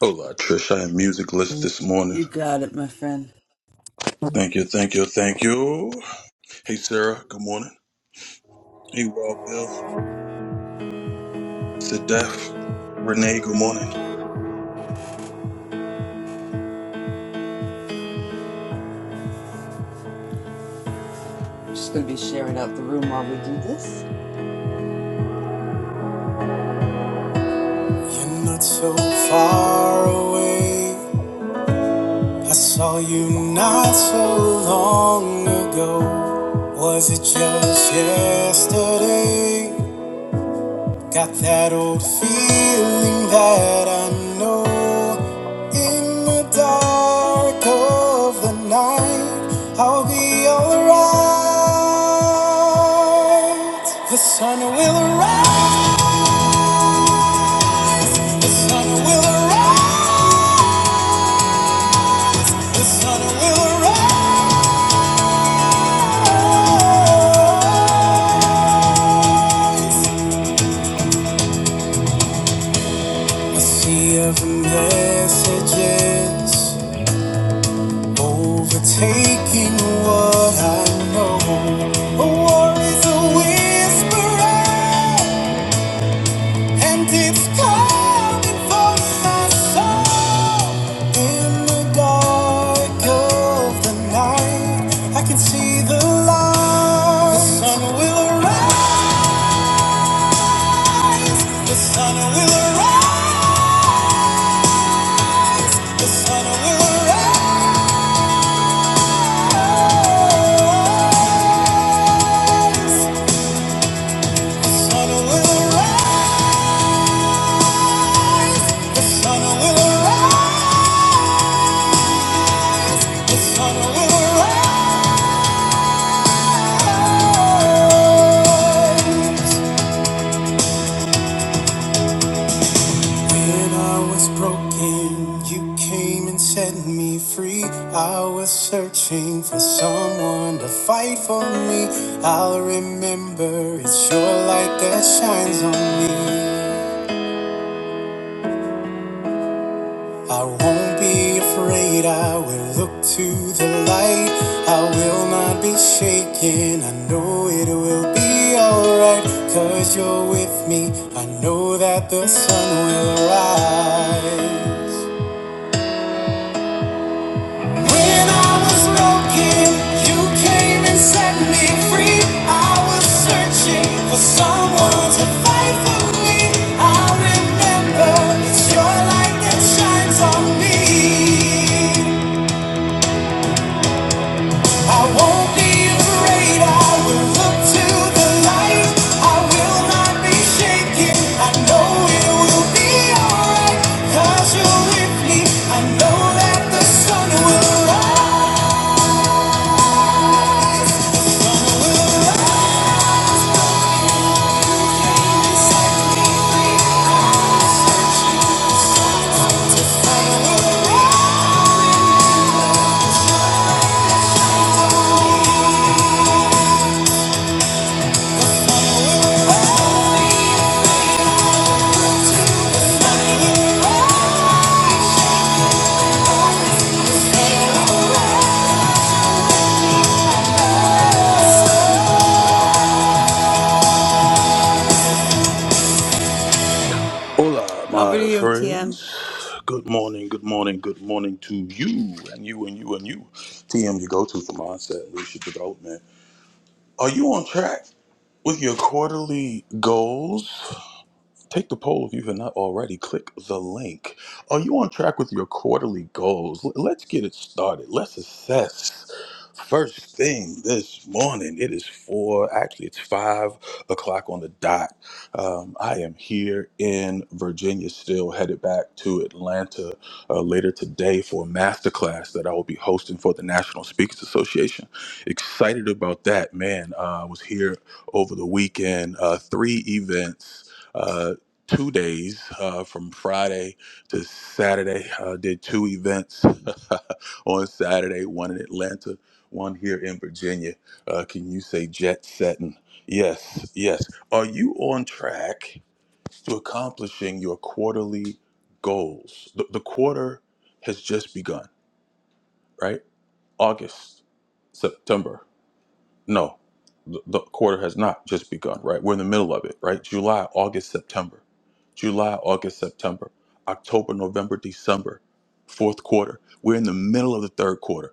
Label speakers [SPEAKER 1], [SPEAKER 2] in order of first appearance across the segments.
[SPEAKER 1] Hola, Trish. I am music list this morning.
[SPEAKER 2] You got it, my friend.
[SPEAKER 1] Thank you, thank you, thank you. Hey, Sarah. Good morning. Hey, Wild Bill. Sadef. Renee. Good morning.
[SPEAKER 2] I'm just going to be sharing out the room while we do this. You're not so far away. I saw you not so long ago. Was it just yesterday? Got that old feeling that I know. In the dark of the night, I'll be alright. The sun will rise. The sun will arise. The sun will arise. A sea of messages overtaking what I know. A war is a whisper. And it's coming for my soul in the dark of the night. I can see the light. The sun will arise. The sun will arise. The sun will arise. The sun will arise. The sun will arise. The sun will arise. When I was broken, you came and set me free. I was searching for someone to fight for me. I'll remember it's your light that shines on me. I won't be afraid, I will look to the light. I will not be shaken, I know it will be alright. Cause you're with me, I know that the sun will rise. When I was broken, you came and set me free. I was searching for someone to fight for me. I remember it's your light that shines on me. I won't be afraid. I will look to the light. I will not be shaken. I know it will be alright. you you're with me. I know that the sun will rise. Will rise.
[SPEAKER 1] Hola,
[SPEAKER 2] Over to
[SPEAKER 1] my
[SPEAKER 2] you, TM.
[SPEAKER 1] friends. Good morning, good morning, good morning to you and you and you and you. TM, you go to for mindset and leadership development. Are you on track with your quarterly goals? Take the poll if you have not already. Click the link. Are you on track with your quarterly goals? L- Let's get it started. Let's assess. First thing this morning, it is four, actually, it's five o'clock on the dot. Um, I am here in Virginia, still headed back to Atlanta uh, later today for a masterclass that I will be hosting for the National Speakers Association. Excited about that, man. Uh, I was here over the weekend, uh, three events uh, two days uh, from Friday to Saturday. Uh, did two events on Saturday, one in Atlanta, one here in Virginia. Uh, can you say jet setting? Yes, yes. Are you on track to accomplishing your quarterly goals? The, the quarter has just begun, right? August, September. No, the, the quarter has not just begun, right? We're in the middle of it, right? July, August, September. July, August, September. October, November, December. Fourth quarter. We're in the middle of the third quarter.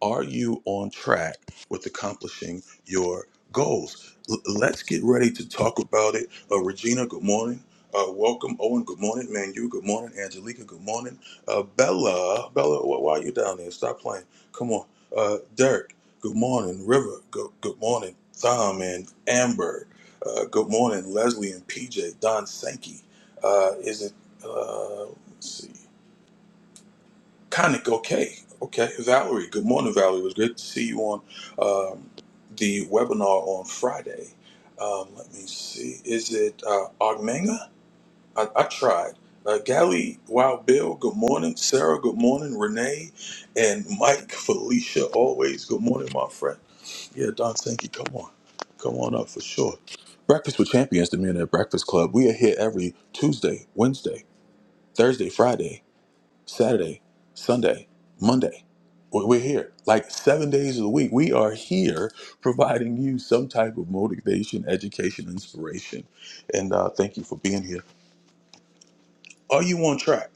[SPEAKER 1] Are you on track with accomplishing your goals? L- let's get ready to talk about it. Uh, Regina, good morning. Uh, welcome, Owen. Good morning, Manu. Good morning, Angelica. Good morning, uh, Bella. Bella, wh- why are you down there? Stop playing. Come on, uh, Dirk. Good morning, River. Good, good morning, Thom and Amber. Uh, good morning, Leslie and PJ. Don Sankey. Uh, is it? Uh, let's see. Conic, okay. Okay. Valerie, good morning, Valerie. It was great to see you on um, the webinar on Friday. Um, let me see. Is it uh, Ogmenga? I, I tried. Uh, Gally, Wild Bill, good morning. Sarah, good morning. Renee and Mike, Felicia, always good morning, my friend. Yeah, Don Sankey, come on. Come on up for sure. Breakfast with Champions, the Men at Breakfast Club. We are here every Tuesday, Wednesday, Thursday, Friday. Saturday, Sunday, Monday. We- We're here. Like seven days of the week, we are here providing you some type of motivation, education, inspiration. And uh, thank you for being here. Are you on track?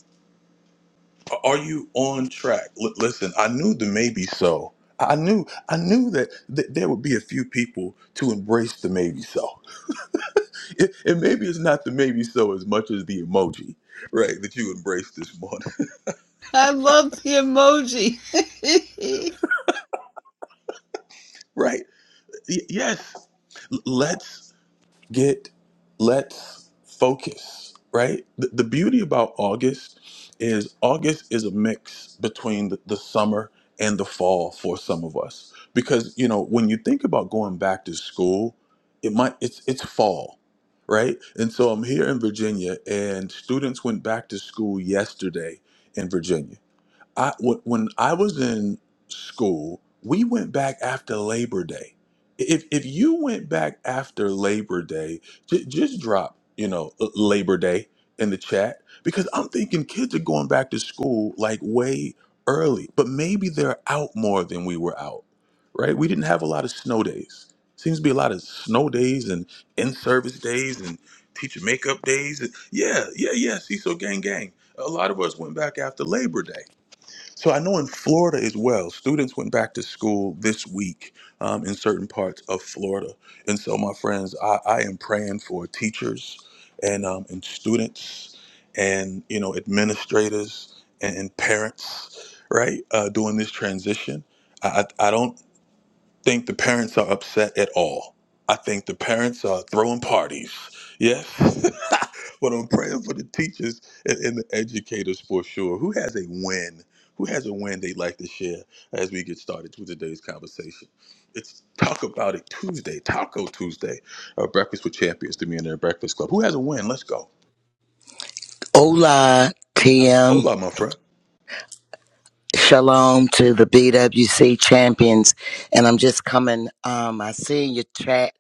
[SPEAKER 1] Are you on track? L- listen, I knew the maybe so. I knew, I knew that th- there would be a few people to embrace the maybe so. It, and maybe it's not the maybe so as much as the emoji, right? That you embraced this morning,
[SPEAKER 2] I love the emoji.
[SPEAKER 1] right? Y- yes, let's get let's focus right the, the beauty about august is august is a mix between the, the summer and the fall for some of us because you know when you think about going back to school it might it's it's fall right and so i'm here in virginia and students went back to school yesterday in virginia I w- when I was in school, we went back after Labor Day. If if you went back after Labor Day, j- just drop you know uh, Labor Day in the chat because I'm thinking kids are going back to school like way early, but maybe they're out more than we were out. Right? We didn't have a lot of snow days. Seems to be a lot of snow days and in service days and teacher makeup days. Yeah, yeah, yeah. CISO gang gang. A lot of us went back after Labor Day so I know in Florida as well, students went back to school this week um, in certain parts of Florida. And so, my friends, I, I am praying for teachers and um, and students and you know administrators and, and parents, right, uh, during this transition. I, I I don't think the parents are upset at all. I think the parents are throwing parties. Yes. but I'm praying for the teachers and, and the educators for sure. Who has a win? Who has a win they'd like to share as we get started with today's conversation? It's Talk About It Tuesday, Taco Tuesday, uh, Breakfast with Champions, the Millionaire Breakfast Club. Who has a win? Let's go.
[SPEAKER 3] Hola, TM.
[SPEAKER 1] Hola, my friend.
[SPEAKER 3] Shalom to the BWC champions. And I'm just coming. Um, I see your chat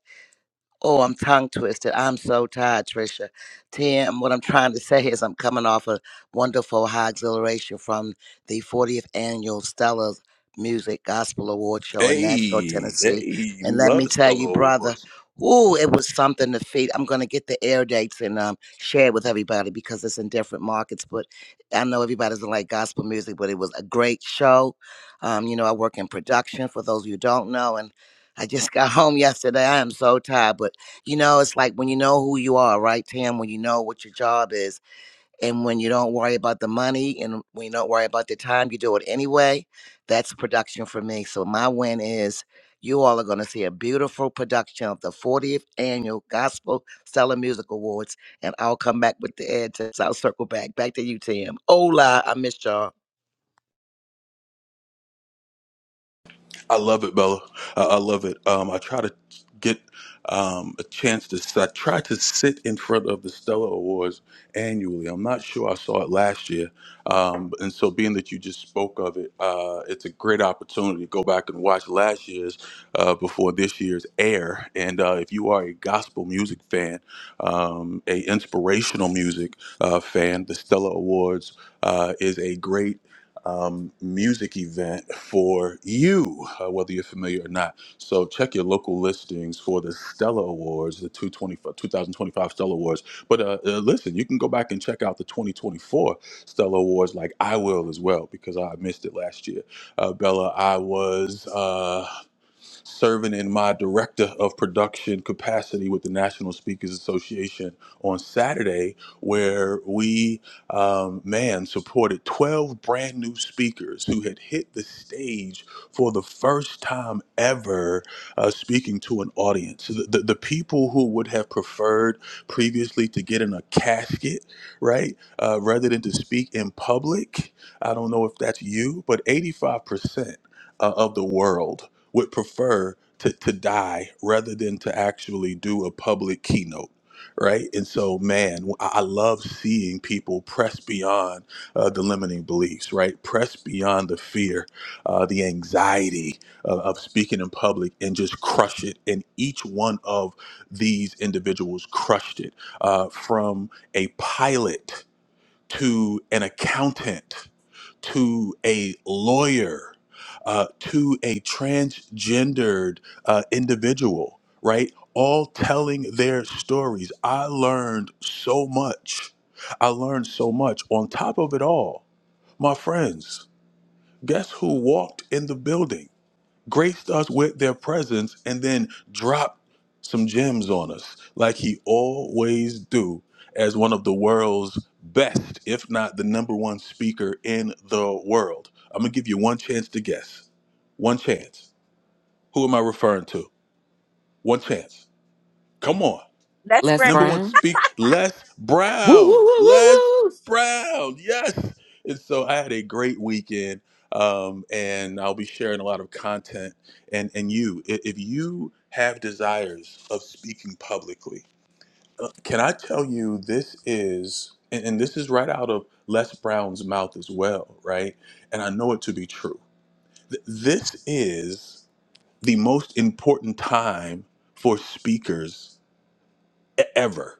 [SPEAKER 3] Oh, I'm tongue twisted. I'm so tired, Tricia. Tim, what I'm trying to say is I'm coming off a wonderful high exhilaration from the 40th annual Stella's Music Gospel Award Show in Nashville,
[SPEAKER 1] Hey,
[SPEAKER 3] Tennessee.
[SPEAKER 1] hey,
[SPEAKER 3] And
[SPEAKER 1] we
[SPEAKER 3] let
[SPEAKER 1] love
[SPEAKER 3] me
[SPEAKER 1] the
[SPEAKER 3] tell
[SPEAKER 1] Stellar
[SPEAKER 3] you, brother,
[SPEAKER 1] Awards.
[SPEAKER 3] ooh, it was something to feed. I'm going to get the air dates and um, share it with everybody because it's in different markets. But I know everybody doesn't like gospel music, but it was a great show. Um, you know, I work in production for those of you who don't know. And I just got home yesterday. I am so tired, but you know, it's like when you know who you are, right, Tam? When you know what your job is, and when you don't worry about the money and when you don't worry about the time, you do it anyway. That's production for me. So, my win is you all are going to see a beautiful production of the 40th annual Gospel Stellar Music Awards, and I'll come back with the ad tips. I'll circle back. Back to you, Tam. Hola, I missed y'all.
[SPEAKER 1] I love it, Bella. I, I love it. Um, I try to get um, a chance to. s- I try to sit in front of the Stella Awards annually. I'm not sure I saw it last year, um, and so being that you just spoke of it, uh, it's a great opportunity to go back and watch last year's uh, before this year's air. And uh, if you are a gospel music fan, um, a inspirational music uh, fan, the Stella Awards uh, is a great um, music event for you, uh, whether you're familiar or not. So check your local listings for the Stella Awards, the two twenty two thousand twenty five Stella Awards. But uh, uh, listen, you can go back and check out the 2024 Stella Awards, like I will as well, because I missed it last year. Uh, Bella, I was. Uh, serving in my director of production capacity with the National Speakers Association on Saturday, where we, um, man, supported 12 brand new speakers who had hit the stage for the first time ever uh, speaking to an audience. The, the, the people who would have preferred previously to get in a casket, right, uh, rather than to speak in public. I don't know if that's you, but 85% uh, of the world would prefer to, to die rather than to actually do a public keynote right and so man i I love seeing people press beyond uh, the limiting beliefs right press beyond the fear uh, the anxiety uh, of speaking in public and just crush it and each one of these individuals crushed it uh, from a pilot to an accountant to a lawyer, uh, to a transgendered uh, individual, right? All telling their stories. I learned so much. I learned so much. On top of it all, my friends, guess who walked in the building? graced us with their presence and then dropped some gems on us like he always do as one of the world's best if not the number one speaker in the world i'm gonna give you one chance to guess one chance who am i referring to one chance come on
[SPEAKER 4] Let's
[SPEAKER 5] Les
[SPEAKER 4] bring
[SPEAKER 1] Number one
[SPEAKER 5] Brown.
[SPEAKER 1] speak Les
[SPEAKER 5] Woo, woo,
[SPEAKER 1] Brown.
[SPEAKER 5] woo, woo,
[SPEAKER 1] Les
[SPEAKER 5] woo.
[SPEAKER 1] Brown. Yes. And so I had a great weekend. Um, and I'll be sharing a lot of content. And and you, i- if you have desires of speaking publicly, uh, can I tell you this is and, and this is right out of Les Brown's mouth as well, right? And I know it to be true. Th- this is the most important time for speakers e- ever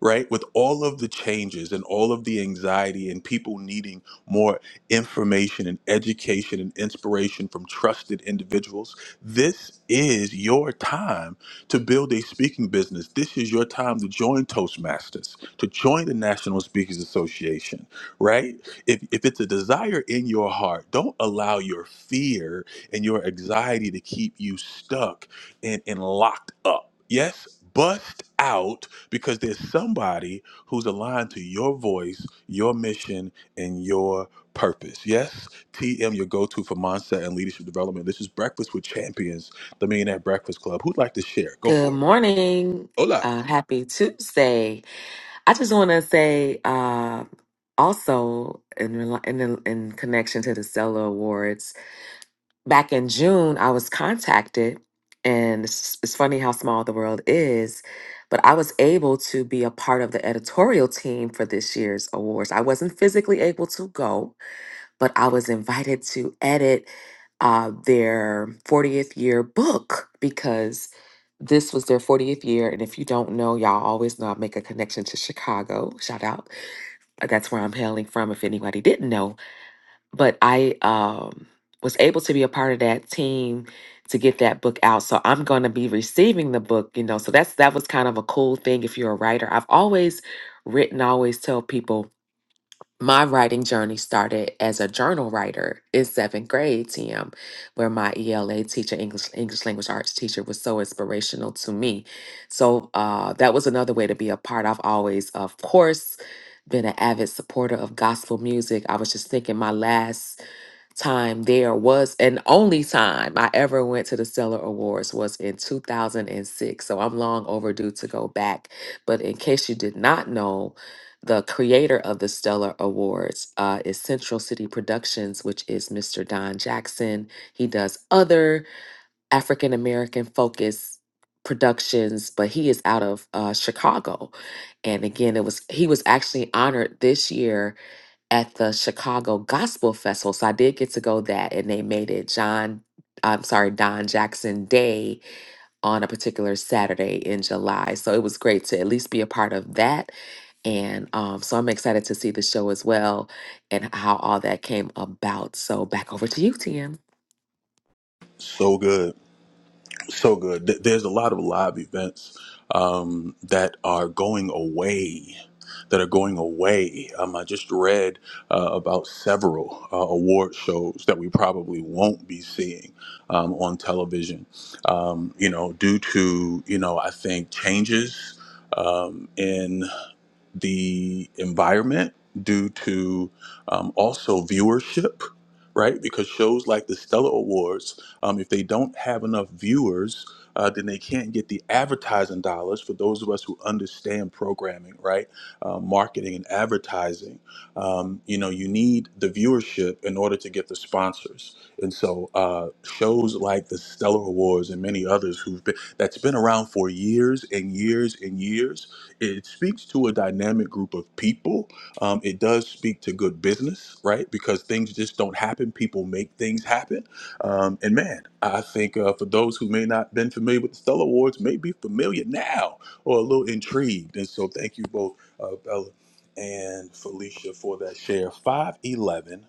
[SPEAKER 1] right with all of the changes and all of the anxiety and people needing more information and education and inspiration from trusted individuals this is your time to build a speaking business this is your time to join toastmasters to join the national speakers association right if, if it's a desire in your heart don't allow your fear and your anxiety to keep you stuck and, and locked up Yes, bust out because there's somebody who's aligned to your voice, your mission, and your purpose. Yes, TM, your go to for mindset and leadership development. This is Breakfast with Champions, the Millionaire Breakfast Club. Who'd like to share? Go
[SPEAKER 5] Good
[SPEAKER 1] for it.
[SPEAKER 5] morning.
[SPEAKER 1] Hola.
[SPEAKER 5] Uh, happy Tuesday. I just want to say uh, also in, rel- in the- in connection to the Stella Awards, back in June, I was contacted, and it's, it's funny how small the world is, but I was able to be a part of the editorial team for this year's awards. I wasn't physically able to go, but I was invited to edit uh, their 40th year book because this was their 40th year. And if you don't know, y'all always know I make a connection to Chicago. Shout out. Uh, That's where I'm hailing from, if anybody didn't know. But I um, was able to be a part of that team to get that book out. So I'm going to be receiving the book, you know. So that's that was kind of a cool thing if you're a writer. I've always written, always tell people my writing journey started as a journal writer in seventh grade, TM, where my ELA teacher, English English language arts teacher, was so inspirational to me. So uh, that was another way to be a part. I've always, of course, been an avid supporter of gospel music. I was just thinking my last time there was and only time I ever went to the Stellar Awards was in 2006. So I'm long overdue to go back. But in case you did not know, the creator of the Stellar Awards uh, is Central City Productions, which is Mr. Don Jackson. He does other African American focused productions, but he is out of uh, Chicago. And again, it was he was actually honored this year at the Chicago Gospel Festival. So I did get to go that, and they made it John, I'm sorry, Don Jackson Day on a particular Saturday in July. So it was great to at least be a part of that. And um, so I'm excited to see the show as well and how all that came about. So back over to you, TM.
[SPEAKER 1] So good. so good. Th- There's a lot of live events um, that are going away. That are going away. Um, I just read uh, about several uh, award shows that we probably won't be seeing um, on television. Um, you know, due to you know, I think changes. Um, the environment, due to um, also viewership, right? Because shows like the Stellar Awards, um, if they don't have enough viewers, uh, then they can't get the advertising dollars for those of us who understand programming, right? Uh, marketing and advertising. Um, you know, you need the viewership in order to get the sponsors. And so, uh, shows like the Stellar Awards and many others who've been that's been around for years and years and years it speaks to a dynamic group of people. Um, it does speak to good business, right? Because things just don't happen. People make things happen. Um, and man, I think uh, for those who may not been familiar with the Stellar Awards, may be familiar now or a little intrigued. And so, thank you both, uh, Bella and Felicia, for that share. Five eleven.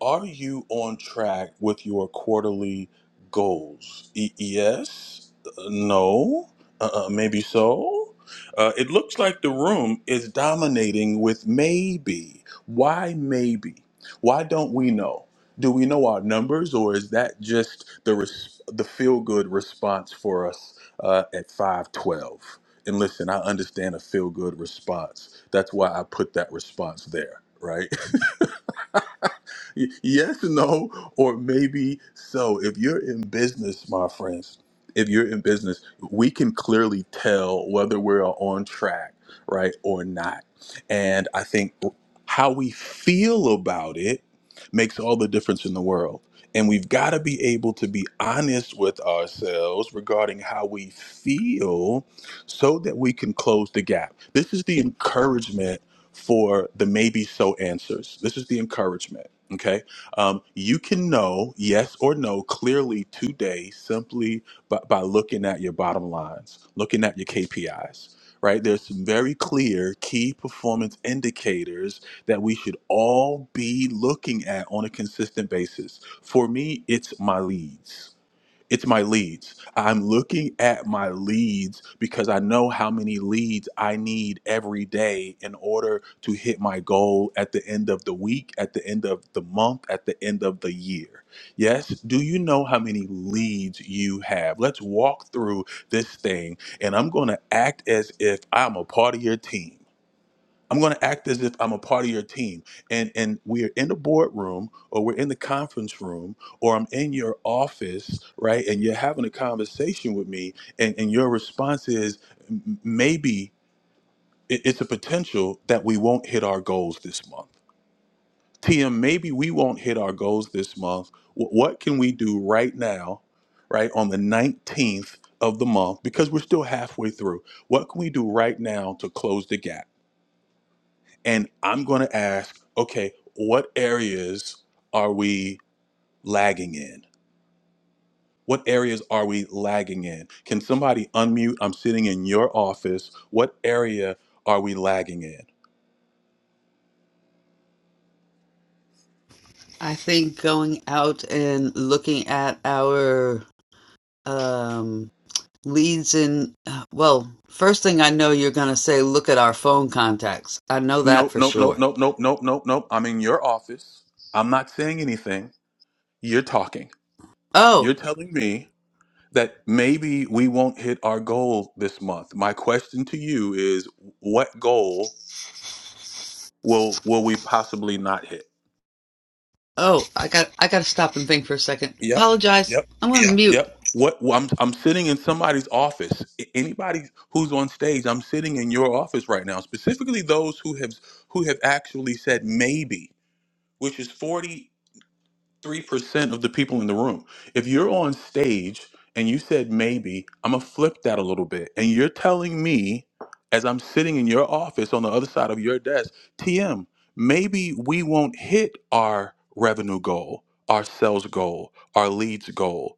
[SPEAKER 1] Are you on track with your quarterly goals? E- yes? Uh, No? uh maybe so? Uh, it looks like the room is dominating with maybe. Why maybe? Why don't we know? Do we know our numbers, or is that just the res- the feel good response for us uh, at five twelve? And listen, I understand a feel good response. That's why I put that response there, right? Y- yes, no, or maybe so. If you're in business, my friends, if you're in business, we can clearly tell whether we're on track, right, or not. And I think how we feel about it makes all the difference in the world. And we've got to be able to be honest with ourselves regarding how we feel so that we can close the gap. This is the encouragement for the maybe so answers. This is the encouragement Okay. Um, you can know yes or no clearly today simply by, by looking at your bottom lines, looking at your KPIs, right? There's some very clear key performance indicators that we should all be looking at on a consistent basis. For me, it's my leads it's my leads. I'm looking at my leads because I know how many leads I need every day in order to hit my goal at the end of the week, at the end of the month, at the end of the year. Yes, do you know how many leads you have? Let's walk through this thing, and I'm going to act as if I'm a part of your team. I'm going to act as if I'm a part of your team. And and we're in the boardroom or we're in the conference room or I'm in your office, right? And you're having a conversation with me and, and your response is "M- maybe it- it's a potential that we won't hit our goals this month. TM, maybe we won't hit our goals this month. Wh- What can we do right now, right, on the 19th of the month, because we're still halfway through? What can we do right now to close the gap? And I'm going to ask, okay, what areas are we lagging in? What areas are we lagging in? Can somebody unmute? I'm sitting in your office. What area are we lagging in?
[SPEAKER 2] I think going out and looking at our um, leads in, well, first thing I know you're going to say, look at our phone contacts. I know that
[SPEAKER 1] Nope,
[SPEAKER 2] for
[SPEAKER 1] nope, nope,
[SPEAKER 2] sure.
[SPEAKER 1] nope, nope, nope, nope, nope. I'm in your office. I'm not saying anything. You're talking.
[SPEAKER 2] Oh,
[SPEAKER 1] You're telling me that maybe we won't hit our goal this month. My question to you is what goal will will we possibly not hit?
[SPEAKER 2] oh, I got, I got to stop and think for a second.
[SPEAKER 1] Yep.
[SPEAKER 2] Apologize.
[SPEAKER 1] Yep.
[SPEAKER 2] I'm going to mute.
[SPEAKER 1] Yep. What wh- I'm I'm sitting in somebody's office. A- Anybody who's on stage, I'm sitting in your office right now. Specifically, those who have who have actually said maybe, which is forty three percent of the people in the room. If you're on stage and you said maybe, I'm gonna flip that a little bit, and you're telling me, as I'm sitting in your office on the other side of your desk, TM, maybe we won't hit our revenue goal, our sales goal, our leads goal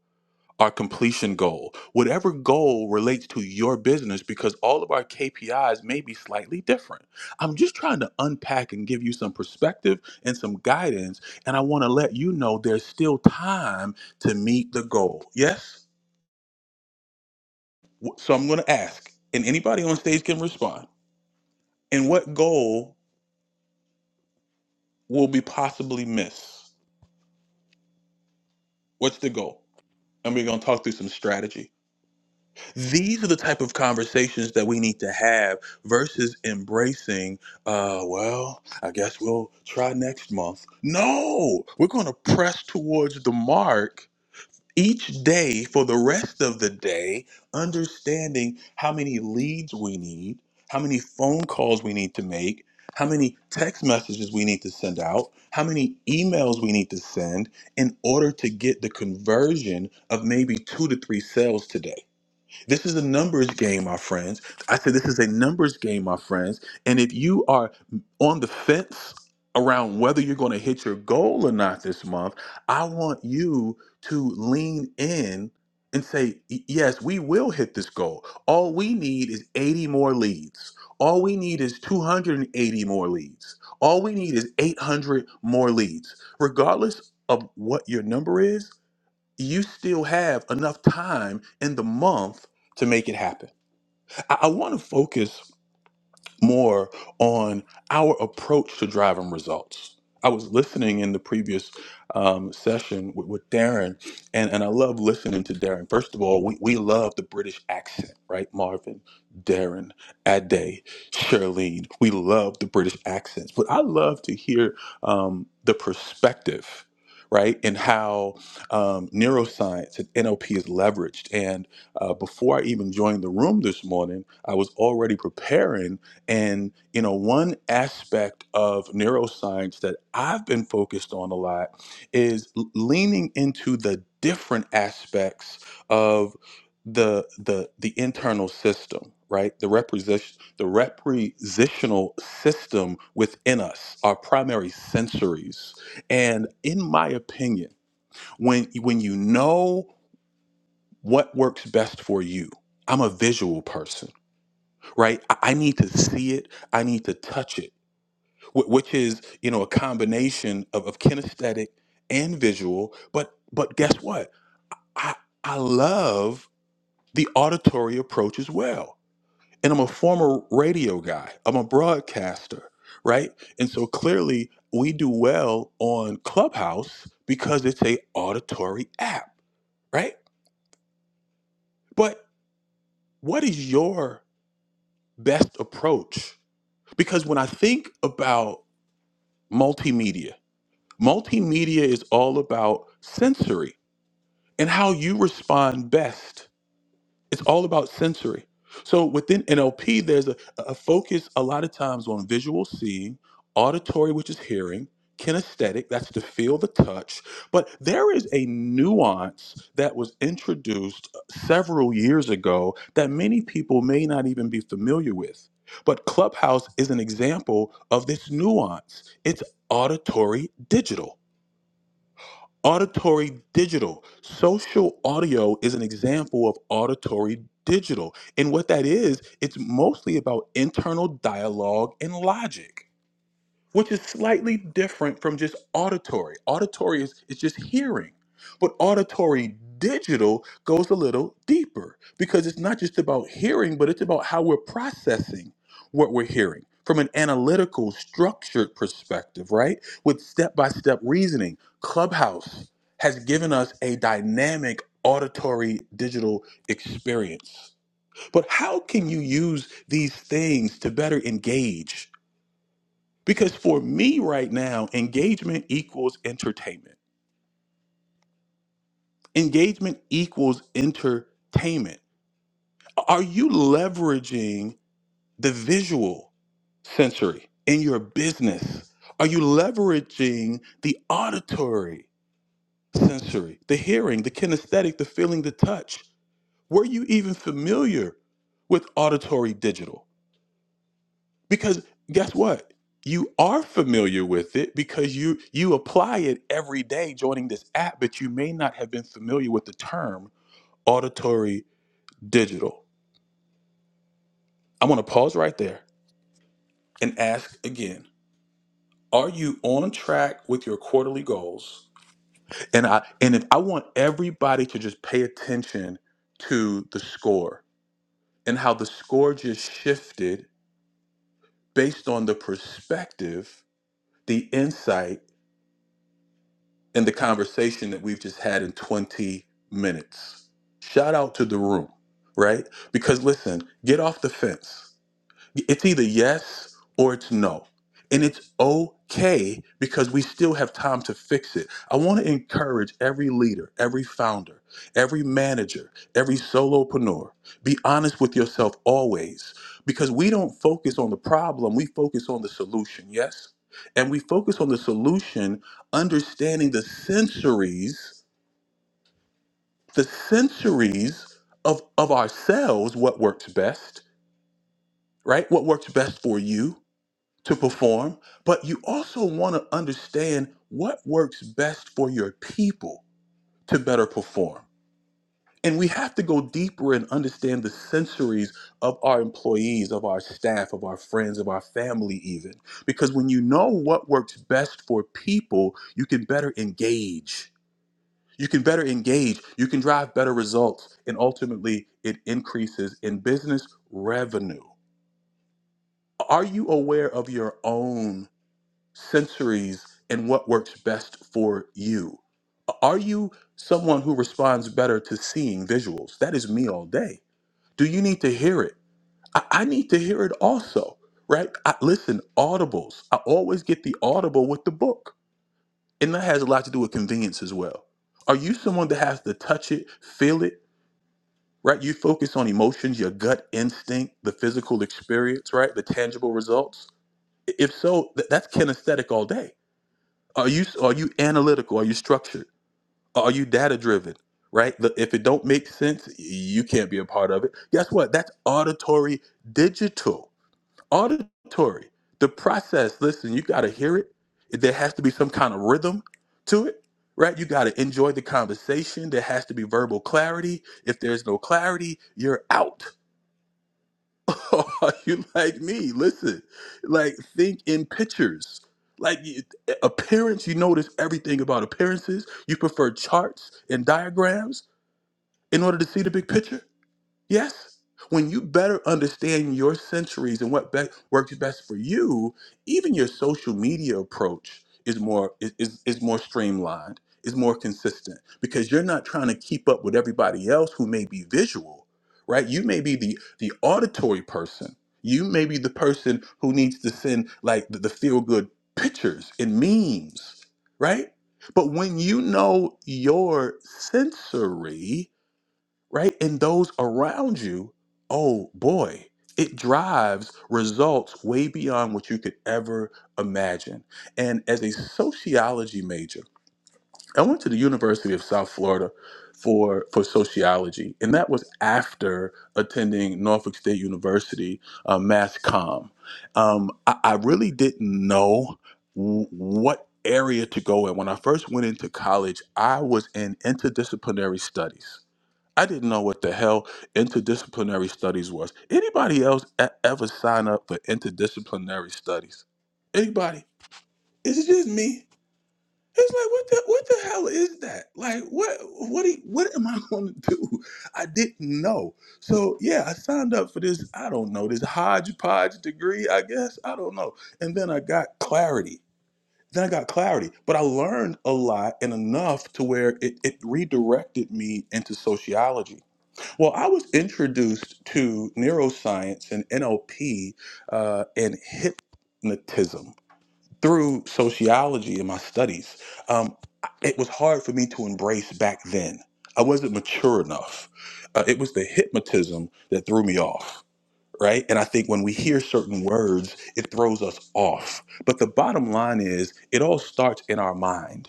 [SPEAKER 1] our completion goal, whatever goal relates to your business, because all of our KPIs may be slightly different. I'm just trying to unpack and give you some perspective and some guidance. And I want to let you know there's still time to meet the goal. Yes? W- So I'm going to ask, and anybody on stage can respond. And what goal will be possibly miss? What's the goal? And we're going to talk through some strategy. These are the type of conversations that we need to have versus embracing, uh, well, I guess we'll try next month. No, we're going to press towards the mark each day for the rest of the day, understanding how many leads we need, how many phone calls we need to make, how many text messages we need to send out, how many emails we need to send in order to get the conversion of maybe two to three sales today. This is a numbers game, my friends. I said this is a numbers game, my friends. And if you are on the fence around whether you're going to hit your goal or not this month, I want you to lean in and say, "Y- yes, we will hit this goal. All we need is 80 more leads. All we need is 280 more leads. All we need is 800 more leads. Regardless of what your number is, you still have enough time in the month to make it happen. I, I want to focus more on our approach to driving results. I was listening in the previous um, session with, with Darren, and, and I love listening to Darren. First of all, we, we love the British accent, right? Marvin, Darren, Ade, Charlene. We love the British accents, but I love to hear um, the perspective, right? And how um, neuroscience and NLP is leveraged. And uh, before I even joined the room this morning, I was already preparing and you know, one aspect of neuroscience that I've been focused on a lot is l- leaning into the different aspects of the the the internal system, right? The reposition the repositional system within us, our primary sensories. And in my opinion, when when you know what works best for you, I'm a visual person, right? I I need to see it. I need to touch it wh- which is you know a combination of, of kinesthetic and visual but but guess what i i love the auditory approach as well and i'm a former radio guy i'm a broadcaster right and so clearly we do well on clubhouse because it's a auditory app right but what is your best approach because when i think about multimedia multimedia is all about sensory and how you respond best. It's all about sensory. So within NLP, there's a, a focus a lot of times on visual seeing, auditory, which is hearing, kinesthetic, that's to feel the touch. But there is a nuance that was introduced uh, several years ago that many people may not even be familiar with. But Clubhouse is an example of this nuance. It's auditory digital. Auditory digital. Social audio is an example of auditory digital. And what that is, it's mostly about internal dialogue and logic which is slightly different from just auditory. Auditory is, is just hearing, but auditory digital goes a little deeper because it's not just about hearing, but it's about how we're processing what we're hearing from an analytical, structured perspective, right? With step by step reasoning. Clubhouse has given us a dynamic auditory digital experience. But how can you use these things to better engage? Because for me right now, engagement equals entertainment. Engagement equals entertainment. Are you leveraging the visual sensory in your business? Are you leveraging the auditory sensory, the hearing, the kinesthetic, the feeling, the touch? Were you even familiar with auditory digital? because guess what you are familiar with it because you you apply it every day joining this app but you may not have been familiar with the term auditory digital i want to pause right there and ask again are you on track with your quarterly goals and i and if i want everybody to just pay attention to the score and how the score just shifted based on the perspective the insight in the conversation that we've just had in 20 minutes. Shout out to the room, right? Because listen, get off the fence it's either yes or it's no. And it's okay because we still have time to fix it. I want to encourage every leader, every founder, every manager, every solopreneur. Be honest with yourself always because we don't focus on the problem, we focus on the solution, yes? And we focus on the solution, understanding the sensories, the sensories of, of ourselves, what works best, right? What works best for you? to perform, but you also want to understand what works best for your people to better perform. And we have to go deeper and understand the sensories of our employees, of our staff, of our friends, of our family, even. Because when you know what works best for people, you can better engage. You can better engage. You can drive better results. And ultimately, it increases in business revenue. Are you aware of your own? sensories and what works best for you. Are you someone who responds better to seeing visuals? That is me all day. Do you need to hear it? I, I need to hear it also, right? I, listen, audibles. I always get the audible with the book, and that has a lot to do with convenience as well. Are you someone that has to touch it, feel it, right? You focus on emotions, your gut instinct, the physical experience, right? The tangible results. If so, th- that's kinesthetic all day Are you are you analytical? Are you structured? Are you data driven? Right? The- If it don't make sense, you can't be a part of it. Guess what? That's auditory digital. Auditory. The process, listen, you got to hear it. There has to be some kind of rhythm to it, right? You got to enjoy the conversation. There has to be verbal clarity. If there's no clarity, you're out Are you like me? Listen, like think in pictures. Like you- appearance, you notice everything about appearances. You prefer charts and diagrams in order to see the big picture. Yes. When you better understand your centuries and what be- works best for you, even your social media approach is more is, is is more streamlined, is more consistent because you're not trying to keep up with everybody else who may be visual, right? You may be the the auditory person. You may be the person who needs to send like the, the feel good pictures and memes, right? But when you know your sensory, right? And those around you, oh boy, it drives results way beyond what you could ever imagine. And as a sociology major, I went to the University of South Florida for for sociology, and that was after attending Norfolk State University, uh, Mass Comm. Um, I, I really didn't know w- what area to go in. When I first went into college, I was in interdisciplinary studies I didn't know what the hell interdisciplinary studies was. Anybody else e- ever sign up for interdisciplinary studies? Anybody? Is it just me? It's like what the what the hell is that? Like what what do you- what am I going to do? I didn't know. So yeah, I signed up for this. I don't know this hodgepodge degree. I guess I don't know. And then I got clarity. Then I got clarity, but I learned a lot and enough to where it, it redirected me into sociology well, I was introduced to neuroscience and NLP uh, and hypnotism through sociology in my studies. Um, it was hard for me to embrace back then. I wasn't mature enough. Uh, it was the hypnotism that threw me off, right? And I think when we hear certain words, it throws us off. But the bottom line is, it all starts in our mind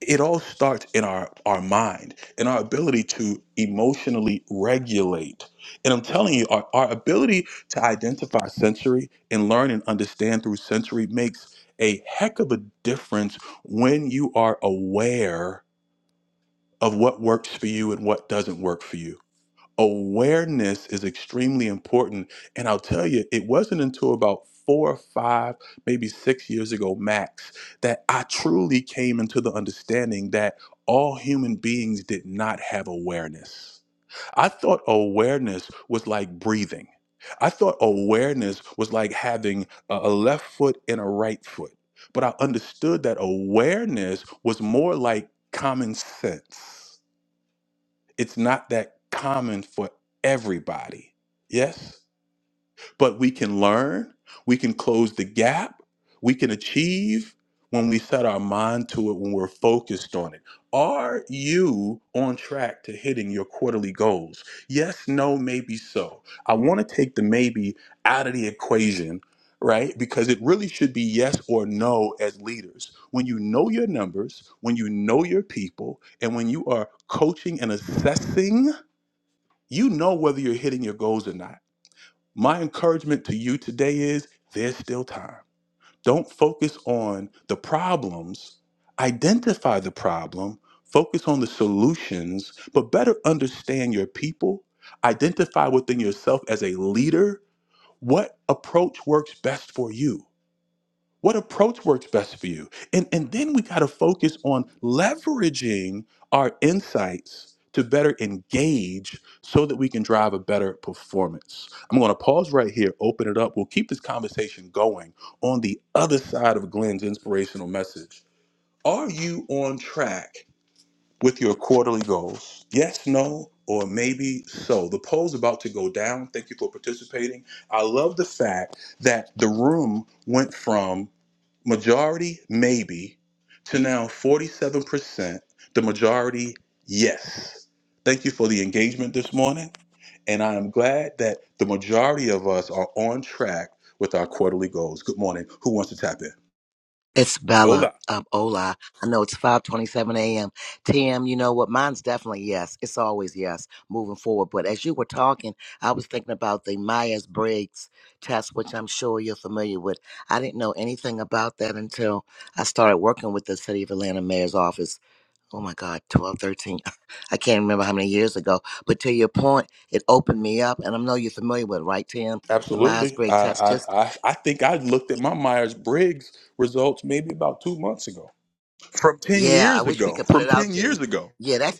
[SPEAKER 1] it all starts in our our mind in our ability to emotionally regulate and i'm telling you our, our ability to identify sensory and learn and understand through sensory makes a heck of a difference when you are aware of what works for you and what doesn't work for you awareness is extremely important. And I'll tell you, it wasn't until about four or five, maybe six years ago, max, that I truly came into the understanding that all human beings did not have awareness. I thought awareness was like breathing. I thought awareness was like having a a left foot and a right foot. But I understood that awareness was more like common sense it's not that common for everybody. Yes? But we can learn, we can close the gap, we can achieve when we set our mind to it, when we're focused on it. Are you on track to hitting your quarterly goals? Yes, no, maybe so. I want to take the maybe out of the equation, right? Because it really should be yes or no as leaders. When you know your numbers, when you know your people, and when you are coaching and assessing you know whether you're hitting your goals or not. My encouragement to you today is there's still time. Don't focus on the problems, identify the problem, focus on the solutions, but better understand your people, identify within yourself as a leader what approach works best for you what approach works best for you? And, and then we got to focus on leveraging our insights to better engage so that we can drive a better performance. I'm going to pause right here, open it up. We'll keep this conversation going on the other side of Glenn's inspirational message. Are you on track with your quarterly goals? Yes, no, or maybe so. The poll's about to go down. Thank you for participating. I love the fact that the room went from majority maybe to now 47% the majority yes thank you for the engagement this morning and i am glad that the majority of us are on track with our quarterly goals good morning who wants to tap in
[SPEAKER 3] It's Bella
[SPEAKER 1] hola
[SPEAKER 3] of Ola. I know it's 5:27 a.m. Tim, you know what? Mine's definitely yes. It's always yes moving forward. But as you were talking, I was thinking about the Myers Briggs test, which I'm sure you're familiar with. I didn't know anything about that until I started working with the City of Atlanta Mayor's office. Oh my God, 12, 13. I can't remember how many years ago. But to your point, it opened me up, and I know you're familiar with, it, right, Tim? The Myers
[SPEAKER 1] absolutely i
[SPEAKER 3] Briggs test. Just
[SPEAKER 1] i i, I think i looked at my myers-briggs results maybe about two months ago from 10
[SPEAKER 3] yeah, I
[SPEAKER 1] years
[SPEAKER 3] wish we
[SPEAKER 1] ago
[SPEAKER 3] could put
[SPEAKER 1] from
[SPEAKER 3] it out
[SPEAKER 1] 10
[SPEAKER 3] there.
[SPEAKER 1] years ago
[SPEAKER 3] Yeah, that's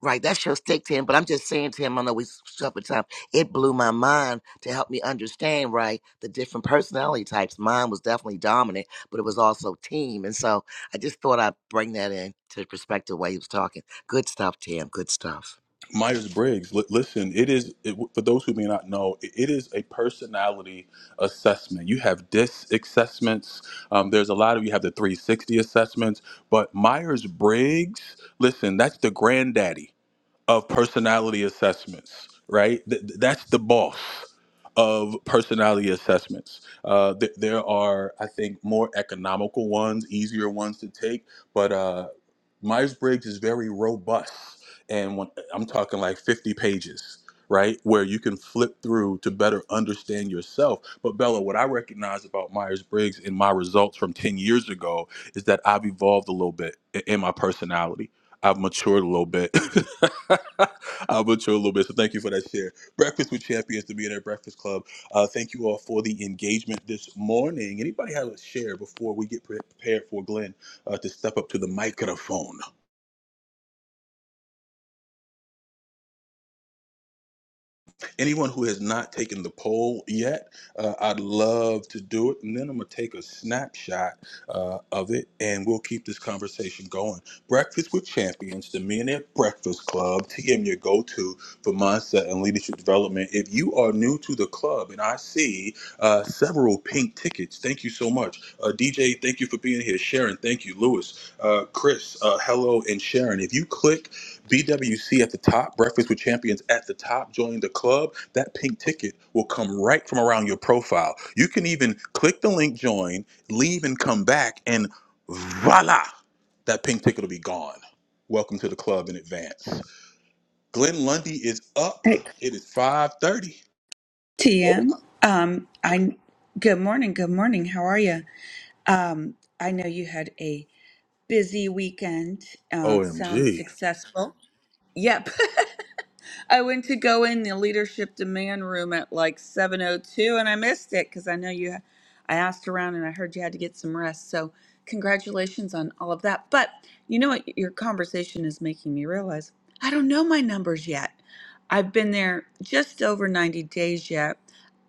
[SPEAKER 3] Right, that should stick to him. But I'm just saying to him, I know we suffered time. It blew my mind to help me understand, right, the different personality types. Mine was definitely dominant, but it was also team. And so I just thought I'd bring that in to perspective while he was talking. Good stuff, Tim. Good stuff.
[SPEAKER 1] Myers Briggs. L- listen, it is it, for those who may not know. It, it is a personality assessment. You have DISC assessments. Um, there's a lot of you have the 360 assessments, but Myers Briggs. Listen, that's the granddaddy of personality assessments, right? Th- that's the boss of personality assessments. Uh, th- there are, I think, more economical ones, easier ones to take, but uh, Myers Briggs is very robust. And when, I'm talking like 50 pages, right? Where you can flip through to better understand yourself. But Bella, what I recognize about Myers Briggs in my results from 10 years ago is that I've evolved a little bit i- in my personality I've matured a little bit. I've matured a little bit. So thank you for that share. Breakfast with Champions, the Millionaire Breakfast Club. Uh, thank you all for the engagement this morning. Anybody have a share before we get pre- prepared for Glenn uh, to step up to the microphone? Anyone who has not taken the poll yet, uh, I'd love to do it. And then I'm going to take a snapshot uh, of it and we'll keep this conversation going. Breakfast with Champions, the Millionaire Breakfast Club, TM, your go to for mindset and leadership development. If you are new to the club, and I see uh, several pink tickets, thank you so much. Uh, DJ, thank you for being here. Sharon, thank you. Lewis, uh, Chris, uh, hello, and Sharon. If you click BWC at the top, Breakfast with Champions at the top, join the club. That pink ticket will come right from around your profile. You can even click the link, join, leave, and come back, and voila, that pink ticket will be gone. Welcome to the club in advance. Glenn Lundy is up.
[SPEAKER 6] Hey,
[SPEAKER 1] It is 5:30. Oh,
[SPEAKER 6] TM. Um, I good morning. Good morning. How are you? Um, I know you had a busy weekend. Um, sounds
[SPEAKER 1] OMG.
[SPEAKER 6] successful. Yep. I went to go in the leadership demand room at like 7:02 and I missed it cuz I know you I asked around and I heard you had to get some rest. So, congratulations on all of that. But, you know what your conversation is making me realize? I don't know my numbers yet. I've been there just over 90 days yet.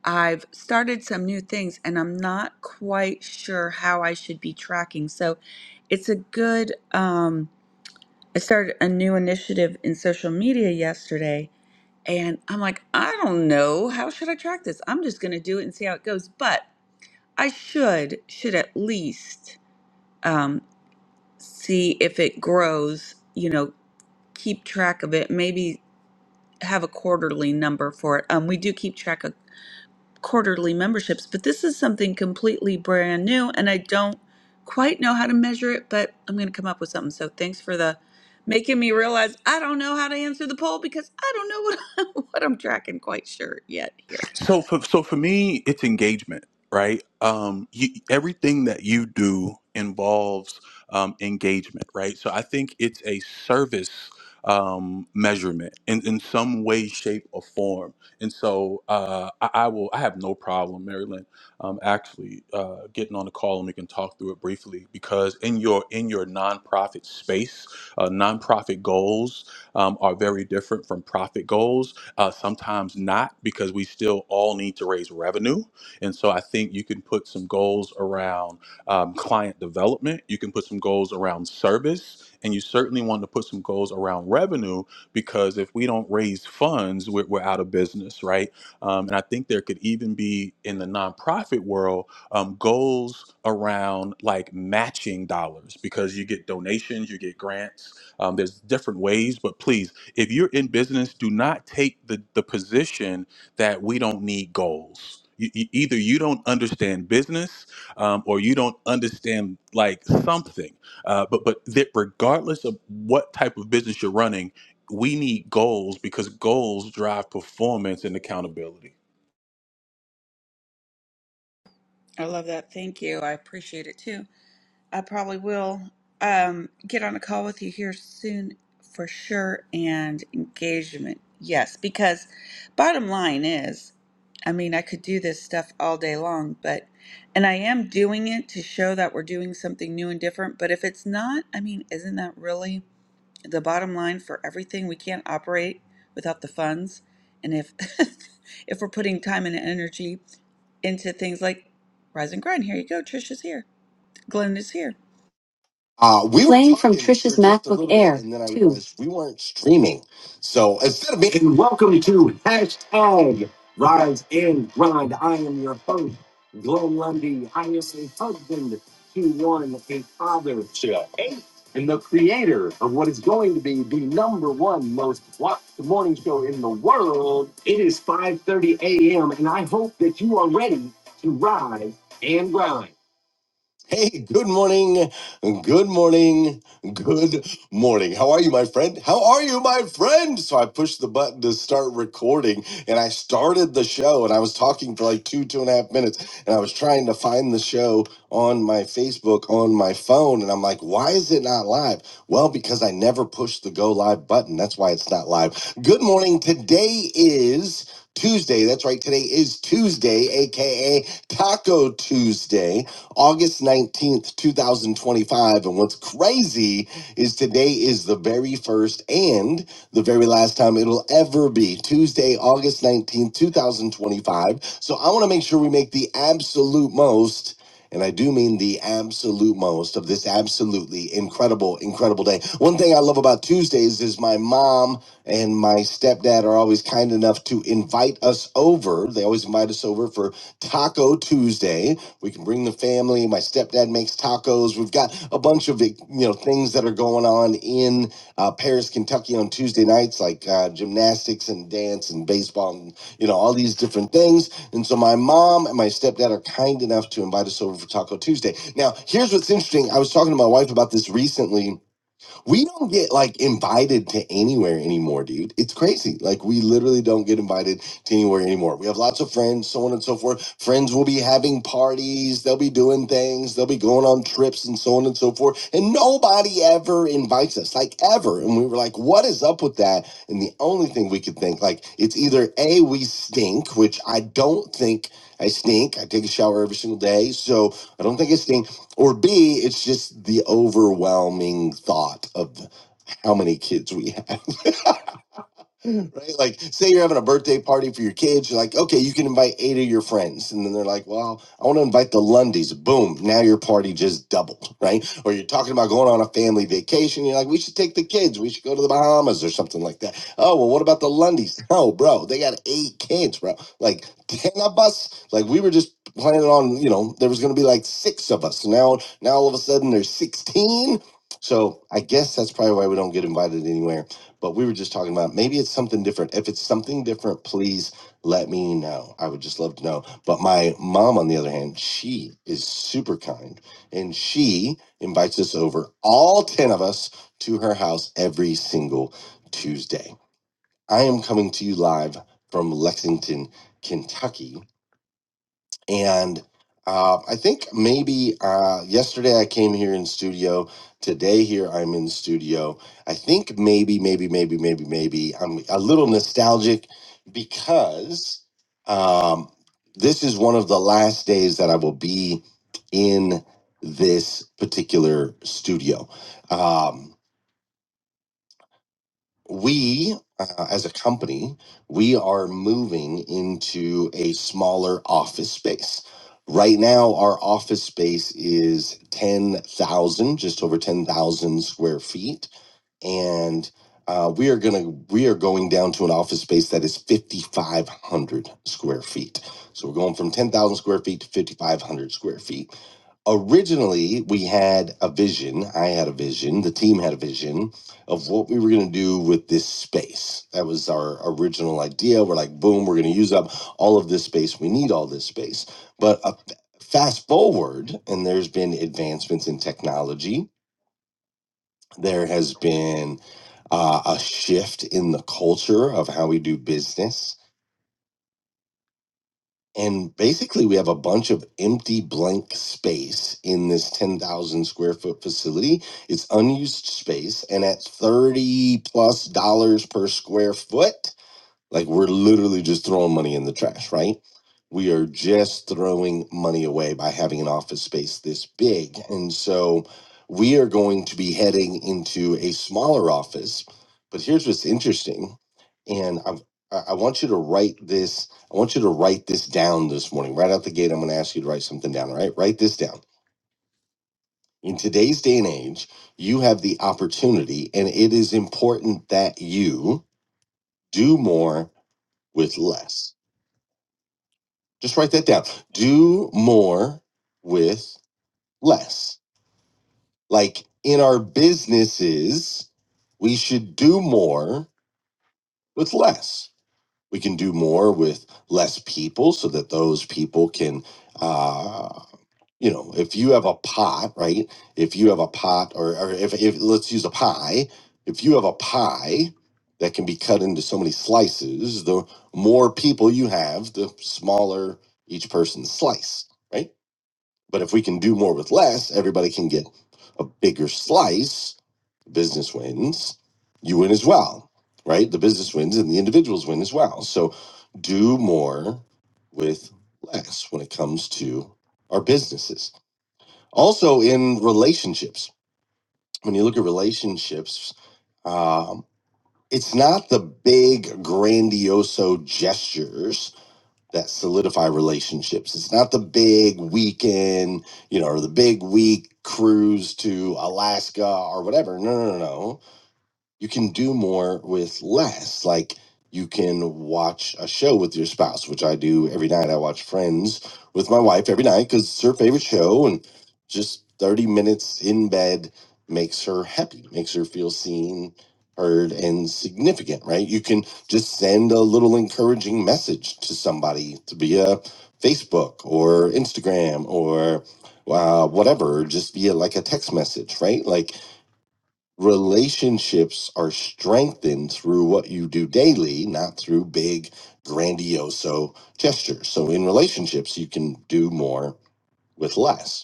[SPEAKER 6] I've started some new things and I'm not quite sure how I should be tracking. So, it's a good um I started a new initiative in social media yesterday and I'm like, I don't know. How should I track this? I'm just going to do it and see how it goes. But I should, should at least um, see if it grows, you know, keep track of it, maybe have a quarterly number for it. Um, we do keep track of quarterly memberships, but this is something completely brand new and I don't quite know how to measure it, but I'm going to come up with something. So thanks for the making me realize I don't know how to answer the poll because I don't know what, what I'm tracking quite sure yet here.
[SPEAKER 1] So for so for me, it's engagement, right? Um, you, everything that you do involves um, engagement, right? So I think it's a service um, measurement in, in some way, shape, or form. And so uh, I, I will. I have no problem, Marilyn, um, actually uh, getting on the call and we can talk through it briefly because in your in your nonprofit space, uh, nonprofit goals um, are very different from profit goals uh, sometimes not because we still all need to raise revenue. And so I think you can put some goals around um, client development, you can put some goals around service, and you certainly want to put some goals around revenue because if we don't raise funds, we're, we're out of business, right? Um, and I think there could even be in the nonprofit world um, goals around like matching dollars because you get donations, you get grants. Um, there's different ways, but please if you're in business, do not take the, the position that we don't need goals. You, you- either you don't understand business um, or you don't understand like something. Uh, but but that regardless of what type of business you're running, we need goals because goals drive performance and accountability.
[SPEAKER 6] I love that. Thank you. I appreciate it too. I probably will um, get on a call with you here soon for sure. And engagement, yes, because bottom line is, I mean, I could do this stuff all day long, but and I am doing it to show that we're doing something new and different. But if it's not, I mean, isn't that really the bottom line for everything? We can't operate without the funds, and if if we're putting time and energy into things like Rise and Grind. Here you go. Trish is here. Glenn is here.
[SPEAKER 2] Uh, we were Playing from talking Trisha's for just a MacBook little bit, Air and then I 2. realized we weren't streaming. So instead of being and welcome to hashtag Rise and Grind. I am your host, Glenn Lundy. I am a husband to one, a father to eight, and the creator of what is going to be the number one most watched morning show in the world. It is 5:30 a.m., and I hope that you are ready to rise and grind. Hey, good morning. Good morning. Good morning. How are you, my friend? How are you, my friend? So I pushed the button to start recording and I started the show and I was talking for like two, two and a half minutes and I was trying to find the show on my Facebook on my phone. And I'm like, why is it not live? Well, because I never pushed the go live button. That's why it's not live. Good morning. Today is Tuesday. That's right. Today is Tuesday, aka Taco Tuesday. August 19th, 2025. And what's crazy is today is the very first and the very last time it'll ever be Tuesday, August 19th, 2025. So I want to make sure we make the absolute most. And I do mean the absolute most of this absolutely incredible, incredible day. One thing I love about Tuesdays is my mom and my stepdad are always kind enough to invite us over. They always invite us over for Taco Tuesday. We can bring the family. My stepdad makes tacos. We've got a bunch of like, you know things that are going on in uh, Paris, Kentucky on Tuesday nights, like uh, gymnastics and dance and baseball and you know all these different things. And so my mom and my stepdad are kind enough to invite us over for Taco Tuesday. Now, here's what's interesting. I was talking to my wife about this recently we don't get like invited to anywhere anymore, dude. It's crazy. Like we literally don't get invited to anywhere anymore. We have lots of friends, so on and so forth. Friends will be having parties, they'll be doing things, they'll be going on trips and so on and so forth. And nobody ever invites us, like ever. And we were like, what is up with that? And the only thing we could think, like, it's either A, we stink, which I don't think I stink. I take a shower every single day. So I don't think I stink or B, it's just the overwhelming thought of how many kids we have. right? Like, say you're having a birthday party for your kids. You're like, okay, you can invite eight of your friends. And then they're like, well, I want to invite the Lundys. Boom. Now your party just doubled, right? Or you're talking about going on a family vacation. You're like, we should take the kids. We should go to the Bahamas or something like that. Oh, well, what about the Lundys? No, bro, they got eight kids, bro. Like, 10 of us, like, we were just planning on, you know, there was going to be like six of us. Now, now all of a sudden there's 16. So I guess that's probably why we don't get invited anywhere but we were just talking about maybe it's something different. If it's something different, please let me know. I would just love to know. But my mom, on the other hand, she is super kind and she invites us over, all 10 of us, to her house every single Tuesday. I am coming to you live from Lexington, Kentucky and uh, I think maybe uh, yesterday I came here in studio. Today here I'm in studio. I think maybe, maybe, maybe, maybe, maybe I'm a little nostalgic because um, this is one of the last days that I will be in this particular studio. Um, we uh, as a company we are moving into a smaller office space right now our office space is 10,000 just over 10,000 square feet and uh, we are gonna we are going down to an office space that is 5500 square feet so we're going from 10,000 square feet to 5500 square feet originally we had a vision i had a vision the team had a vision of what we were going to do with this space. That was our original idea. We're like, boom, we're going to use up all of this space. We need all this space. But uh, fast forward, and there's been advancements in technology. There has been uh, a shift in the culture of how we do business. And basically, we have a bunch of empty blank space in this 10,000 square foot facility. It's unused space. And at 30 plus dollars per square foot, Like we're literally just throwing money in the trash, right? We are just throwing money away by having an office space this big. And so we are going to be heading into a smaller office. But here's what's interesting. And I've, I I want you to write this. I want you to write this down this morning. Right out the gate, I'm going to ask you to write something down. All right, write this down. In today's day and age, you have the opportunity, and it is important that you do more with less Just write that down. Do more with less. Like in our businesses, we should do more with less. We can do more with less people so that those people can, uh, you know, if you have a pot, right? If you have a pot, or, or if, if let's use a pie, if you have a pie that can be cut into so many slices, the more people you have, the smaller each person's slice, right? But if we can do more with less, everybody can get a bigger slice. Business wins, you win as well, right? The business wins and the individuals win as well. So do more with less when it comes to our businesses. Also, in relationships, when you look at relationships, um, it's not the big, grandioso gestures that solidify relationships. It's not the big weekend, you know, or the big week cruise to Alaska or whatever. No, no, no, no you can do more with less. Like you can watch a show with your spouse, which I do every night. I watch Friends with my wife every night because it's her favorite show, and just 30 minutes in bed makes her happy, makes her feel seen, heard, and significant, right? You can just send a little encouraging message to somebody to be a Facebook or Instagram or uh, whatever, just via like a text message, right? Like relationships are strengthened through what you do daily, not through big, grandiose gestures. So in relationships, you can do more with less.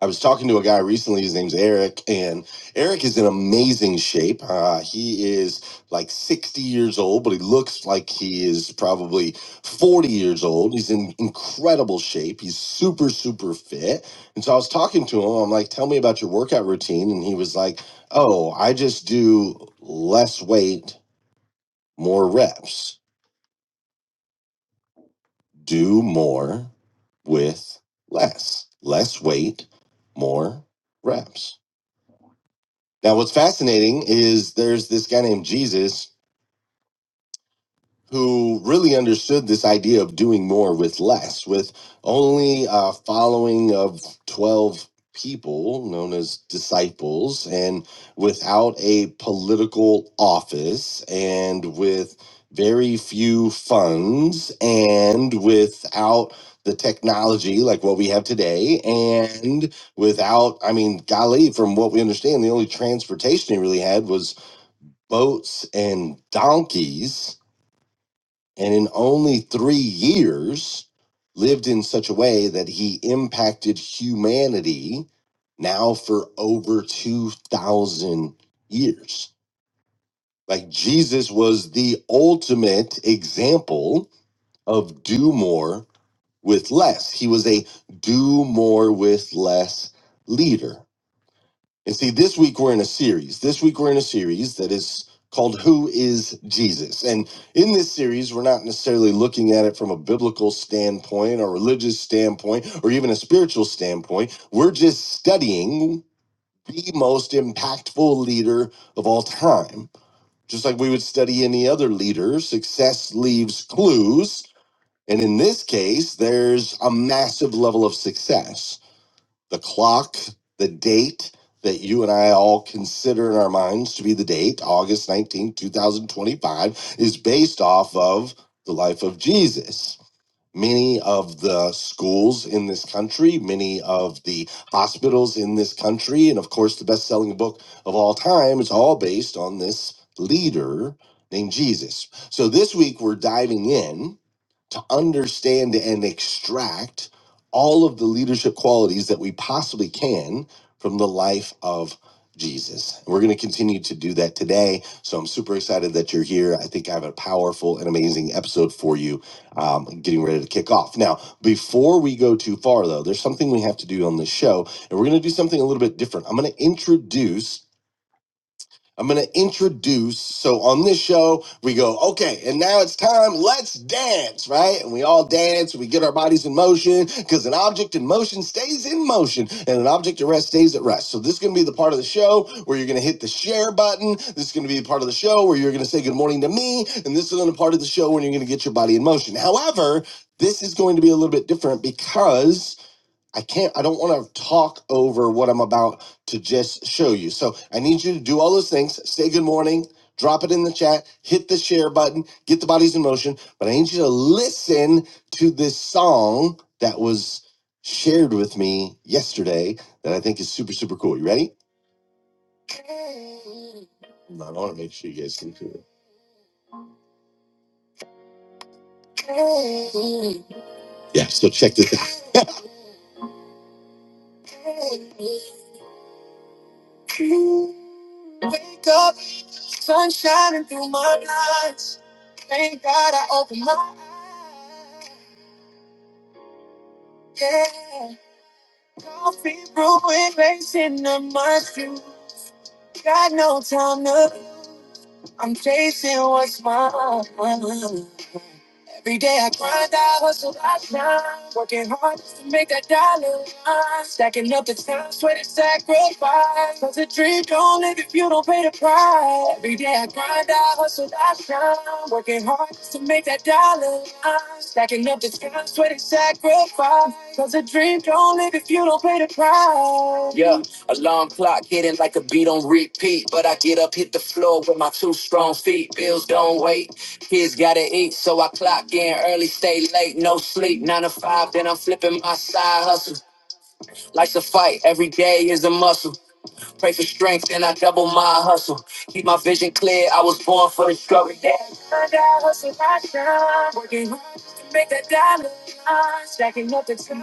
[SPEAKER 2] I was talking to a guy recently. His name's Eric, and Eric is in amazing shape. Uh, he is like 60 years old, but he looks like he is probably 40 years old. He's in incredible shape. He's super, super fit. And so I was talking to him. I'm like, tell me about your workout routine. And he was like, oh, I just do less weight, more reps. Do more with less. Less weight, more reps. Now, what's fascinating is there's this guy named Jesus who really understood this idea of doing more with less, with only a following of 12 people known as disciples, and without a political office, and with very few funds, and without the technology like what we have today, and without, I mean, golly, from what we understand, the only transportation he really had was boats and donkeys, and in only three years lived in such a way that he impacted humanity now for over 2,000 years. Like Jesus was the ultimate example of do more with less. He was a do more with less leader. And see, this week we're in a series. This week we're in a series that is called Who is Jesus? And in this series, we're not necessarily looking at it from a biblical standpoint or religious standpoint or even a spiritual standpoint. We're just studying the most impactful leader of all time. Just like we would study any other leader, success leaves clues. And in this case, there's a massive level of success the clock, the date that you and I all consider in our minds to be the date, August nineteenth, two 2025, is based off of the life of Jesus. Many of the schools in this country, many of the hospitals in this country, and of course, the best selling book of all time is all based on this leader named Jesus. So this week, we're diving in to understand and extract all of the leadership qualities that we possibly can from the life of Jesus. And we're going to continue to do that today. So I'm super excited that you're here. I think I have a powerful and amazing episode for you um, getting ready to kick off. Now, before we go too far, though, there's something we have to do on this show, and we're going to do something a little bit different. I'm going to introduce I'm going to introduce. So on this show, we go, okay, and now it's time, let's dance, right? And we all dance, we get our bodies in motion because an object in motion stays in motion and an object at rest stays at rest. So this is going to be the part of the show where you're going to hit the share button. This is going to be the part of the show where you're going to say good morning to me. And this is the part of the show when you're going to get your body in motion. However, this is going to be a little bit different because I can't, I don't want to talk over what I'm about to just show you. So I need you to do all those things. Say good morning, drop it in the chat, hit the share button, get the bodies in motion. But I need you to listen to this song that was shared with me yesterday that I think is super, super cool. You ready? I want to make sure you guys can hear it. Yeah, so check this out.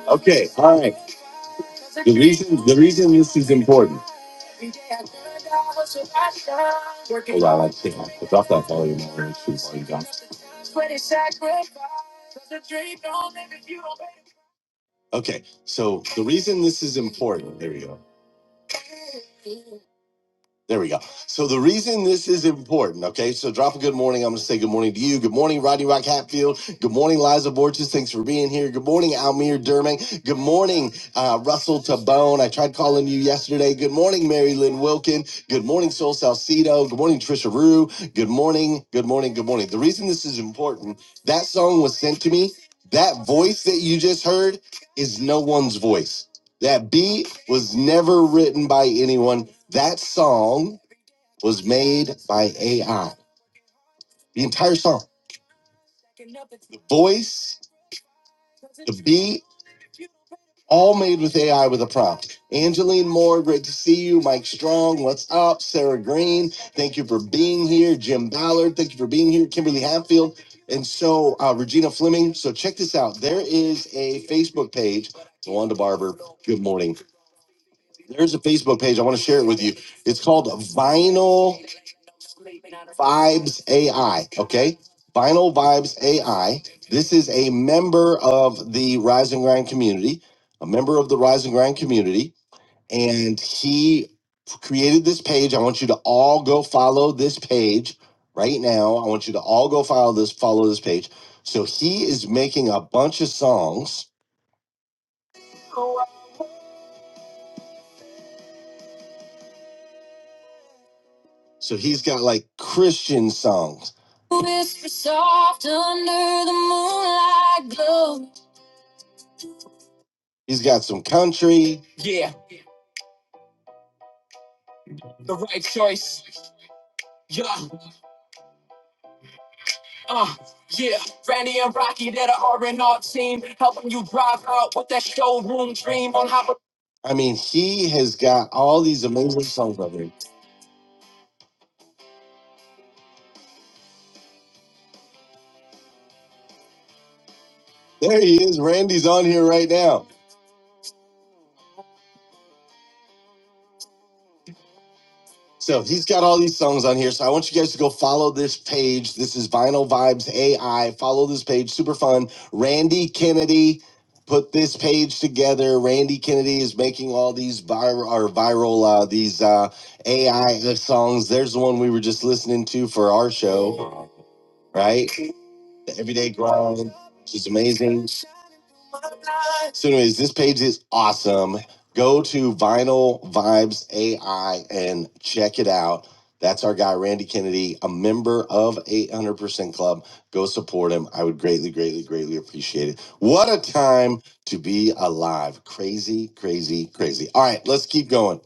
[SPEAKER 2] okay, all right. The reason the reason this is important. Yeah, I dropped that volume. already. Okay, so the reason this is important, there we go. There we go. So the reason this is important, okay? So drop a good morning. I'm gonna say good morning to you. Good morning, Rodney Rock Hatfield. Good morning, Liza Borges. Thanks for being here. Good morning, Almir Derming. Good morning, uh, Russell Tabone. I tried calling you yesterday. Good morning, Mary Lynn Wilkin. Good morning, Sol Salcido. Good morning, Trisha Rue. Good morning. Good morning. Good morning. The reason this is important, that song was sent to me. That voice that you just heard is no one's voice. That beat was never written by anyone. That song was made by AI. The entire song, the voice, the beat, all made with AI with a prompt. Angeline Moore, great to see you. Mike Strong, what's up? Sarah Green, thank you for being here. Jim Ballard, thank you for being here. Kimberly Hatfield, and so uh, Regina Fleming. So check this out. There is a Facebook page. Wanda Barber, good morning. There's a Facebook page. I want to share it with you. It's called Vinyl Vibes AI. Okay. Vinyl Vibes AI. This is a member of the Rise and Grind community, a member of the Rise and Grind community. And he created this page. I want you to all go follow this page right now. I want you to all go follow this, follow this page. So he is making a bunch of songs. So he's got like Christian songs. He's got some country. I mean, he has got all these amazing songs up there. There he is. Randy's on here right now. So he's got all these songs on here. So I want you guys to go follow this page. This is Vinyl Vibes AI. Follow this page. Super fun. Randy Kennedy put this page together. Randy Kennedy is making all these viral or viral uh, these uh, AI songs. There's the one we were just listening to for our show, right? The Everyday Grind, which is amazing. So, anyways, this page is awesome. Go to Vinyl Vibes AI and check it out. That's our guy, Randy Kennedy, a member of 800% Club. Go support him. I would greatly, greatly, greatly appreciate it. What a time to be alive. Crazy, crazy, crazy. All right, let's keep going.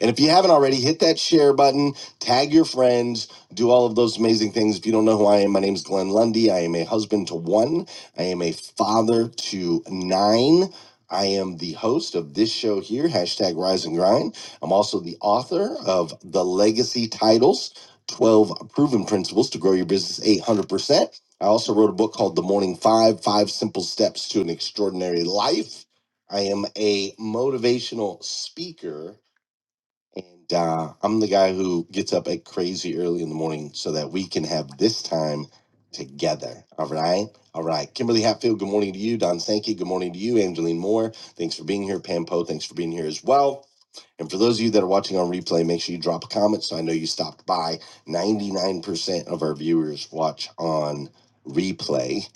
[SPEAKER 2] And if you haven't already, hit that share button, tag your friends, do all of those amazing things. If you don't know who I am, my name is Glenn Lundy. I am a husband to one, I am a father to nine. I am the host of this show here, hashtag Rise and Grind. I'm also the author of The Legacy Titles 12 Proven Principles to Grow Your Business 800%. I also wrote a book called The Morning Five Five Simple Steps to an Extraordinary Life. I am a motivational speaker and uh, I'm the guy who gets up at crazy early in the morning so that we can have this time together. All right. All right. Kimberly Hatfield, good morning to you. Don Sankey, good morning to you. Angeline Moore, thanks for being here. Pam Poe, thanks for being here as well. And for those of you that are watching on replay, make sure you drop a comment so I know you stopped by. 99% of our viewers watch on replay.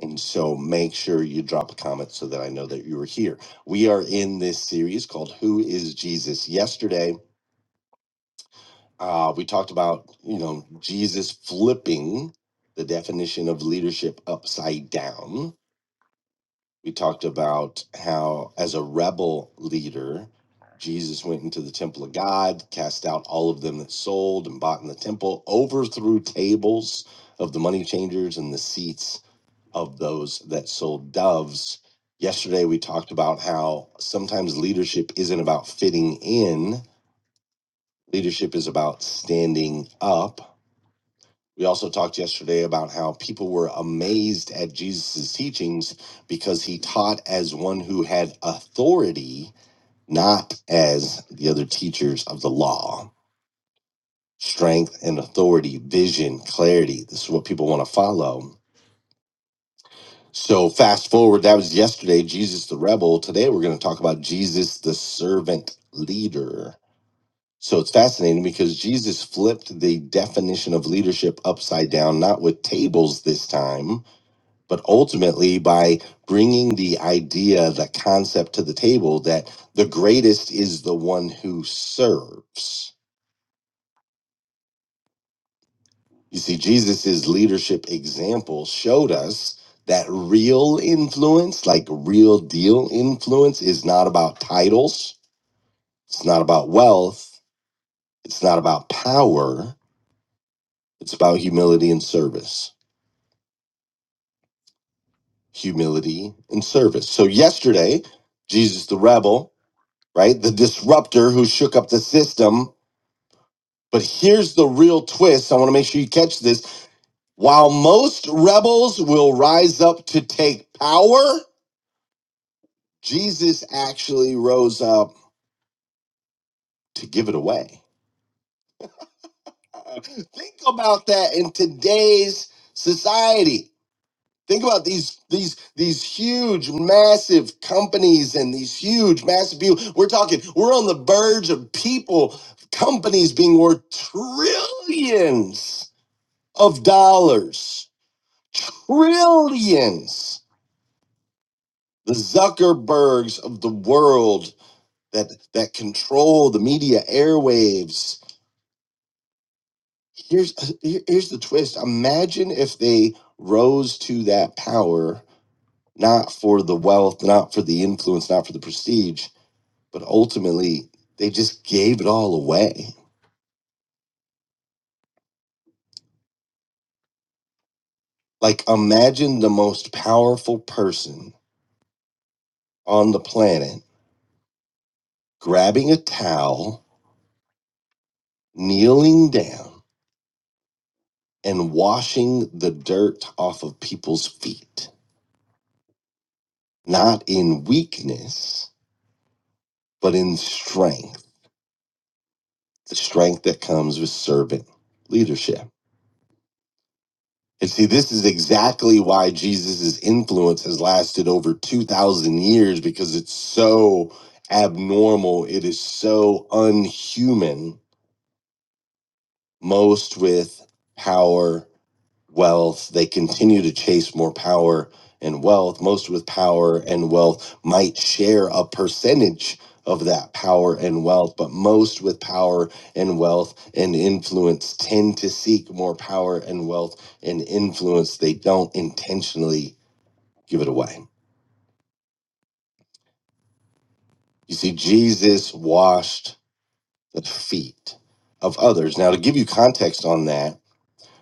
[SPEAKER 2] And so make sure you drop a comment so that I know that you were here. We are in this series called Who is Jesus? Yesterday, uh, we talked about, you know, Jesus flipping the definition of leadership upside down. We talked about how, as a rebel leader, Jesus went into the temple of God, cast out all of them that sold and bought in the temple, overthrew tables of the money changers and the seats of those that sold doves. Yesterday, we talked about how sometimes leadership isn't about fitting in, leadership is about standing up We also talked yesterday about how people were amazed at Jesus' teachings because he taught as one who had authority, not as the other teachers of the law. Strength and authority, vision, clarity. This is what people want to follow. So, fast forward, that was yesterday, Jesus the rebel. Today, we're going to talk about Jesus the servant leader. So, it's fascinating because Jesus flipped the definition of leadership upside down, not with tables this time but ultimately by bringing the idea, the concept to the table that the greatest is the one who serves. You see, Jesus's leadership example showed us that real influence, like real deal influence, is not about titles, it's not about wealth, it's not about power, it's about humility and service. Humility and service. So, yesterday, Jesus the rebel, right? The disruptor who shook up the system But here's the real twist. I want to make sure you catch this. While most rebels will rise up to take power, Jesus actually rose up to give it away. Uh, Think about that in today's society. Think about these these these huge massive companies and these huge massive people. We're talking we're on the verge of people companies being worth trillions of dollars trillions the zuckerbergs of the world that that control the media airwaves here's here- here's the twist imagine if they rose to that power not for the wealth not for the influence not for the prestige but ultimately they just gave it all away like imagine the most powerful person on the planet grabbing a towel kneeling down and washing the dirt off of people's feet, not in weakness, but in strength, the strength that comes with servant leadership. And see, this is exactly why Jesus' influence has lasted over 2,000 years because it's so abnormal. It is so unhuman, most with power wealth. They continue to chase more power and wealth. Most with power and wealth might share a percentage of that power and wealth, but most with power and wealth and influence tend to seek more power and wealth and influence. They don't intentionally give it away. You see, Jesus washed the feet of others. Now, to give you context on that,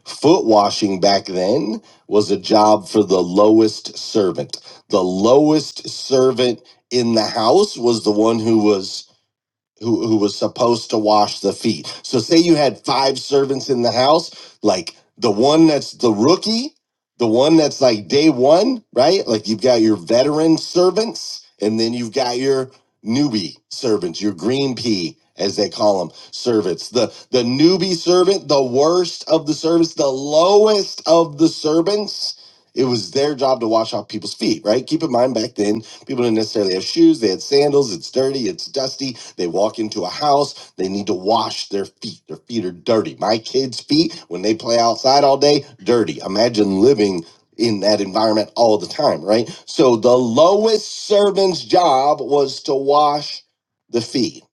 [SPEAKER 2] Foot washing back then was a job for the lowest servant. The lowest servant in the house was the one who was who who was supposed to wash the feet. So say you had five servants in the house, like the one that's the rookie, the one that's like day one, right? Like you've got your veteran servants, and then you've got your newbie servants, your green pea as they call them servants. The the newbie servant, the worst of the servants, the lowest of the servants. It was their job to wash off people's feet, right? Keep in mind back then, people didn't necessarily have shoes. They had sandals. It's dirty. It's dusty they walk into a house, they need to wash their feet. Their feet are dirty. My kids' feet, when they play outside all day, dirty. Imagine living in that environment all the time, right? So the lowest servant's job was to wash the feet.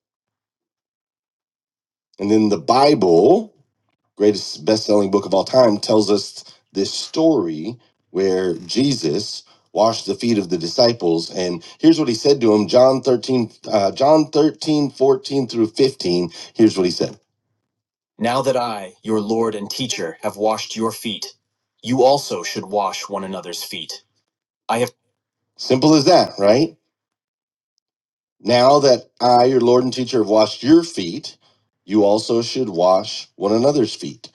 [SPEAKER 2] And in the Bible, greatest best-selling book of all time tells us this story where jesus washed the feet of the disciples and here's what he said to them john 13 uh, john 13, 14 through 15 here's what he said eat you eat i have simple as that right now that i your lord and teacher have washed your feet you also should wash one another's feet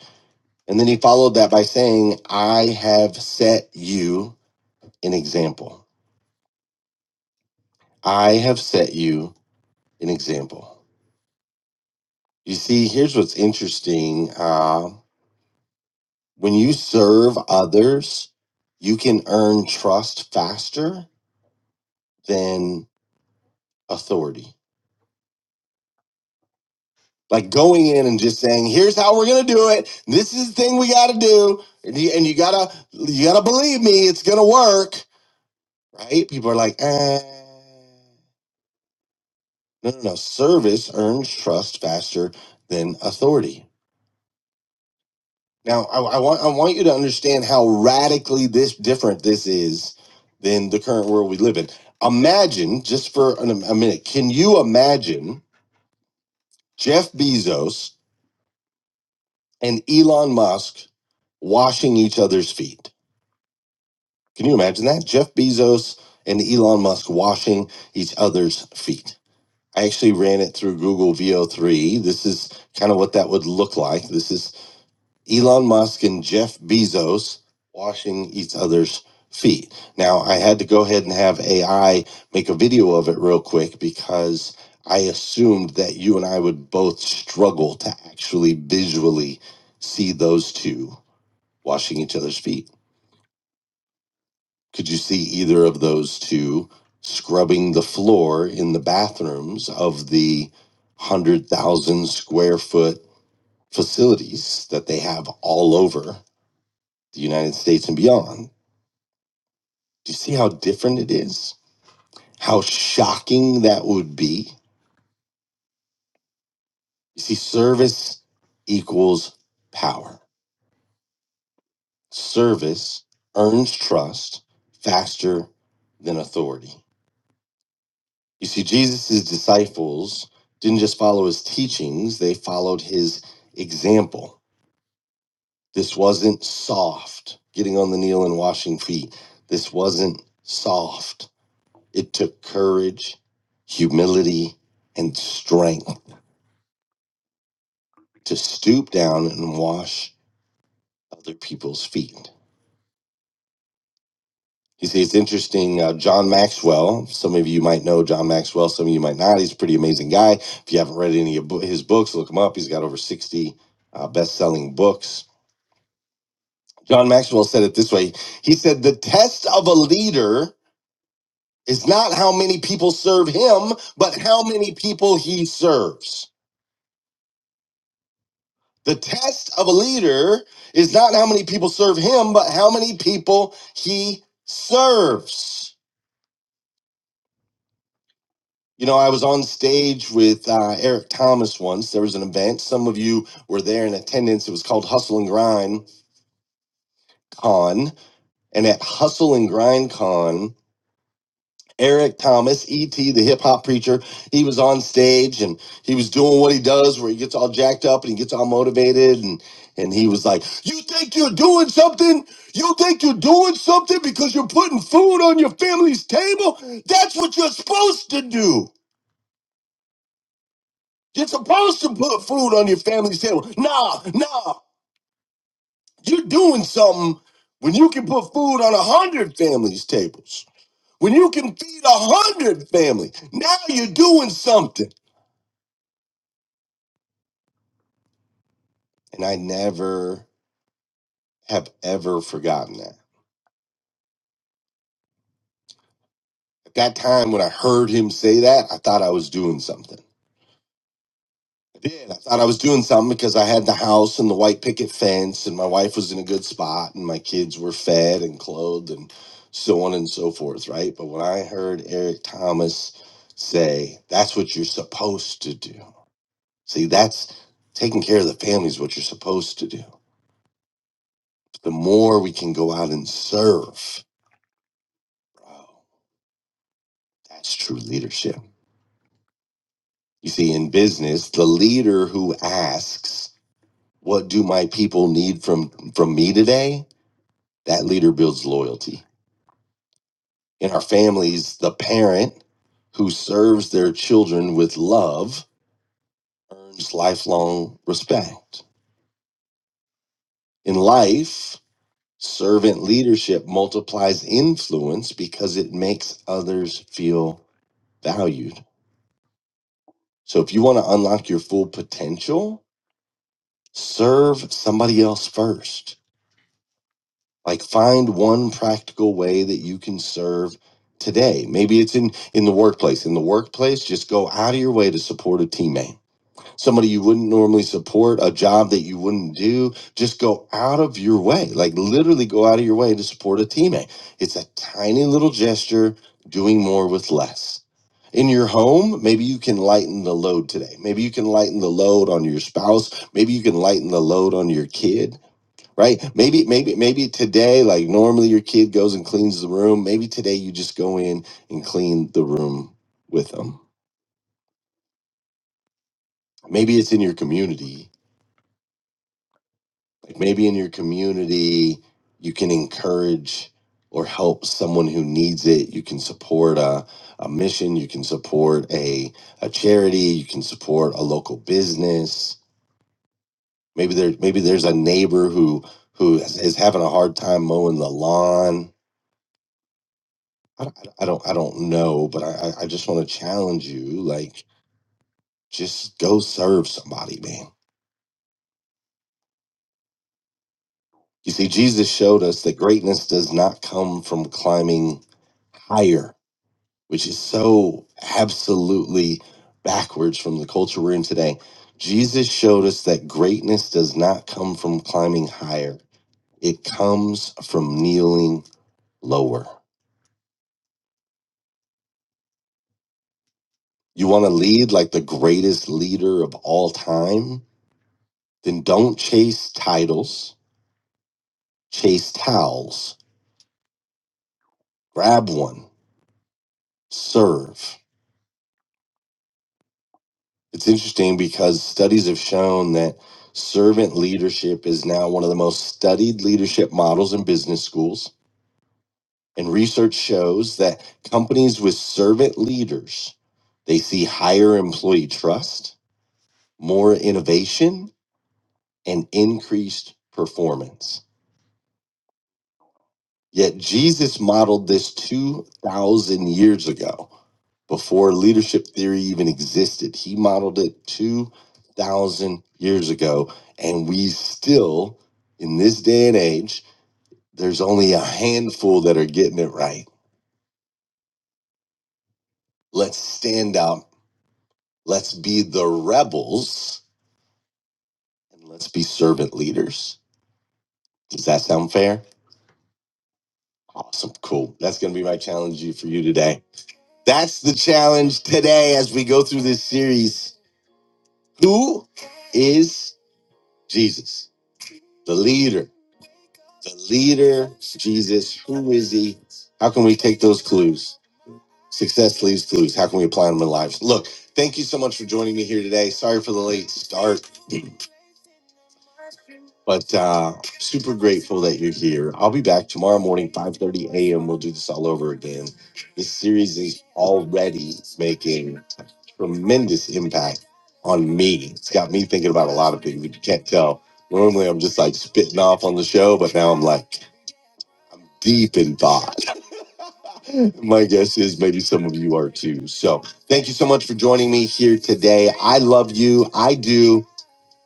[SPEAKER 2] and then he followed that by saying i have set you an example i have set you an example You see, here's what's interesting. Uh, when you serve others, you can earn trust faster than authority. Like going in and just saying, "Here's how we're gonna do it. This is the thing we gotta do," and you, and you gotta you gotta believe me, it's gonna work, right? People are like, eh. "No, no, no." Service earns trust faster than authority. Now, I, I want I want you to understand how radically this different this is than the current world we live in. Imagine just for an, a minute, can you imagine Jeff Bezos and Elon Musk washing each other's feet? Can you imagine that? Jeff Bezos and Elon Musk washing each other's feet. I actually ran it through Google VO3. This is kind of what that would look like. This is Elon Musk and Jeff Bezos washing each other's feet. Now, I had to go ahead and have AI make a video of it real quick because I assumed that you and I would both struggle to actually visually see those two washing each other's feet. Could you see either of those two scrubbing the floor in the bathrooms of the 100,000 square foot facilities that they have all over? the United States and beyond. Do you see how different it is? How shocking that would be? You see, service equals power. Service earns trust faster than authority. You see, Jesus' disciples didn't just follow his teachings, they followed his example. This wasn't soft, getting on the kneel and washing feet. This wasn't soft. It took courage, humility, and strength to stoop down and wash other people's feet. You see, it's interesting. Uh, John Maxwell, some of you might know John Maxwell, some of you might not. He's a pretty amazing guy. If you haven't read any of bo- his books, look him up. He's got over 60 uh, best selling books. John Maxwell said it this way He said, The test of a leader is not how many people serve him, but how many people he serves The test of a leader is not how many people serve him, but how many people he serves. You know, I was on stage with uh, Eric Thomas once. There was an event. Some of you were there in attendance. It was called Hustle and Grind Con. And at Hustle and Grind Con, Eric Thomas, ET, the hip hop preacher, he was on stage and he was doing what he does where he gets all jacked up and he gets all motivated and and he was like, "You think you're doing something? You think you're doing something because you're putting food on your family's table? That's what you're supposed to do. You're supposed to put food on your family's table. Nah, nah. You're doing something when you can put food on a 100 families' tables. When you can feed a 100 families. Now you're doing something." And I never have ever forgotten that. At that time when I heard him say that, I thought I was doing something. I did. I thought I was doing something because I had the house and the white picket fence and my wife was in a good spot and my kids were fed and clothed and so on and so forth, right? But when I heard Eric Thomas say, that's what you're supposed to do. See, that's taking care of the family is what you're supposed to do. The more we can go out and serve, bro, that's true leadership You see, in business, the leader who asks, "What do my people need from from me today?" That leader builds loyalty. In our families, the parent who serves their children with love earns lifelong respect. In life, servant leadership multiplies influence because it makes others feel valued. So if you want to unlock your full potential, serve somebody else first like find one practical way that you can serve today maybe it's in in the workplace in the workplace just go out of your way to support a teammate somebody you wouldn't normally support a job that you wouldn't do just go out of your way like literally go out of your way to support a teammate it's a tiny little gesture doing more with less in your home maybe you can lighten the load today maybe you can lighten the load on your spouse maybe you can lighten the load on your kid right? Maybe, maybe, maybe today, like normally your kid goes and cleans the room. Maybe today you just go in and clean the room with them. Maybe it's in your community. Like maybe in your community, you can encourage or help someone who needs it. You can support a, a mission. You can support a, a charity. You can support a local business. Maybe there, maybe there's a neighbor who, who is having a hard time mowing the lawn I, don't- I don't I don't know, but I I I just want to challenge you. Like, just go serve somebody, man. You see, Jesus showed us that greatness does not come from climbing higher, which is so absolutely backwards from the culture we're in today. Jesus showed us that greatness does not come from climbing higher. It comes from kneeling lower. You want to lead like the greatest leader of all time? Then don't chase titles chase towels, grab one, serve. It's interesting because studies have shown that servant leadership is now one of the most studied leadership models in business schools. And research shows that companies with servant leaders, they see higher employee trust, more innovation, and increased performance. Yet Jesus modeled this 2,000 years ago before leadership theory even existed. He modeled it 2,000 years ago. And we still, in this day and age, there's only a handful that are getting it right. Let's stand out. Let's be the rebels and let's be servant leaders. Does that sound fair? Awesome. Cool. That's going to be my challenge you- for you today. That's the challenge today as we go through this series. Who is Jesus? The leader The leader, Jesus, who is he? How can we take those clues? Success leaves clues. How can we apply them in lives? Look, thank you so much for joining me here today. Sorry for the late start. But uh, super grateful that you're here. I'll be back tomorrow morning, 5:30 a.m. We'll do this all over again. This series is already making tremendous impact on me. It's got me thinking about a lot of things. If you can't tell, normally I'm just like spitting off on the show, but now I'm like deep in thought. My guess is maybe some of you are too. So thank you so much for joining me here today. I love you. I do.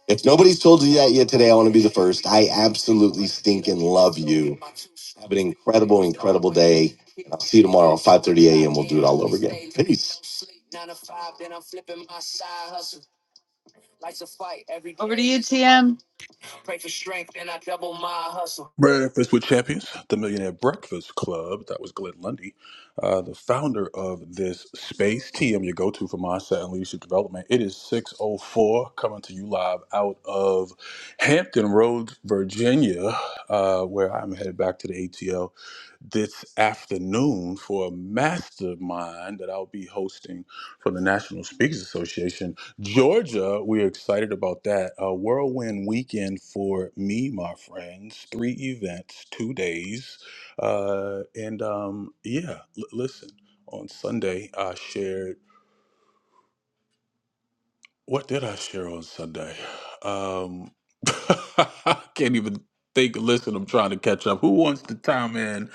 [SPEAKER 2] If nobody's told you that yet today, I want to be the first. I absolutely stink and love you. Have an incredible, incredible day. I'll see you tomorrow, 5.30 Peace. TM.
[SPEAKER 1] Breakfast with Champions, the Millionaire Breakfast Club. That was Glenn Lundy, uh, the founder of this space. TM, your go-to for mindset and leadership development. It is 6.04, coming to you live out of Hampton Roads, Virginia, uh, where I'm headed back to the ATL this afternoon for a mastermind that I'll be hosting for the National Speakers Association. Georgia, we're excited about that. A whirlwind weekend for me, my friends. Three events, two days. Uh, and um, yeah, l- listen, on Sunday, I shared. What did I share on Sunday? Um, I can't even think. Listen, I'm trying to catch up. Who wants to time in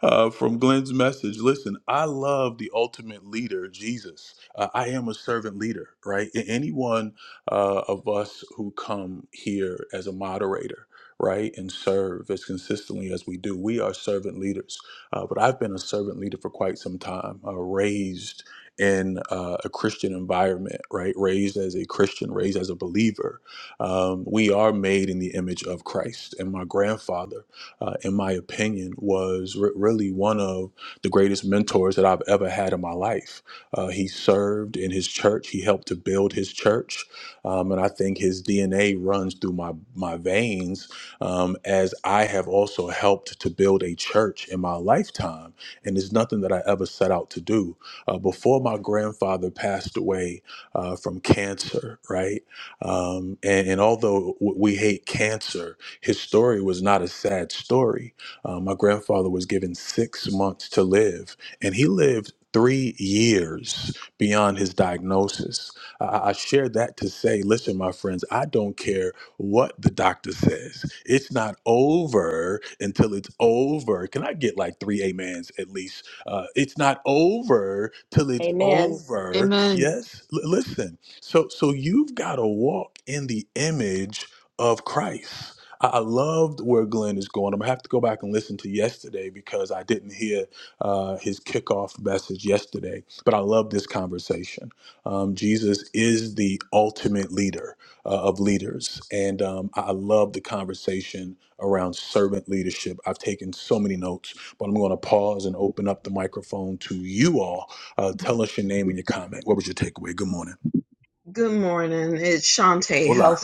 [SPEAKER 1] uh, from Glenn's message? Listen, I love the ultimate leader, Jesus. Uh, I am a servant leader, right? A- Any one uh, of us who come here as a moderator, right, and serve as consistently as we do, we are servant leaders. Uh, but I've been a servant leader for quite some time, uh, raised in uh, a Christian environment, right? Raised as a Christian, raised as a believer. Um, we are made in the image of Christ. And my grandfather, uh, in my opinion, was re- really one of the greatest mentors that I've ever had in my life. Uh, he served in his church, he helped to build his church. Um, and I think his DNA runs through my, my veins um, as I have also helped to build a church in my lifetime. And it's nothing that I ever set out to do uh, before my grandfather passed away uh, from cancer, right? Um, and, and although w- we hate cancer, his story was not a sad story. Uh, my grandfather was given six months to live, and he lived three years beyond his diagnosis. I, I share that to say, listen, my friends, I don't care what the doctor says. It's not over until it's over. Can I get like three amens at least? Uh, it's not over till it's
[SPEAKER 7] Amen.
[SPEAKER 1] over. Yes, L- listen. So so you've got to walk in the image of Christ. I I loved where Glenn is going. I'm gonna have to go back and listen to yesterday because I didn't hear uh, his kickoff message yesterday. But I love this conversation. Um, Jesus is the ultimate leader uh, of leaders, and um, I I love the conversation around servant leadership. I've taken so many notes but I'm going to pause and open up the microphone to you all. Uh, tell us your name and your comment. What was your takeaway? Good morning. Hola.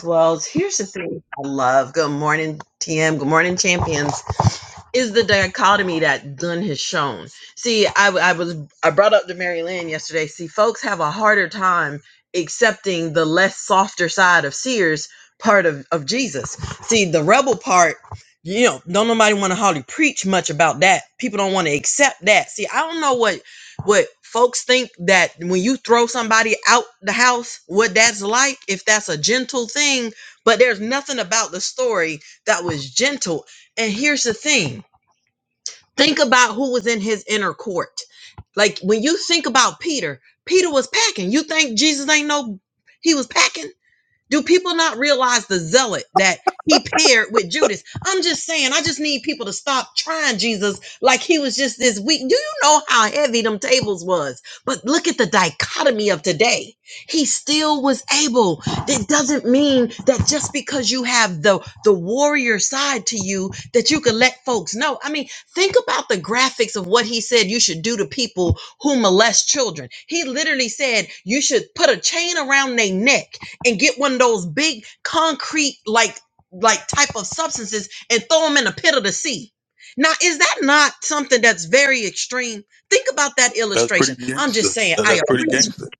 [SPEAKER 1] That's pretty gangster. That- That's pretty gangster.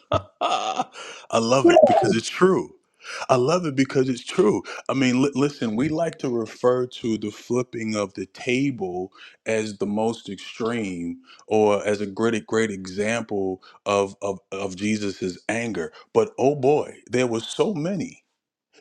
[SPEAKER 1] I love it because it's true. I love it because it's true. I mean, li- listen, we like to refer to the flipping of the table as the most extreme or as a great, great example of, of, of Jesus's anger. But oh boy, there were so many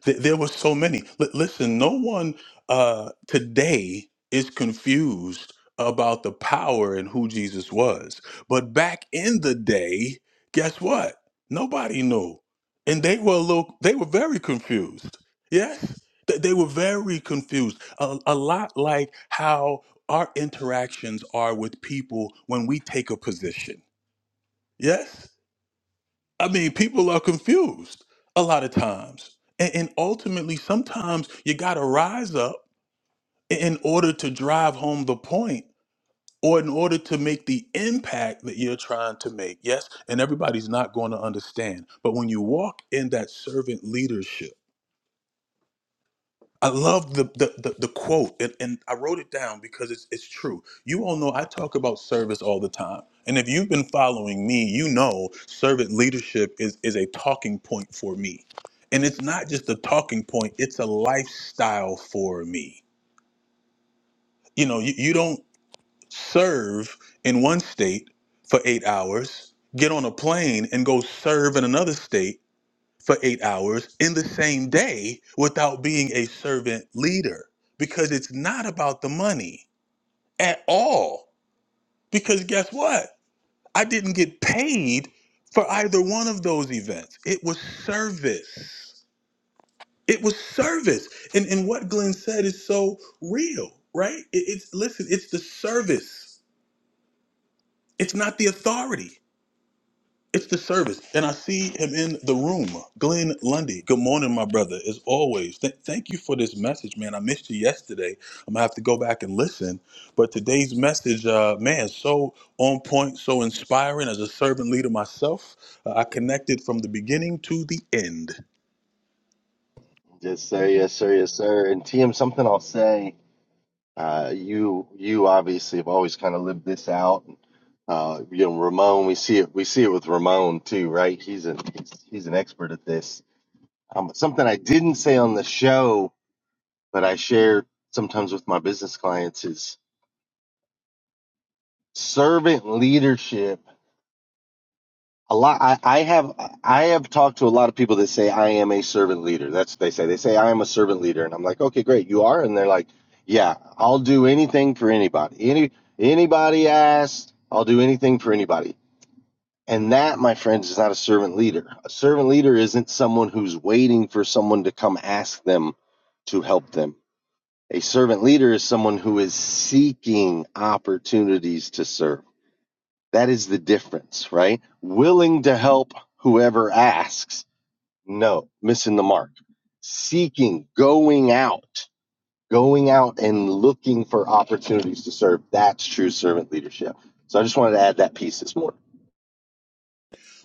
[SPEAKER 1] Th- there were so many. Li- listen, no one uh, today is confused about the power and who Jesus was. But back in the day, guess what? Nobody knew, and they were a little. They were very confused. Yes, Th- they were very confused. A, a lot like how our interactions are with people when we take a position. Yes I mean, people are confused a lot of times. And, and ultimately, sometimes you got to rise up i- in order to drive home the point or in order to make the impact that you're trying to make. Yes, and everybody's not going to understand. But when you walk in that servant leadership, I love the the, the, the quote, and, and I wrote it down because it's it's true. You all know I talk about service all the time, and if you've been following me, you know servant leadership is is a talking point for me, and it's not just a talking point; it's a lifestyle for me. You know, you, you don't serve in one state for eight hours, get on a plane, and go serve in another state for eight hours in the same day without being a servant leader because it's not about the money at all. Because guess what? I didn't get paid for either one of those events. It was service. It was service. And, and what Glenn said is so real, right? It- it's listen, it's the service, it's not the authority. It's the service. And I see him in the room. Glenn Lundy, good morning, my brother, as always. Th- thank you for this message, man. I missed you yesterday. I'm going to have to go back and listen. But today's message, uh, man, so on point, so inspiring. As a servant leader myself, uh, I connected from the beginning to the end.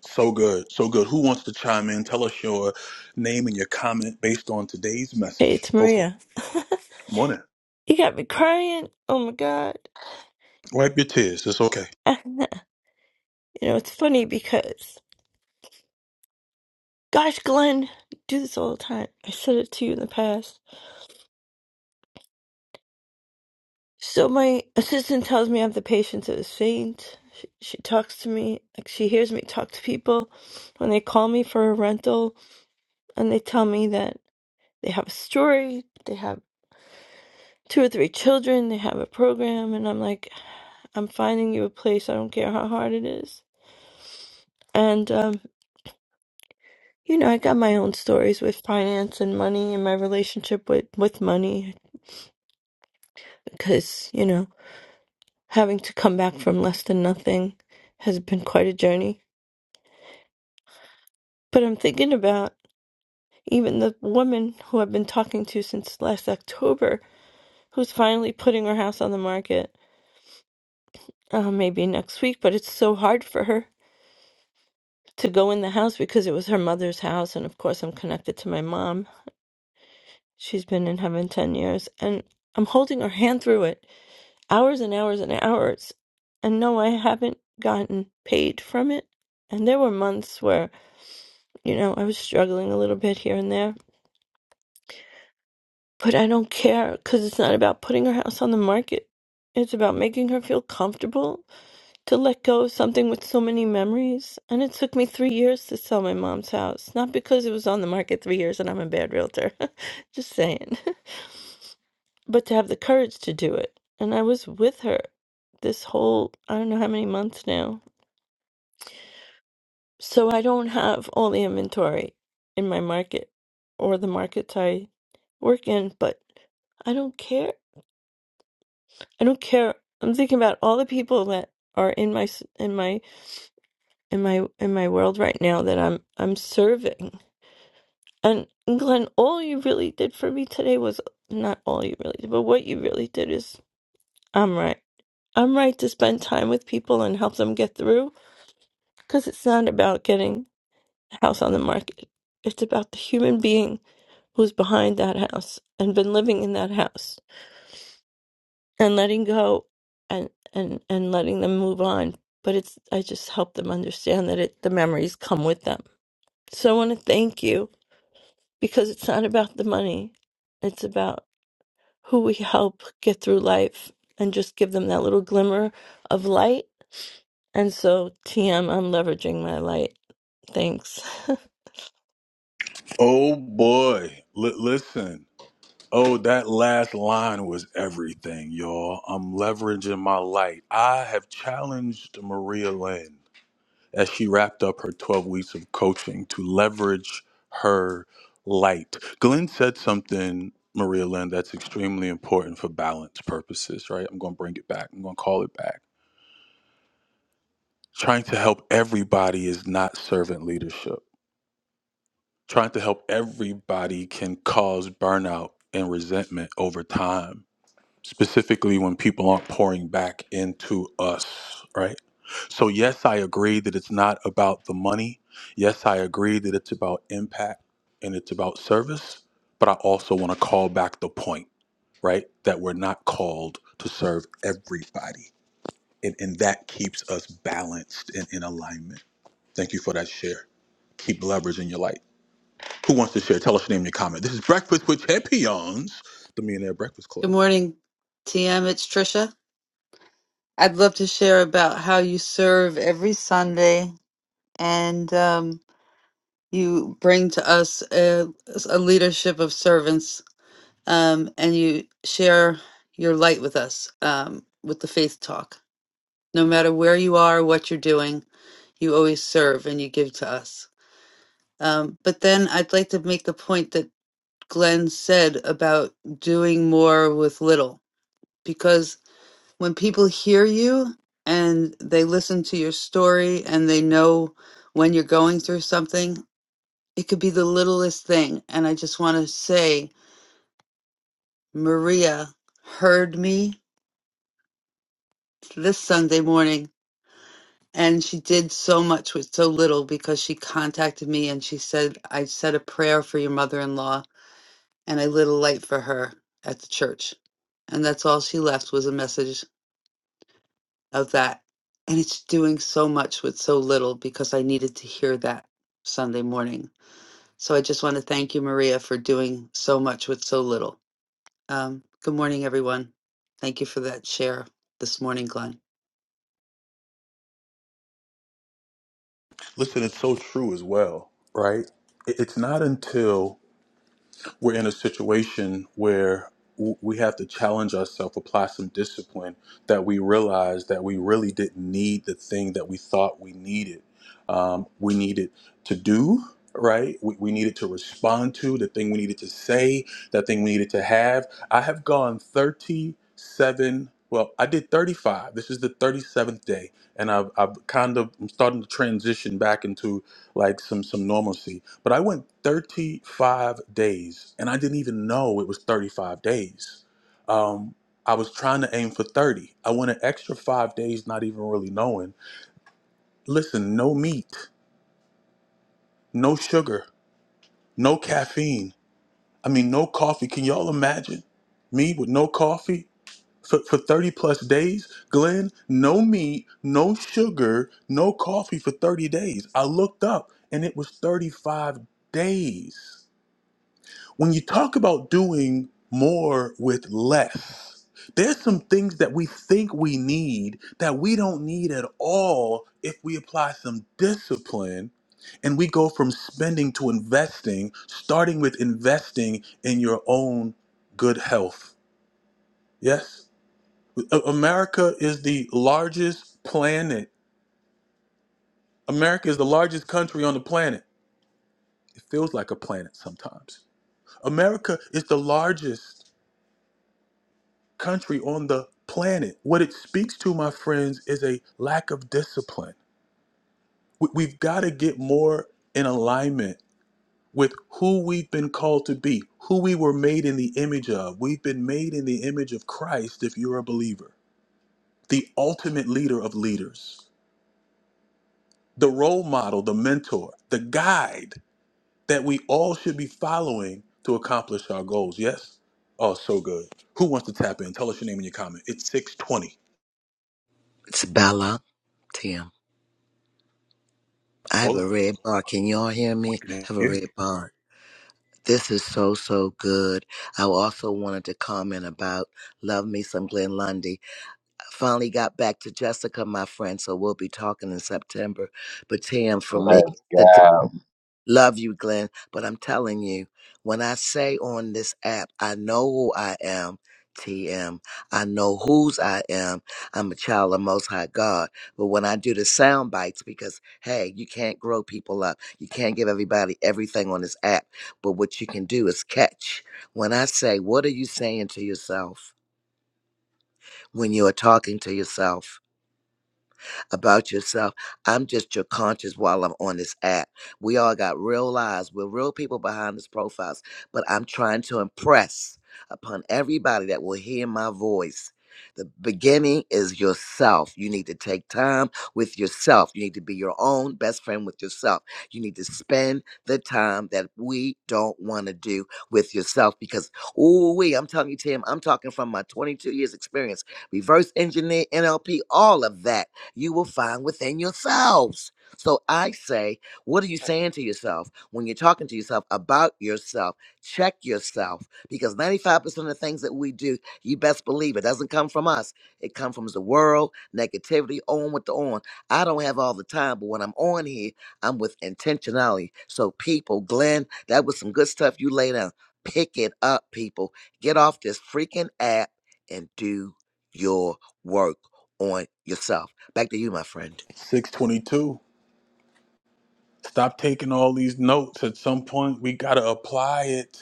[SPEAKER 1] So good. So good. Who wants to chime in? Tell us your name and your comment based on today's
[SPEAKER 8] Hey,
[SPEAKER 1] message.
[SPEAKER 8] it's
[SPEAKER 1] Go for it.
[SPEAKER 8] Maria.
[SPEAKER 1] Good morning.
[SPEAKER 8] you got me crying. Oh my god.
[SPEAKER 1] Wipe your tears. It's okay.
[SPEAKER 8] you know, it's funny because, gosh, Glenn, I do this all the time. I said it to you in the past. So my assistant tells me I have the patience of a saint. She, she talks to me, like she hears me talk to people when they call me for a rental, and they tell me that they have a story, they have two or three children, they have a program, and I'm like, I'm finding you a place. I don't care how hard it is. And um, You know, I got my own stories with finance and money and my relationship with, with money because, you know, having to come back from less than nothing has been quite a journey. But I'm thinking about even the woman who I've been talking to since last October who's finally putting her house on the market uh, maybe next week, but it's so hard for her to go in the house because it was her mother's house. And of course, I'm connected to my mom. She's been in heaven 10 years and I'm holding her hand through it hours and hours and hours. And no, I haven't gotten paid from it. And there were months where, you know, I was struggling a little bit here and there. But I don't care because it's not about putting her house on the market. It's about making her feel comfortable to let go of something with so many memories. And it took me three years to sell my mom's house. Not because it was on the market three years and I'm a bad realtor. Just saying. but to have the courage to do it. And I was with her this whole, I don't know how many months now. So I don't have all the inventory in my market or the markets I work in, but I don't care. I don't care. I'm thinking about all the people that are in my s- in my in my in my world right now that I'm I'm serving. And Glenn, all you really did for me today was not all you really did, but what you really did is I'm right. I'm right to spend time with people and help them get through because it's not about getting a house on the market. It's about the human being who's behind that house and been living in that house and letting go and and and letting them move on. But it's I just help them understand that it the memories come with them. So I want to thank you because it's not about the money. It's about who we help get through life and just give them that little glimmer of light. And so, TM, I'm leveraging my light. Thanks.
[SPEAKER 1] Oh, boy. Li- listen. Oh, that last line was everything, y'all. I'm leveraging my light. I have challenged Maria Lynn as she wrapped up her 12 weeks of coaching to leverage her light. Glenn said something, Maria Lynn, that's extremely important for balance purposes, right? I'm going to bring it back. I'm going to call it back. Trying to help everybody is not servant leadership. Trying to help everybody can cause burnout and resentment over time specifically when people aren't pouring back into us, right? So, yes, I agree that it's not about the money. Yes, I agree that it's about impact and it's about service. But I also want to call back the point, right? That we're not called to serve everybody. And, and that keeps us balanced and in alignment. Thank you for that share. Keep leveraging your light. Who wants to share? Tell us your name in your comment. This is Breakfast with Champions, the Millionaire Breakfast Club.
[SPEAKER 2] Good morning, TM. It's Trisha. I'd love to share about how you serve every Sunday and um, you bring to us a, a leadership of servants um, and you share your light with us um, with the faith talk. No matter where you are, what you're doing, you always serve and you give to us. Um, but then I'd like to make the point that Glenn said about doing more with little, because when people hear you and they listen to your story and they know when you're going through something, it could be the littlest thing. And I just want to say, Maria heard me this Sunday morning. And she did so much with so little because she contacted me and she said, I said a prayer for your mother in law and I lit a light for her at the church. And that's all she left was a message of that. And it's doing so much with so little because I needed to hear that Sunday morning. So I just want to thank you, Maria, for doing so much with so little. Um, good morning, everyone. Thank you for that share this morning, Glenn.
[SPEAKER 1] Listen, it's so true as well, right? It- It's not until we're in a situation where w- we have to challenge ourselves, apply some discipline, that we realize that we really didn't need the thing that we thought we needed. Um, we needed to do, right? We, we needed to respond to the thing we needed to say, that thing we needed to have. I have gone 37, well, I did 35. This is the 37th day. And I've, I've kind of, I'm starting to transition back into like some some normalcy. But I went 35 days, and I didn't even know it was 35 days. Um, I was trying to aim for 30. I went an extra five days, not even really knowing. Listen, no meat, no sugar, no caffeine. I mean, no coffee. Can y'all imagine me with no coffee? For, for 30 plus days, Glenn, no meat, no sugar, no coffee for 30 days. I looked up and it was 35 days when you talk about doing more with less, there's some things that we think we need that we don't need at all if we apply some discipline and we go from spending to investing, starting with investing in your own good health. Yes? A- America is the largest planet. America is the largest country on the planet. It feels like a planet sometimes. America is the largest country on the planet. What it speaks to, my friends, is a lack of discipline. We- We've got to get more in alignment with who we've been called to be, who we were made in the image of. We've been made in the image of Christ if you're a believer, the ultimate leader of leaders, the role model, the mentor, the guide that we all should be following to accomplish our goals. Yes? Oh, so good. Who wants to tap in? Tell us your name and your comment. It's 620.
[SPEAKER 3] It's Bella, Tim. I have a
[SPEAKER 1] Hola.
[SPEAKER 3] red bar. Can y'all hear
[SPEAKER 1] We
[SPEAKER 3] me? I
[SPEAKER 1] can
[SPEAKER 3] have a
[SPEAKER 1] hear you.
[SPEAKER 3] red bar. This is so, so good. I also wanted to comment about Love Me Some Glenn Lundy. I finally got back to Jessica, my friend, so we'll be talking in September. But Tam, for me, the Love you, Glenn. But I'm telling you, when I say on this app, I know who I am, TM. I know whose I am. I'm a child of Most High God. But when I do the sound bites, because hey, you can't grow people up, you can't give everybody everything on this app. But what you can do is catch. When I say, what are you saying to yourself when you are talking to yourself? about yourself. I'm just your conscience while I'm on this app. We all got real lives. We're real people behind these profiles, but I'm trying to impress upon everybody that will hear my voice. The beginning is yourself. You need to take time with yourself. You need to be your own best friend with yourself. You need to spend the time that we don't want to do with yourself because, ooh, we, I'm telling you, Tim, I'm talking from my 22 years experience, reverse engineer, NLP, all of that you will find within yourselves. So I say, what are you saying to yourself when you're talking to yourself about yourself? Check yourself because 95% of the things that we do, you best believe it doesn't come from us. It comes from the world, negativity, on with the on. I don't have all the time, but when I'm on here, I'm with intentionality. So people, Glenn, that was some good stuff you laid down. Pick it up, people. Get off this freaking app and do your work on yourself. Back to you, my friend.
[SPEAKER 1] 622. Stop taking all these notes. At some point, we got to apply it.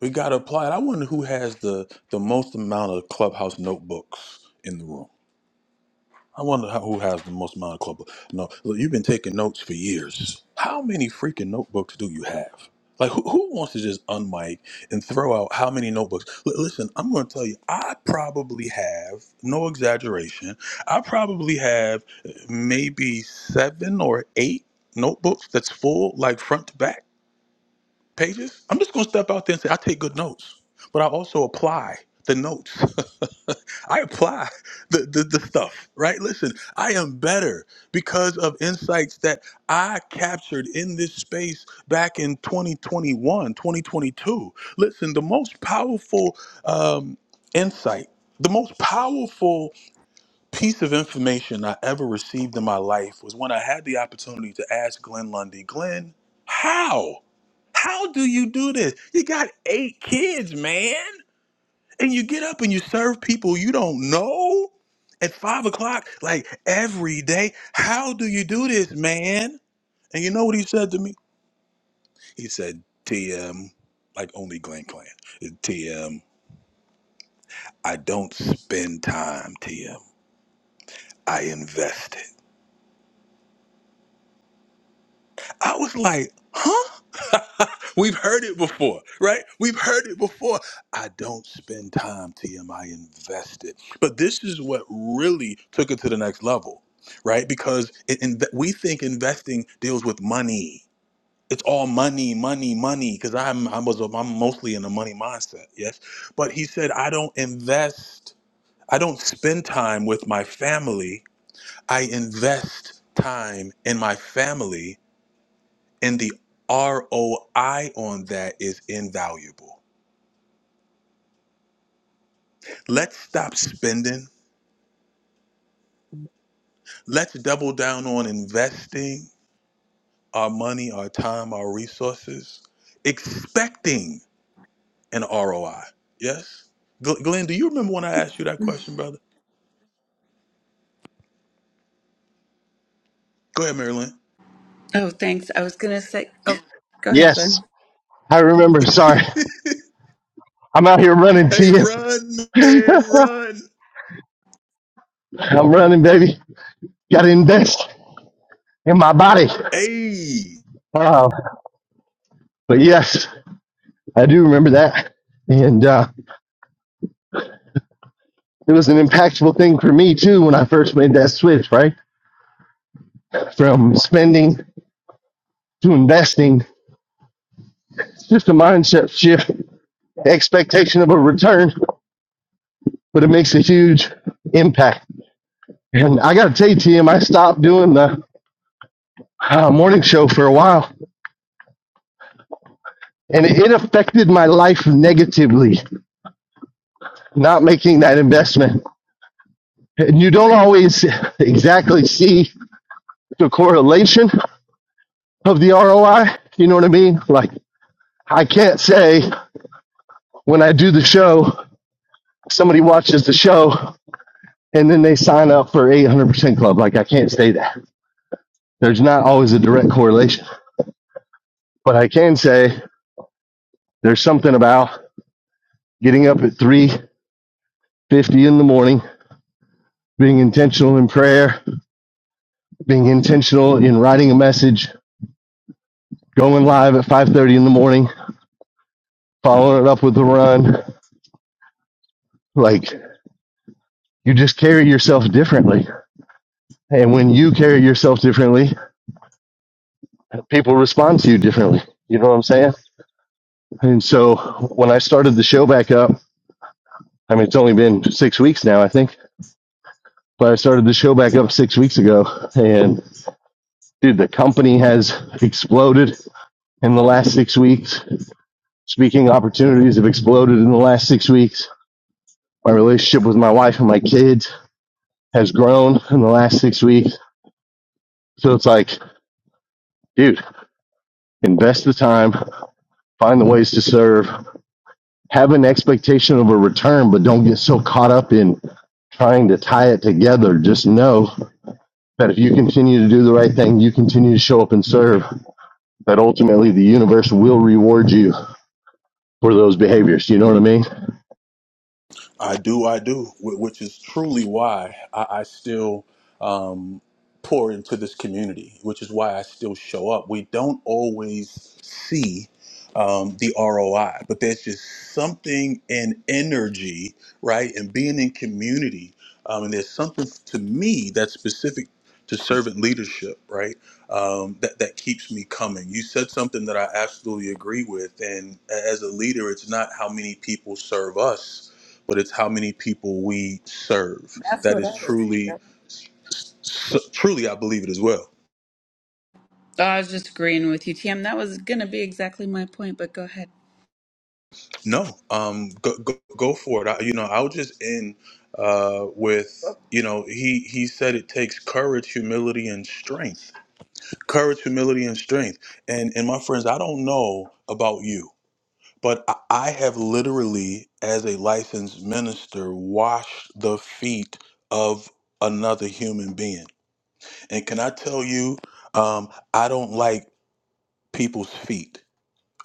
[SPEAKER 1] We got to apply it. I wonder who has the, the most amount of clubhouse notebooks in the room. I wonder how, who has the most amount of club. No, look, you've been taking notes for years. How many freaking notebooks do you have? Like, who, who wants to just unmic and throw out how many notebooks? L- listen, I'm going to tell you, I probably have, no exaggeration, I probably have eh, maybe seven or eight notebooks that's full, like front to back pages, I'm just going to step out there and say, I take good notes, but I also apply the notes. I apply the, the, the stuff, right? Listen, I am better because of insights that I captured in this space back in 2021, 2022. Listen, the most powerful um, insight, the most powerful piece of information I ever received in my life was when I had the opportunity to ask Glenn Lundy, Glenn, how? How do you do this? You got eight kids, man. And you get up and you serve people you don't know at five o'clock, like every day. How do you do this, man? And you know what he said to me? He said, TM, like only Glenn Clan, TM, I don't spend time, TM. I invest it. I was like, huh? We've heard it before, right? We've heard it before. I don't spend time, TM, I invest it. But this is what really took it to the next level, right? Because it, in, we think investing deals with money. It's all money, money, money. Because I'm I was I'm mostly in a money mindset, yes. But he said, I don't invest. I don't spend time with my family. I invest time in my family and the ROI on that is invaluable. Let's stop spending. Let's double down on investing our money, our time, our resources, expecting an ROI. Yes? Gl- Glenn, do you remember when I asked you that question, brother? Go ahead, Marilyn.
[SPEAKER 6] Oh, thanks. I was going to say, oh, go ahead,
[SPEAKER 9] Yes,
[SPEAKER 6] Glenn.
[SPEAKER 9] I remember. Sorry, I'm out here running to
[SPEAKER 1] Hey,
[SPEAKER 9] you.
[SPEAKER 1] run, man, run.
[SPEAKER 9] I'm running, baby. Got to invest in my body.
[SPEAKER 1] Hey.
[SPEAKER 9] Uh, but yes, I do remember that, and uh, it was an impactful thing for me too when I first made that switch, right, from spending to investing. It's just a mindset shift, expectation of a return, but it makes a huge impact. And I got to tell you, Tim, I stopped doing the uh, morning show for a while, and it affected my life negatively not making that investment. And you don't always exactly see the correlation of the ROI. You know what I mean? Like, I can't say when I do the show, somebody watches the show and then they sign up for 800% club. Like, I can't say that. There's not always a direct correlation, but I can say there's something about getting up at 350 in the morning, being intentional in prayer, being intentional in writing a message, going live at 5:30 in the morning, following it up with the run. Like you just carry yourself differently. And when you carry yourself differently, people respond to you differently. You know what I'm saying? And so when I started the show back up, I mean, it's only been six weeks now, I think, but I started the show back up six weeks ago. And dude, the company has exploded in the last six weeks. Speaking opportunities have exploded in the last six weeks. My relationship with my wife and my kids has grown in the last six weeks. So it's like, dude, invest the time, find the ways to serve, have an expectation of a return, but don't get so caught up in trying to tie it together. Just know that if you continue to do the right thing, you continue to show up and serve, that ultimately the universe will reward you for those behaviors. You know what I mean?
[SPEAKER 1] I do, I do, wh- which is truly why I, I still um, pour into this community, which is why I still show up. We don't always see um, the ROI, but there's just something in energy, right? And being in community. Um, and there's something to me that's specific to servant leadership, right? Um, that, that keeps me coming. You said something that I absolutely agree with. And a- as a leader, it's not how many people serve us but it's how many people we serve.
[SPEAKER 6] That's
[SPEAKER 1] That
[SPEAKER 6] what I
[SPEAKER 1] is
[SPEAKER 6] was.
[SPEAKER 1] truly,
[SPEAKER 6] Yep.
[SPEAKER 1] so, truly, I believe it as well.
[SPEAKER 6] Oh, I was just agreeing with you, Tam. That was going to be exactly my point, but go ahead.
[SPEAKER 1] No, um, go, go, go for it. I, you know, I'll just end uh, with, you know, he he said it takes courage, humility, and strength. Courage, humility, and strength. And and my friends, I don't know about you, but I, I have literally, as a licensed minister, washed the feet of another human being And can I tell you, um, I don't like people's feet,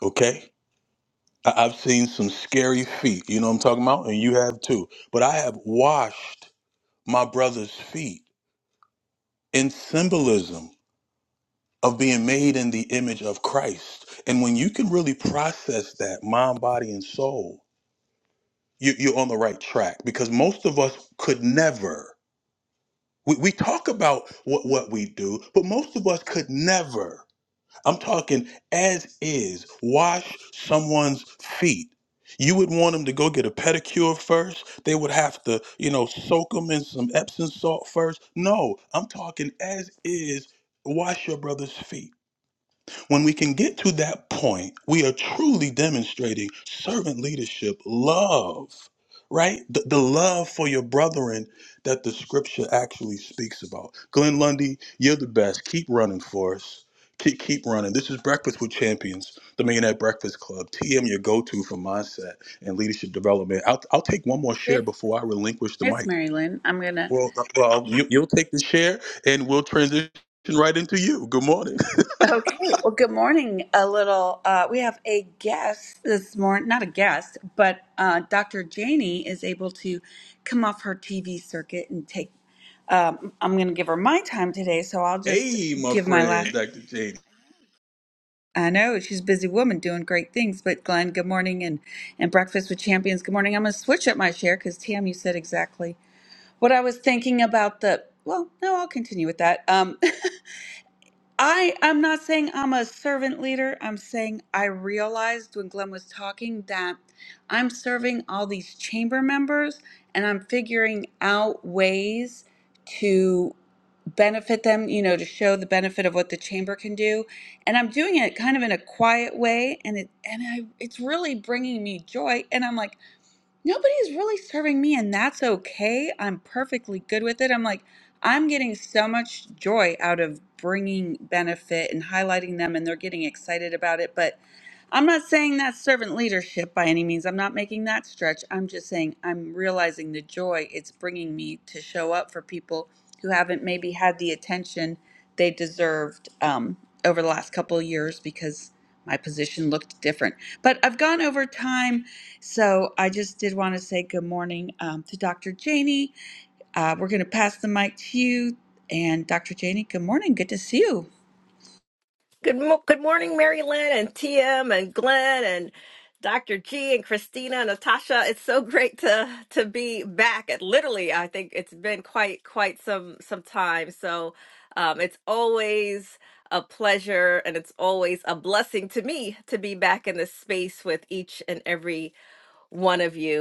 [SPEAKER 1] okay? I- I've seen some scary feet, you know what I'm talking about? And you have too. But I have washed my brother's feet in symbolism of being made in the image of Christ. And when you can really process that mind, body, and soul, you, you're on the right track because most of us could never. We, we talk about what, what we do, but most of us could never I'm talking as is. Wash someone's feet. You would want them to go get a pedicure first. They would have to, you know, soak them in some Epsom salt first. No, I'm talking as is. Wash your brother's feet. When we can get to that point, we are truly demonstrating servant leadership, love, right? The, the love for your brethren that the scripture actually speaks about. Glenn Lundy, you're the best. Keep running for us. Keep, keep running. This is Breakfast with Champions, the Millionaire Breakfast Club. TM, your go to for mindset and leadership development. I'll, I'll take one more share
[SPEAKER 6] It's
[SPEAKER 1] before I relinquish the
[SPEAKER 6] it's
[SPEAKER 1] mic.
[SPEAKER 6] Mary Lynn. I'm going to.
[SPEAKER 1] Well, uh, well you, you'll take the share and we'll transition right into you. Good morning.
[SPEAKER 6] Okay. Well, good morning. A little, uh, we have a guest this morning, not a guest, but uh, Dr. Janie is able to come off her TV circuit and take. Um, I'm going to give her my time today, so I'll just
[SPEAKER 1] Hey, my
[SPEAKER 6] give my last.
[SPEAKER 1] friend, Dr. Janie.
[SPEAKER 6] I know she's a busy woman doing great things, but Glenn, good morning, and and Breakfast with Champions, good morning. I'm going to switch up my share because Tam, you said exactly what I was thinking about the. Well, no, I'll continue with that. Um, I I'm not saying I'm a servant leader. I'm saying I realized when Glenn was talking that I'm serving all these chamber members and I'm figuring out ways to benefit them, you know, to show the benefit of what the chamber can do. And I'm doing it kind of in a quiet way and it and I it's really bringing me joy and I'm like nobody's really serving me and that's okay i'm perfectly good with it i'm like i'm getting so much joy out of bringing benefit and highlighting them and they're getting excited about it but I'm not saying that's servant leadership by any means. I'm not making that stretch. I'm just saying I'm realizing the joy it's bringing me to show up for people who haven't maybe had the attention they deserved um, over the last couple of years because my position looked different. But I've gone over time, so I just did want to say good morning um, to Dr. Janie. Uh, we're going to pass the mic to you. And Dr. Janie, good morning. Good to see you.
[SPEAKER 10] Good, mo- good morning, Mary Lynn and TM and Glenn and Dr. G and Christina and Natasha. It's so great to to be back. It literally, I think it's been quite quite some some time. So um, it's always a pleasure and it's always a blessing to me to be back in this space with each and every one of you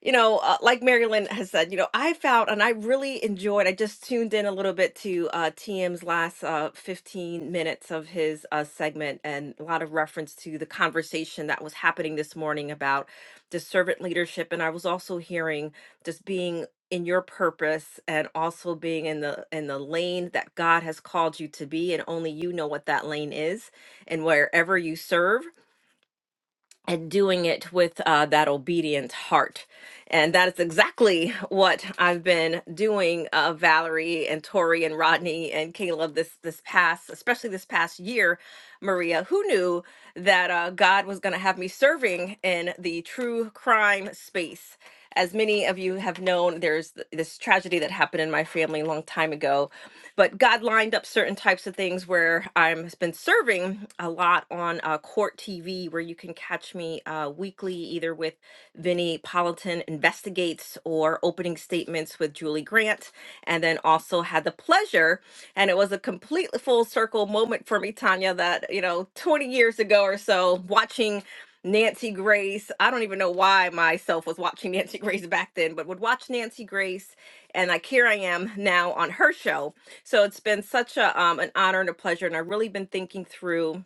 [SPEAKER 10] you know, uh, like Marilyn has said, you know, I found and I really enjoyed. I just tuned in a little bit to uh, TM's last uh, 15 minutes of his uh, segment and a lot of reference to the conversation that was happening this morning about the servant leadership. And I was also hearing just being in your purpose and also being in the in the lane that God has called you to be and only you know what that lane is and wherever you serve and doing it with uh, that obedient heart. And that is exactly what I've been doing, uh, Valerie and Tori and Rodney and Caleb this this past, especially this past year. Maria, who knew that uh, God was going to have me serving in the true crime space? As many of you have known, there's th- this tragedy that happened in my family a long time ago but God lined up certain types of things where I've been serving a lot on uh, Court TV, where you can catch me uh, weekly either with Vinnie Politan Investigates or Opening Statements with Julie Grant. And then also had the pleasure, and it was a complete full circle moment for me, Tanya, that, you know, 20 years ago or so, watching. Nancy Grace. I don't even know why myself was watching Nancy Grace back then, but would watch Nancy Grace. And like here I am now on her show so it's been such a um, an honor and a pleasure, and I've really been thinking through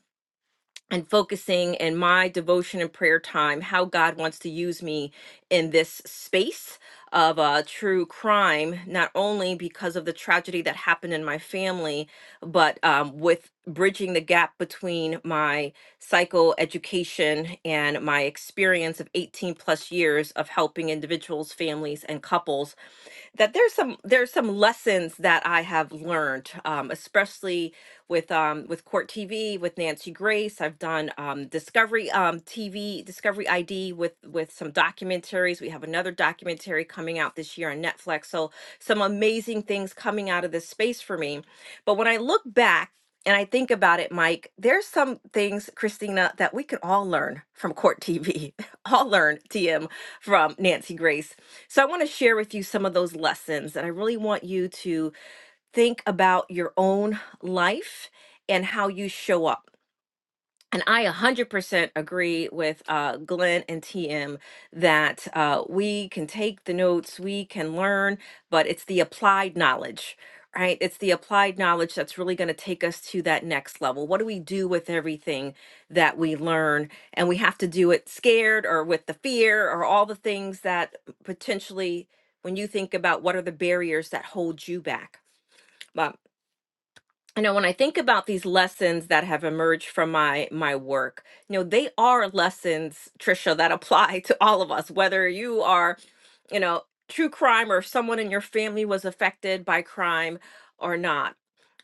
[SPEAKER 10] and focusing in my devotion and prayer time how God wants to use me in this space of uh, true crime, not only because of the tragedy that happened in my family, but um, with bridging the gap between my psychoeducation and my experience of 18 plus years of helping individuals, families, and couples that there's some there's some lessons that I have learned, um, especially with um, with Court TV with Nancy Grace. I've done um, Discovery um, TV, Discovery ID with with some documentaries. We have another documentary coming out this year on Netflix. So some amazing things coming out of this space for me. But when I look back. And I think about it, Mike. There's some things, Christina, that we can all learn from Court TV, all learn TM from Nancy Grace so I want to share with you some of those lessons, and I really want you to think about your own life and how you show up. And I 100% agree with uh, Glenn and TM that uh, we can take the notes, we can learn, but it's the applied knowledge, right? It's the applied knowledge that's really going to take us to that next level. What do we do with everything that we learn? And we have to do it scared or with the fear or all the things that potentially, when you think about what are the barriers that hold you back. Uh, you know when i think about these lessons that have emerged from my my work you know they are lessons trisha that apply to all of us whether you are you know, true crime or if someone in your family was affected by crime or not.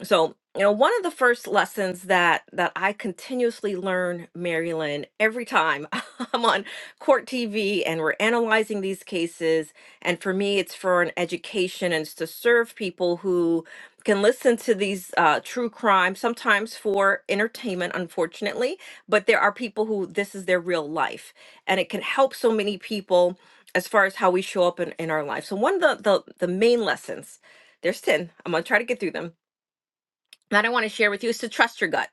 [SPEAKER 10] So, you know, one of the first lessons that that I continuously learn, Marilyn, every time I'm on court TV and we're analyzing these cases, and for me, it's for an education and it's to serve people who can listen to these uh, true crime, sometimes for entertainment, unfortunately, but there are people who this is their real life, and it can help so many people as far as how we show up in, in our life. So one of the, the the main lessons, there's 10. I'm gonna try to get through them. That I want to share with you is to trust your gut.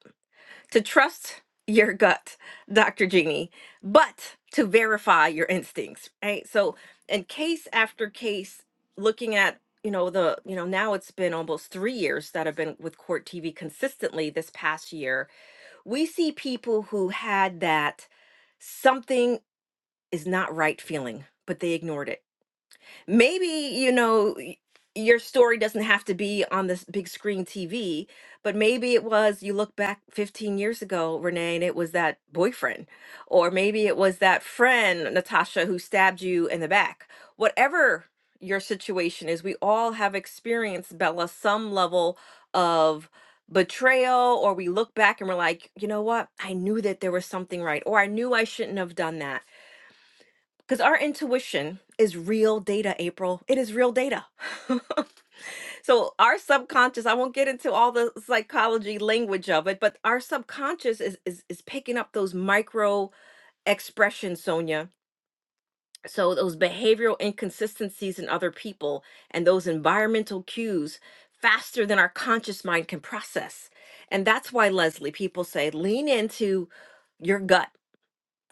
[SPEAKER 10] To trust your gut, Dr. Jeannie, but to verify your instincts, right? So in case after case, looking at you know the you know now it's been almost three years that i've been with court tv consistently this past year we see people who had that something is not right feeling but they ignored it maybe you know y- your story doesn't have to be on this big screen TV, but maybe it was you look back 15 years ago, Renee, and it was that boyfriend, or maybe it was that friend, Natasha, who stabbed you in the back. Whatever your situation is, we all have experienced, Bella, some level of betrayal, or we look back and we're like, you know what? I knew that there was something right, or I knew I shouldn't have done that because our intuition is real data, April. It is real data. so, our subconscious, I won't get into all the psychology language of it, but our subconscious is, is, is picking up those micro expressions, Sonia. So, those behavioral inconsistencies in other people and those environmental cues faster than our conscious mind can process. And that's why, Leslie, people say lean into your gut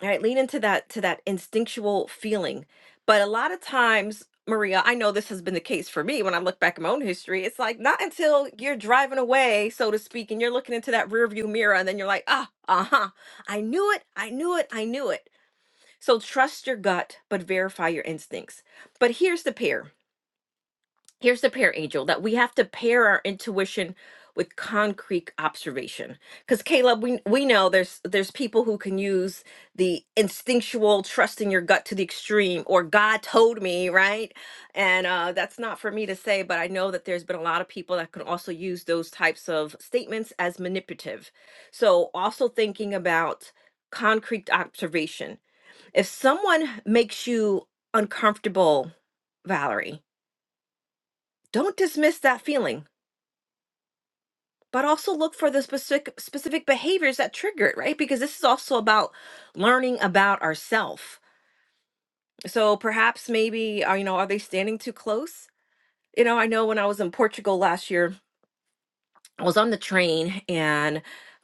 [SPEAKER 10] all right, lean into that to that instinctual feeling. But a lot of times, Maria, I know this has been the case for me when I look back at my own history. It's like not until you're driving away, so to speak, and you're looking into that rearview mirror, and then you're like, ah, uh-huh. I knew it, I knew it, I knew it. So trust your gut, but verify your instincts. But here's the pair here's the parent angel that we have to pair our intuition with concrete observation because caleb we, we know there's there's people who can use the instinctual trust in your gut to the extreme or god told me right and uh, that's not for me to say but i know that there's been a lot of people that can also use those types of statements as manipulative so also thinking about concrete observation if someone makes you uncomfortable valerie don't dismiss that feeling but also look for the specific specific behaviors that trigger it right because this is also about learning about ourself so perhaps maybe uh, you know are they standing too close you know i know when i was in portugal last year i was on the train and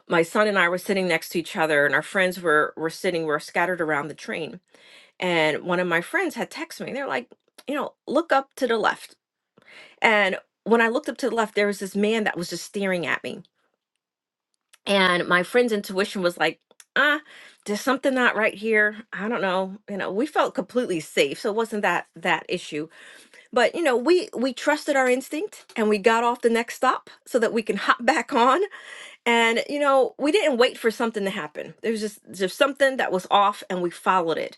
[SPEAKER 10] my son and i were sitting next to each other and our friends were were sitting were scattered around the train and one of my friends had texted me they're like you know look up to the left and when i looked up to the left there was this man that was just staring at me and my friend's intuition was like ah there's something not right here i don't know you know we felt completely safe so it wasn't that that issue but you know we we trusted our instinct and we got off the next stop so that we can hop back on and you know we didn't wait for something to happen there was just there's something that was off and we followed it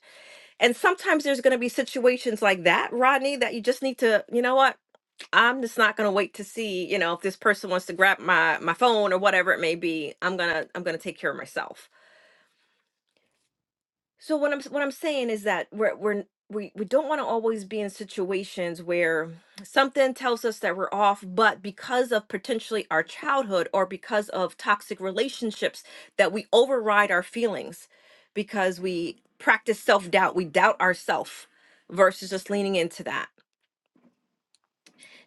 [SPEAKER 10] and sometimes there's going to be situations like that rodney that you just need to you know what I'm just not gonna wait to see, you know, if this person wants to grab my my phone or whatever it may be. I'm gonna I'm gonna take care of myself. So what I'm s- what I'm saying is that we're we're we, we don't want to always be in situations where something tells us that we're off, but because of potentially our childhood or because of toxic relationships, that we override our feelings because we practice self doubt. We doubt ourself versus just leaning into that.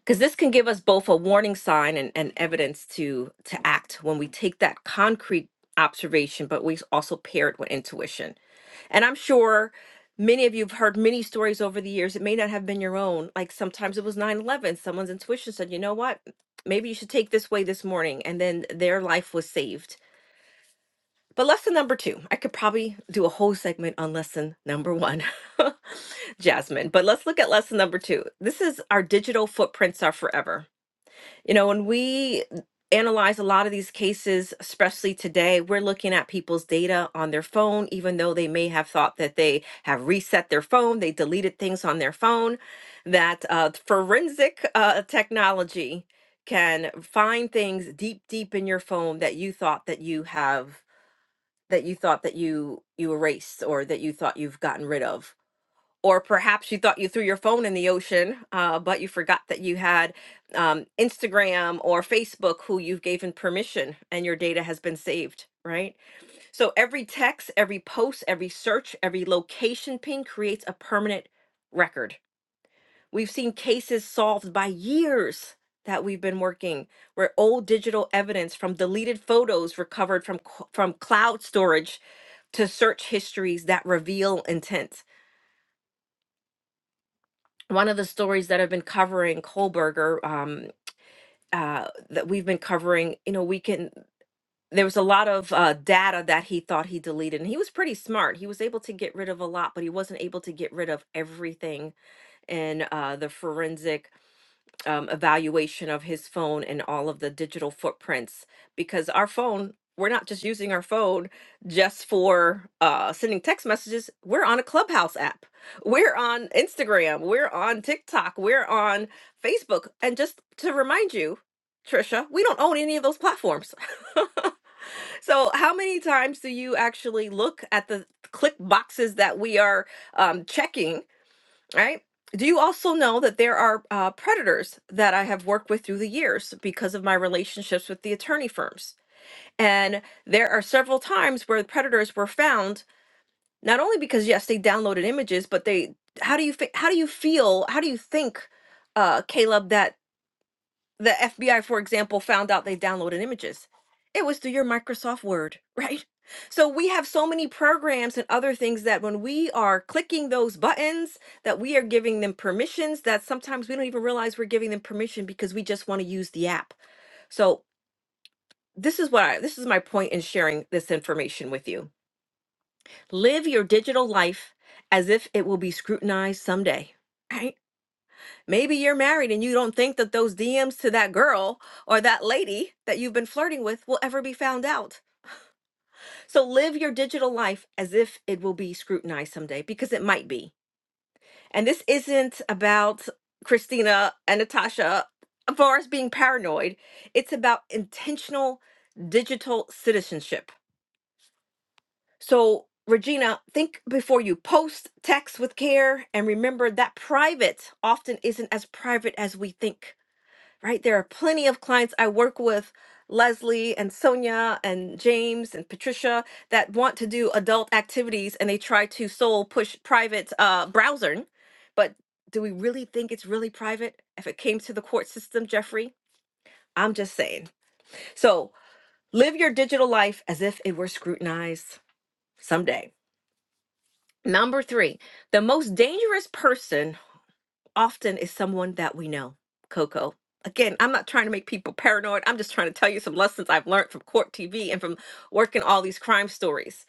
[SPEAKER 10] because this can give us both a warning sign and, and evidence to to act when we take that concrete observation but we also pair it with intuition and i'm sure many of you have heard many stories over the years it may not have been your own like sometimes it was nine eleven. someone's intuition said you know what maybe you should take this way this morning and then their life was saved but lesson number two i could probably do a whole segment on lesson number one jasmine but let's look at lesson number two this is our digital footprints are forever you know, when we analyze a lot of these cases, especially today, we're looking at people's data on their phone, even though they may have thought that they have reset their phone, they deleted things on their phone, that uh, forensic uh, technology can find things deep, deep in your phone that you thought that you have that you thought that you you erased or that you thought you've gotten rid of or perhaps you thought you threw your phone in the ocean, uh, but you forgot that you had um, Instagram or Facebook who you've given permission and your data has been saved, right? So every text, every post, every search, every location ping creates a permanent record. We've seen cases solved by years that we've been working where old digital evidence from deleted photos recovered from c- from cloud storage to search histories that reveal intent one of the stories that I've been covering Kohlberger um, uh, that we've been covering, you know, we can. There was a lot of uh, data that he thought he deleted, and he was pretty smart. He was able to get rid of a lot, but he wasn't able to get rid of everything in uh, the forensic um, evaluation of his phone and all of the digital footprints because our phone we're not just using our phone just for uh, sending text messages we're on a clubhouse app we're on instagram we're on tiktok we're on facebook and just to remind you trisha we don't own any of those platforms so how many times do you actually look at the click boxes that we are um, checking all right. Do you also know that there are uh, predators that I have worked with through the years because of my relationships with the attorney firms? And there are several times where predators were found, not only because yes, they downloaded images, but they. How do you fe- how do you feel? How do you think, uh, Caleb? That the FBI, for example, found out they downloaded images. It was through your Microsoft Word, right? So we have so many programs and other things that when we are clicking those buttons, that we are giving them permissions that sometimes we don't even realize we're giving them permission because we just want to use the app. So this is what I this is my point in sharing this information with you. Live your digital life as if it will be scrutinized someday. Right? Maybe you're married and you don't think that those DMs to that girl or that lady that you've been flirting with will ever be found out. So live your digital life as if it will be scrutinized someday because it might be. And this isn't about Christina and Natasha as far as being paranoid, it's about intentional digital citizenship. So, Regina, think before you post, text with care, and remember that private often isn't as private as we think. right? There are plenty of clients I work with, Leslie and Sonia and James and Patricia, that want to do adult activities and they try to soul push private uh, browsing. But do we really think it's really private if it came to the court system, Jeffrey? I'm just saying. So live your digital life as if it were scrutinized someday. Number three, the most dangerous person often is someone that we know, Coco. Again, I'm not trying to make people paranoid. I'm just trying to tell you some lessons I've learned from court TV and from working all these crime stories.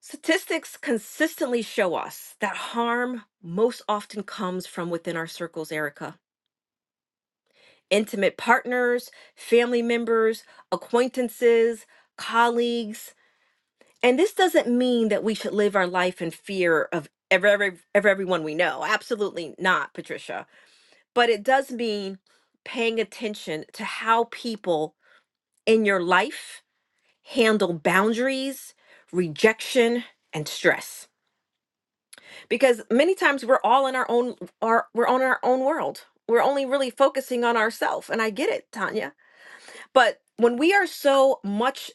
[SPEAKER 10] Statistics consistently show us that harm most often comes from within our circles, Erica. Intimate partners, family members, acquaintances, colleagues. And this doesn't mean that we should live our life in fear of every, every, of everyone we know. Absolutely not, Patricia but it does mean paying attention to how people in your life handle boundaries, rejection, and stress. Because many times we're all in our own our we're on our own world. We're only really focusing on ourselves. And I get it, Tanya. But when we are so much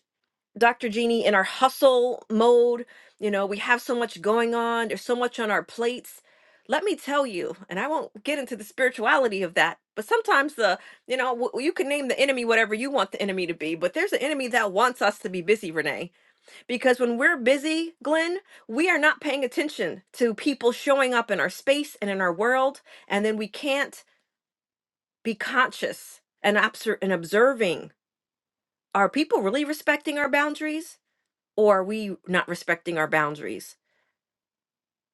[SPEAKER 10] Dr. Jeannie, in our hustle mode. You know, we have so much going on, there's so much on our plates. Let me tell you, and I won't get into the spirituality of that, but sometimes the, you know, w- you can name the enemy whatever you want the enemy to be, but there's an enemy that wants us to be busy, Renee. Because when we're busy, Glenn, we are not paying attention to people showing up in our space and in our world, and then we can't be conscious and, obser- and observing. Are people really respecting our boundaries? or are we not respecting our boundaries?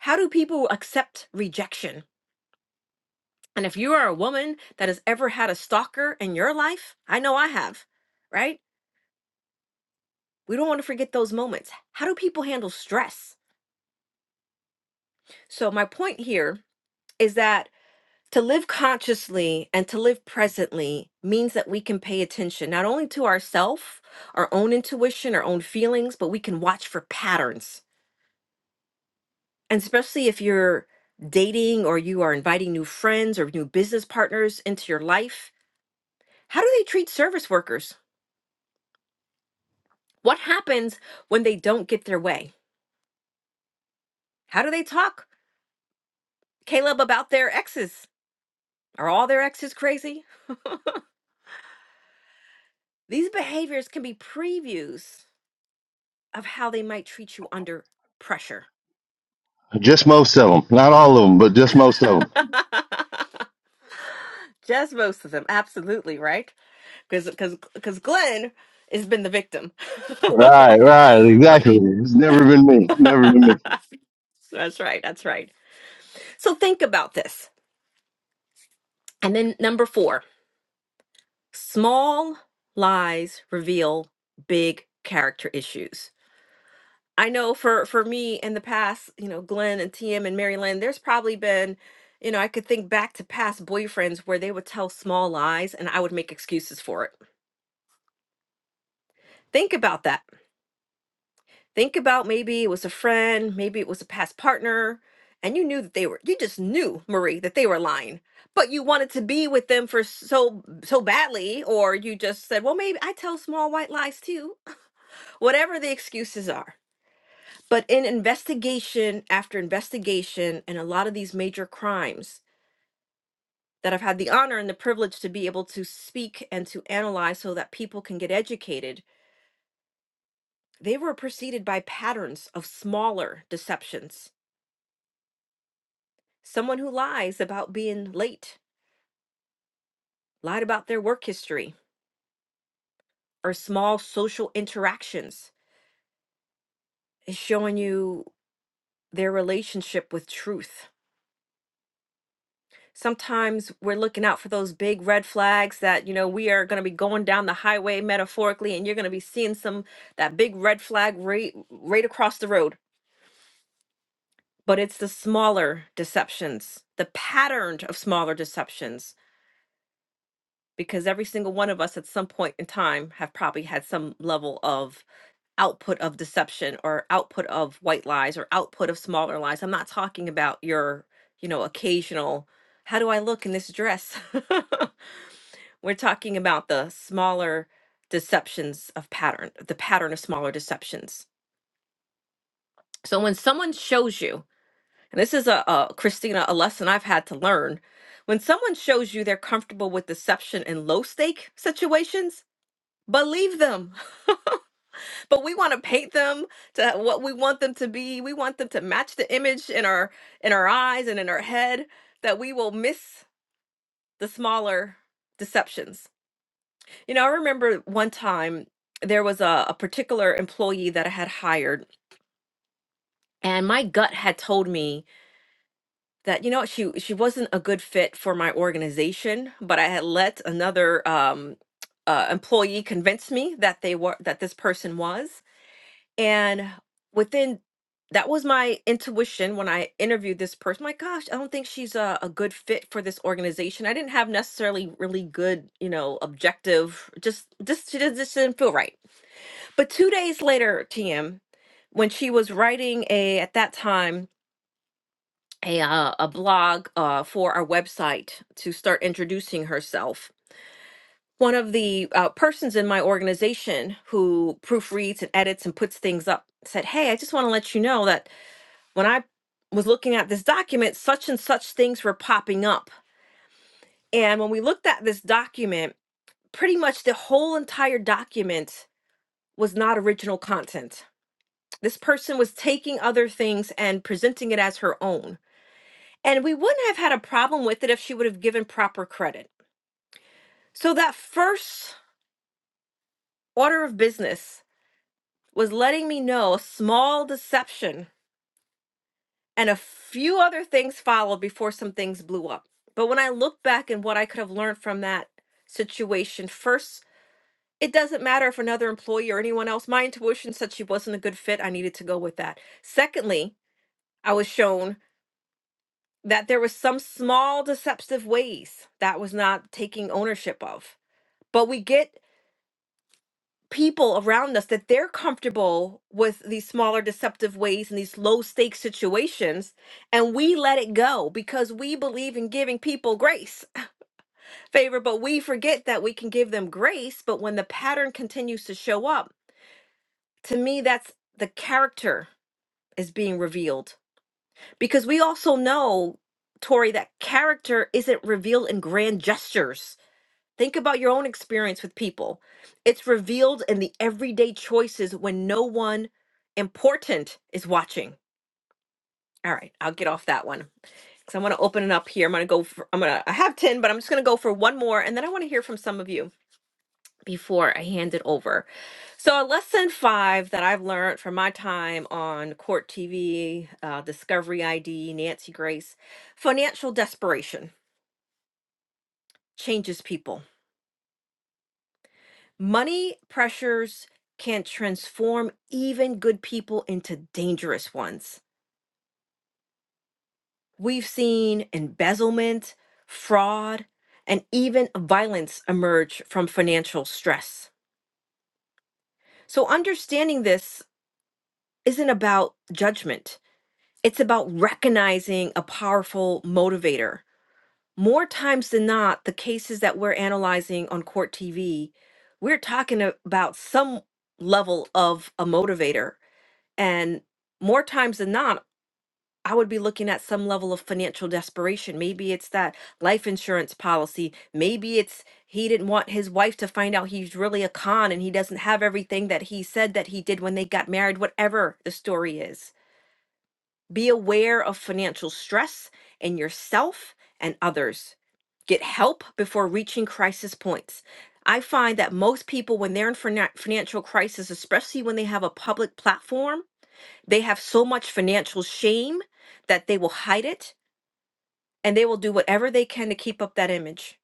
[SPEAKER 10] How do people accept rejection? And if you are a woman that has ever had a stalker in your life, I know I have, right? We don't want to forget those moments. How do people handle stress? So, my point here is that to live consciously and to live presently means that we can pay attention not only to ourself, our own intuition, our own feelings, but we can watch for patterns And especially if you're dating or you are inviting new friends or new business partners into your life, how do they treat service workers? What happens when they don't get their way? How do they talk, Caleb, about their exes? Are all their exes crazy? These behaviors can be previews of how they might treat you under pressure.
[SPEAKER 9] Just most of them, not all of them, but just most of them.
[SPEAKER 10] Just most of them, absolutely, right? Because because because Glenn has been the victim.
[SPEAKER 9] Right, right,
[SPEAKER 10] but
[SPEAKER 9] exactly. It's never been me. Never been me.
[SPEAKER 10] That's right. That's right. So think about this. And then number four small lies reveal big character issues. I know for, for me in the past, you know, Glenn and TM and Mary Lynn, there's probably been, you know, I could think back to past boyfriends where they would tell small lies and I would make excuses for it. Think about that think about maybe it was a friend, maybe it was a past partner, and you knew that they were you just knew, Marie, that they were lying. But you wanted to be with them for so so badly or you just said, "Well, maybe I tell small white lies too." Whatever the excuses are. But in investigation after investigation and a lot of these major crimes that I've had the honor and the privilege to be able to speak and to analyze so that people can get educated, they were preceded by patterns of smaller deceptions Someone who lies about being late, lied about their work history or small social interactions is showing you their relationship with truth. Sometimes we're looking out for those big red flags that, you know, we are going to be going down the highway metaphorically and you're going to be seeing some that big red flag right right across the road. But it's the smaller deceptions, the pattern of smaller deceptions because every single one of us at some point in time have probably had some level of output of deception or output of white lies or output of smaller lies. I'm not talking about your, you know, occasional, how do I look in this dress? We're talking about the smaller deceptions of pattern, the pattern of smaller deceptions. So when someone shows you, and this is a, a Christina, a lesson I've had to learn, when someone shows you they're comfortable with deception in low stake situations, believe them. but we want to paint them to what we want them to be. We want them to match the image in our in our eyes and in our head that we will miss the smaller deceptions. You know, I remember one time there was a, a particular employee that I had hired and my gut had told me that you know she she wasn't a good fit for my organization, but I had let another um uh, employee convince me that they were that this person was And within that was my intuition when I interviewed this person. My gosh, I don't think she's a, a good fit for this organization. I didn't have necessarily really good, you know, objective. Just just she just, just didn't feel right. But two days later, TM, when she was writing a at that time a uh, a blog uh, for our website to start introducing herself, one of the uh, persons in my organization who proofreads and edits and puts things up said, "Hey, I just want to let you know that." when I was looking at this document, such and such things were popping up. And when we looked at this document, pretty much the whole entire document was not original content. This person was taking other things and presenting it as her own. And we wouldn't have had a problem with it if she would have given proper credit. So that first order of business was letting me know a small deception and a few other things followed before some things blew up. But when I look back and what I could have learned from that situation, first, it doesn't matter if another employee or anyone else, my intuition said she wasn't a good fit. I needed to go with that. Secondly, I was shown that there was some small deceptive ways that was not taking ownership of. But we get people around us that they're comfortable with these smaller deceptive ways and these low stakes situations and we let it go because we believe in giving people grace favor but we forget that we can give them grace but when the pattern continues to show up to me that's the character is being revealed because we also know Tori that character isn't revealed in grand gestures Think about your own experience with people. It's revealed in the everyday choices when no one important is watching. All right, I'll get off that one. because I'm going to open it up here. I'm going to go for, I'm going to I have 10, but I'm just going to go for one more and then I want to hear from some of you before I hand it over. So a lesson 5 that I've learned from my time on Court TV, uh, Discovery ID, Nancy Grace, financial desperation changes people. Money pressures can transform even good people into dangerous ones. We've seen embezzlement, fraud, and even violence emerge from financial stress. So, understanding this isn't about judgment, it's about recognizing a powerful motivator. More times than not, the cases that we're analyzing on court TV, we're talking about some level of a motivator And more times than not, I would be looking at some level of financial desperation. Maybe it's that life insurance policy. Maybe it's he didn't want his wife to find out he's really a con and he doesn't have everything that he said that he did when they got married, whatever the story is. Be aware of financial stress in yourself and others. Get help before reaching crisis points. I find that most people, when they're in finan- financial crisis, especially when they have a public platform, they have so much financial shame that they will hide it and they will do whatever they can to keep up that image,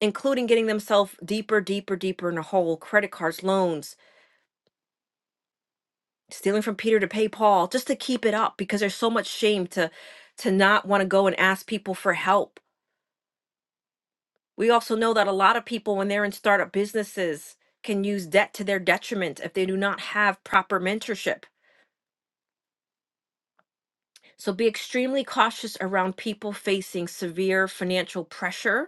[SPEAKER 10] including getting themselves deeper, deeper, deeper in a hole, credit cards, loans, stealing from Peter to pay Paul, just to keep it up because there's so much shame to to not want to go and ask people for help. We also know that a lot of people when they're in startup businesses can use debt to their detriment if they do not have proper mentorship. So be extremely cautious around people facing severe financial pressure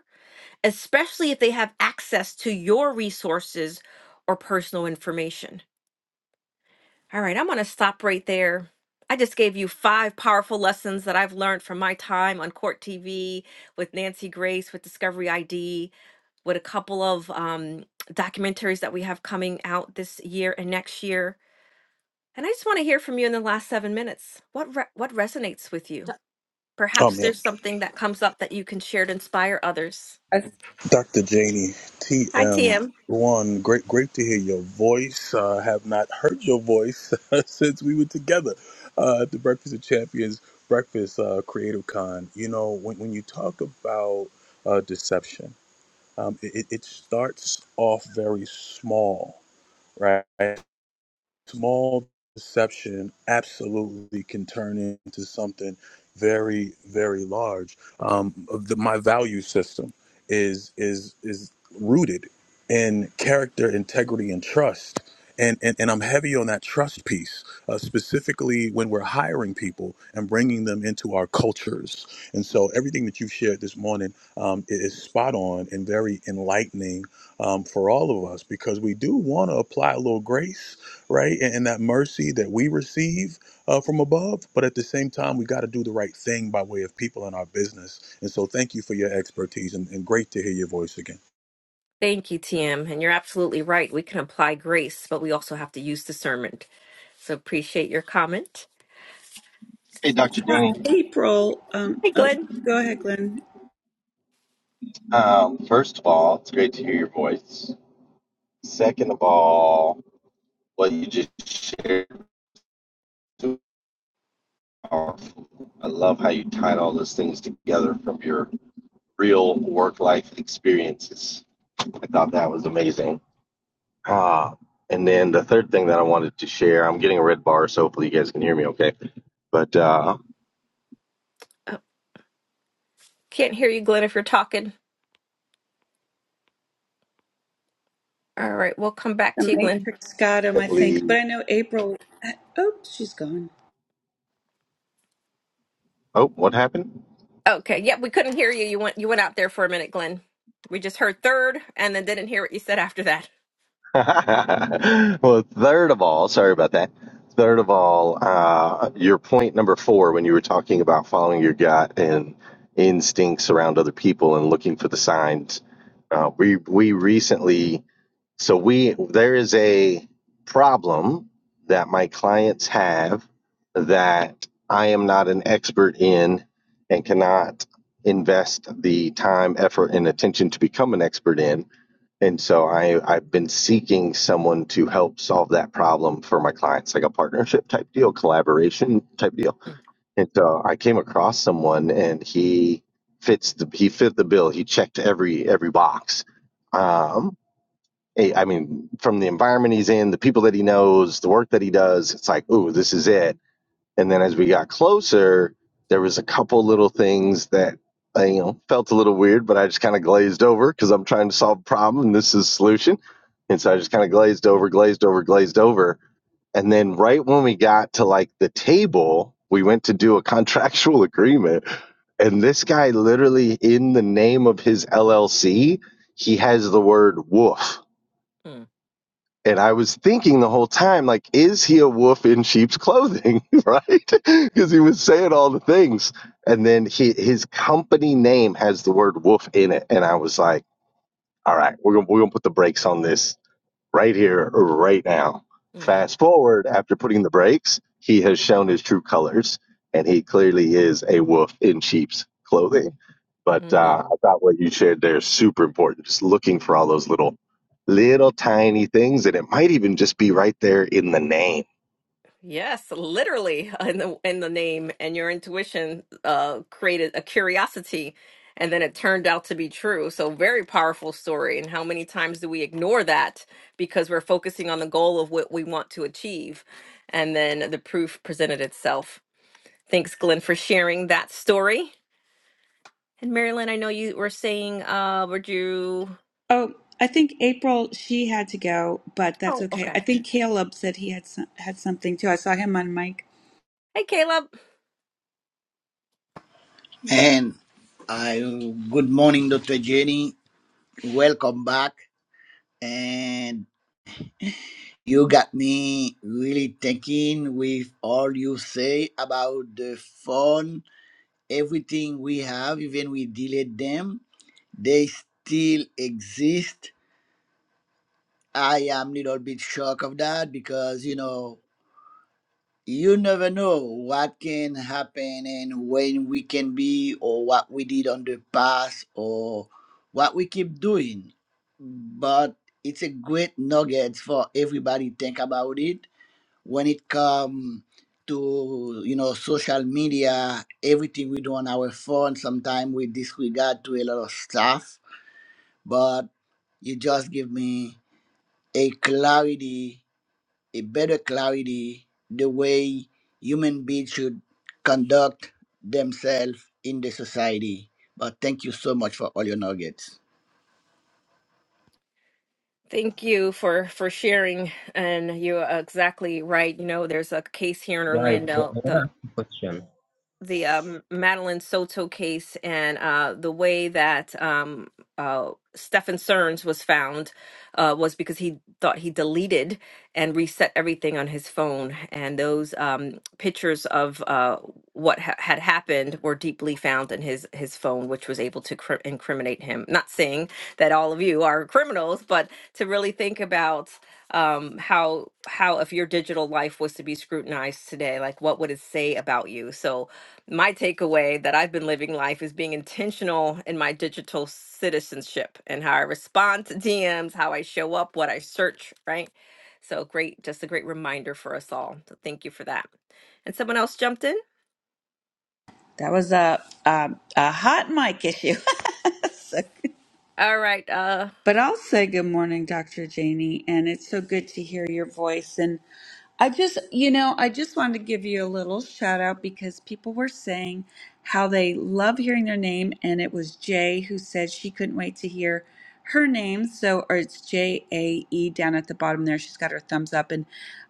[SPEAKER 10] especially if they have access to your resources or personal information. All right, I'm going to stop right there. I just gave you five powerful lessons that I've learned from my time on Court TV with Nancy Grace, with Discovery ID, with a couple of um, documentaries that we have coming out this year and next year. And I just want to hear from you in the last seven minutes. What re- what resonates with you?
[SPEAKER 1] Oh
[SPEAKER 10] Perhaps
[SPEAKER 1] man,
[SPEAKER 10] there's something that comes up that you can share to inspire others.
[SPEAKER 6] I
[SPEAKER 1] Dr. Janie,
[SPEAKER 10] Hi,
[SPEAKER 1] TM
[SPEAKER 10] TM.
[SPEAKER 1] one, great, great to hear your voice. Uh, have not heard your voice since we were together uh, at the Breakfast of Champions Breakfast uh, Creative Con. You know, when when you talk about uh, deception, um, it, it it starts off very small, right? small deception absolutely can turn into something very very large um the, my value system is is is rooted in character integrity and trust and, and, and I'm heavy on that trust piece, uh, specifically when we're hiring people and bringing them into our cultures. And so everything that you've shared this morning um, is spot on and very enlightening um, for all of us because we do want to apply a little grace right? And, and that mercy that we receive uh, from above. But at the same time, we got to do the right thing by way of people in our business. And so, thank you for your expertise and, and great to hear your voice again.
[SPEAKER 10] Thank you, TM. And you're absolutely right. We can apply grace, but we also have to use discernment. So appreciate your comment.
[SPEAKER 6] saw April. Um,
[SPEAKER 10] Hi,
[SPEAKER 6] oh,
[SPEAKER 10] Glenn.
[SPEAKER 6] go ahead, Glenn.
[SPEAKER 10] Oh, can't hear you, Glenn, if you're talking. All right, we'll come back
[SPEAKER 6] The
[SPEAKER 10] to you, Glenn.
[SPEAKER 6] Matrix got him, I think. But I know April. Oh, she's gone.
[SPEAKER 10] Okay. Yep, we couldn't hear you. You went you went out there for a minute, Glenn. We just heard third and then didn't hear what you said after that. Mm, mm, mm, mm. Yes, literally uh, in the in the name, and your intuition uh, created a curiosity, and then it turned out to be true. So very powerful story. And how many times do we ignore that because we're focusing on the goal of what we want to achieve, and then the proof presented itself. Thanks, Glenn, for sharing that story. And Marilyn, I know you were saying, uh, would you?
[SPEAKER 6] Oh, I think April. She had to go, but that's
[SPEAKER 10] Oh,
[SPEAKER 6] okay.
[SPEAKER 10] Okay.
[SPEAKER 6] I think Caleb said he had some, had something too. I saw him on mic.
[SPEAKER 10] Hey, Caleb.
[SPEAKER 11] And I good morning, Dr. Jenny. Welcome back. And you got me really thinking with all you say about the phone, everything we have, even we delete them, they still exist. I am a little bit shocked of that because you know you never know what can happen and when we can be or what we did on the past or what we keep doing but it's a great nugget for everybody think about it when it comes to you know social media everything we do on our phone sometimes we disregard to a lot of stuff but you just give me a clarity a better clarity the way human beings should conduct themselves in the society. But thank you so much for all your nuggets.
[SPEAKER 10] Thank you for for sharing, and you're exactly right. You know, there's a case here in
[SPEAKER 12] Guys, I
[SPEAKER 10] Orlando.
[SPEAKER 12] wanna
[SPEAKER 10] The
[SPEAKER 12] ask you a question.
[SPEAKER 10] the um, Madeline Soto case and uh, the way that um, uh, Stefan Cerns was found uh, was because he thought he deleted and reset everything on his phone. And those um, pictures of uh, what ha- had happened were deeply found in his, his phone, which was able to cr- incriminate him. Not saying that all of you are criminals, but to really think about um how how if your digital life was to be scrutinized today like what would it say about you so my takeaway that I've been living life is being intentional in my digital citizenship and how I respond to DMs, how I show up, what I search, right? So great, just a great reminder for us all. So thank you for that. And someone else jumped in.
[SPEAKER 6] That was a a, a hot mic issue. So-
[SPEAKER 10] All right, uh,
[SPEAKER 6] but I'll say good morning, Dr. Janie, and it's so good to hear your voice. And I just, you know, I just wanted to give you a little shout out because people were saying how they love hearing their name. And it was Jay who said she couldn't wait to hear her name. So, or it's J A E down at the bottom there. She's got her thumbs up. And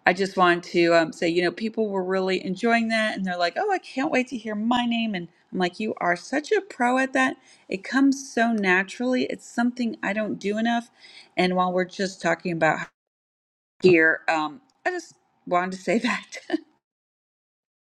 [SPEAKER 6] I just wanted to um, say, you know, people were really enjoying that. And they're like, oh, I can't wait to hear my name. And I'm like, you are such a pro at that. It comes so naturally. It's something I don't do enough. And while we're just talking about here. Um, I just wanted to say that.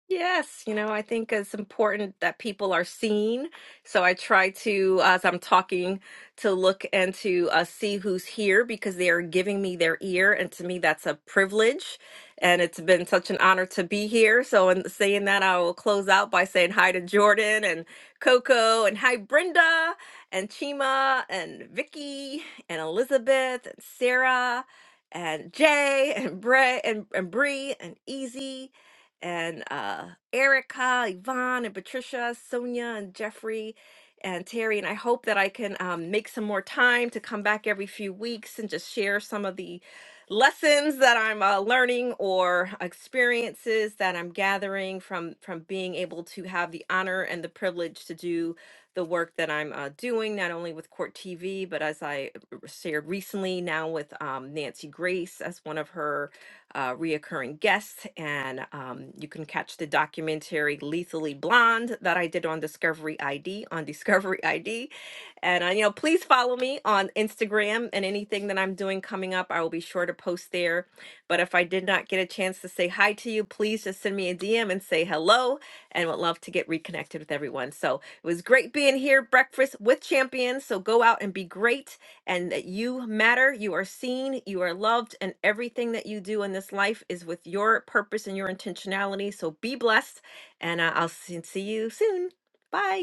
[SPEAKER 10] Yes, you know, I think it's important that people are seen. So I try to, as I'm talking, to look and to uh, see who's here because they are giving me their ear. And to me, that's a privilege. And it's been such an honor to be here. So, in saying that, I will close out by saying hi to Jordan and Coco and hi, Brenda and Chima and Vicky and Elizabeth and Sarah and Jay and Bray and, and Bree and Easy and uh, Erica, Yvonne, and Patricia, Sonia, and Jeffrey, and Terry. And I hope that I can um, make some more time to come back every few weeks and just share some of the lessons that I'm uh, learning or experiences that I'm gathering from from being able to have the honor and the privilege to do the work that I'm uh, doing, not only with Court TV, but as I r- shared recently, now with um, Nancy Grace as one of her uh, reoccurring guest. And um, you can catch the documentary Lethally Blonde that I did on Discovery ID on Discovery ID. And, uh, you know, please follow me on Instagram and anything that I'm doing coming up, I will be sure to post there. But if I did not get a chance to say hi to you, please just send me a DM and say hello and would love to get reconnected with everyone. So it was great being here, breakfast with champions. So go out and be great and that you matter, you are seen, you are loved, and everything that you do in this life is with your purpose and your intentionality. So be blessed, and uh, I'll see see you soon. Bye.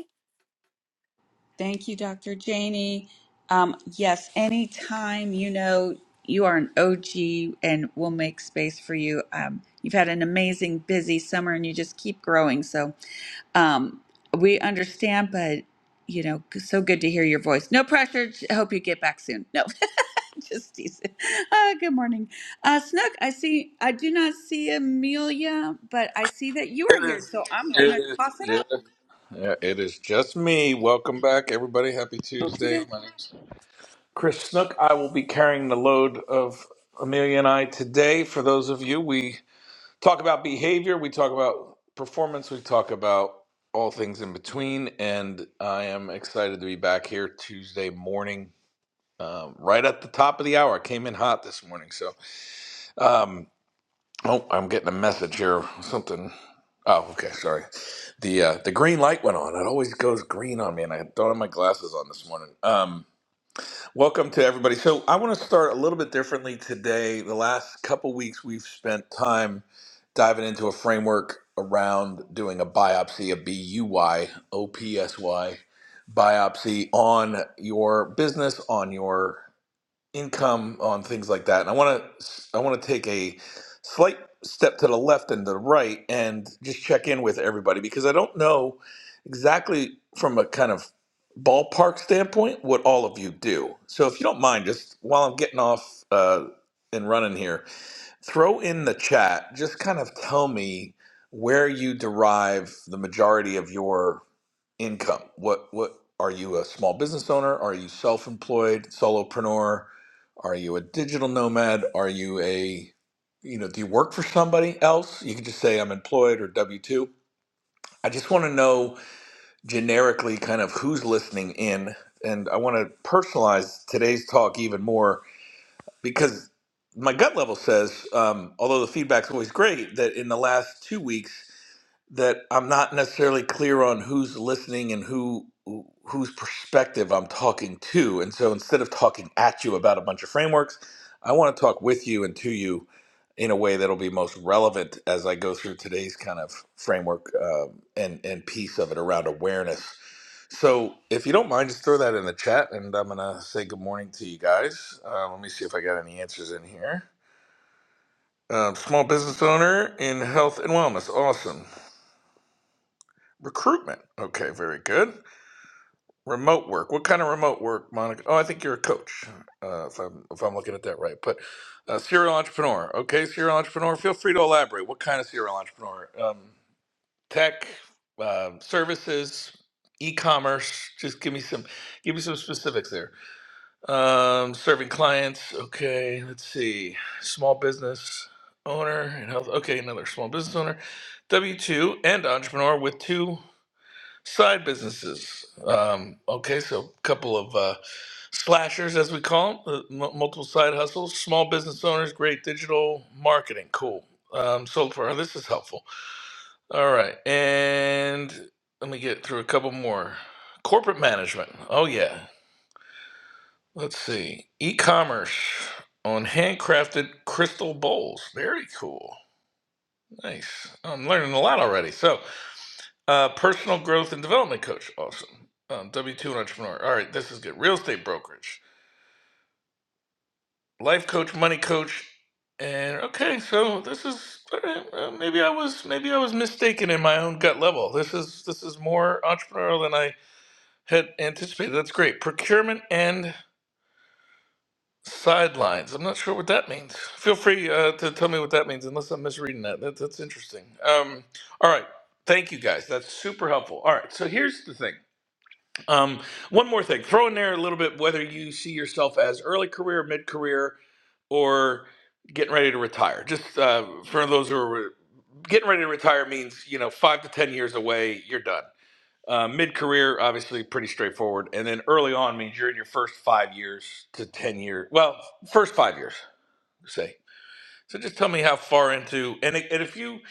[SPEAKER 6] Thank you, Dr. Janie. Um, yes, anytime you know you are an OG and we'll make space for you. Um, you've had an amazing, busy summer and you just keep growing. So um, we understand, but you know, so good to hear your voice. No pressure. I hope you get back soon. No, just teasing. Uh, good morning. Uh, Snook, I see, I do not see Amelia, but I see that you are
[SPEAKER 13] It
[SPEAKER 6] here.
[SPEAKER 13] is.
[SPEAKER 6] So I'm going
[SPEAKER 13] It
[SPEAKER 6] to
[SPEAKER 13] is
[SPEAKER 6] toss it
[SPEAKER 13] just.
[SPEAKER 6] up.
[SPEAKER 13] Yeah, it is just me. Welcome back, everybody. Happy Tuesday. My name's Chris Snook. I will be carrying the load of Amelia and I today. For those of you, we talk about behavior. We talk about performance. We talk about all things in between. And I am excited to be back here Tuesday morning. Um, right at the top of the hour, I came in hot this morning. So, um, Oh, I'm getting a message here. Something. Oh, okay. Sorry. The uh, the green light went on. It always goes green on me, and I don't have my glasses on this morning. Um, welcome to everybody. So I want to start a little bit differently today. The last couple weeks we've spent time diving into a framework around doing a biopsy, a B U Y O P S Y biopsy on your business, on your income on things like that. And I want to I want to take a slight step to the left and the right and just check in with everybody because I don't know exactly from a kind of ballpark standpoint what all of you do. So if you don't mind, just while I'm getting off uh, and running here, throw in the chat. Just kind of tell me where you derive the majority of your income what what are you a small business owner are you self-employed solopreneur are you a digital nomad are you a you know do you work for somebody else you could just say i'm employed or w2 i just want to know generically kind of who's listening in and i want to personalize today's talk even more because my gut level says um, although the feedback's always great that in the last two weeks that I'm not necessarily clear on who's listening and who who- whose perspective I'm talking to. And so instead of talking at you about a bunch of frameworks, I want to talk with you and to you in a way that'll be most relevant as I go through today's kind of framework um, and and piece of it around awareness. So if you don't mind, just throw that in the chat, and I'm gonna say good morning to you guys. Uh, let me see if I got any answers in here. Um, small business owner in health and wellness. Awesome. Recruitment. Okay, very good. Remote work. What kind of remote work, Monica? Oh, I think you're a coach. Uh, if I'm if I'm looking at that right, but uh, serial entrepreneur. Okay, serial entrepreneur. Feel free to elaborate. What kind of serial entrepreneur? Um, tech, um, services, e-commerce. Just give me some give me some specifics there. Um, serving clients. Okay, let's see. Small business owner and health. Okay, another small business owner. W two and entrepreneur with two side businesses. Um, okay, so a couple of uh, slashers, as we call them, uh, m- multiple side hustles, small business owners, great digital marketing. Cool. Um, so far, this is helpful. All right, and let me get through a couple more. Corporate management. Oh yeah. Let's see. E-commerce on handcrafted crystal bowls. Very cool. Nice. I'm learning a lot already. So Uh, personal growth and development coach. Awesome. Um, W 2 and entrepreneur. All right, this is good. Real estate brokerage. Life coach, money coach. And okay, so this is all right, uh, maybe I was maybe I was mistaken in my own gut level. This is this is more entrepreneurial than I had anticipated. That's great. Procurement and sidelines. I'm not sure what that means. Feel free uh, to tell me what that means, unless I'm misreading that. that that's interesting. Um, all right, thank you guys. That's super helpful. All right, so here's the thing. Um, one more thing, throw in there a little bit whether you see yourself as early career, mid career, or getting ready to retire. Just uh, for those who are re- getting ready to retire means you know five to ten years away, you're done. Uh, mid career, obviously, pretty straightforward, and then early on means you're in your first five years to ten years. Well, first five years, say. So just tell me how far into and, it, and if you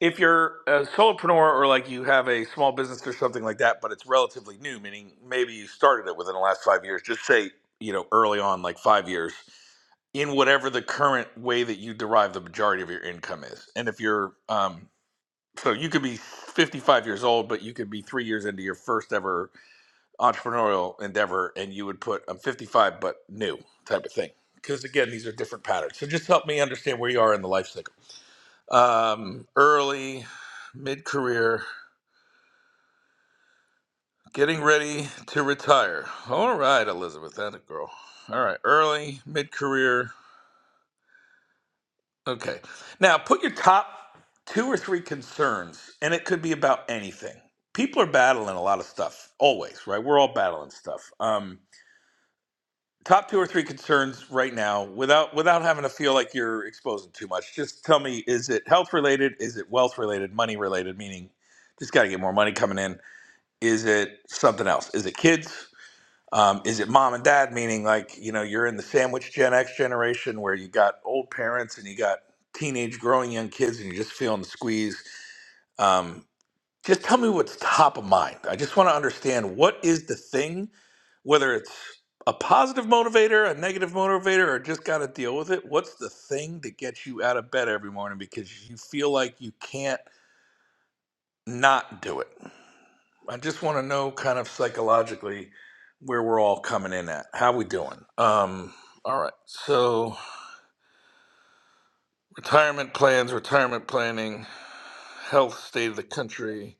[SPEAKER 13] if you're a solopreneur or like you have a small business or something like that, but it's relatively new, meaning maybe you started it within the last five years, just say, you know, early on, like five years, in whatever the current way that you derive the majority of your income is. And if you're, um, so you could be 55 years old, but you could be three years into your first ever entrepreneurial endeavor, and you would put, I'm 55, but new type of thing. Because again, these are different patterns. So just help me understand where you are in the life cycle um, early, mid career, getting ready to retire. All right, Elizabeth, that a girl. All right, early, mid career. Okay. Now put your top two or three concerns, and it could be about anything. People are battling a lot of stuff, always, right? We're all battling stuff. Um, top two or three concerns right now, without without having to feel like you're exposing too much. Just tell me, is it health related? Is it wealth related? Money related? Meaning, just got to get more money coming in Is it something else? Is it kids? Um, is it mom and dad? Meaning, like, you know, you're in the sandwich Gen X generation where you got old parents and you got teenage growing young kids and you're just feeling the squeeze. Um, just tell me what's top of mind. I just want to understand what is the thing, whether it's a positive motivator, a negative motivator, or just got to deal with it. What's the thing that gets you out of bed every morning because you feel like you can't not do it? I just want to know kind of psychologically where we're all coming in at. How we doing? Um, all right. So retirement plans, retirement planning, health, state of the country,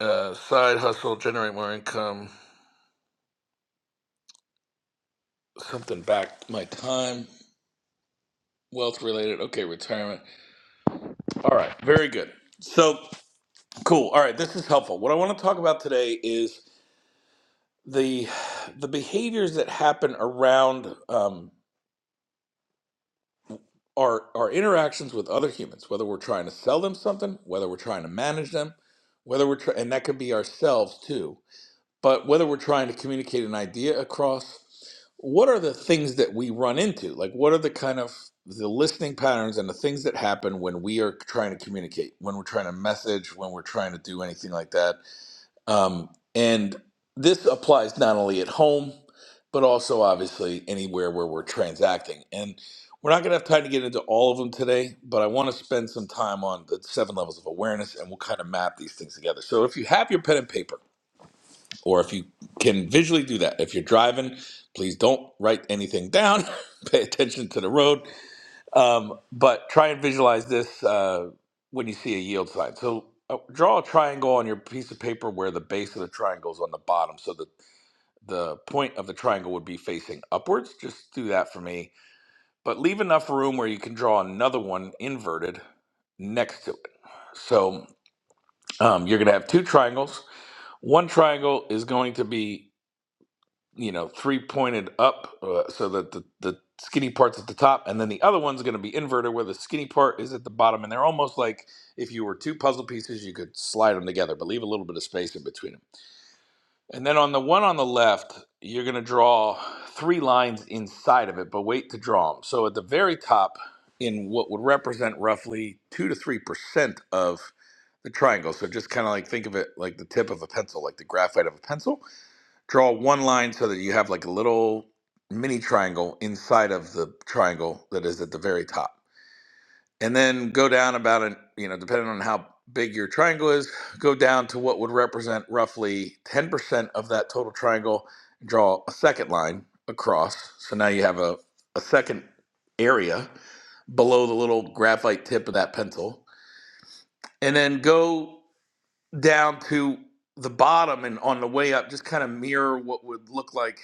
[SPEAKER 13] uh, side hustle, generate more income, something back my time, wealth related. Okay, retirement. All right. Very good. So cool. All right. This is helpful. What I want to talk about today is the the behaviors that happen around um, our our interactions with other humans, whether we're trying to sell them something, whether we're trying to manage them, whether we're try- and that could be ourselves too, but whether we're trying to communicate an idea across, what are the things that we run into? Like what are the kind of the listening patterns and the things that happen when we are trying to communicate, when we're trying to message, when we're trying to do anything like that? Um, and this applies not only at home, but also obviously anywhere where we're transacting. And we're not going to have time to get into all of them today, but I want to spend some time on the seven levels of awareness and we'll kind of map these things together. So if you have your pen and paper, or if you can visually do that, if you're driving, please don't write anything down. Pay attention to the road. Um, but try and visualize this uh, when you see a yield sign. So uh, draw a triangle on your piece of paper where the base of the triangle is on the bottom so that the point of the triangle would be facing upwards. Just do that for me. But leave enough room where you can draw another one inverted next to it. So um, you're going to have two triangles. One triangle is going to be you know, three pointed up uh, so that the, the skinny part's at the top, and then the other one's going to be inverted where the skinny part is at the bottom. And they're almost like if you were two puzzle pieces, you could slide them together, but leave a little bit of space in between them. And then on the one on the left, you're going to draw three lines inside of it, but wait to draw them. So at the very top, in what would represent roughly two to three percent of the triangle. So just kind of like think of it like the tip of a pencil, like the graphite of a pencil draw one line so that you have like a little mini triangle inside of the triangle that is at the very top. And then go down about an, you know, depending on how big your triangle is, go down to what would represent roughly 10% of that total triangle, draw a second line across. So now you have a, a second area below the little graphite tip of that pencil. And then go down to the bottom and on the way up, just kind of mirror what would look like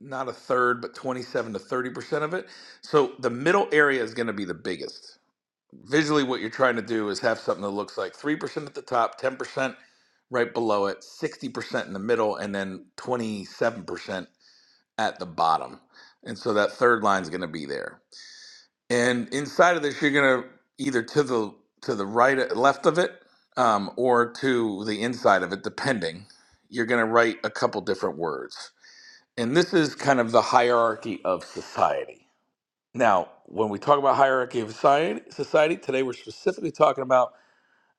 [SPEAKER 13] not a third, but 27 to 30% of it. So the middle area is going to be the biggest. Visually, what you're trying to do is have something that looks like 3% at the top, 10% right below it, 60% in the middle, and then 27% at the bottom. And so that third line is going to be there. And inside of this, you're going to either to the to the right left of it um, or to the inside of it, depending. You're going to write a couple different words. And this is kind of the hierarchy of society. Now, when we talk about hierarchy of society, society today, we're specifically talking about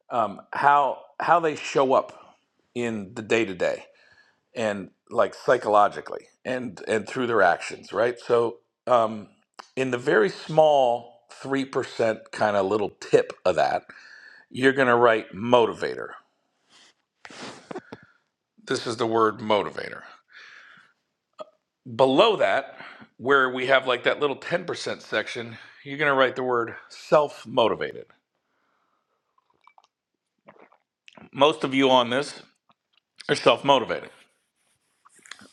[SPEAKER 13] um, how how they show up in the day to day and like psychologically and and through their actions, right? So, um, in the very small three percent kind of little tip of that, you're going to write motivator. This is the word motivator. Below that, where we have like that little 10% section, you're going to write the word self motivated. Most of you on this are self motivated,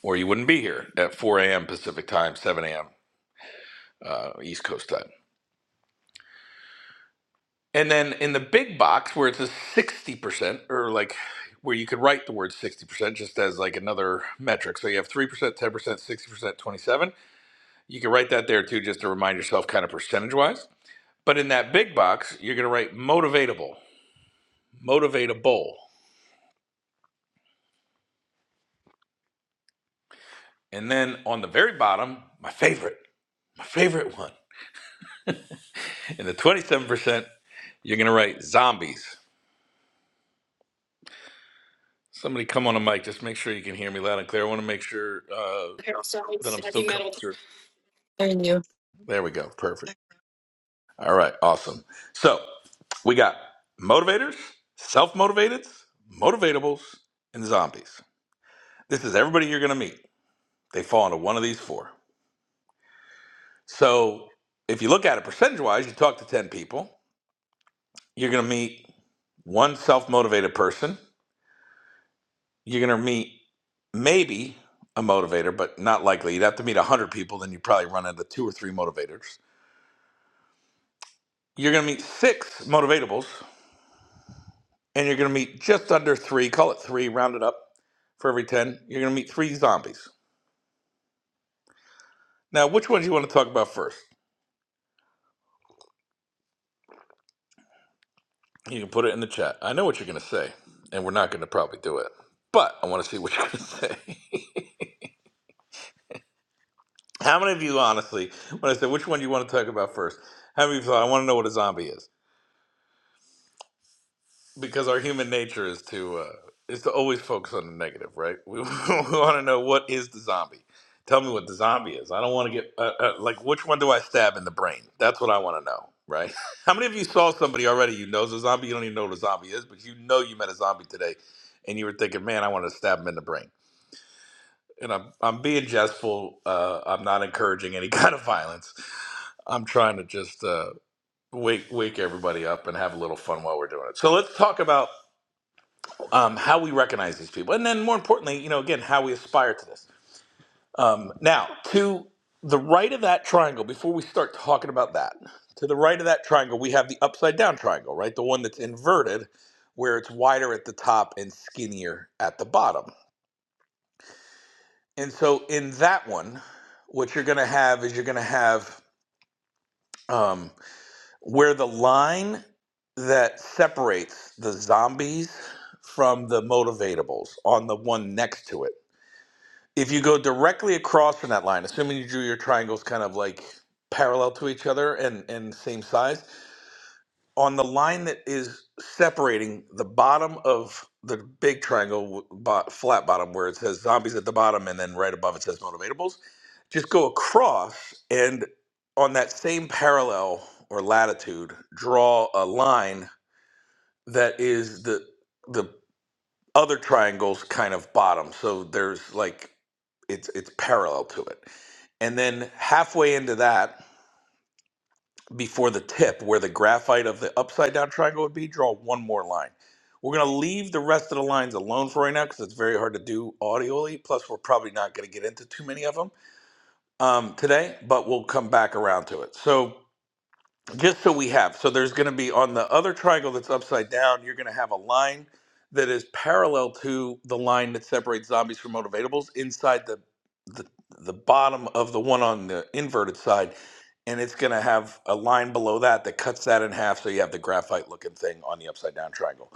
[SPEAKER 13] or you wouldn't be here at 4 a.m. Pacific time, 7 a.m. Uh, East Coast time. And then in the big box where it says 60%, or like where you could write the word 60% just as like another metric. So you have 3%, 10%, 60%, 27. You can write that there too, just to remind yourself kind of percentage wise. But in that big box, you're going to write motivatable. motivate a bull, And then on the very bottom, my favorite, my favorite one. In the 27%, you're going to write zombies. Somebody come on a mic. Just make sure you can hear me loud and clear. I want to make sure uh,
[SPEAKER 2] Carol,
[SPEAKER 13] that
[SPEAKER 2] Sellers,
[SPEAKER 13] I'm still
[SPEAKER 2] heavy
[SPEAKER 13] coming
[SPEAKER 2] metal.
[SPEAKER 13] through.
[SPEAKER 2] And you.
[SPEAKER 13] There we go. Perfect. All right. Awesome. So we got motivators, self motivateds, motivatables, and zombies. This is everybody you're going to meet. They fall into one of these four. So if you look at it percentage wise, you talk to 10 people, you're going to meet One self motivated person, you're going to meet maybe a motivator, but not likely. You'd have to meet 100 people, then you probably run into two or three motivators. You're going to meet six motivatables, and you're going to meet just under three, call it three, round it up for every 10. You're going to meet three zombies. Now, which ones you want to talk about first? You can put it in the chat. I know what you're going to say, and we're not going to probably do it, but I want to see what you're going to say. How many of you, honestly, when I said which one you want to talk about first, how many of you thought, I want to know what a zombie is? because our human nature is to uh, is to always focus on the negative, right? We, we want to know what is the zombie. Tell me what the zombie is. I don't want to get uh, uh, like which one do I stab in the brain? That's what I want to know, right? How many of you saw somebody already you know is a zombie? You don't even know what a zombie is, but you know you met a zombie today, and you were thinking, man, I want to stab him in the brain. And I'm I'm being jestful. Uh, I'm not encouraging any kind of violence. I'm trying to just uh, wake wake everybody up and have a little fun while we're doing it. So let's talk about um, how we recognize these people, and then more importantly, you know, again, how we aspire to this. Um, now, to the right of that triangle, before we start talking about that, to the right of that triangle, we have the upside down triangle, right? The one that's inverted, where it's wider at the top and skinnier at the bottom. And so, in that one, what you're going to have is you're going to have um, where the line that separates the zombies from the motivatables on the one next to it if you go directly across from that line, assuming you drew your triangles kind of like parallel to each other and, and same size, on the line that is separating the bottom of the big triangle, bo- flat bottom, where it says zombies at the bottom and then right above it says motivatables, just go across and on that same parallel or latitude, draw a line that is the the other triangle's kind of bottom. So there's like it's it's parallel to it. And then halfway into that, before the tip where the graphite of the upside down triangle would be, draw one more line. We're going to leave the rest of the lines alone for right now because it's very hard to do audially. Plus, we're probably not going to get into too many of them um, today, but we'll come back around to it. So just so we have so there's going to be on the other triangle that's upside down you're going to have a line that is parallel to the line that separates zombies from motivatables inside the the, the bottom of the one on the inverted side and it's going to have a line below that that cuts that in half so you have the graphite looking thing on the upside down triangle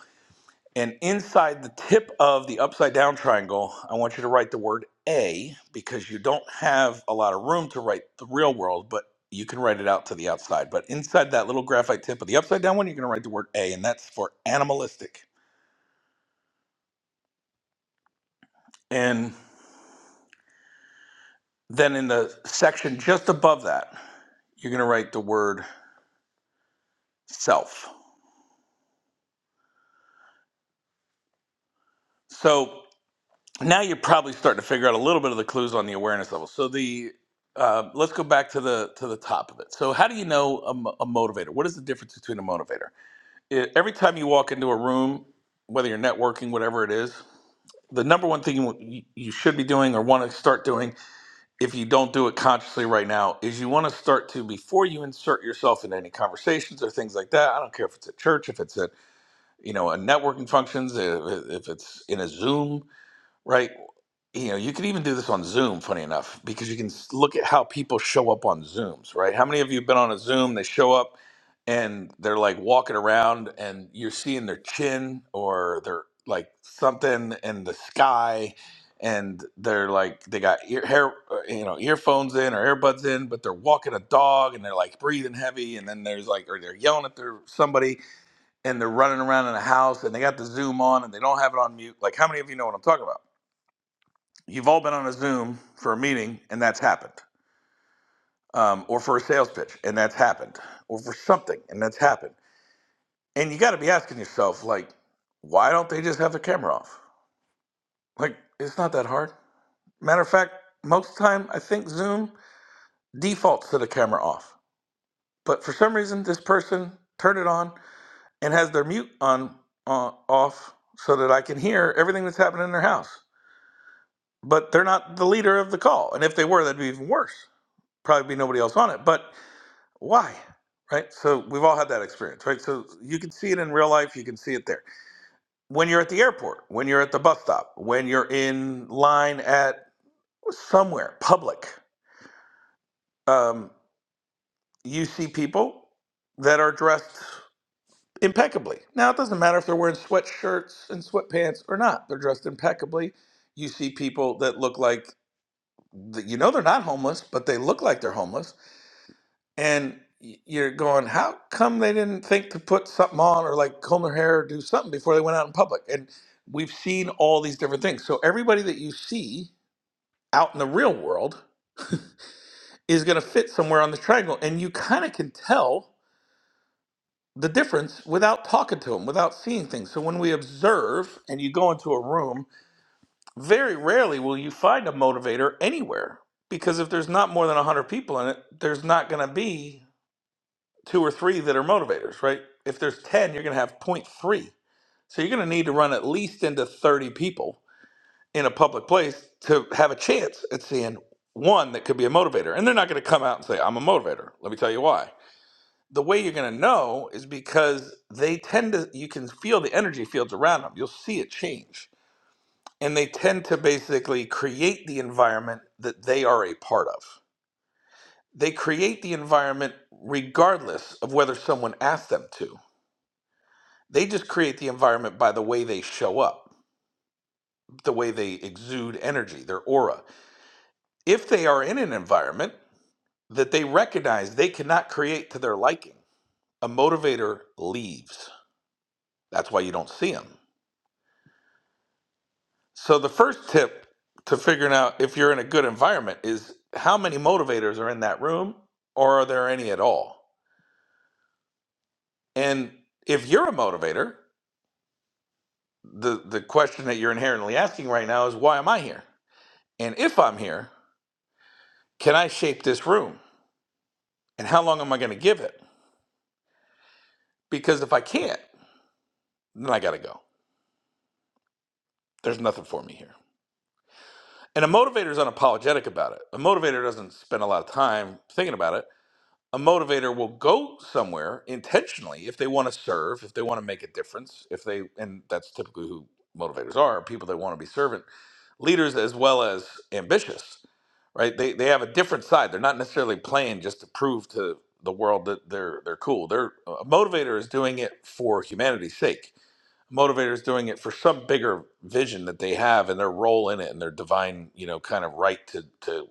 [SPEAKER 13] and inside the tip of the upside down triangle, I want you to write the word A because you don't have a lot of room to write the real world, but you can write it out to the outside. But inside that little graphite tip of the upside down one, you're going to write the word A, and that's for animalistic. And then in the section just above that, you're going to write the word self. So now you're probably starting to figure out a little bit of the clues on the awareness level. So the uh, let's go back to the to the top of it. So how do you know a, mo- a motivator? What is the difference between a motivator? It, every time you walk into a room, whether you're networking, whatever it is, the number one thing you, you should be doing or want to start doing, if you don't do it consciously right now, is you want to start to before you insert yourself into any conversations or things like that. I don't care if it's at church, if it's at you know a networking functions, if, if it's in a Zoom, right? you know you could even do this on zoom funny enough because you can s- look at how people show up on zooms right how many of you have been on a zoom they show up and they're like walking around and you're seeing their chin or they're like something in the sky and they're like they got ear hair uh, you know earphones in or earbuds in but they're walking a dog and they're like breathing heavy and then there's like or they're yelling at their somebody and they're running around in a house and they got the zoom on and they don't have it on mute like how many of you know what i'm talking about You've all been on a Zoom for a meeting, and that's happened, um, or for a sales pitch, and that's happened, or for something, and that's happened. And you got to be asking yourself, like, why don't they just have the camera off? Like, it's not that hard. Matter of fact, most of the time, I think Zoom defaults to the camera off. But for some reason, this person turned it on and has their mute on uh, off so that I can hear everything that's happening in their house. But they're not the leader of the call, and if they were, that'd be even worse. Probably be nobody else on it, but why right so we've all had that experience right so you can see it in real life you can see it there when you're at the airport when you're at the bus stop when you're in line at somewhere public um, you see people that are dressed impeccably now it doesn't matter if they're wearing sweatshirts and sweatpants or not they're dressed impeccably you see people that look like you know they're not homeless but they look like they're homeless and you're going, how come they didn't think to put something on or like comb their hair or do something before they went out in public? And we've seen all these different things. So everybody that you see out in the real world is going to fit somewhere on the triangle, and you kind of can tell the difference without talking to them, without seeing things. So when we observe and you go into a room, very rarely will you find a motivator anywhere because if there's not more than 100 people in it, there's not going to be two or three that are motivators, right? If there's 10, you're going to have point three. So you're going to need to run at least into 30 people in a public place to have a chance at seeing one that could be a motivator. And they're not going to come out and say, I'm a motivator. Let me tell you why. The way you're going to know is because they tend to, you can feel the energy fields around them. You'll see it change. And they tend to basically create the environment that they are a part of. They create the environment regardless of whether someone asks them to They just create the environment by the way they show up, the way they exude energy, their aura. If they are in an environment that they recognize they cannot create to their liking, a motivator leaves. That's why you don't see them. So the first tip to figuring out if you're in a good environment is how many motivators are in that room or are there any at all? And if you're a motivator, the, the question that you're inherently asking right now is why am I here? And if I'm here, can I shape this room? And how long am I going to give it? Because if I can't, then I got to go. There's nothing for me here. And a motivator is unapologetic about it. A motivator doesn't spend a lot of time thinking about it. A motivator will go somewhere intentionally if they want to serve, if they want to make a difference, if they, and that's typically who motivators are people that want to be servant leaders as well as ambitious, right? They, they have a different side. They're not necessarily playing just to prove to the world that they're, they're cool. They're, a motivator is doing it for humanity's sake motivators doing it for some bigger vision that they have and their role in it and their divine you know kind of right to to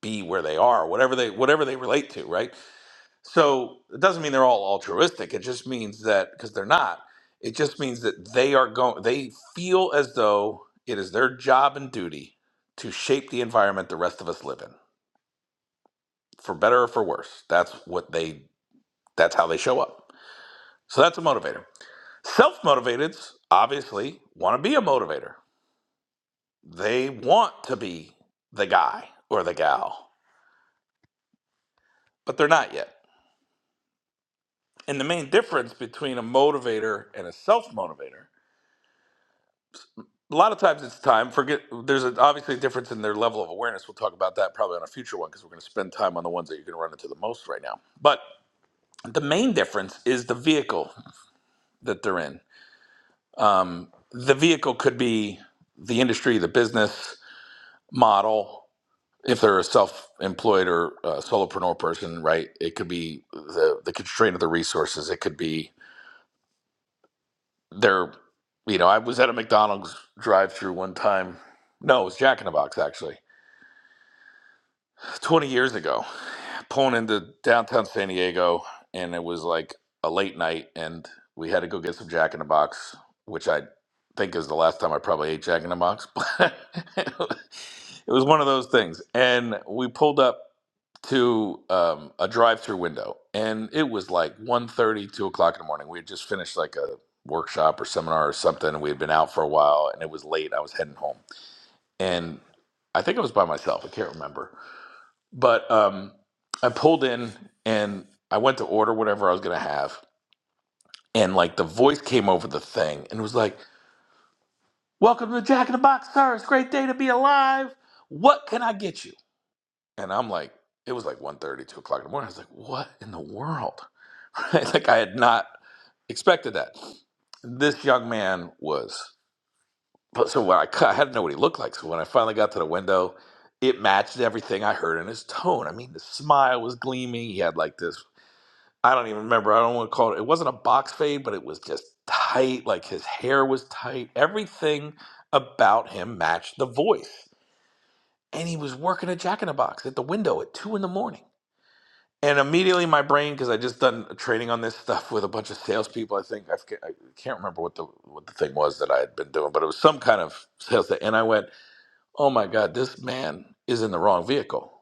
[SPEAKER 13] be where they are whatever they whatever they relate to right so it doesn't mean they're all altruistic it just means that because they're not it just means that they are going they feel as though it is their job and duty to shape the environment the rest of us live in for better or for worse that's what they that's how they show up so that's a motivator self-motivateds obviously want to be a motivator they want to be the guy or the gal, but they're not yet. And the main difference between a motivator and a self motivator, a lot of times it's time. Forget there's a, obviously a difference in their level of awareness. We'll talk about that probably on a future one because we're going to spend time on the ones that you're going to run into the most right now. But the main difference is the vehicle that they're in. Um, the vehicle could be the industry, the business model, if they're a self-employed or uh solopreneur person, right? It could be the the constraint of the resources. It could be their, you know, I was at a McDonald's drive-through one time. No, it was Jack in the Box actually, twenty years ago. Pulling into downtown San Diego, and it was like a late night, and we had to go get some Jack in the Box, which I think is the last time I probably ate Jack in the Box. But it was one of those things, and we pulled up to um, a drive-through window, and it was like one thirty, two o'clock in the morning. We had just finished like a workshop or seminar or something, and we had been out for a while, and it was late. I was heading home, and I think I was by myself. I can't remember, but um, I pulled in and I went to order whatever I was gonna have, and like the voice came over the thing and was like, "Welcome to Jack in the Box, sir. It's a great day to be alive. What can I get you?" And I'm like, it was like one thirty, two o'clock in the morning. I was like, what in the world? Right? Like I had not expected that. This young man was, but so when I cut, I had to know what he looked like. So when I finally got to the window, it matched everything I heard in his tone. I mean, the smile was gleaming. He had like this, I don't even remember. I don't want to call it. It wasn't a box fade, but it was just tight. Like his hair was tight. Everything about him matched the voice. And he was working a jack in the box at the window at two in the morning and immediately my brain, because I just done training on this stuff with a bunch of salespeople. I think I've, I can't remember what the what the thing was that I had been doing, but it was some kind of sales thing. And I went, "Oh my God, this man is in the wrong vehicle.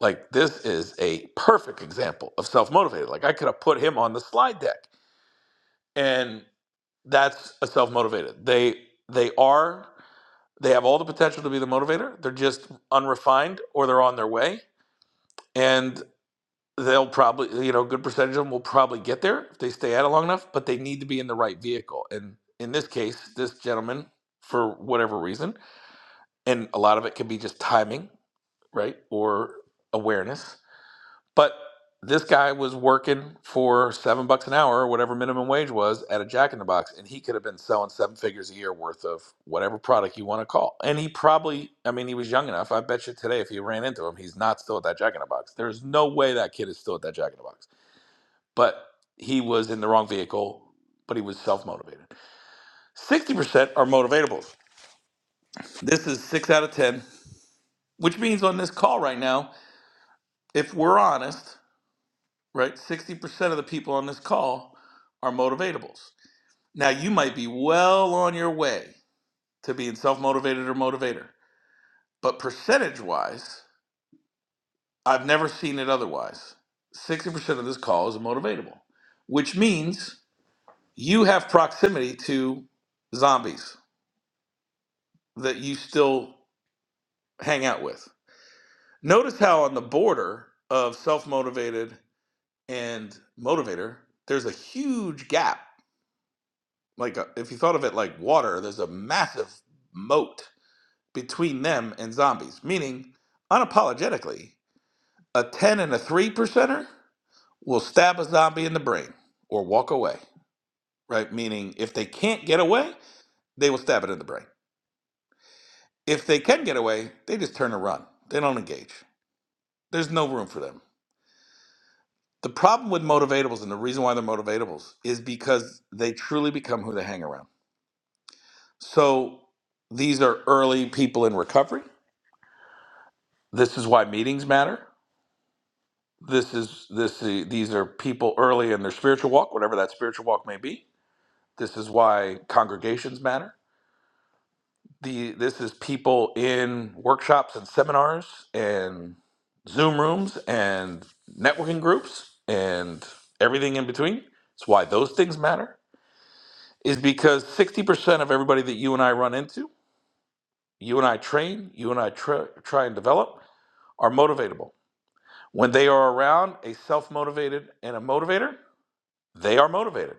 [SPEAKER 13] Like this is a perfect example of self motivated. Like I could have put him on the slide deck, and that's a self motivated. They they are they have all the potential to be the motivator. They're just unrefined, or they're on their way, and." they'll probably you know a good percentage of them will probably get there if they stay at it long enough but they need to be in the right vehicle and in this case this gentleman for whatever reason and a lot of it can be just timing right or awareness but this guy was working for seven bucks an hour or whatever minimum wage was at a jack in the box and he could have been selling seven figures a year worth of whatever product you want to call and he probably i mean he was young enough i bet you today if you ran into him he's not still at that jack in the box there's no way that kid is still at that jack in the box but he was in the wrong vehicle, but he was self motivated. 60% are motivatables. This is six out of 10, which means on this call right now, if we're honest, right, 60% of the people on this call are motivatables. Now, you might be well on your way to being self motivated or motivator, but percentage wise, I've never seen it otherwise. 60% of this call is a motivatable, which means you have proximity to zombies that you still hang out with. Notice how on the border of self motivated and motivator, there's a huge gap. Like uh, if you thought of it like water, there's a massive moat between them and zombies, meaning unapologetically, a 10 and a 3 percenter will stab a zombie in the brain or walk away, right? Meaning if they can't get away, they will stab it in the brain. If they can get away, they just turn and run. They don't engage. There's no room for them The problem with motivatables and the reason why they're motivatables is because they truly become who they hang around. So these are early people in recovery. This is why meetings matter. This is this these are people early in their spiritual walk, whatever that spiritual walk may be. This is why congregations matter. The this is people in workshops and seminars and Zoom rooms and networking groups and everything in between. It's why those things matter is because 60% of everybody that you and I run into, you and I train, you and I try, try and develop, are motivatable. When they are around a self motivated and a motivator, they are motivated.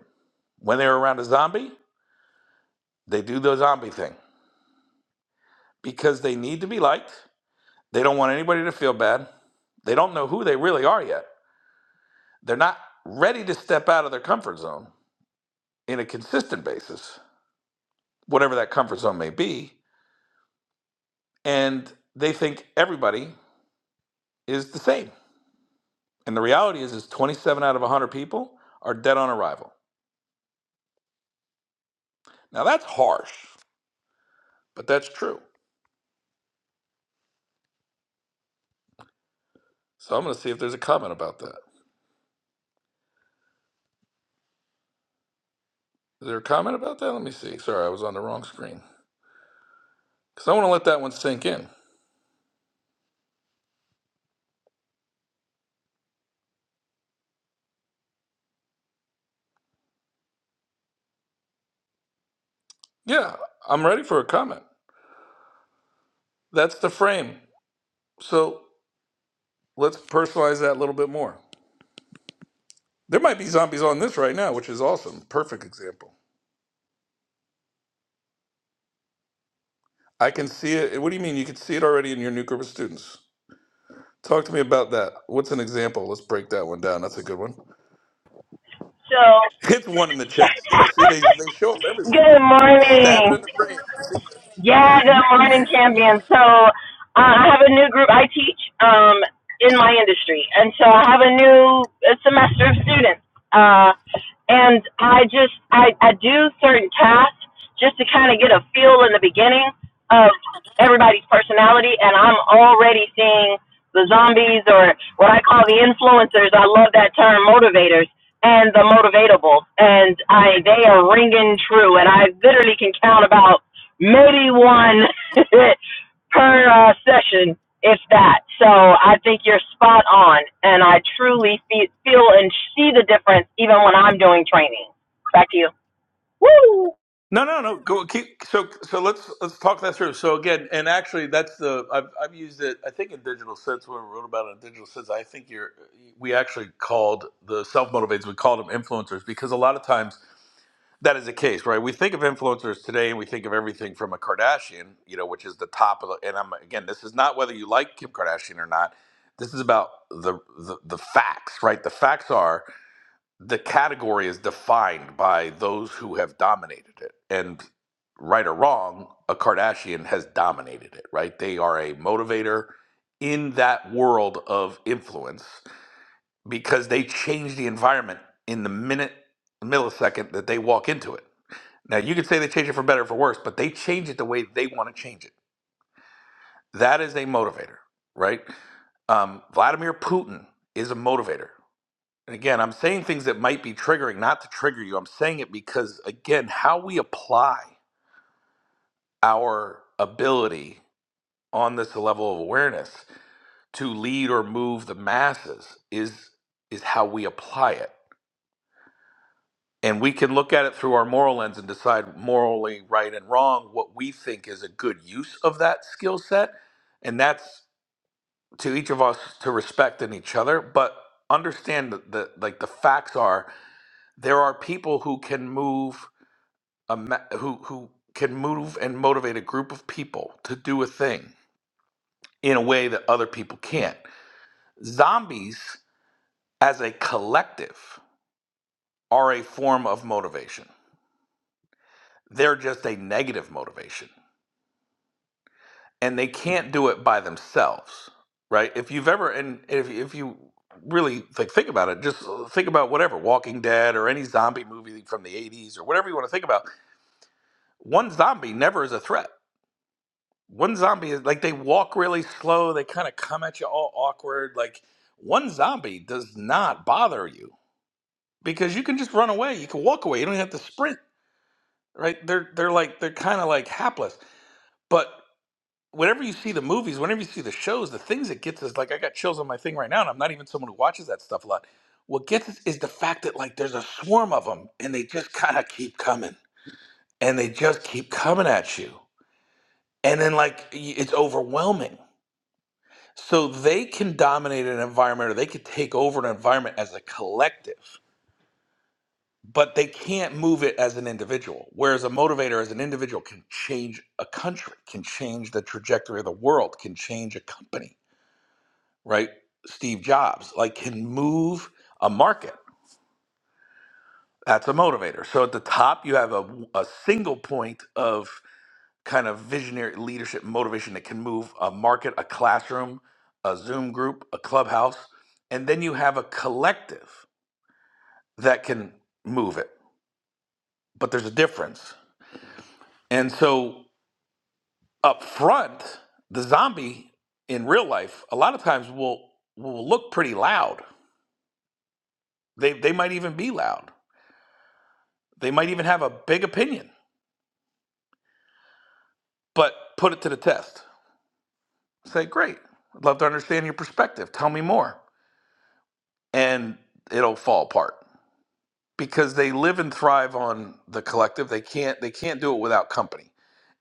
[SPEAKER 13] When they're around a zombie, they do the zombie thing because they need to be liked. They don't want anybody to feel bad. They don't know who they really are yet. They're not ready to step out of their comfort zone in a consistent basis, whatever that comfort zone may be. And they think everybody is the same And the reality is, is 27 out of 100 people are dead on arrival. Now that's harsh, but that's true. So I'm going to see if there's a comment about that. Is there a comment about that? Let me see. Sorry, I was on the wrong screen. Because I want to let that one sink in. Yeah, I'm ready for a comment. That's the frame. So let's personalize that a little bit more. There might be zombies on this right now, which is awesome. Perfect example. I can see it. What do you mean? You can see it already in your new group of students. Talk to me about that. What's an example? Let's break that one down. That's a good one.
[SPEAKER 14] So,
[SPEAKER 13] Hit the one in the chat. Yeah, see, they they show up everywhere.
[SPEAKER 14] good
[SPEAKER 13] Stab
[SPEAKER 14] morning.
[SPEAKER 13] it in the brain. See?
[SPEAKER 14] Yeah, good morning, champion. So uh, I have a new group. I teach um, in my industry, and so I have a new uh, semester of students. Uh, and I just I, I do certain tasks just to kind of get a feel in the beginning of everybody's personality, and I'm already seeing the zombies or what I call the influencers. I love that term, motivators. And the motivatables, and I they are ringing true, and I literally can count about maybe one per uh, session, if that. So I think you're spot on, and I truly fe- feel and see the difference even when I'm doing training. Back to you.
[SPEAKER 13] No, no, no. Go keep. So, so let's let's talk that through. So again, and actually, that's the I've I've used it. I think in digital sense, when we wrote about it in digital sense, I think you're we actually called the self motivators. We called them influencers because a lot of times that is the case, right? We think of influencers today, and we think of everything from a Kardashian, you know, which is the top of the. And I'm again, this is not whether you like Kim Kardashian or not. This is about the the, the facts, right? The facts are the category is defined by those who have dominated it. And right or wrong, a Kardashian has dominated it, right? They are a motivator in that world of influence because they change the environment in the minute, millisecond that they walk into it. Now, you could say they change it for better or for worse, but they change it the way they want to change it. That is a motivator, right? Um, Vladimir Putin is a motivator. And again, I'm saying things that might be triggering, not to trigger you. I'm saying it because, again, how we apply our ability on this level of awareness to lead or move the masses is is how we apply it. And we can look at it through our moral lens and decide morally right and wrong what we think is a good use of that skill set. And that's to each of us to respect in each other. But understand that the like the facts are there are people who can move a ma- who who can move and motivate a group of people to do a thing in a way that other people can't. Zombies as a collective are a form of motivation. They're just a negative motivation and they can't do it by themselves, right? If you've ever and if if you really think think about it, just think about whatever Walking Dead or any zombie movie from the 80s or whatever you want to think about, one zombie never is a threat one zombie is like they walk really slow they kind of come at you all awkward like one zombie does not bother you because you can just run away you can walk away you don't even have to sprint right they're they're like they're kind of like hapless but whenever you see the movies whenever you see the shows the things that gets us like i got chills on my thing right now and i'm not even someone who watches that stuff a lot what gets us is the fact that like there's a swarm of them and they just kind of keep coming and they just keep coming at you and then like y- it's overwhelming So they can dominate an environment or they could take over an environment as a collective, but they can't move it as an individual. Whereas a motivator as an individual can change a country, can change the trajectory of the world, can change a company, right? Steve Jobs, like can move a market. That's a motivator. So at the top, you have a, a single point of. kind of visionary leadership motivation that can move a market, a classroom, a Zoom group, a clubhouse, and then you have a collective that can move it. But there's a difference. And so up front, the zombie in real life a lot of times will will look pretty loud. They they might even be loud. They might even have a big opinion. But put it to the test. Say, "Great. I'd love to understand your perspective. Tell me more." And it'll fall apart because they live and thrive on the collective. They can't they can't do it without company.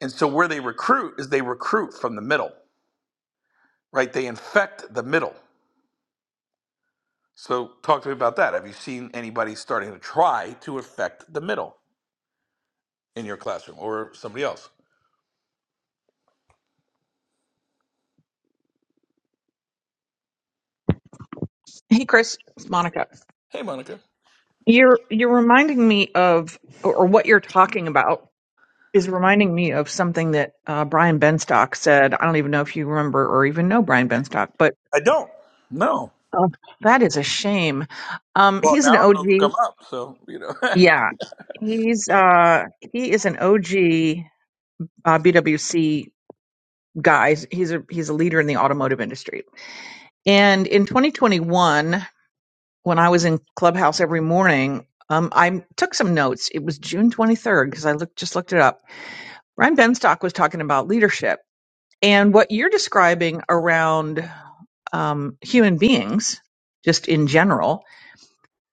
[SPEAKER 13] And so where they recruit is they recruit from the middle, right? They infect the middle. So talk to me about that. Have you seen anybody starting to try to affect the middle in your classroom or somebody else?
[SPEAKER 15] Hey, Chris, it's Monica.
[SPEAKER 13] Hey, Monica.
[SPEAKER 15] You're you're reminding me of, or or what you're talking about is reminding me of something that uh, Brian Benstock said. I don't even know if you remember or even know Brian Benstock, but
[SPEAKER 13] I don't. No.
[SPEAKER 15] uh, that is a shame. Um,
[SPEAKER 13] Well,
[SPEAKER 15] he's an
[SPEAKER 13] now I'm
[SPEAKER 15] OG.
[SPEAKER 13] gonna look them up. So you know.
[SPEAKER 15] Yeah, he's uh, he is an OG uh, BWC guy. He's a he's a leader in the automotive industry. And in 2021. when I was in Clubhouse every morning, um, I took some notes. It was June 23rd because I looked just looked it up. Ryan Benstock was talking about leadership and what you're describing around um, human beings, just in general.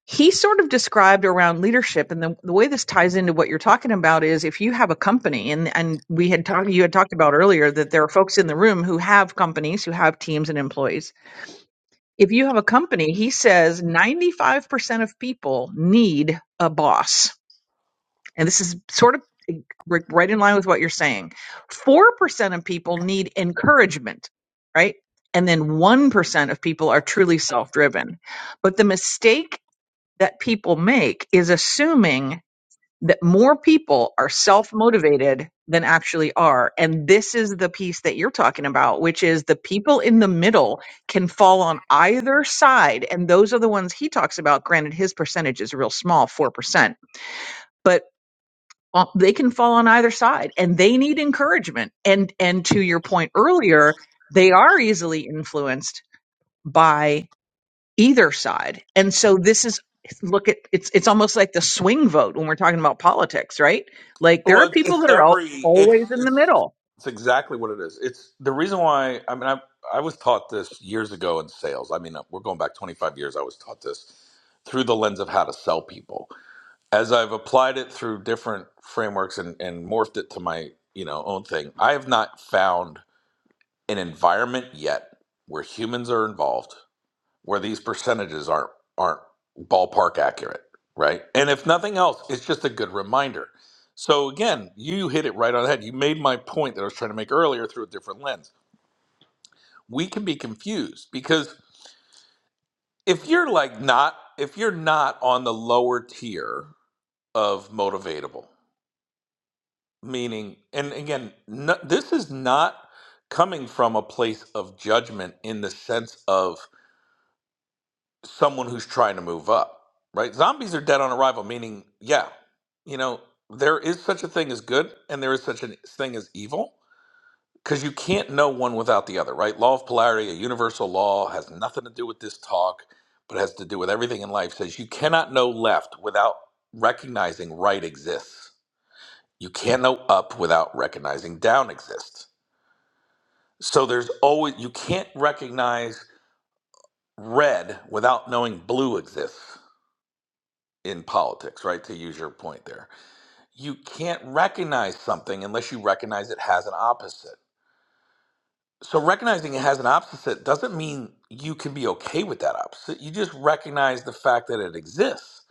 [SPEAKER 15] He sort of described around leadership, and the, the way this ties into what you're talking about is if you have a company, and and we had talked, you had talked about earlier that there are folks in the room who have companies, who have teams and employees, if you have a company, he says 95% of people need a boss. And this is sort of ri- right in line with what you're saying. 4% of people need encouragement, right? And then 1% of people are truly self driven. But the mistake that people make is assuming that more people are self motivated than actually are. And this is the piece that you're talking about, which is the people in the middle can fall on either side. And those are the ones he talks about. Granted, his percentage is real small, 4%, but uh, they can fall on either side and they need encouragement. And, and to your point earlier, they are easily influenced by either side. And so this is look at it's it's almost like the swing vote when we're talking about politics, right? Like there
[SPEAKER 13] well,
[SPEAKER 15] are
[SPEAKER 13] it's,
[SPEAKER 15] people
[SPEAKER 13] it's
[SPEAKER 15] that are all,
[SPEAKER 13] every it's
[SPEAKER 15] always in the
[SPEAKER 13] it's
[SPEAKER 15] middle.
[SPEAKER 13] It's exactly what it is. It's the reason why. I mean, I I was taught this years ago in sales. I mean, uh, we're going back 25 years. I was taught this through the lens of how to sell people. As I've applied it through different frameworks and and morphed it to my you know own thing, I have not found an environment yet where humans are involved where these percentages aren't aren't ballpark accurate, right? And if nothing else, it's just a good reminder. So again, you hit it right on the head. You made my point that I was trying to make earlier through a different lens. We can be confused because if you're like not if you're not on the lower tier of motivatable, meaning and again, no, this is not coming from a place of judgment in the sense of someone who's trying to move up, right? Zombies are dead on arrival, meaning, yeah, you know, there is such a thing as good and there is such a thing as evil because you can't know one without the other, right? Law of polarity, a universal law, has nothing to do with this talk, but has to do with everything in life. Says you cannot know left without recognizing right exists. You can't know up without recognizing down exists. So there's always, you can't recognize red without knowing blue exists in politics, right? To use your point there, you can't recognize something unless you recognize it has an opposite. So, recognizing it has an opposite doesn't mean you can be okay with that opposite. You just recognize the fact that it exists.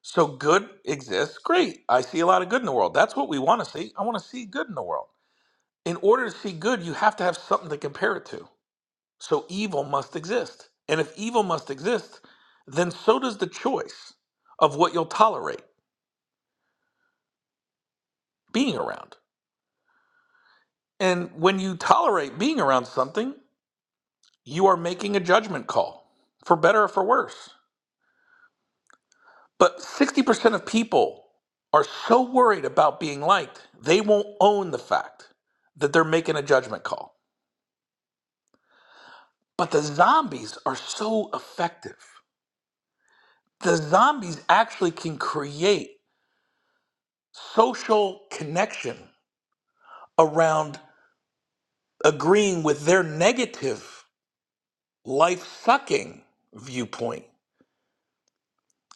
[SPEAKER 13] So, good exists. Great. I see a lot of good in the world. That's what we want to see. I want to see good in the world. In order to see good, you have to have something to compare it to. So, evil must exist. And if evil must exist, then so does the choice of what you'll tolerate being around. And when you tolerate being around something, you are making a judgment call, for better or for worse. But 60% of people are so worried about being liked, they won't own the fact that they're making a judgment call. But the zombies are so effective. The zombies actually can create social connection around agreeing with their negative, life sucking viewpoint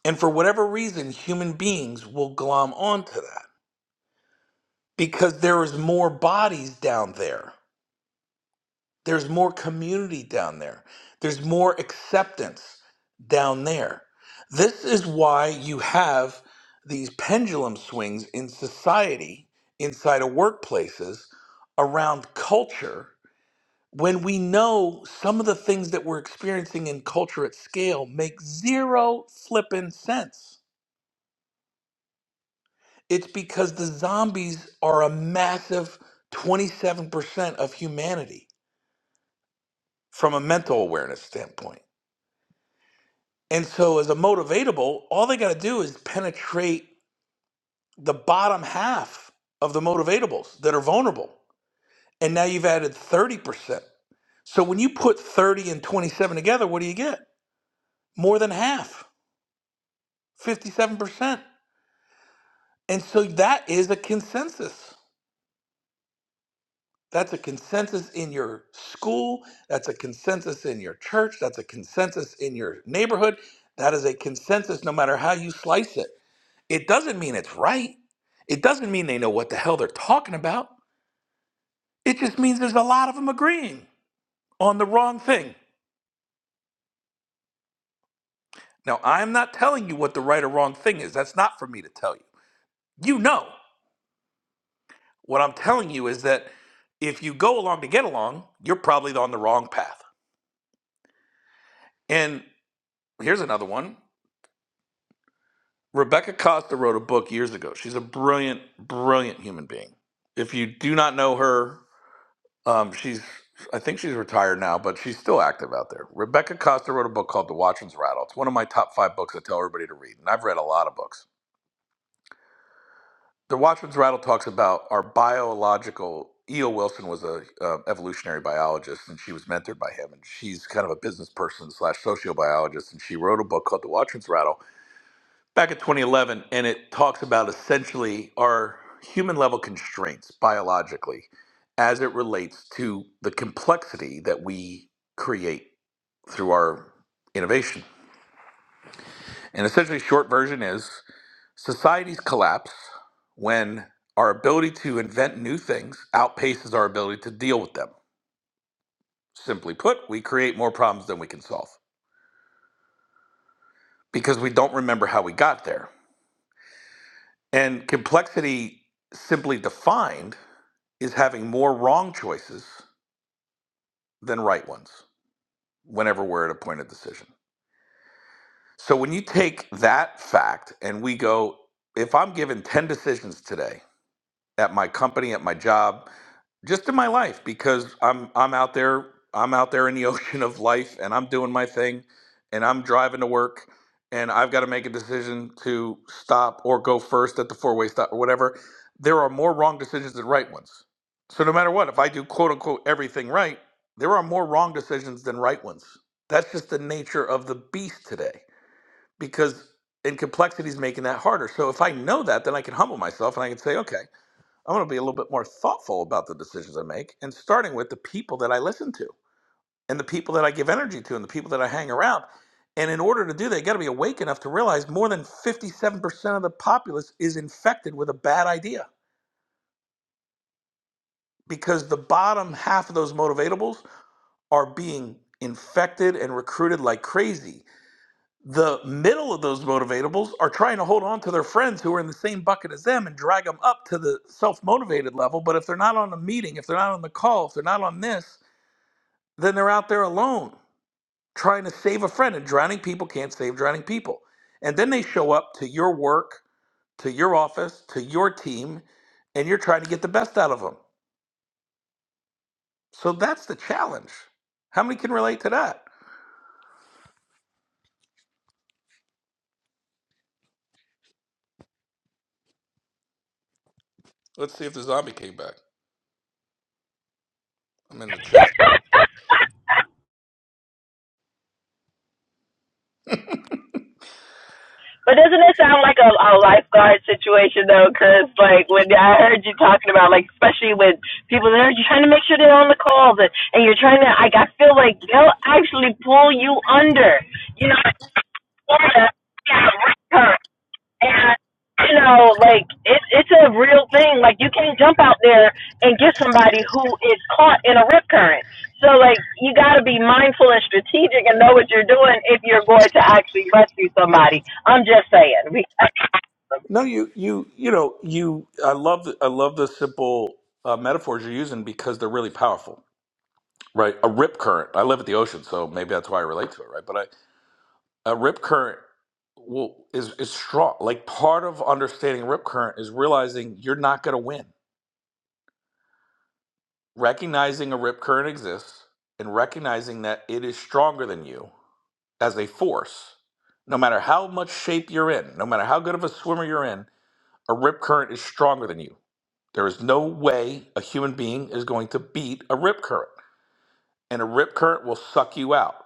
[SPEAKER 13] And for whatever reason, human beings will glom onto that because there is more bodies down there. There's more community down there. There's more acceptance down there. This is why you have these pendulum swings in society, inside of workplaces, around culture, when we know some of the things that we're experiencing in culture at scale make zero flippin' sense It's because the zombies are a massive 27% of humanity from a mental awareness standpoint. And so, as a motivatable, all they got to do is penetrate the bottom half of the motivatables that are vulnerable. And now you've added 30%. So, when you put 30 and 27 together, what do you get? More than half, 57%. And so, that is a consensus. That's a consensus in your school. That's a consensus in your church. That's a consensus in your neighborhood. That is a consensus no matter how you slice it. It doesn't mean it's right. It doesn't mean they know what the hell they're talking about. It just means there's a lot of them agreeing on the wrong thing. Now, I'm not telling you what the right or wrong thing is. That's not for me to tell you. You know. What I'm telling you is that if you go along to get along, you're probably on the wrong path. And here's another one Rebecca Costa wrote a book years ago. She's a brilliant, brilliant human being. If you do not know her, um, she's I think she's retired now, but she's still active out there. Rebecca Costa wrote a book called The Watchman's Rattle. It's one of my top five books I tell everybody to read, and I've read a lot of books. The Watchman's Rattle talks about our biological. E.O. Wilson was a uh, evolutionary biologist, and she was mentored by him. And she's kind of a business person slash sociobiologist, and she wrote a book called The Watchman's Rattle back in 2011 and it talks about essentially our human level constraints biologically as it relates to the complexity that we create through our innovation. And essentially, short version is societies collapse when our ability to invent new things outpaces our ability to deal with them. Simply put, we create more problems than we can solve because we don't remember how we got there. And complexity, simply defined, is having more wrong choices than right ones whenever we're at a point of decision. So when you take that fact and we go, if I'm given 10 decisions today, at my company, at my job, just in my life because I'm I'm out there I'm out there in the ocean of life and I'm doing my thing and I'm driving to work and I've got to make a decision to stop or go first at the four-way stop or whatever. There are more wrong decisions than right ones. So no matter what, if I do quote unquote everything right, there are more wrong decisions than right ones. That's just the nature of the beast today because in complexity is making that harder. So if I know that, then I can humble myself and I can say, okay, I'm going to be a little bit more thoughtful about the decisions I make and starting with the people that I listen to and the people that I give energy to and the people that I hang around. And in order to do that, you got to be awake enough to realize more than 57% of the populace is infected with a bad idea because the bottom half of those motivatables are being infected and recruited like crazy. the middle of those motivatables are trying to hold on to their friends who are in the same bucket as them and drag them up to the self-motivated level but if they're not on the meeting if they're not on the call if they're not on this then they're out there alone trying to save a friend and drowning people can't save drowning people and then they show up to your work to your office to your team and you're trying to get the best out of them so that's the challenge how many can relate to that let's see if the zombie came back i'm in the chat
[SPEAKER 14] But doesn't it sound like a, a lifeguard situation though? Because like when I heard you talking about like especially with people there, you're trying to make sure they're on the calls and, and you're trying to like I feel like they'll actually pull you under. You know, Florida, yeah, right, her. And you know, like it, it's a real thing. Like you can't jump out there and get somebody who is caught in a rip current. So like you got to be mindful and strategic and know what you're doing if you're going to actually rescue somebody. I'm just saying. We
[SPEAKER 13] No, you you you know you. I love I love the simple uh, metaphors you're using because they're really powerful, right? A rip current. I live at the ocean, so maybe that's why I relate to it, right? But I, a rip current will, is is strong. Like part of understanding rip current is realizing you're not going to win. Recognizing a rip current exists and recognizing that it is stronger than you as a force. No matter how much shape you're in, no matter how good of a swimmer you're in, A rip current is stronger than you. There is no way a human being is going to beat a rip current, and a rip current will suck you out.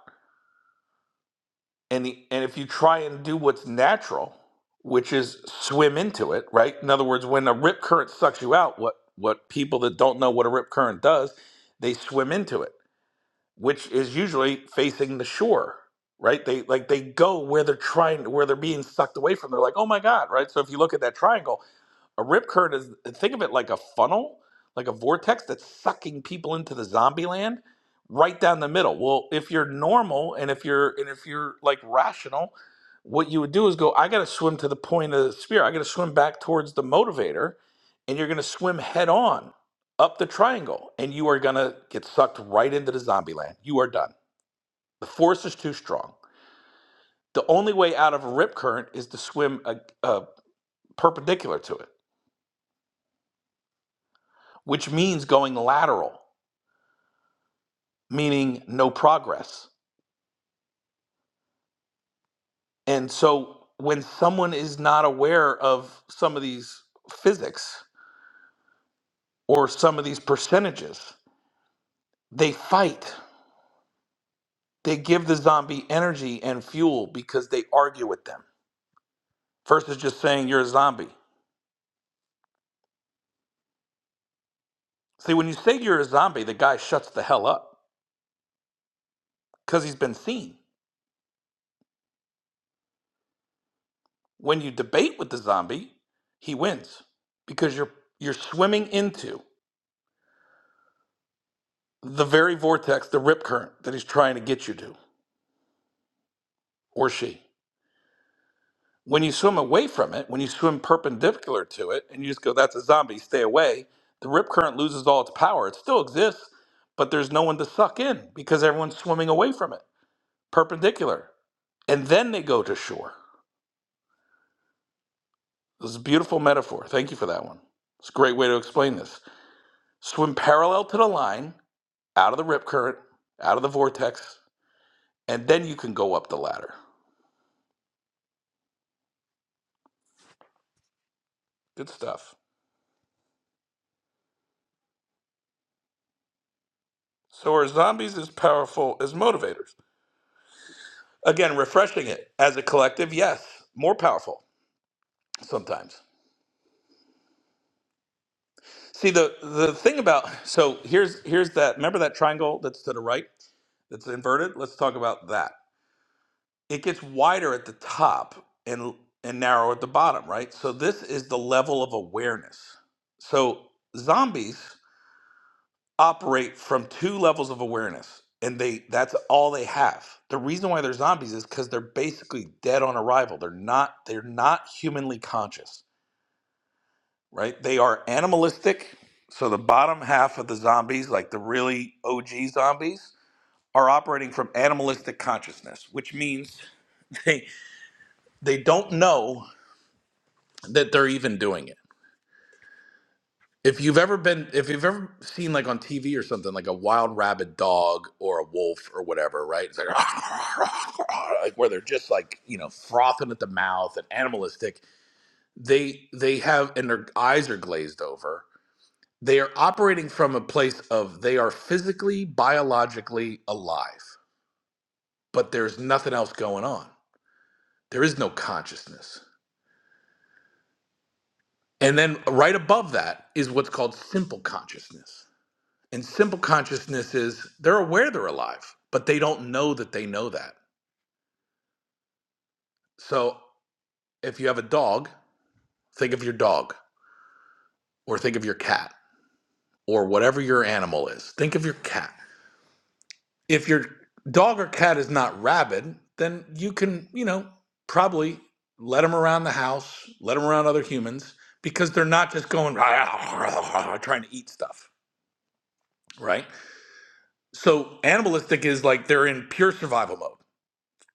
[SPEAKER 13] And the, and if you try and do what's natural, which is swim into it, right? In other words, when a rip current sucks you out, what what people that don't know what a rip current does, they swim into it, which is usually facing the shore, right? They like they go where they're trying where they're being sucked away from. They're like, "Oh my god," right? So if you look at that triangle, A rip current is think of it like a funnel, like a vortex that's sucking people into the zombie land right down the middle. Well, if you're normal and if you're and if you're like rational, what you would do is go, I gotta swim to the point of the spear. I gotta swim back towards the motivator, and you're gonna swim head on up the triangle, and you are gonna get sucked right into the zombie land. You are done. The force is too strong. The only way out of a rip current is to swim a, a perpendicular to it, which means going lateral. meaning no progress. And so when someone is not aware of some of these physics or some of these percentages, they fight. They give the zombie energy and fuel because they argue with them versus just saying you're a zombie. See, when you say you're a zombie, the guy shuts the hell up because he's been seen. When you debate with the zombie, he wins because you're you're swimming into the very vortex, the rip current that he's trying to get you to or she. When you swim away from it, when you swim perpendicular to it, and you just go, that's a zombie, stay away, the rip current loses all its power. It still exists, but there's no one to suck in because everyone's swimming away from it, perpendicular. And then they go to shore. This is a beautiful metaphor. Thank you for that one. It's a great way to explain this. Swim parallel to the line, out of the rip current, out of the vortex, and then you can go up the ladder. Good stuff. So are zombies as powerful as motivators? Again, refreshing it as a collective, yes, more powerful sometimes. See the the thing about so here's here's that remember that triangle that's to the right that's inverted. Let's talk about that. It gets wider at the top and and narrow at the bottom, right? So this is the level of awareness. So zombies operate from two levels of awareness and they that's all they have. The reason why they're zombies is cuz they're basically dead on arrival. They're not they're not humanly conscious right? They are animalistic. So the bottom half of the zombies, like the really OG zombies, are operating from animalistic consciousness, which means they they don't know that they're even doing it. If you've ever been if you've ever seen like on TV or something like a wild rabid dog or a wolf or whatever, right? It's like, like where they're just like, you know, frothing at the mouth and animalistic, they they have and their eyes are glazed over They are operating from a place of they are physically, biologically alive, but there's nothing else going on. There is no consciousness. And then right above that is what's called simple consciousness. And simple consciousness is they're aware they're alive, but they don't know that they know that. So if you have a dog, think of your dog or think of your cat or whatever your animal is. Think of your cat if your dog or cat is not rabid, then you can, you know, probably let them around the house, let them around other humans because they're not just going trying to eat stuff, right? So animalistic is like they're in pure survival mode,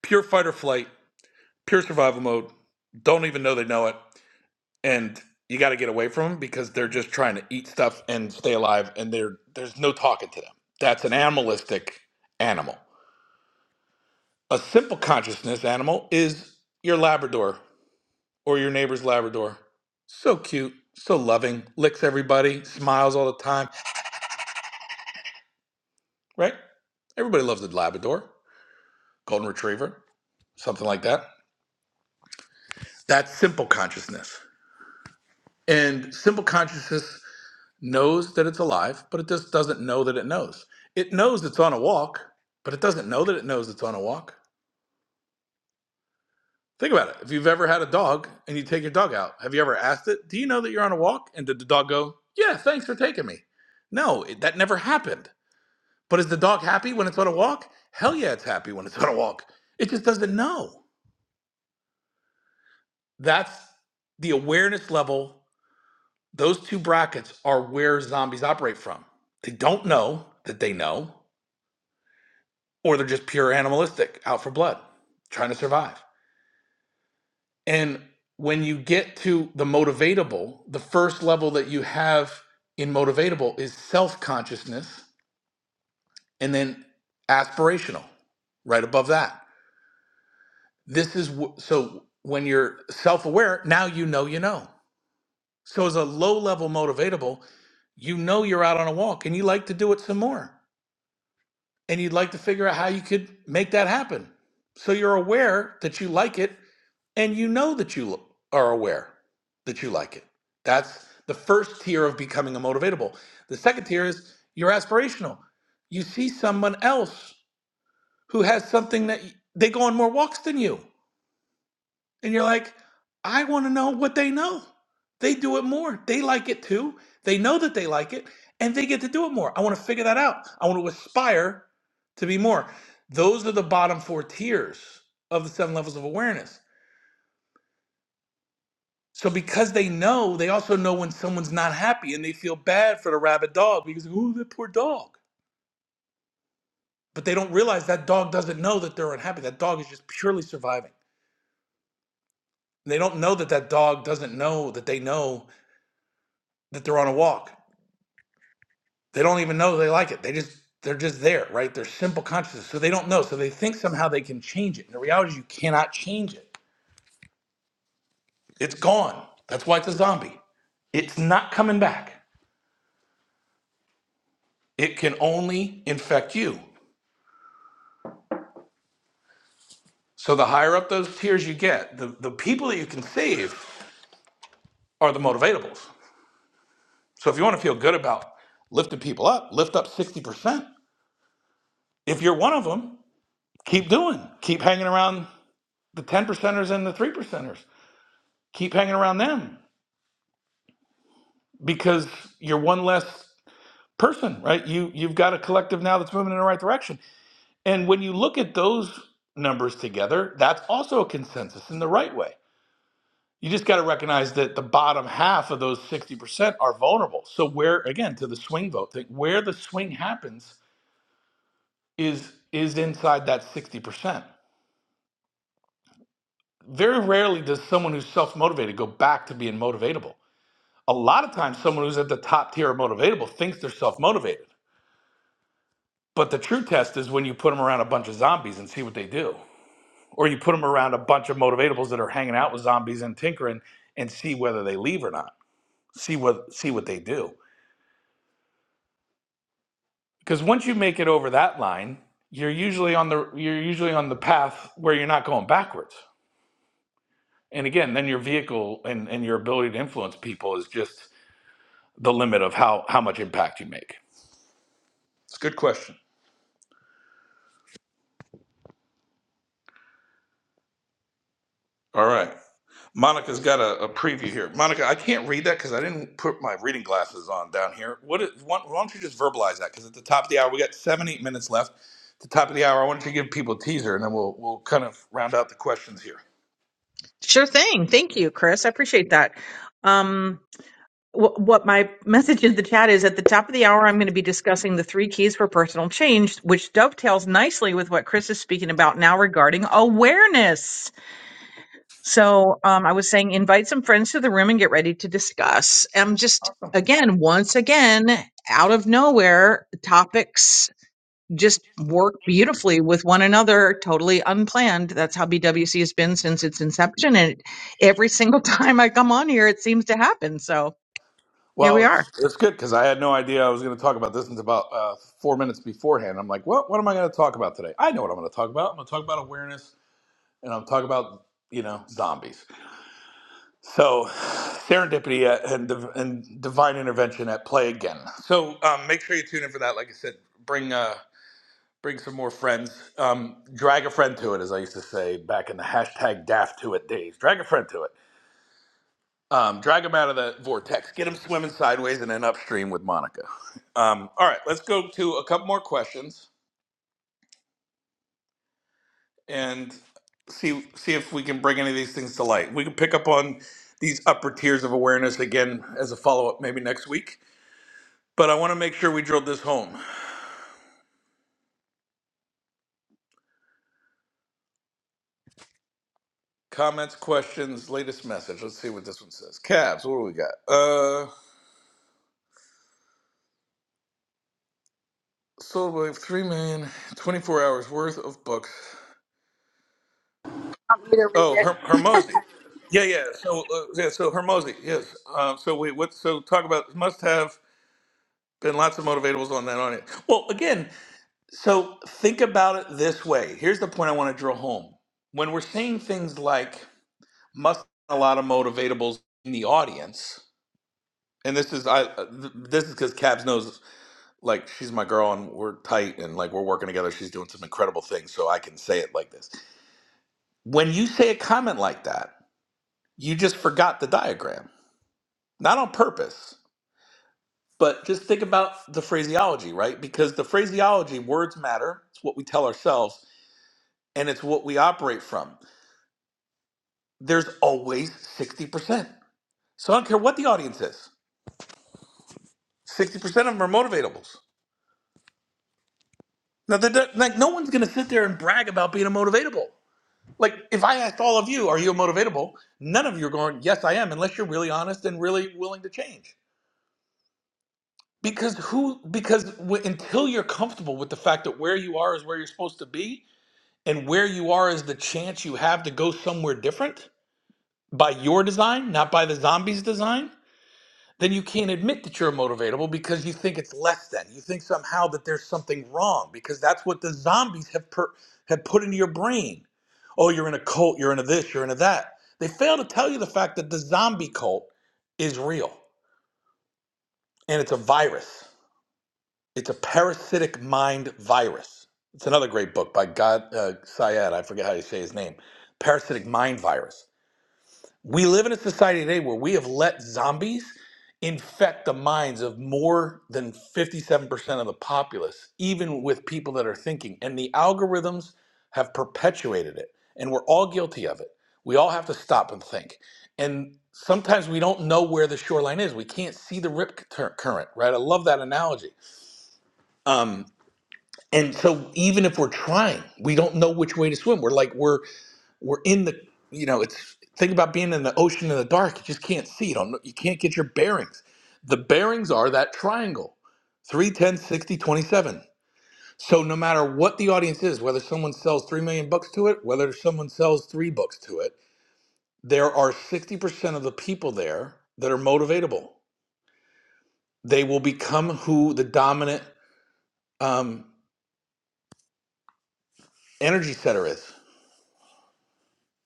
[SPEAKER 13] pure fight or flight, pure survival mode. Don't even know they know it, and you got to get away from them because they're just trying to eat stuff and stay alive, and they're, there's no talking to them. That's an animalistic animal. A simple consciousness animal is your Labrador or your neighbor's Labrador. So cute, so loving, licks everybody, smiles all the time, right? Everybody loves a Labrador, Golden Retriever, something like that. That's simple consciousness. And simple consciousness knows that it's alive, but it just doesn't know that it knows. It knows it's on a walk, but it doesn't know that it knows it's on a walk. Think about it. If you've ever had a dog and you take your dog out, have you ever asked it, Do you know that you're on a walk? And did the dog go, Yeah, thanks for taking me? No, it, that never happened. But is the dog happy when it's on a walk? Hell yeah, it's happy when it's on a walk. It just doesn't know. That's the awareness level. Those two brackets are where zombies operate from. They don't know that they know, or they're just pure animalistic, out for blood, trying to survive. And when you get to the motivatable, the first level that you have in motivatable is self consciousness and then aspirational, right above that. This is wh- so when you're self aware, now you know you know. So, as a low level motivatable, you know you're out on a walk and you like to do it some more and you'd like to figure out how you could make that happen. So, you're aware that you like it and you know that you are aware that you like it. That's the first tier of becoming a motivatable. The second tier is you're aspirational. You see someone else who has something that they go on more walks than you, and you're like, I want to know what they know. They do it more. They like it too. They know that they like it, and they get to do it more. I want to figure that out. I want to aspire to be more. Those are the bottom four tiers of the seven levels of awareness So because they know, they also know when someone's not happy and they feel bad for the rabid dog because, ooh, that poor dog. But they don't realize that dog doesn't know that they're unhappy. That dog is just purely surviving. And they don't know that that dog doesn't know that they know that they're on a walk. They don't even know they like it. They just they're just there, right? They're simple consciousness. So they don't know. So they think somehow they can change it. And the reality is you cannot change it. It's gone. That's why it's a zombie. It's not coming back. It can only infect you. So the higher up those tiers you get, the, the people that you can save are the motivatables. So if you want to feel good about lifting people up, lift up 60%. If you're one of them, keep doing. Keep hanging around the 10 percenters and the 3 percenters. Keep hanging around them because you're one less person, right? You you've got a collective now that's moving in the right direction. And when you look at those numbers together, that's also a consensus in the right way. you just got to recognize that the bottom half of those 60% are vulnerable so where again to the swing vote thing where the swing happens is is inside that 60% very rarely does someone who's self-motivated go back to being motivatable a lot of times someone who's at the top tier of motivatable thinks they're self-motivated but the true test is when you put them around a bunch of zombies and see what they do or you put them around a bunch of motivatables that are hanging out with zombies and tinkering and see whether they leave or not see what see what they do because once you make it over that line you're usually on the you're usually on the path where you're not going backwards and again then your vehicle and, and your ability to influence people is just the limit of how how much impact you make it's a good question all right monica's got a, a preview here monica i can't read that because i didn't put my reading glasses on down here what is, why, why don't you just verbalize that because at the top of the hour we got seven eight minutes left at the top of the hour i wanted to give people a teaser and then we'll we'll kind of round out the questions here
[SPEAKER 15] Sure thing. Thank you, Chris. I appreciate that. Um wh- what my message in the chat is at the top of the hour, I'm going to be discussing the three keys for personal change, which dovetails nicely with what Chris is speaking about now regarding awareness. So um, I was saying, invite some friends to the room and get ready to discuss. I'm just, again, once again, out of nowhere, topics just work beautifully with one another, totally unplanned. That's how BWC has been since its inception. And every single time I come on here, it seems to happen. So here we
[SPEAKER 13] Well,
[SPEAKER 15] are,
[SPEAKER 13] it's, it's good because I had no idea I was going to talk about this until about uh, four minutes beforehand. I'm like, well, what am I going to talk about today? I know what I'm going to talk about. I'm going to talk about awareness and I'm talk about, you know, zombies. So serendipity uh, and, div- and divine intervention at play again. So um, make sure you tune in for that. Like I said, bring uh, bring some more friends. Um, drag a friend to it, as I used to say back in the hashtag daft to it days. Drag a friend to it. Um, drag him out of the vortex. Get him swimming sideways and then upstream with Monica. Um, all right, let's go to a couple more questions and see see if we can bring any of these things to light. We can pick up on these upper tiers of awareness again as a follow up maybe next week. But I want to make sure we drilled this home. Comments, questions, latest message. Let's see what this one says. Cabs, what do we got? Uh, sold like 3 million, 24 hours worth of books Oh,
[SPEAKER 6] Okay.
[SPEAKER 13] Her- Hermosi. Yeah, yeah. So, uh, yeah, so Hermosi. Yes. Um, so we what? So talk about must have been lots of motivatables on that on it. Well, again, so think about it this way. Here's the point I want to drill home. When we're saying things like must have a lot of motivatables in the audience, and this is I uh, th- this is because Cabs knows like she's my girl and we're tight and like we're working together. She's doing some incredible things, so I can say it like this. When you say a comment like that, you just forgot the diagram not on purpose, but just think about the phraseology, right? Because the phraseology, words matter. It's what we tell ourselves and it's what we operate from. There's always 60%. So I don't care what the audience is, 60% of them are motivatables. Now, they're not- like, no one's going to sit there and brag about being a motivatable. Like, if I asked all of you, are you a motivatable? None of you are going, yes, I am, unless you're really honest and really willing to change. Because who, because w- until you're comfortable with the fact that where you are is where you're supposed to be, and where you are is the chance you have to go somewhere different by your design, not by the zombie's design, then you can't admit that you're motivatable because you think it's less than. You think somehow that there's something wrong because that's what the zombies have per- have put into your brain. Oh, you're in a cult, you're in a this, you're in a that. They fail to tell you the fact that the zombie cult is real and it's a virus. It's a parasitic mind virus. It's another great book by God uh, Syed. I forget how you say his name. Parasitic mind virus. We live in a society today where we have let zombies infect the minds of more than 57% of the populace, even with people that are thinking. And the algorithms have perpetuated it. And we're all guilty of it. We all have to stop and think. And sometimes we don't know where the shoreline is. We can't see the rip cur- current, right? I love that analogy. Um, and so even if we're trying we don't know which way to swim we're like we're we're in the you know it's think about being in the ocean in the dark you just can't see you don't know, you can't get your bearings the bearings are that triangle 3, 10, 60, 27. so no matter what the audience is whether someone sells 3 million books to it whether someone sells 3 books to it there are 60% of the people there that are motivatable they will become who the dominant um, energy setter is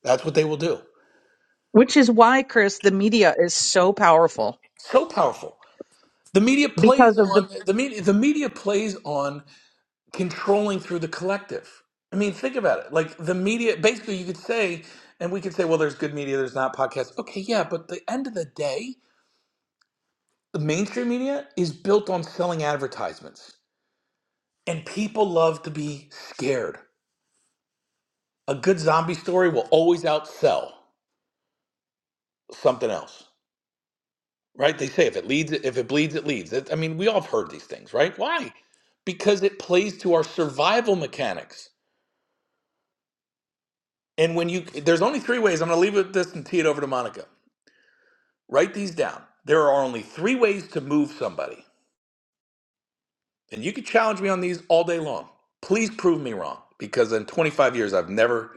[SPEAKER 13] that's what they will do
[SPEAKER 15] which is why, Chris, the media is so powerful.
[SPEAKER 13] so powerful. The media
[SPEAKER 15] because
[SPEAKER 13] plays
[SPEAKER 15] of the
[SPEAKER 13] on the media. The media plays on controlling through the collective. I mean, think about it. Like the media, basically, you could say, and we could say, well, there's good media, there's not podcasts. Okay, yeah, but the end of the day, the mainstream media is built on selling advertisements, and people love to be scared. A good zombie story will always outsell something else. right? They say if it leads, if it bleeds, it leads. That- I mean, we all have heard these things, right? Why? Because it plays to our survival mechanics. And when you, there's only three ways. I'm going to leave it with this and tee it over to Monica. Write these down. There are only three ways to move somebody, and you can challenge me on these all day long. Please prove me wrong, because in 25 years I've never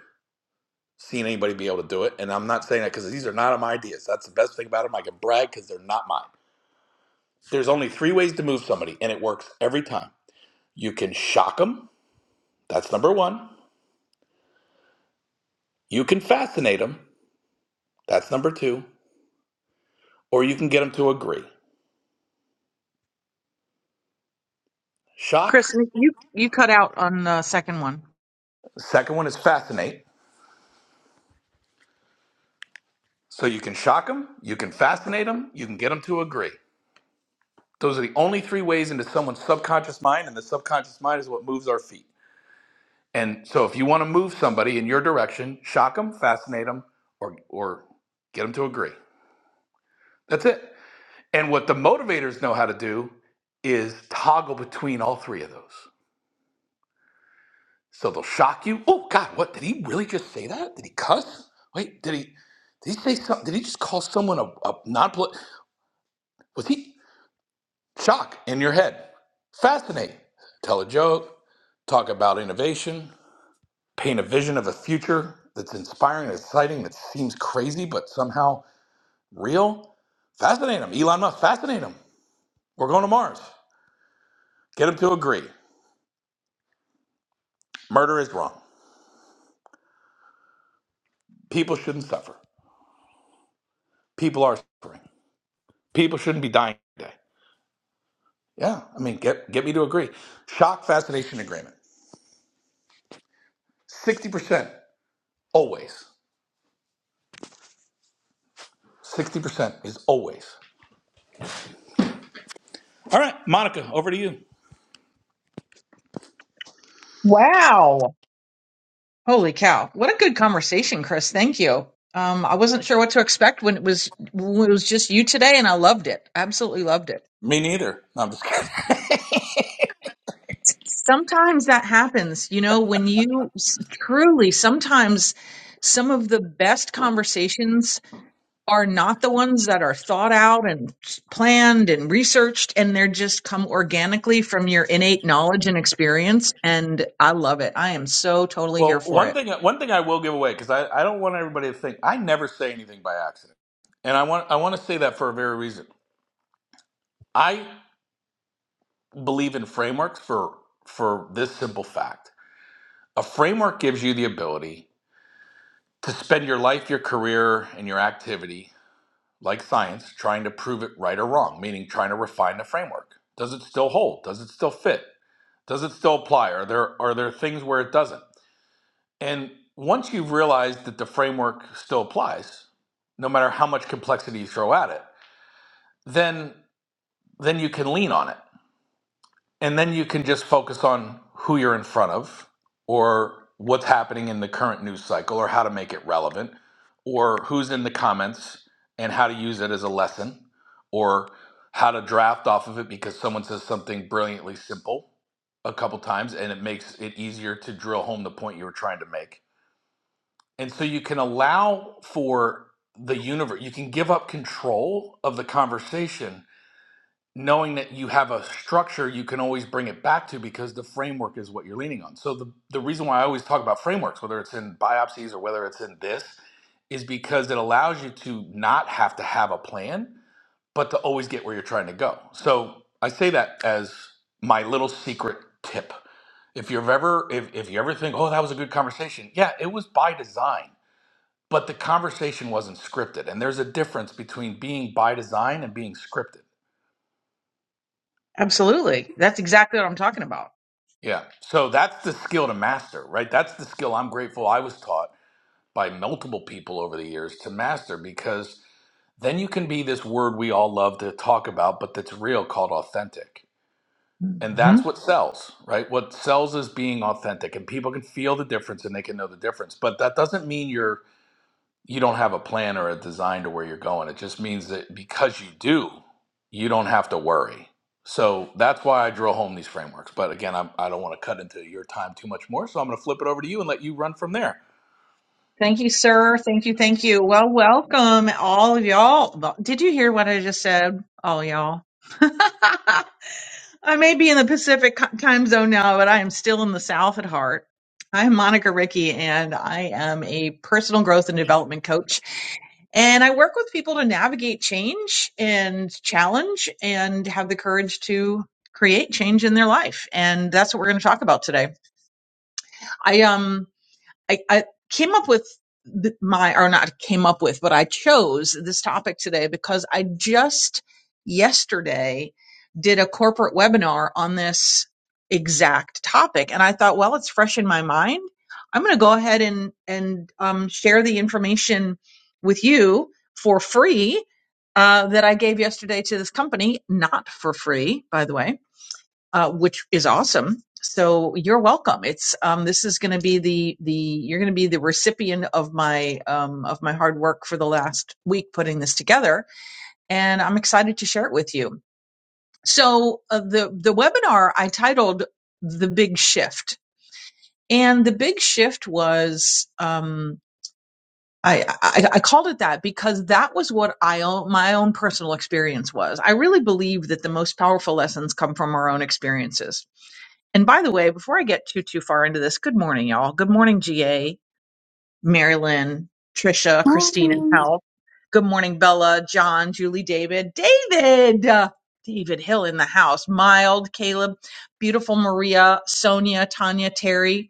[SPEAKER 13] seen anybody be able to do it. And I'm not saying that because these are not my ideas. That's the best thing about them. I can brag because they're not mine. There's only three ways to move somebody, and it works every time. You can shock them, That's number one. You can fascinate them. That's number two. Or you can get them to agree. Shock.
[SPEAKER 15] Chris, you you cut out on the second one.
[SPEAKER 13] The second one is fascinate. So you can shock them, you can fascinate them, you can get them to agree. Those are the only three ways into someone's subconscious mind, and the subconscious mind is what moves our feet. And so if you want to move somebody in your direction, shock them, fascinate them, or, or get them to agree. That's it. And what the motivators know how to do is toggle between all three of those. So they'll shock you. Oh God, what did he really just say that? Did he cuss? Wait, did he? Did he say something? Did he just call someone a, a non? polit Was he shock in your head? Fascinate. Tell a joke. Talk about innovation. Paint a vision of a future that's inspiring, and exciting, that seems crazy but somehow real. Fascinate them. Elon Musk. Fascinate them. We're going to Mars. Get them to agree. Murder is wrong. People shouldn't suffer. People are suffering. People shouldn't be dying today. Yeah, I mean, get get me to agree. Shock fascination agreement. Sixty percent always. Sixty percent is always. All right, Monica, over to you.
[SPEAKER 15] wow. Holy cow! What a good conversation, Chris. Thank you. Um, I wasn't sure what to expect when it was when it was just you today, and I loved it. Absolutely loved it.
[SPEAKER 13] Me neither. No, I'm just kidding.
[SPEAKER 15] Sometimes that happens, you know, when you s- truly sometimes some of the best conversations are not the ones that are thought out and planned and researched and they're just come organically from your innate knowledge and experience and I love it. I am so totally here
[SPEAKER 13] well,
[SPEAKER 15] for
[SPEAKER 13] one
[SPEAKER 15] it.
[SPEAKER 13] thing one thing I will give away because I, I don't want everybody to think I never say anything by accident, and I want I want to say that for a very reason. I believe in frameworks for for this simple fact. A framework gives you the ability to spend your life, your career, and your activity like science, trying to prove it right or wrong, meaning trying to refine the framework. Does it still hold? Does it still fit? Does it still apply? Are there are there things where it doesn't? And once you've realized that the framework still applies, no matter how much complexity you throw at it, then then you can lean on it. And then you can just focus on who you're in front of or what's happening in the current news cycle or how to make it relevant or who's in the comments and how to use it as a lesson or how to draft off of it because someone says something brilliantly simple a couple times and it makes it easier to drill home the point you were trying to make. And so you can allow for the universe, you can give up control of the conversation knowing that you have a structure you can always bring it back to because the framework is what you're leaning on. So the, the reason why I always talk about frameworks, whether it's in biopsies or whether it's in this, is because it allows you to not have to have a plan, but to always get where you're trying to go. So I say that as my little secret tip. If you've ever if, if you ever think, oh, that was a good conversation, yeah, it was by design. But the conversation wasn't scripted. And there's a difference between being by design and being scripted
[SPEAKER 15] Absolutely. That's exactly what I'm talking about.
[SPEAKER 13] Yeah. So that's the skill to master, right? That's the skill I'm grateful I was taught by multiple people over the years to master because then you can be this word we all love to talk about, but that's real called authentic. And that's
[SPEAKER 15] Mhm.
[SPEAKER 13] what sells, right? What sells is being authentic and people can feel the difference and they can know the difference. But that doesn't mean you're you don't have a plan or a design to where you're going. It just means that because you do, you don't have to worry. So that's why I drill home these frameworks. But again, I'm, I don't want to cut into your time too much more. So I'm going to flip it over to you and let you run from there.
[SPEAKER 15] Thank you, sir. Thank you. Thank you. Well, welcome all of y'all. Did you hear what I just said? All y'all. I may be in the Pacific co- time zone now, but I am still in the South at heart. I'm Monica Rickey, and I am a personal growth and development coach. And I work with people to navigate change and challenge and have the courage to create change in their life. And that's what we're going to talk about today. I um I, I came up with my, or not came up with, but I chose this topic today because I just yesterday did a corporate webinar on this exact topic. And I thought, well, it's fresh in my mind. I'm going to go ahead and, and um, share the information with you for free uh, that I gave yesterday to this company, not for free, by the way uh, which is awesome. So you're welcome. It's um, this is going to be the the you're going to be the recipient of my um, of my hard work for the last week putting this together, and I'm excited to share it with you. So uh, the the webinar I titled the big shift, and the big shift was um, I, I I called it that because that was what I own, my own personal experience was. I really believe that the most powerful lessons come from our own experiences and by the way, before I get too too far into this, good morning, y'all. Good morning, GA, Marilyn, Trisha, Christine, and
[SPEAKER 6] Morning.
[SPEAKER 15] Hal. Good morning, Bella, John, Julie, David, David, uh, David Hill in the house. Mild, Caleb, beautiful Maria, Sonia, Tanya, Terry.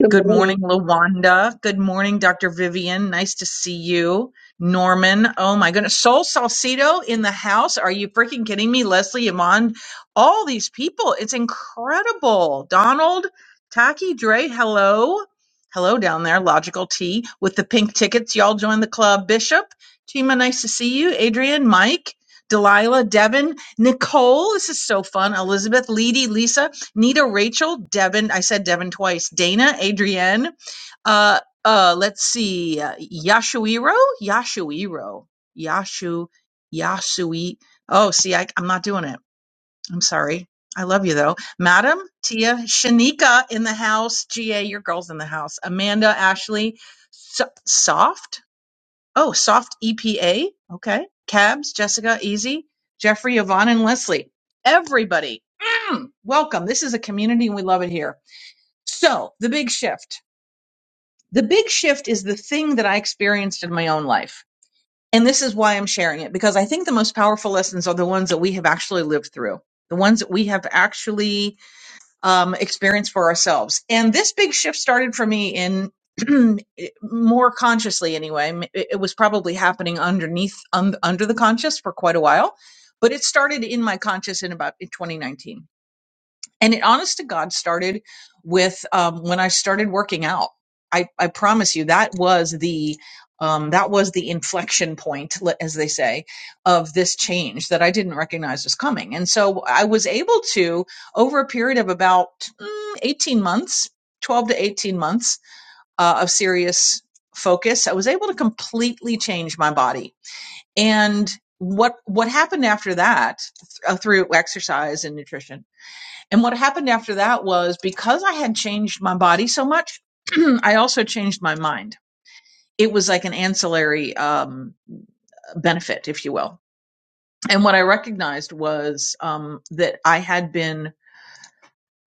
[SPEAKER 16] Good
[SPEAKER 15] Good
[SPEAKER 16] morning.
[SPEAKER 15] morning, Lawanda. Good morning, Dr. Vivian. Nice to see you. Norman. Oh my goodness. Sol Salcido in the house. Are you freaking kidding me? Leslie Iman. All these people. It's incredible. Donald, Taki, Dre, hello. Hello down there, Logical T with the pink tickets. Y'all join the club. Bishop, Tima, nice to see you. Adrian, Mike, Delilah, Devin, Nicole. This is so fun. Elizabeth, Leedy, Lisa. Nita, Rachel, Devin. I said Devin twice. Dana, Adrienne. Uh, uh, let's see. Uh, Yashuiro, Yashuiro, Yashu, Yasui. Oh, see, I, I'm not doing it. I'm sorry. I love you though, Madam Tia, Shanika in the house. Ga, your girls in the house. Amanda, Ashley, so- soft. Oh, soft EPA. Okay. Cabs, Jessica, Easy, Jeffrey, Yvonne, and Leslie. Everybody, mm, welcome. This is a community and we love it here. So, the big shift. The big shift is the thing that I experienced in my own life. And this is why I'm sharing it because I think the most powerful lessons are the ones that we have actually lived through, the ones that we have actually um, experience for ourselves. And this big shift started for me in more consciously, anyway. It it was probably happening underneath, un- under the conscious for quite a while, but it started in my conscious in about in 2019. And it honest to God started with um, when I started working out. I, I promise you that was the um, that was the inflection point, le- as they say, of this change that I didn't recognize was coming. And so I was able to, over a period of about mm, 18 months, 12 to 18 months uh, of serious focus, I was able to completely change my body. And what what happened after that th- uh, through exercise and nutrition and what happened after that was because I had changed my body so much, I also changed my mind. It was like an ancillary um, benefit, if you will. And what I recognized was um, that I had been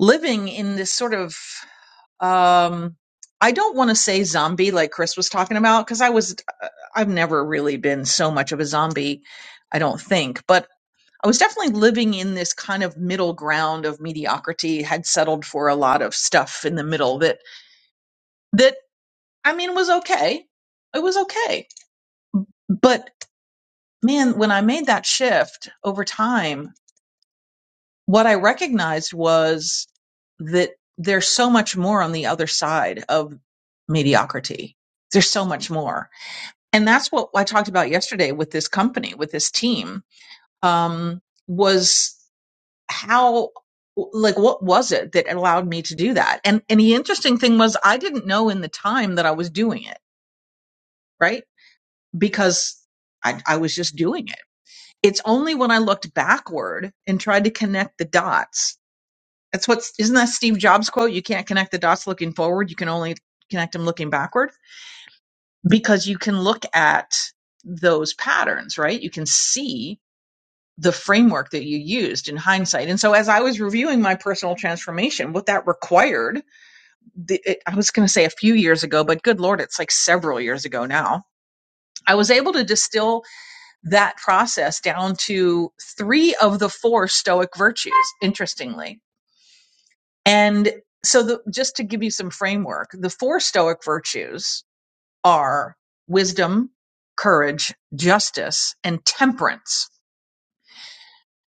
[SPEAKER 15] living in this sort of, um, I don't want to say zombie like Chris was talking about, because I was, uh, I've never really been so much of a zombie, I don't think. But I was definitely living in this kind of middle ground of mediocrity, had settled for a lot of stuff in the middle that, that I mean, was okay. It was okay. But man, when I made that shift over time, what I recognized was that there's so much more on the other side of mediocrity. There's so much more. And that's what I talked about yesterday with this company, with this team, um, was how like what was it that allowed me to do that and and the interesting thing was i didn't know in the time that i was doing it right because i i was just doing it it's only when i looked backward and tried to connect the dots that's what's isn't that steve jobs quote you can't connect the dots looking forward you can only connect them looking backward because you can look at those patterns right you can see the framework that you used in hindsight and so as i was reviewing my personal transformation what that required the, it, I was going to say a few years ago, but good Lord, it's like several years ago now. I was able to distill that process down to three of the four Stoic virtues, interestingly. And so, the, just to give you some framework, the four Stoic virtues are wisdom, courage, justice, and temperance.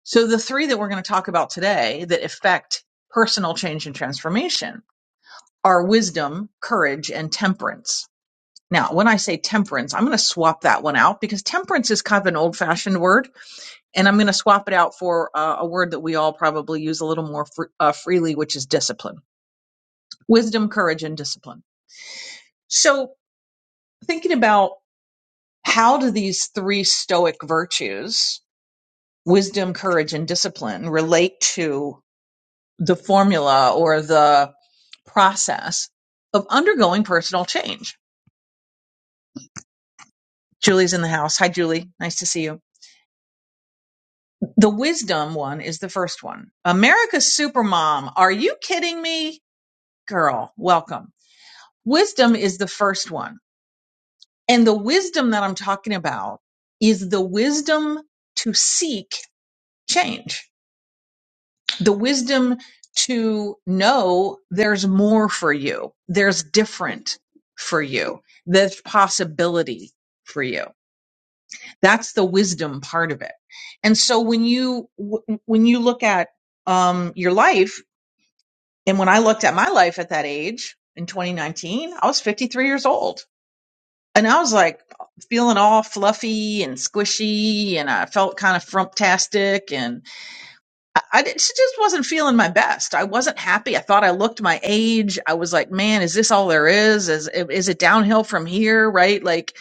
[SPEAKER 15] So, the three that we're going to talk about today that affect personal change and transformation are wisdom, courage, and temperance Now, when I say temperance, I'm going to swap that one out because temperance is kind of an old fashioned word. And I'm going to swap it out for uh, a word that we all probably use a little more fr- uh, freely, which is discipline wisdom, courage, and discipline. So, thinking about how do these three Stoic virtues, wisdom, courage, and discipline, relate to the formula or the process of undergoing personal change? Julie's in the house. Hi, Julie. Nice to see you The wisdom one is the first one. America's Supermom. Are you kidding me? Girl, welcome. Wisdom is the first one. And the wisdom that I'm talking about is the wisdom to seek change, the wisdom to know there's more for you, there's different for you, there's possibility for you. That's the wisdom part of it. And so when you w- when you look at um, your life And when I looked at my life at that age in 2019, I was 53 years old. And I was like feeling all fluffy and squishy, and I felt kind of frumptastic, and I, I didn't- just wasn't feeling my best. I wasn't happy. I thought I looked my age. I was like, man, is this all there is? Is is it downhill from here? Right? Like,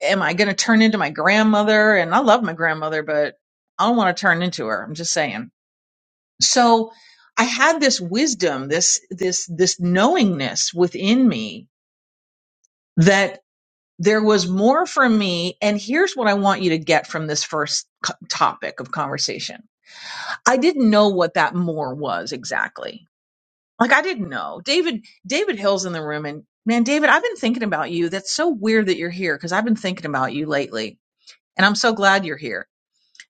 [SPEAKER 15] am I going to turn into my grandmother? And I love my grandmother, but I don't want to turn into her. I'm just saying so I had this wisdom, this, this, this knowingness within me that there was more for me. And here's what I want you to get from this first co- topic of conversation. I didn't know what that more was exactly. Like I didn't know. David, David Hill's in the room and man, David, I've been thinking about you. That's so weird that you're here because I've been thinking about you lately. And I'm so glad you're here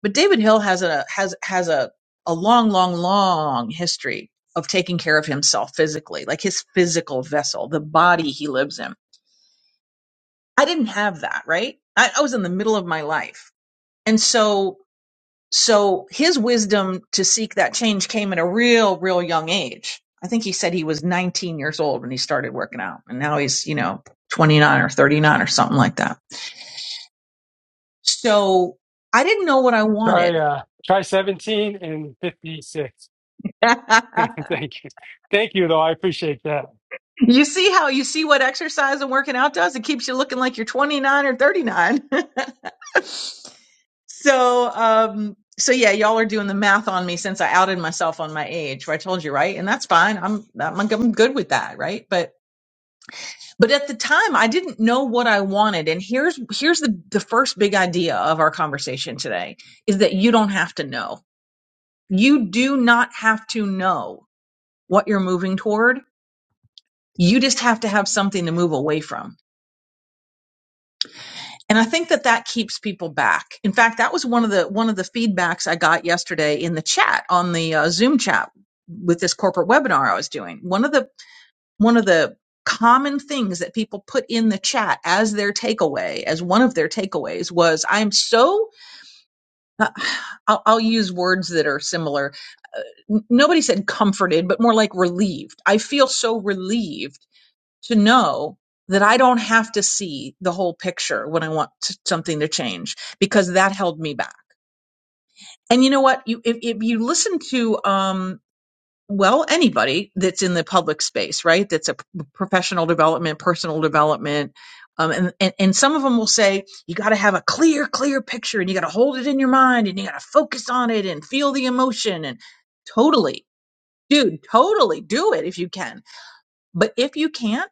[SPEAKER 15] But David Hill has a has has a a long, long, long history of taking care of himself physically, like his physical vessel, the body he lives in. I didn't have that, right? I, I was in the middle of my life. And so so his wisdom to seek that change came at a real, real young age. I think he said he was 19 years old when he started working out. And now he's, you know, 29 or 39 or something like that. So I didn't know what I
[SPEAKER 17] Try
[SPEAKER 15] wanted.
[SPEAKER 17] uh try 17 and 56. Thank you. Thank you though. I appreciate that.
[SPEAKER 15] You see how you see what exercise and working out does? It keeps you looking like you're 29 or 39. so, um, so yeah, y'all are doing the math on me since I outed myself on my age. I told you, right? And that's fine. I'm, I'm I'm good with that, right? But but at the time, I didn't know what I wanted. And here's here's the the first big idea of our conversation today is that you don't have to know. You do not have to know what you're moving toward. You just have to have something to move away from and i think that that keeps people back in fact that was one of the one of the feedbacks i got yesterday in the chat on the uh, zoom chat with this corporate webinar i was doing one of the one of the common things that people put in the chat as their takeaway as one of their takeaways was i'm so uh, I'll, I'll use words that are similar uh, nobody said comforted but more like relieved i feel so relieved to know that I don't have to see the whole picture when I want t- something to change because that held me back. And you know what? You if, if you listen to um well anybody that's in the public space, right? That's a p- professional development, personal development. Um, and, and, and some of them will say you got to have a clear, clear picture and you got to hold it in your mind and you got to focus on it and feel the emotion and totally, dude, totally do it if you can. But if you can't,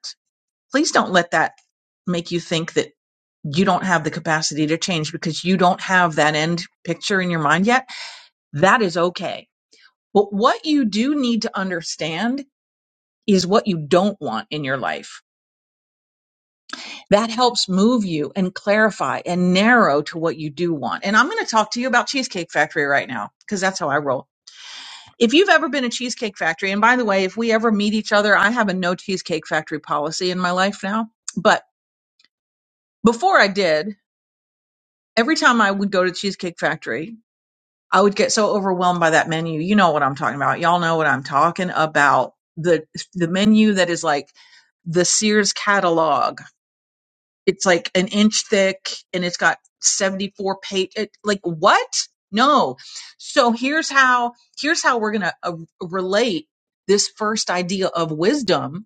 [SPEAKER 15] please don't let that make you think that you don't have the capacity to change because you don't have that end picture in your mind yet. That is okay. But what you do need to understand is what you don't want in your life. That helps move you and clarify and narrow to what you do want. And I'm going to talk to you about Cheesecake Factory right now because that's how I roll. If you've ever been a Cheesecake Factory, and by the way, if we ever meet each other, I have a no Cheesecake Factory policy in my life now. But before I did, every time I would go to Cheesecake Factory, I would get so overwhelmed by that menu. You know what I'm talking about. Y'all know what I'm talking about. The the menu that is like the Sears catalog. It's like an inch thick and it's got 74 page it, like what? No. So here's how here's how we're going to uh, relate this first idea of wisdom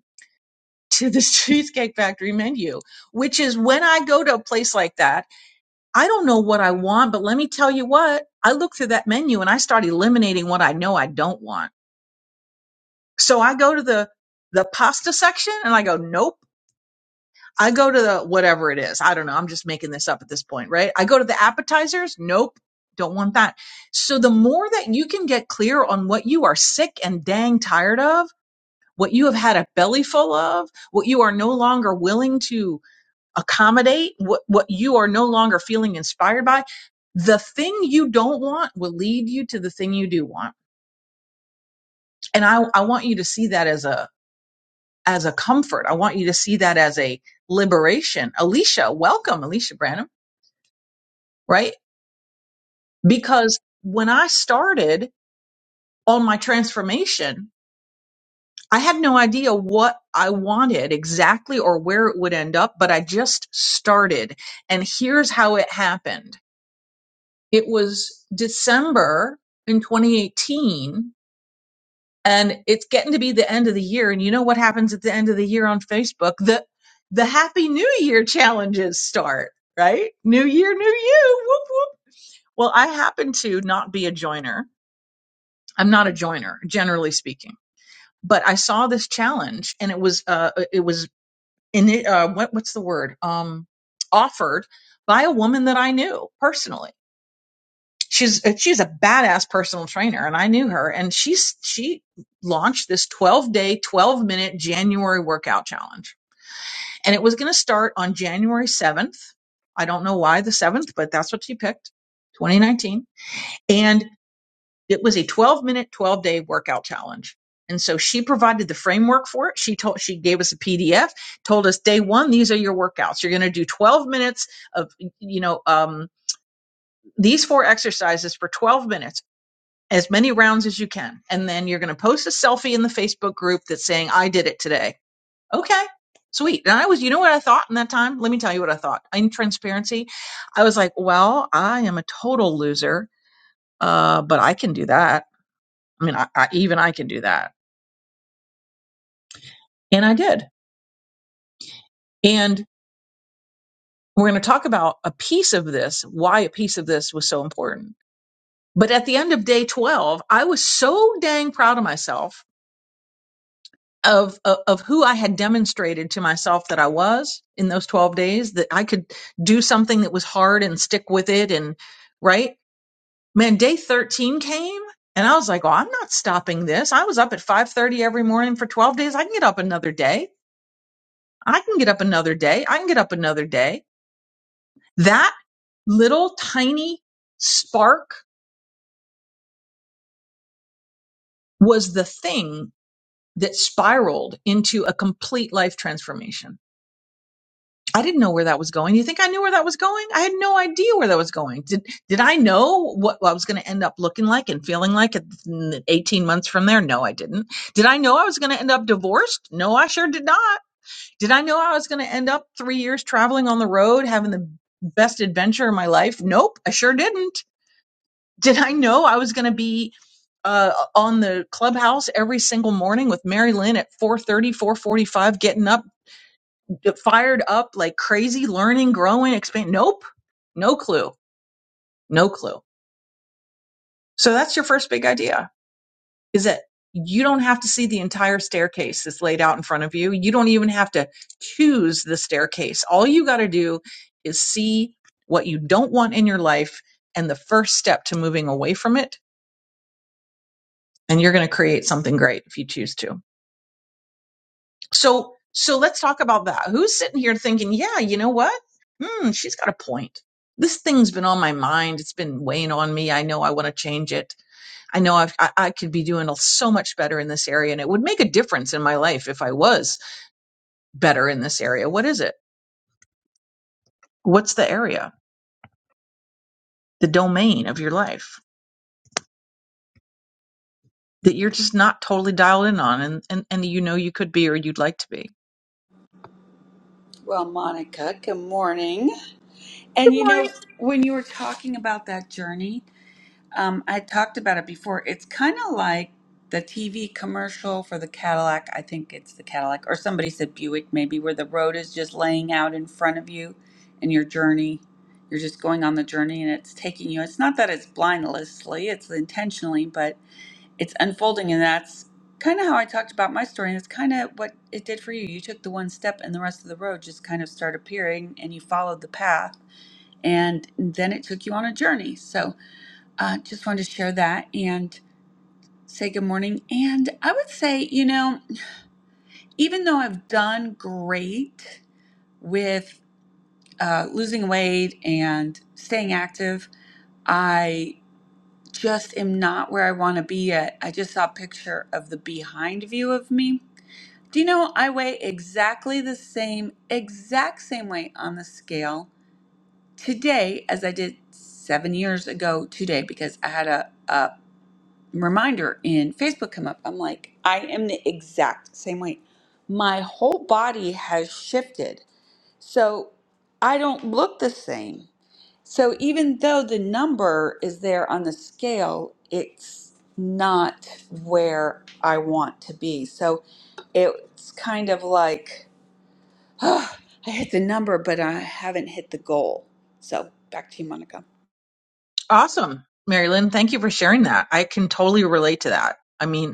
[SPEAKER 15] to the Cheesecake Factory menu, which is when I go to a place like that I don't know what I want, but let me tell you what, I look through that menu and I start eliminating what I know I don't want. So I go to the the pasta section and I go, nope. I go to the whatever it is. I don't know. I'm just making this up at this point, right? I go to the appetizers. Nope. Don't want that. So the more that you can get clear on what you are sick and dang tired of, what you have had a belly full of, what you are no longer willing to accommodate what, what you are no longer feeling inspired by, the thing you don't want will lead you to the thing you do want. And I, I want you to see that as a, as a comfort. I want you to see that as a liberation. Alicia, welcome, Alicia Branham, right? Because when I started on my transformation, I had no idea what I wanted exactly or where it would end up, but I just started. And here's how it happened. It was December in 2018, and it's getting to be the end of the year. And you know what happens at the end of the year on Facebook? The the Happy New Year challenges start, right? New year, new you. Whoop whoop. Well, I happen to not be a joiner. I'm not a joiner, generally speaking. But I saw this challenge, and it was uh, uh, it was in it, uh, what what's the word? Um, offered by a woman that I knew personally she's uh, she's a badass personal trainer and i knew her and she's she launched this 12 day 12 minute january workout challenge and it was going to start on january 7th i don't know why the 7th but that's what she picked 2019 and it was a 12 minute 12 day workout challenge and so she provided the framework for it she told she gave us a pdf told us day one these are your workouts you're going to do 12 minutes of you know um, these four exercises for 12 minutes as many rounds as you can. And then you're going to post a selfie in the Facebook group that's saying, I did it today. Okay, sweet. And I was, you know what I thought in that time? Let me tell you what I thought. In transparency, I was like, well, I am a total loser, uh, but I can do that. I mean, I, I, even I can do that. And I did. And we're going to talk about a piece of this, why a piece of this was so important. But at the end of day 12, I was so dang proud of myself of, of of who I had demonstrated to myself that I was in those 12 days that I could do something that was hard and stick with it and right man day 13 came and I was like oh I'm not stopping this I was up at 5:30 every morning for 12 days I can get up another day I can get up another day I can get up another day that little tiny spark was the thing that spiraled into a complete life transformation I didn't know where that was going. You think I knew where that was going? I had no idea where that was going. Did did I know what I was going to end up looking like and feeling like at 18 months from there? No, I didn't. Did I know I was going to end up divorced? No, I sure did not. Did I know I was going to end up 3 years traveling on the road having the best adventure of my life? Nope, I sure didn't. Did I know I was going to be uh, on the clubhouse every single morning with Mary Lynn at four thirty, four forty five, getting up fired up like crazy, learning, growing, expand. Nope. No clue. No clue. So that's your first big idea is that you don't have to see the entire staircase that's laid out in front of you. You don't even have to choose the staircase. All you got to do is see what you don't want in your life and the first step to moving away from it. And you're going to create something great if you choose to. So so let's talk about that. Who's sitting here thinking, yeah, you know what? Hmm, she's got a point. This thing's been on my mind. It's been weighing on me. I know I want to change it. I know I've, I, I could be doing so much better in this area, and it would make a difference in my life if I was better in this area. What is it? What's the area, the domain of your life that you're just not totally dialed in on, and and, and you know you could be or you'd like to be?
[SPEAKER 6] Well, Monica, good morning.
[SPEAKER 15] Good
[SPEAKER 6] And you
[SPEAKER 15] morning.
[SPEAKER 6] know, when you were talking about that journey, um, I talked about it before. It's kind of like the TV commercial for the Cadillac. I think it's the Cadillac, or somebody said Buick, maybe, where the road is just laying out in front of you and your journey. You're just going on the journey and it's taking you. It's not that it's blindlessly, it's intentionally, but. it's unfolding and that's kind of how i talked about my story and it's kind of what it did for you you took the one step and the rest of the road just kind of started appearing and you followed the path and then it took you on a journey so uh, just wanted to share that and say good morning and i would say you know even though i've done great with uh, losing weight and staying active i just am not where i want to be yet i just saw a picture of the behind view of me Do you know I weigh exactly the same, exact same weight on the scale today as I did seven years ago today because I had a, a reminder in Facebook come up. I'm like, I am the exact same weight. My whole body has shifted. So I don't look the same. So even though the number is there on the scale, it's not where I want to be. So it's kind of like, Oh, I hit the number, but I haven't hit the goal. So back to you, Monica.
[SPEAKER 15] Awesome, Mary Lynn. Thank you for sharing that. I can totally relate to that. I mean,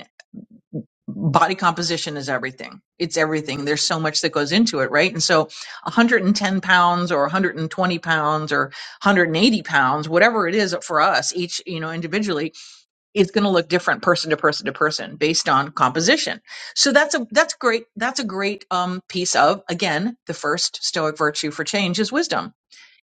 [SPEAKER 15] body composition is everything. It's everything. There's so much that goes into it, right? And so 110 pounds or 120 pounds or 180 pounds, whatever it is for us, each, you know, individually, it's going to look different person to person to person based on composition. So that's a, that's great. That's a great um, piece of, again, the first stoic virtue for change is wisdom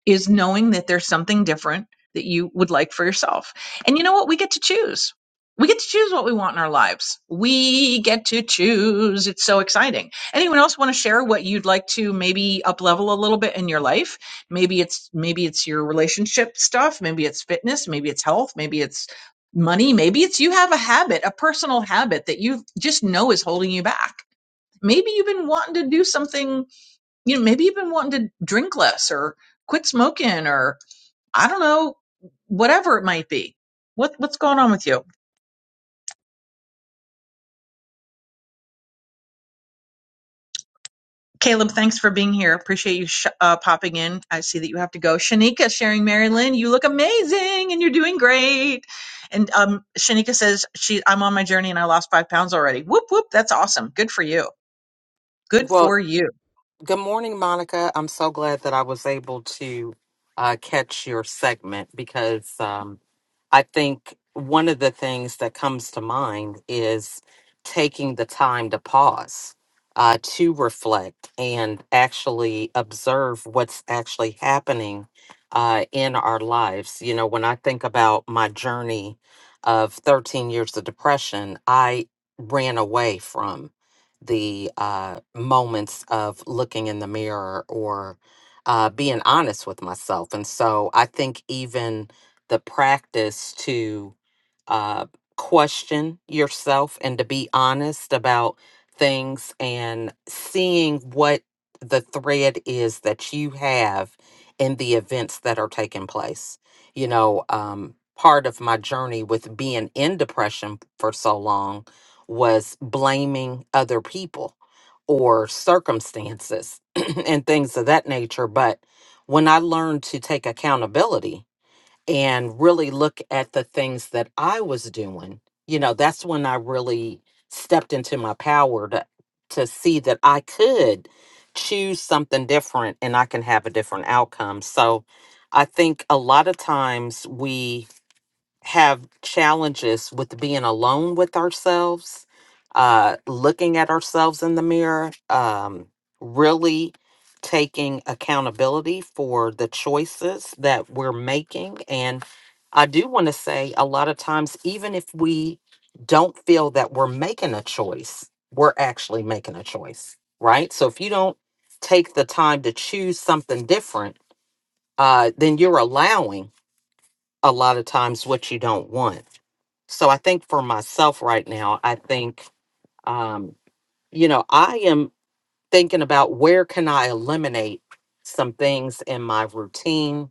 [SPEAKER 15] is knowing that there's something different that you would like for yourself. And you know what? We get to choose. We get to choose what we want in our lives. We get to choose. It's so exciting. Anyone else want to share what you'd like to maybe up level a little bit in your life? Maybe it's maybe it's your relationship stuff, maybe it's fitness, maybe it's health, maybe it's money, maybe it's you have a habit, a personal habit that you just know is holding you back. Maybe you've been wanting to do something you know, maybe you've been wanting to drink less or quit smoking or I don't know, whatever it might be. What what's going on with you, Caleb? Thanks for being here. Appreciate you sh- uh, popping in. I see that you have to go. Shanika sharing Mary Lynn, you look amazing and you're doing great. And um, Shanika says she I'm on my journey and I lost five pounds already. Whoop whoop, that's awesome. Good for you. Good
[SPEAKER 18] Well,
[SPEAKER 15] for you.
[SPEAKER 18] good morning, Monica. I'm so glad that I was able to uh, catch your segment because um, I think one of the things that comes to mind is taking the time to pause, uh, to reflect, and actually observe what's actually happening uh, in our lives. You know, when I think about my journey of 13 years of depression, I ran away from the uh, moments of looking in the mirror or uh, being honest with myself. And so I think even the practice to uh, question yourself and to be honest about things and seeing what the thread is that you have in the events that are taking place. You know, um, part of my journey with being in depression for so long was blaming other people or circumstances and things of that nature. But when I learned to take accountability, and really look at the things that I was doing, you know, that's when I really stepped into my power to to see that I could choose something different and I can have a different outcome. So I think a lot of times we have challenges with being alone with ourselves, uh, looking at ourselves in the mirror, um, really taking accountability for the choices that we're making. And I do want to say a lot of times, even if we don't feel that we're making a choice, we're actually making a choice, right? So if you don't take the time to choose something different, uh, then you're allowing a lot of times what you don't want. So I think for myself right now, I think, um, you know, I am thinking about where can I eliminate some things in my routine,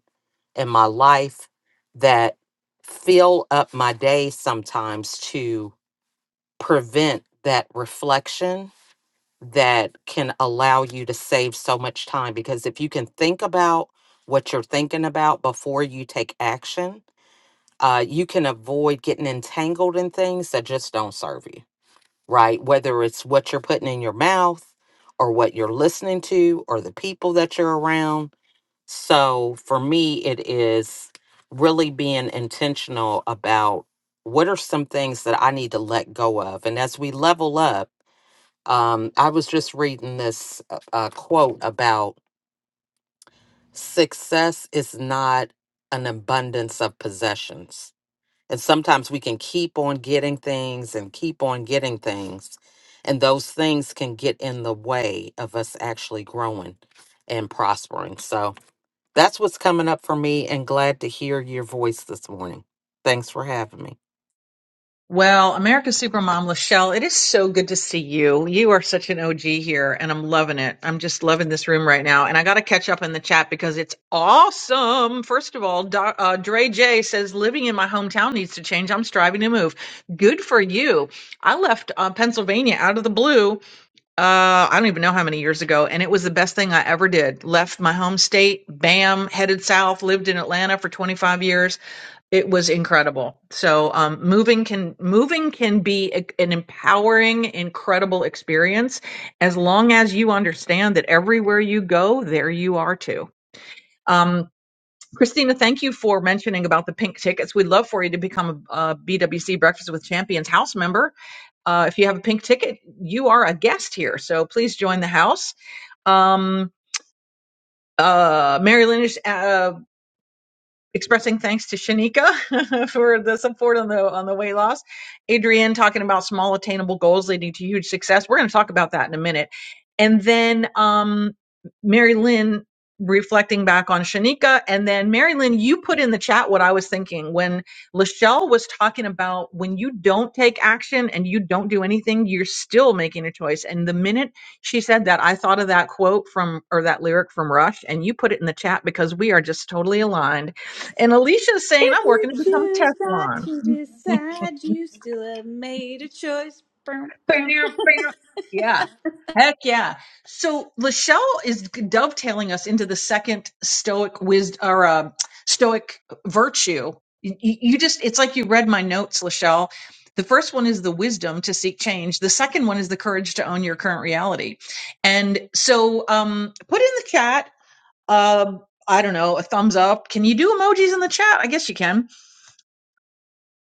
[SPEAKER 18] in my life that fill up my day sometimes to prevent that reflection that can allow you to save so much time. Because if you can think about what you're thinking about before you take action, uh, you can avoid getting entangled in things that just don't serve you. right? Whether it's what you're putting in your mouth or what you're listening to or the people that you're around. So for me, it is really being intentional about what are some things that I need to let go of. And as we level up, um, I was just reading this uh, uh, quote about success is not an abundance of possessions and sometimes we can keep on getting things and keep on getting things. And those things can get in the way of us actually growing and prospering. So that's what's coming up for me and glad to hear your voice this morning. Thanks for having me.
[SPEAKER 15] Well, America's Supermom, Lachelle, it is so good to see you. You are such an OG here, and I'm loving it. I'm just loving this room right now. And I got to catch up in the chat because it's awesome. First of all, Do- uh, Dre J says, living in my hometown needs to change. I'm striving to move. Good for you. I left uh, Pennsylvania out of the blue. Uh, I don't even know how many years ago, and it was the best thing I ever did. Left my home state, bam, headed south, lived in Atlanta for 25 years it was incredible. So um, moving can moving can be a- an empowering, incredible experience as long as you understand that everywhere you go, there you are too. Um, Christina, thank you for mentioning about the pink tickets. We'd love for you to become a, BWC Breakfast with Champions house member. Uh, if you have a pink ticket, you are a guest here, so please join the house. Um, uh, Mary Lynn uh, expressing thanks to Shanika for the support on the on the weight loss. Adrienne talking about small attainable goals leading to huge success. We're going to talk about that in a minute. And then um Mary Lynn reflecting back on Shanika and then Mary Lynn you put in the chat what I was thinking when Lachelle was talking about when you don't take action and you don't do anything you're still making a choice and the minute she said that I thought of that quote from or that lyric from Rush and you put it in the chat because we are just totally aligned and Alicia's saying,
[SPEAKER 6] If
[SPEAKER 15] I'm
[SPEAKER 6] you
[SPEAKER 15] working to become
[SPEAKER 6] choose not
[SPEAKER 15] Teflon.
[SPEAKER 6] to decide, you still have made a choice. Brum,
[SPEAKER 15] Bam,
[SPEAKER 6] brum.
[SPEAKER 15] bam. Yeah. Heck yeah. So Lachelle is dovetailing us into the second stoic wisdom or uh, stoic virtue. You, you you just, it's like you read my notes, Lachelle. The first one is the wisdom to seek change. The second one is the courage to own your current reality. And so um, put in the chat, uh, I don't know, a thumbs up. Can you do emojis in the chat? I guess you can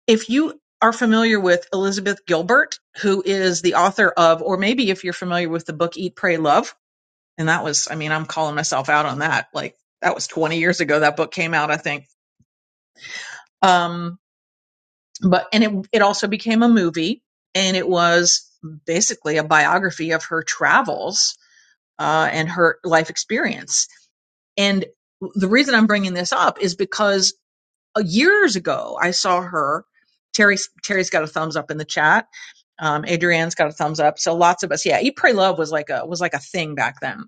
[SPEAKER 15] if you are familiar with Elizabeth Gilbert, who is the author of, or maybe if you're familiar with the book Eat, Pray, Love, and that was, I mean, I'm calling myself out on that. Like that was 20 years ago that book came out, I think. Um, but and it it also became a movie, and it was basically a biography of her travels uh, and her life experience. And the reason I'm bringing this up is because uh, years ago i saw her terry terry's got a thumbs up in the chat um, adrienne's got a thumbs up so lots of us yeah eat pray love was like a was like a thing back then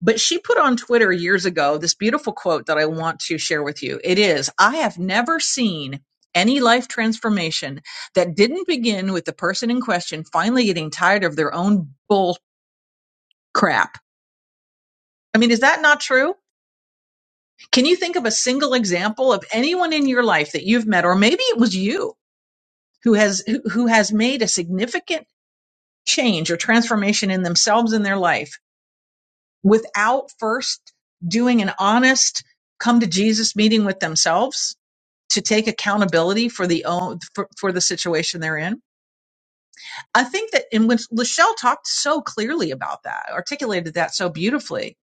[SPEAKER 15] but she put on twitter years ago this beautiful quote that i want to share with you it is i have never seen any life transformation that didn't begin with the person in question finally getting tired of their own bull crap i mean is that not true can you think of a single example of anyone in your life that you've met or maybe it was you who has who has made a significant change or transformation in themselves in their life without first doing an honest come to Jesus meeting with themselves to take accountability for the own for, for the situation they're in. I think that and when Lachelle talked so clearly about that, articulated that so beautifully,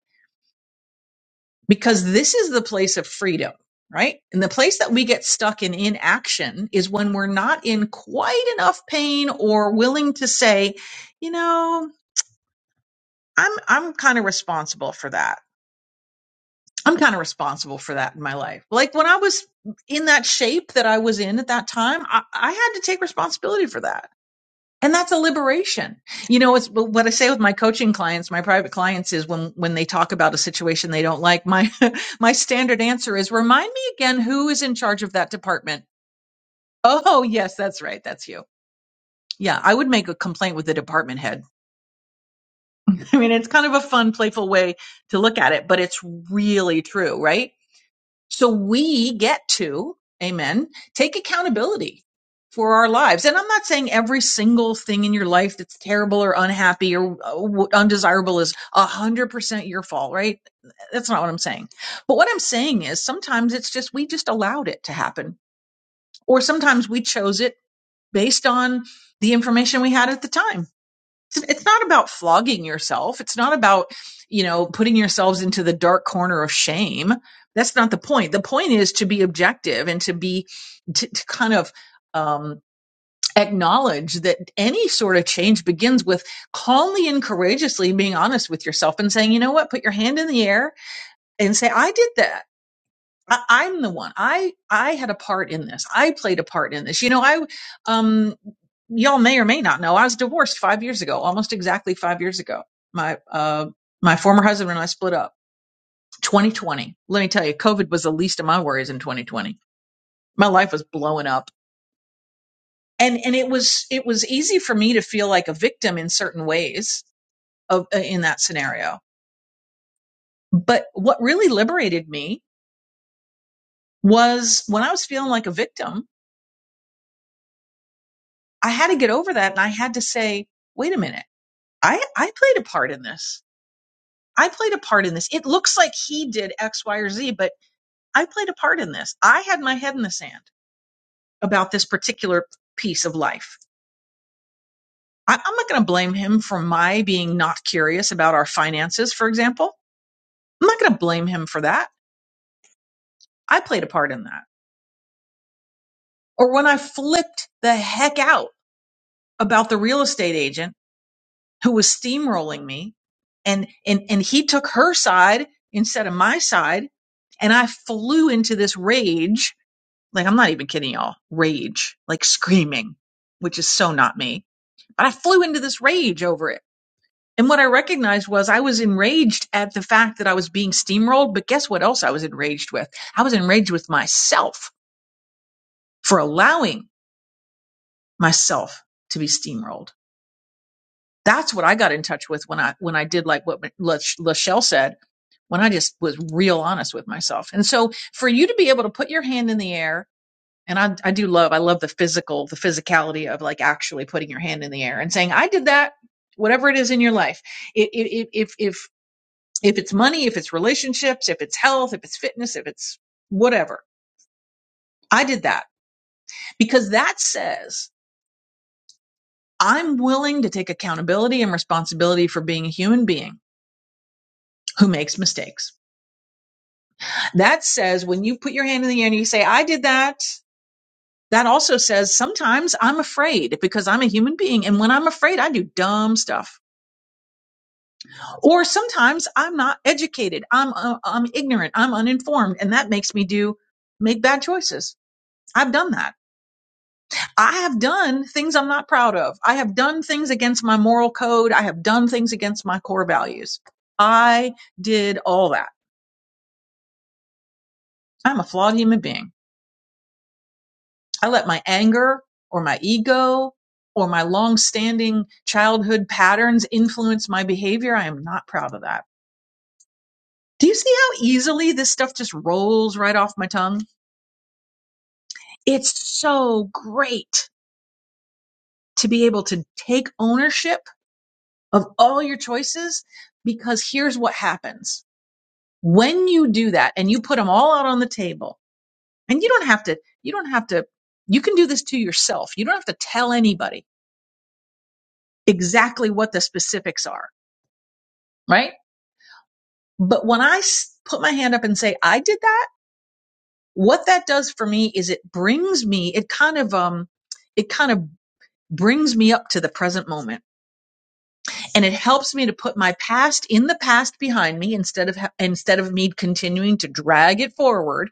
[SPEAKER 15] because this is the place of freedom, right? And the place that we get stuck in inaction is when we're not in quite enough pain or willing to say, you know, I'm I'm kind of responsible for that. I'm kind of responsible for that in my life. Like when I was in that shape that I was in at that time, I, I had to take responsibility for that. And that's a liberation. You know, it's what I say with my coaching clients, my private clients is when, when they talk about a situation they don't like, my, my standard answer is remind me again who is in charge of that department. Oh, yes, that's right. That's you. Yeah. I would make a complaint with the department head. I mean, it's kind of a fun, playful way to look at it, but it's really true, right? So we get to, amen, take accountability for our lives. And I'm not saying every single thing in your life that's terrible or unhappy or uh, undesirable is 100% your fault, right? That's not what I'm saying. But what I'm saying is sometimes it's just we just allowed it to happen, or sometimes we chose it based on the information we had at the time it's not about flogging yourself. It's not about, you know, putting yourselves into the dark corner of shame. That's not the point. The point is to be objective and to be to, to kind of um acknowledge that any sort of change begins with calmly and courageously being honest with yourself and saying, you know what, put your hand in the air and say, I did that. I, I'm the one. I I had a part in this. I played a part in this. You know, I um y'all may or may not know, I was divorced five years ago, almost exactly five years ago. My uh my former husband and I split up. 2020. Let me tell you, COVID was the least of my worries in 2020. My life was blowing up. And and it was it was easy for me to feel like a victim in certain ways of uh, in that scenario. But what really liberated me was when I was feeling like a victim I had to get over that and I had to say, wait a minute, I, I played a part in this. I played a part in this. It looks like he did X, Y, or Z, but I played a part in this. I had my head in the sand about this particular piece of life. I, I'm not going to blame him for my being not curious about our finances, for example. I'm not going to blame him for that. I played a part in that. Or when I flipped the heck out about the real estate agent who was steamrolling me and and and he took her side instead of my side and i flew into this rage like i'm not even kidding y'all rage like screaming which is so not me but i flew into this rage over it and what i recognized was i was enraged at the fact that i was being steamrolled but guess what else i was enraged with i was enraged with myself for allowing myself to be steamrolled That's what I got in touch with when I when I did like what La- Lachelle said, when I just was real honest with myself. And so for you to be able to put your hand in the air, and I I do love I love the physical the physicality of like actually putting your hand in the air and saying I did that. Whatever it is in your life, it, it, it, if if if it's money, if it's relationships, if it's health, if it's fitness, if it's whatever, I did that because that says I'm willing to take accountability and responsibility for being a human being who makes mistakes. That says when you put your hand in the air and you say, I did that, that also says sometimes I'm afraid because I'm a human being. And when I'm afraid, I do dumb stuff. Or sometimes I'm not educated. I'm, uh, I'm ignorant. I'm uninformed. And that makes me do, make bad choices. I've done that. I have done things I'm not proud of. I have done things against my moral code. I have done things against my core values. I did all that. I'm a flawed human being. I let my anger or my ego or my long-standing childhood patterns influence my behavior. I am not proud of that. Do you see how easily this stuff just rolls right off my tongue? It's so great to be able to take ownership of all your choices because here's what happens. When you do that and you put them all out on the table, and you don't have to, you don't have to, you can do this to yourself. You don't have to tell anybody exactly what the specifics are, right? But when I s- put my hand up and say I did that, what that does for me is it brings me, it kind of, um, it kind of brings me up to the present moment and it helps me to put my past in the past behind me instead of, ha- instead of me continuing to drag it forward.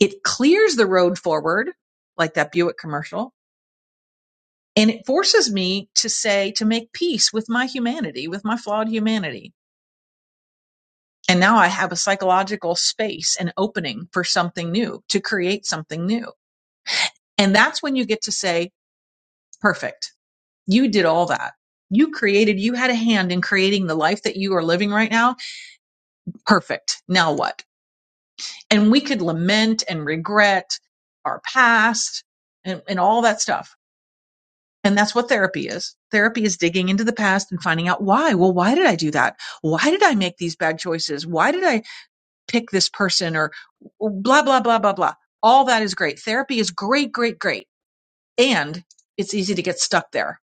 [SPEAKER 15] It clears the road forward, like that Buick commercial. And it forces me to say, to make peace with my humanity, with my flawed humanity And now I have a psychological space and opening for something new to create something new. And that's when you get to say, perfect. You did all that. You created, you had a hand in creating the life that you are living right now. Perfect. Now what? And we could lament and regret our past and, and all that stuff. And that's what therapy is. Therapy is digging into the past and finding out why. Well, why did I do that? Why did I make these bad choices? Why did I pick this person or blah, blah, blah, blah, blah. All that is great. Therapy is great, great, great. And it's easy to get stuck there.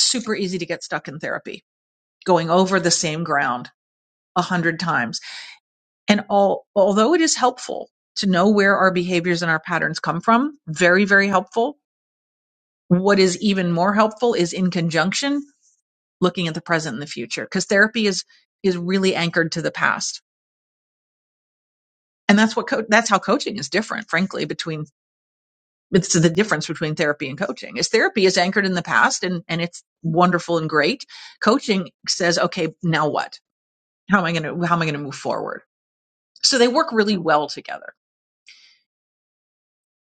[SPEAKER 15] super easy to get stuck in therapy, going over the same ground a hundred times. And all, although it is helpful to know where our behaviors and our patterns come from, very, very helpful. What is even more helpful is in conjunction looking at the present and the future because therapy is is really anchored to the past. And that's what co- that's how coaching is different, frankly, between it's the difference between therapy and coaching is therapy is anchored in the past and and it's wonderful and great coaching says okay now what how am i going to how am i going to move forward so they work really well together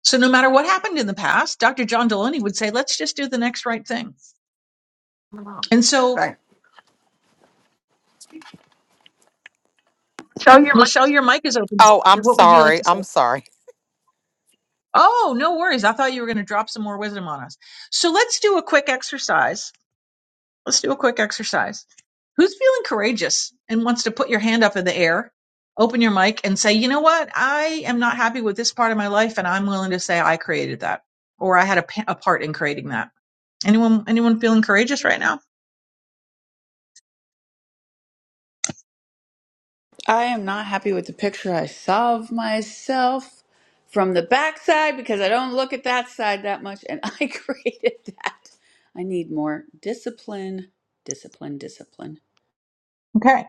[SPEAKER 15] so no matter what happened in the past dr john delaney would say let's just do the next right thing and so
[SPEAKER 18] Thank,
[SPEAKER 15] lachelle your mic is open
[SPEAKER 18] Oh, I'm
[SPEAKER 15] what would you like
[SPEAKER 18] sorry.
[SPEAKER 15] to say
[SPEAKER 18] I'm sorry.
[SPEAKER 15] oh no worries i thought you were going to drop some more wisdom on us so let's do a quick exercise Let's do a quick exercise. Who's feeling courageous and wants to put your hand up in the air, open your mic, and say, you know what? I am not happy with this part of my life, and I'm willing to say I created that or I had a, a part in creating that. Anyone, anyone feeling courageous right now?
[SPEAKER 6] I am not happy with the picture I saw of myself from the backside because I don't look at that side that much, and I created that. I need more discipline, discipline, discipline.
[SPEAKER 15] Okay.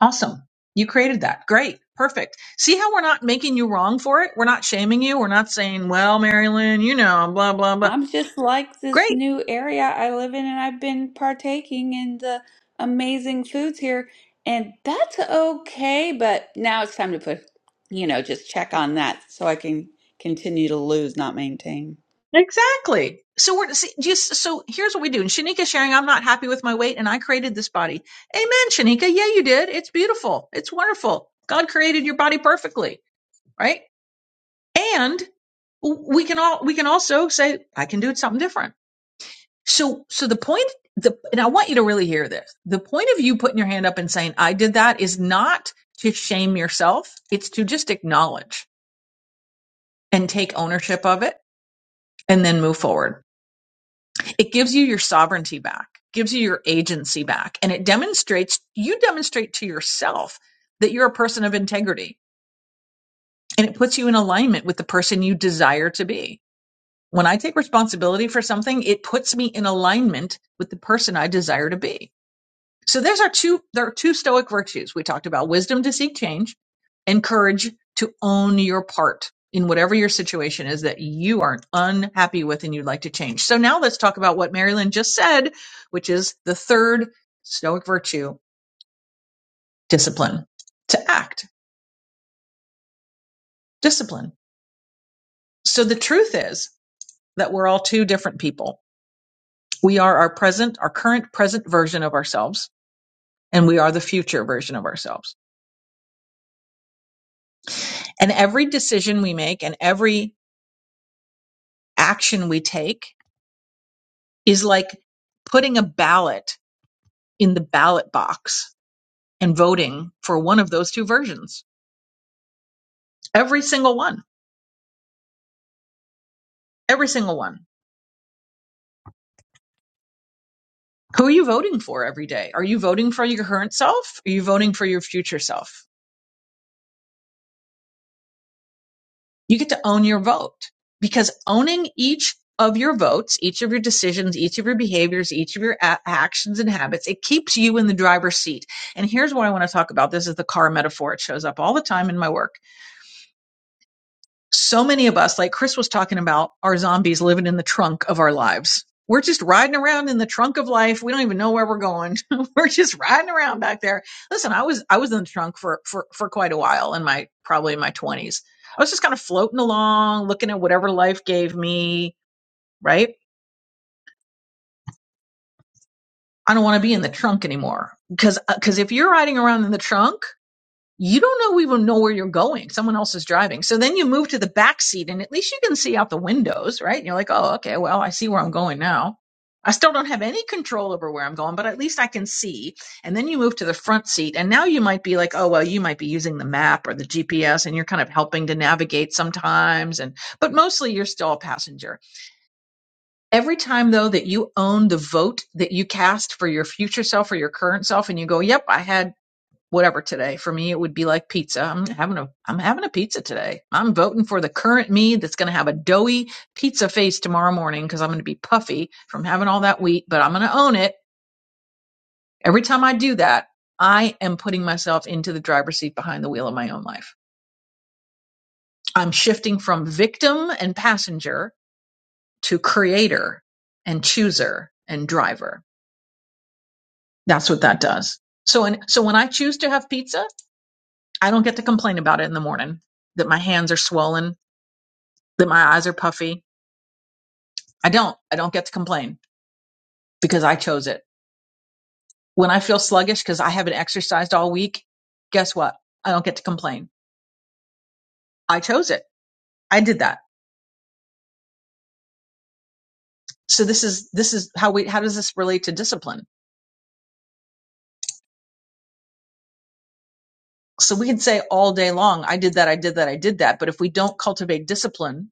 [SPEAKER 15] Awesome. You created that. Great. Perfect. See how we're not making you wrong for it? We're not shaming you. We're not saying, well, Marilyn, you know, blah, blah, blah.
[SPEAKER 6] I'm just like this
[SPEAKER 15] Great
[SPEAKER 6] new area I live in, and I've been partaking in the amazing foods here, and that's okay. But now it's time to put, you know, just check on that so I can continue to lose, not maintain.
[SPEAKER 15] Exactly. So we're see, just so here's what we do. And Shanika sharing, I'm not happy with my weight, and I created this body. Amen, Shanika. Yeah, you did. It's beautiful. It's wonderful. God created your body perfectly, right? And we can all we can also say, I can do something different. So so the point the and I want you to really hear this. The point of you putting your hand up and saying, I did that is not to shame yourself. It's to just acknowledge and take ownership of it and then move forward it gives you your sovereignty back gives you your agency back and it demonstrates you demonstrate to yourself that you're a person of integrity and it puts you in alignment with the person you desire to be when i take responsibility for something it puts me in alignment with the person i desire to be so there's our two there are two stoic virtues. We talked about wisdom to seek change and courage to own your part in whatever your situation is that you are unhappy with and you'd like to change. So now let's talk about what Marilyn just said, which is the third stoic virtue, discipline. To act, discipline. So the truth is that we're all two different people. We are our present, our current present version of ourselves, and we are the future version of ourselves. And every decision we make and every action we take is like putting a ballot in the ballot box and voting for one of those two versions. Every single one. Every single one. Who are you voting for every day? Are you voting for your current self? Are you voting for your future self? You get to own your vote because owning each of your votes, each of your decisions, each of your behaviors, each of your a- actions and habits, it keeps you in the driver's seat. And here's what I want to talk about. This is the car metaphor. It shows up all the time in my work so many of us, like Chris was talking about, are zombies living in the trunk of our lives. We're just riding around in the trunk of life. We don't even know where we're going. we're just riding around back there. Listen, I was I was in the trunk for for for quite a while in my probably in my 20s. I was just kind of floating along, looking at whatever life gave me, right? I don't want to be in the trunk anymore. Cuz cuz if you're riding around in the trunk you don't know even know where you're going. Someone else is driving. So then you move to the back seat and at least you can see out the windows, right? And you're like, oh, okay, well, I see where I'm going now. I still don't have any control over where I'm going, but at least I can see. And then you move to the front seat and now you might be like, oh, well, you might be using the map or the GPS and you're kind of helping to navigate sometimes. And, but mostly you're still a passenger. Every time though that you own the vote that you cast for your future self or your current self and you go, yep, I had whatever today. For me, it would be like pizza. I'm having a I'm having a pizza today. I'm voting for the current me that's going to have a doughy pizza face tomorrow morning because I'm going to be puffy from having all that wheat, but I'm going to own it. Every time I do that, I am putting myself into the driver's seat behind the wheel of my own life. I'm shifting from victim and passenger to creator and chooser and driver. That's what that does. So and so when I choose to have pizza, I don't get to complain about it in the morning that my hands are swollen that my eyes are puffy. I don't. I don't get to complain because I chose it. When I feel sluggish because I haven't exercised all week, guess what? I don't get to complain. I chose it. I did that. So this is this is how we how does this relate to discipline? So we can say all day long, I did that, I did that, I did that, but if we don't cultivate discipline,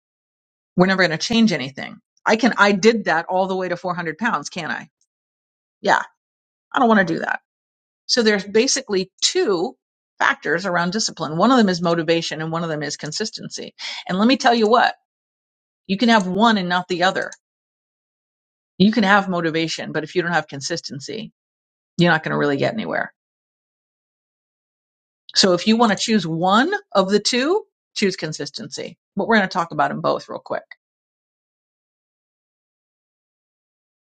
[SPEAKER 15] we're never going to change anything. I can I did that all the way to 400 pounds, can I? Yeah, I don't want to do that. So there's basically two factors around discipline. One of them is motivation and one of them is consistency. And let me tell you what, you can have one and not the other. You can have motivation, but if you don't have consistency, you're not going to really get anywhere. So if you want to choose one of the two, choose consistency. But we're going to talk about them both real quick.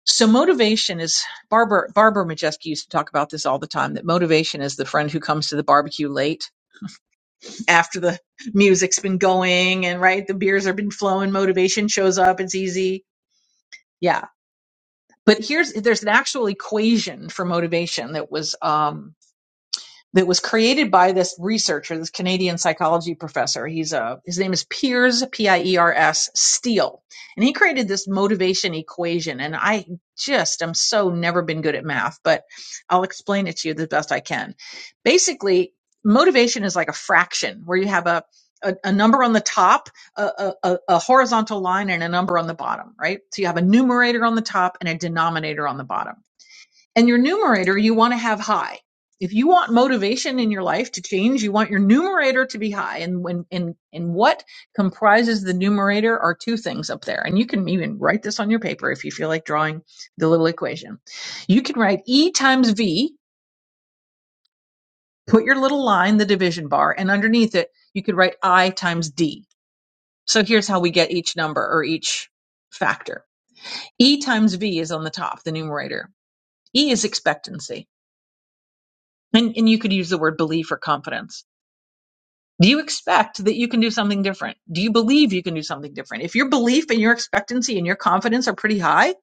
[SPEAKER 15] So motivation is Barbara Barbara Majewski used to talk about this all the time that motivation is the friend who comes to the barbecue late after the music's been going and right the beers have been flowing motivation shows up it's easy yeah but here's there's an actual equation for motivation that was um that was created by this researcher, this Canadian psychology professor. He's a his name is Piers P I E R S Steele, and he created this motivation equation. And I just am so never been good at math, but I'll explain it to you the best I can. Basically, motivation is like a fraction where you have a a, a number on the top, a, a, a a horizontal line, and a number on the bottom, right? So you have a numerator on the top and a denominator on the bottom and your numerator, you want to have high. If you want motivation in your life to change, you want your numerator to be high. And when and and what comprises the numerator are two things up there. And you can even write this on your paper if you feel like drawing the little equation. You can write E times V, put your little line, the division bar, and underneath it, you could write I times D. So here's how we get each number or each factor. E times V is on the top, the numerator. E is expectancy And, and you could use the word belief or confidence. Do you expect that you can do something different? Do you believe you can do something different? If your belief and your expectancy and your confidence are pretty high,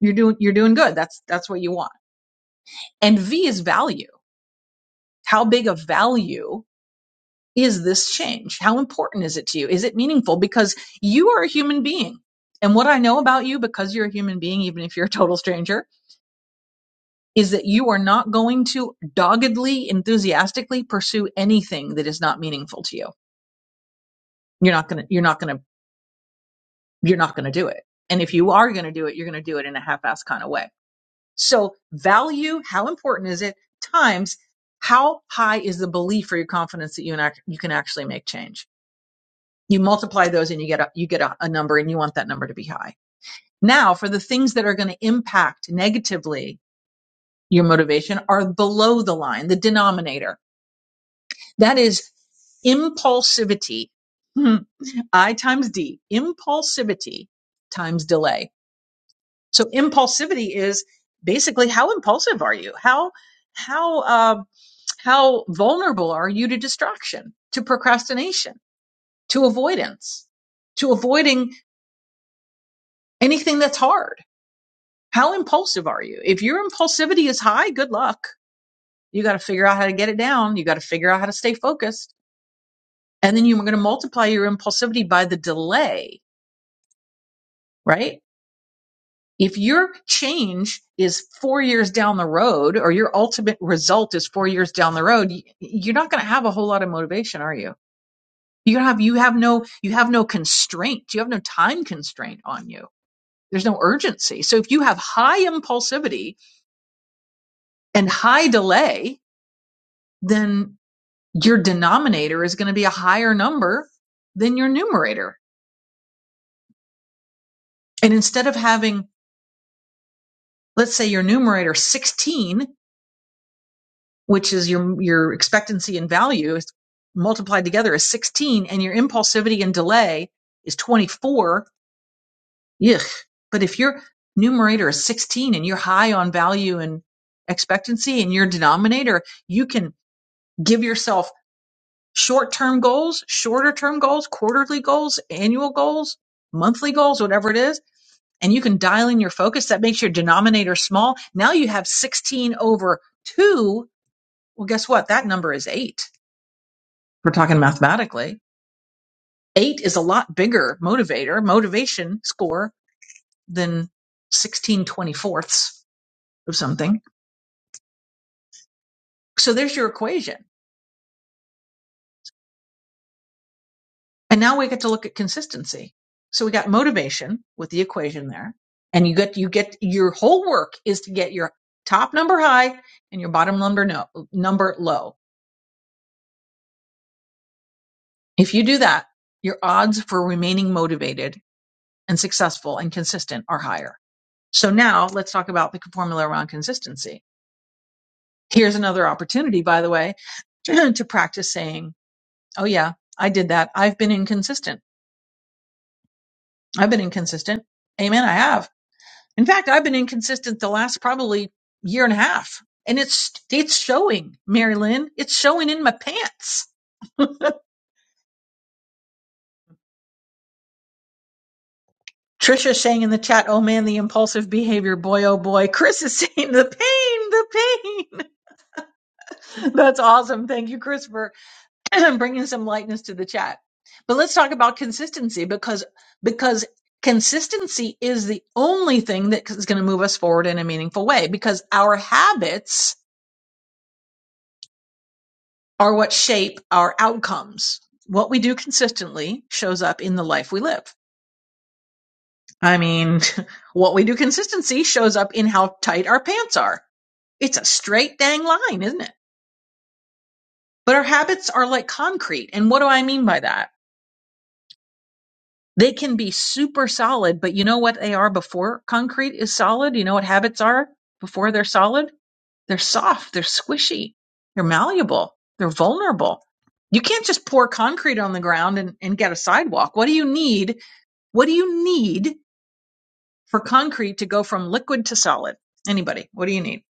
[SPEAKER 15] you're doing, you're doing good. That's, that's what you want. And V is value. How big of value is this change? How important is it to you? Is it meaningful? Because you are a human being. And what I know about you, because you're a human being, even if you're a total stranger, is that you are not going to doggedly, enthusiastically pursue anything that is not meaningful to you You're not gonna, you're not gonna, you're not gonna do it. And if you are gonna do it, you're gonna do it in a half-assed kind of way. So value, how important is it? Times how high is the belief or your confidence that you and act, you can actually make change? You multiply those and you get a, you get a, a number and you want that number to be high. Now for the things that are going to impact negatively your motivation are below the line, the denominator. That is impulsivity. Hmm. I times D, impulsivity times delay. So impulsivity is basically how impulsive are you? How how uh, how vulnerable are you to distraction, to procrastination, to avoidance, to avoiding anything that's hard? How impulsive are you? If your impulsivity is high, good luck. You got to figure out how to get it down. You got to figure out how to stay focused. And then you're going to multiply your impulsivity by the delay, right? If your change is four years down the road, or your ultimate result is four years down the road, y- you're not going to have a whole lot of motivation, are you? You have you have no you have no constraint. You have no time constraint on you. There's no urgency. So if you have high impulsivity and high delay, then your denominator is going to be a higher number than your numerator. And instead of having, let's say, your numerator 16 which is your your expectancy and value is multiplied together is 16 and your impulsivity and delay is 24 Yuck. but if your numerator is 16 and you're high on value and expectancy and your denominator you can give yourself short-term goals shorter term goals quarterly goals annual goals monthly goals whatever it is and you can dial in your focus that makes your denominator small now you have 16 over 2 well guess what that number is 8 We're talking mathematically. Eight is a lot bigger motivator, motivation score than 16 twenty-fourths of something. So there's your equation. And now we get to look at consistency. So we got motivation with the equation there. And you get, you get your whole work is to get your top number high and your bottom number no, number low. If you do that, your odds for remaining motivated and successful and consistent are higher. So now let's talk about the formula around consistency Here's another opportunity, by the way, to practice saying, Oh, yeah, I did that. I've been inconsistent. I've been inconsistent. Amen. I have. In fact, I've been inconsistent the last probably year and a half. And it's, it's showing, Mary Lynn. It's showing in my pants. Trisha saying in the chat, oh man, the impulsive behavior. Boy, oh boy. Chris is saying the pain, the pain. That's awesome. Thank you, Christopher. bringing some lightness to the chat. But let's talk about consistency because because consistency is the only thing that is going to move us forward in a meaningful way because our habits are what shape our outcomes. What we do consistently shows up in the life we live. I mean, what we do consistency shows up in how tight our pants are. It's a straight dang line, isn't it? But our habits are like concrete. And what do I mean by that? They can be super solid, but you know what they are before concrete is solid? You know what habits are before they're solid? They're soft, they're squishy, they're malleable, they're vulnerable. You can't just pour concrete on the ground and, and get a sidewalk. What do you need? What do you need for concrete to go from liquid to solid? Anybody, what do you need?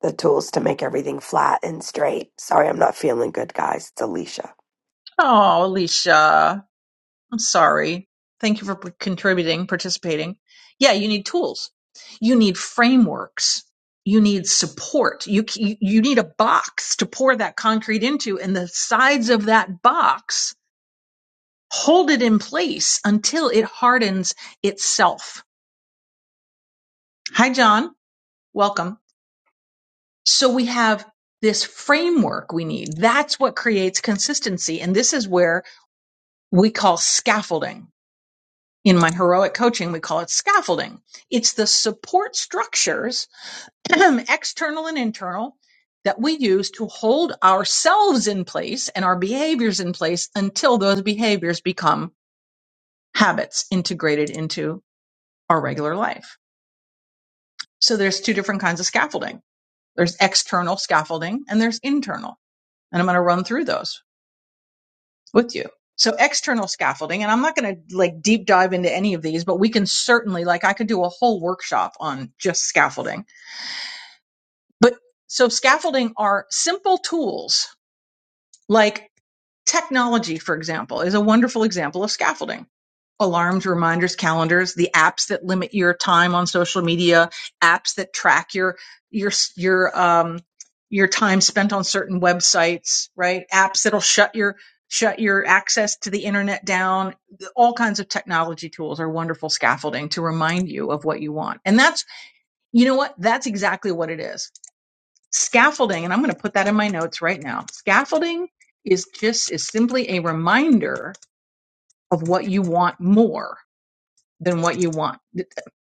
[SPEAKER 19] the tools to make everything flat and straight. Sorry, I'm not feeling good, guys. It's Alicia.
[SPEAKER 15] Oh, Alicia. I'm sorry. Thank you for p- contributing, participating. Yeah, you need tools. You need frameworks. You need support. You, c- you need a box to pour that concrete into and the sides of that box hold it in place until it hardens itself. Hi, John. Welcome. So we have this framework we need. That's what creates consistency. And this is where we call scaffolding in my heroic coaching, we call it scaffolding. It's the support structures, external and internal, that we use to hold ourselves in place and our behaviors in place until those behaviors become habits integrated into our regular life. So there's two different kinds of scaffolding. There's external scaffolding and there's internal. And I'm going to run through those. with you. So external scaffolding, and I'm not going to like deep dive into any of these, but we can certainly like I could do a whole workshop on just scaffolding. But so scaffolding are simple tools like technology, for example, is a wonderful example of scaffolding alarms, reminders, calendars, the apps that limit your time on social media, apps that track your your your um your time spent on certain websites, right? Apps that'll shut your shut your access to the internet down. All kinds of technology tools are wonderful scaffolding to remind you of what you want. And that's you know what? That's exactly what it is. Scaffolding, and I'm going to put that in my notes right now. Scaffolding is just is simply a reminder of what you want more than what you want.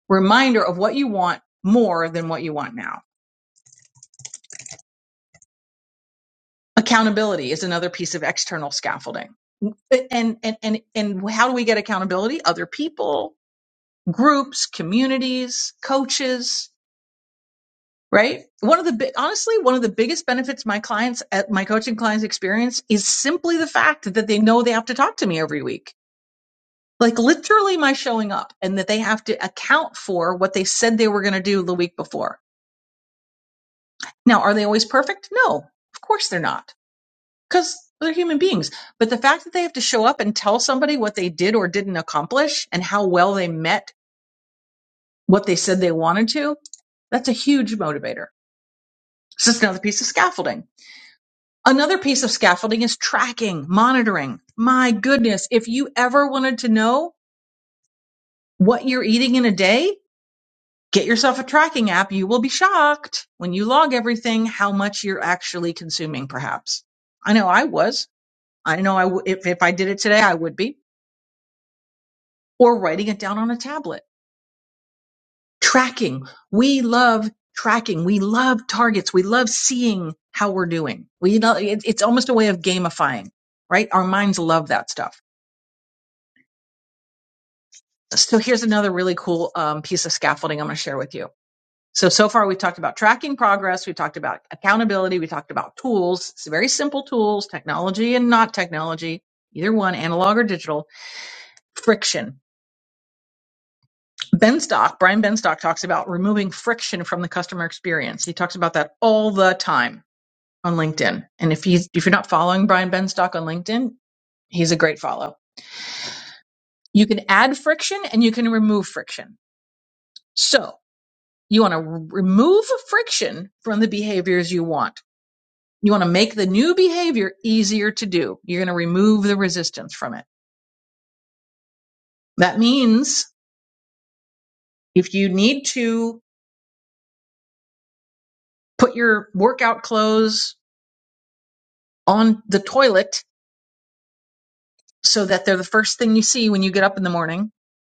[SPEAKER 15] Reminder of what you want more than what you want now. Accountability is another piece of external scaffolding. And and and and how do we get accountability? Other people, groups, communities, coaches, right? One of the big honestly, one of the biggest benefits my clients at my coaching clients experience is simply the fact that they know they have to talk to me every week. Like literally my showing up and that they have to account for what they said they were going to do the week before Now, are they always perfect? No, of course they're not, because they're human beings. But the fact that they have to show up and tell somebody what they did or didn't accomplish and how well they met what they said they wanted to, that's a huge motivator. It's just another piece of scaffolding. Another piece of scaffolding is tracking, monitoring. My goodness, if you ever wanted to know what you're eating in a day, get yourself a tracking app. You will be shocked when you log everything how much you're actually consuming, perhaps. I know I was. I know I w- if, if I did it today, I would be, or writing it down on a tablet. Tracking. We love tracking. We love targets. We love seeing how we're doing. We, you know, it, it's almost a way of gamifying, right? Our minds love that stuff. So here's another really cool um, piece of scaffolding I'm going to share with you. So, so far we've talked about tracking progress. We talked about accountability. We talked about tools, s- very simple tools, technology and not technology, either one, analog or digital, friction Benstock, Brian Benstock talks about removing friction from the customer experience. He talks about that all the time on LinkedIn. And if he's if you're not following Brian Benstock on LinkedIn, he's a great follow. You can add friction and you can remove friction. So you want to remove friction from the behaviors you want. You want to make the new behavior easier to do. You're going to remove the resistance from it. That means if you need to put your workout clothes on the toilet so that they're the first thing you see when you get up in the morning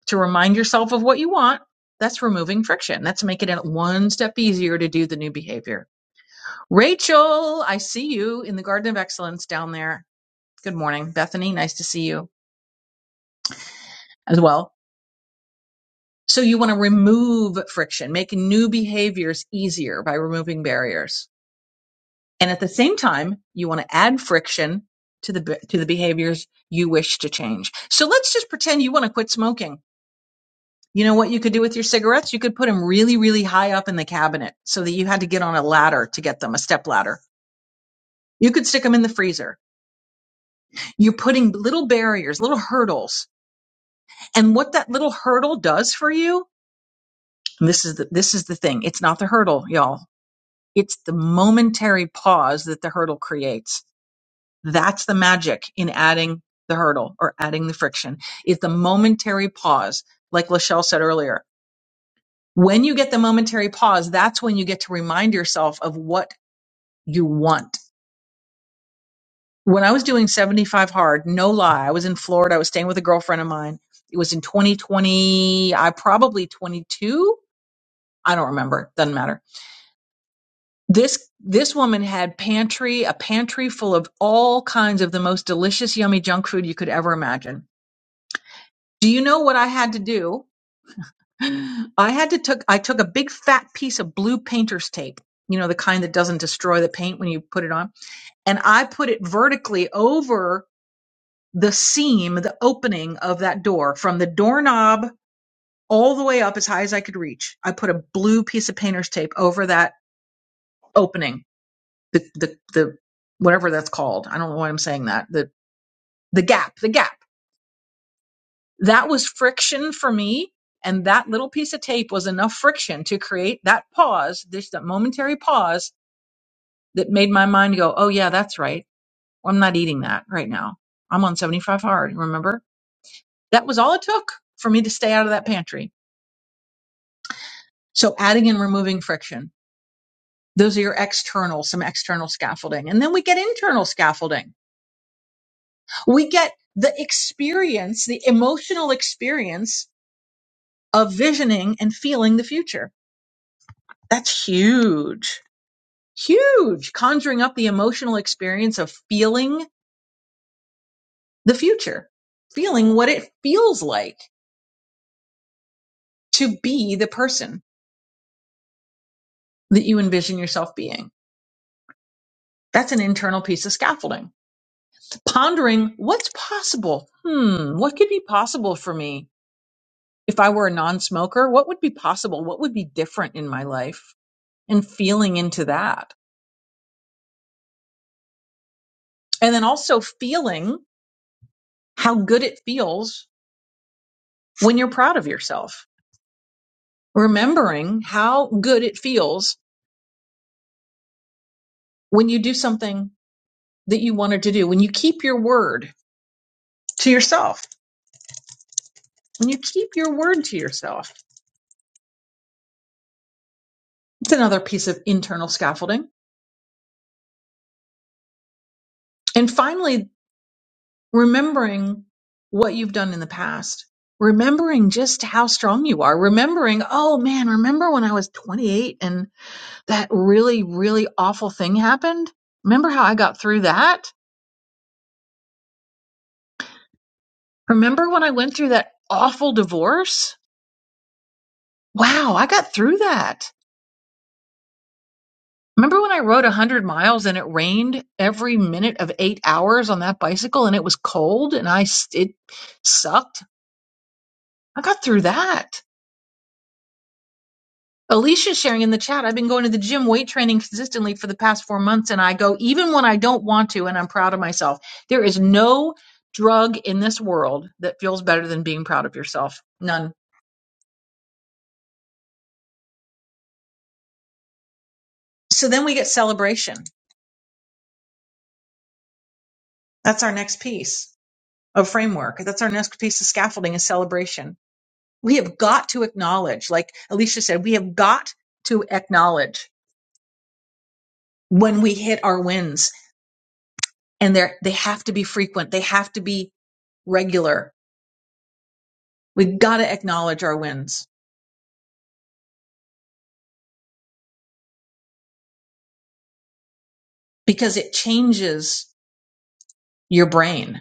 [SPEAKER 15] to remind yourself of what you want. That's removing friction. That's making it one step easier to do the new behavior. Rachel, I see you in the Garden of Excellence down there. Good morning. Bethany, nice to see you as well. So you want to remove friction, make new behaviors easier by removing barriers. And at the same time, you want to add friction to the to the behaviors you wish to change. So let's just pretend you want to quit smoking You know what you could do with your cigarettes? You could put them really, really high up in the cabinet so that you had to get on a ladder to get them, a step ladder. You could stick them in the freezer. You're putting little barriers, little hurdles. And what that little hurdle does for you, and this is the, this is the thing. It's not the hurdle, y'all. It's the momentary pause that the hurdle creates. That's the magic in adding the hurdle or adding the friction It's the momentary pause. Like Lachelle said earlier, When you get the momentary pause, that's when you get to remind yourself of what you want. When I was doing 75 hard, no lie, I was in Florida. I was staying with a girlfriend of mine. It was in 2020, I probably 22. I don't remember. Doesn't matter. This, this woman had pantry, a pantry full of all kinds of the most delicious, yummy junk food you could ever imagine. Do you know what I had to do? I had to took, I took a big fat piece of blue painter's tape you know, the kind that doesn't destroy the paint when you put it on. and I put it vertically over the seam, the opening of that door from the doorknob all the way up as high as I could reach. I put a blue piece of painter's tape over that opening, the, the, the, whatever that's called. I don't know why I'm saying that. The, the gap, the gap. That was friction for me. And that little piece of tape was enough friction to create that pause, this that momentary pause that made my mind go, Oh yeah, that's right. I'm not eating that right now. I'm on 75 hard. Remember? That was all it took for me to stay out of that pantry. So adding and removing friction. Those are your external, some external scaffolding. And then we get internal scaffolding. We get the experience, the emotional experience of visioning and feeling the future. That's huge, huge. Conjuring up the emotional experience of feeling the future, feeling what it feels like to be the person that you envision yourself being. That's an internal piece of scaffolding pondering what's possible. Hmm, what could be possible for me if I were a non smoker? What would be possible? What would be different in my life? And feeling into that. And then also feeling how good it feels when you're proud of yourself. Remembering how good it feels when you do something that you wanted to do, when you keep your word to yourself, when you keep your word to yourself. It's another piece of internal scaffolding. And finally, remembering what you've done in the past, remembering just how strong you are, remembering, oh man, remember when I was 28 and that really, really awful thing happened? Remember how I got through that? Remember when I went through that awful divorce? Wow, I got through that. Remember when I rode 100 miles and it rained every minute of eight hours on that bicycle and it was cold and I, s- it sucked? I got through that Alicia's sharing in the chat. I've been going to the gym weight training consistently for the past four months, and I go even when I don't want to, and I'm proud of myself. There is no drug in this world that feels better than being proud of yourself. None. So then we get celebration. That's our next piece of framework. That's our next piece of scaffolding is celebration. We have got to acknowledge, like Alicia said, we have got to acknowledge when we hit our wins, and they're, they have to be frequent. They have to be regular we have got to acknowledge our wins because it changes your brain.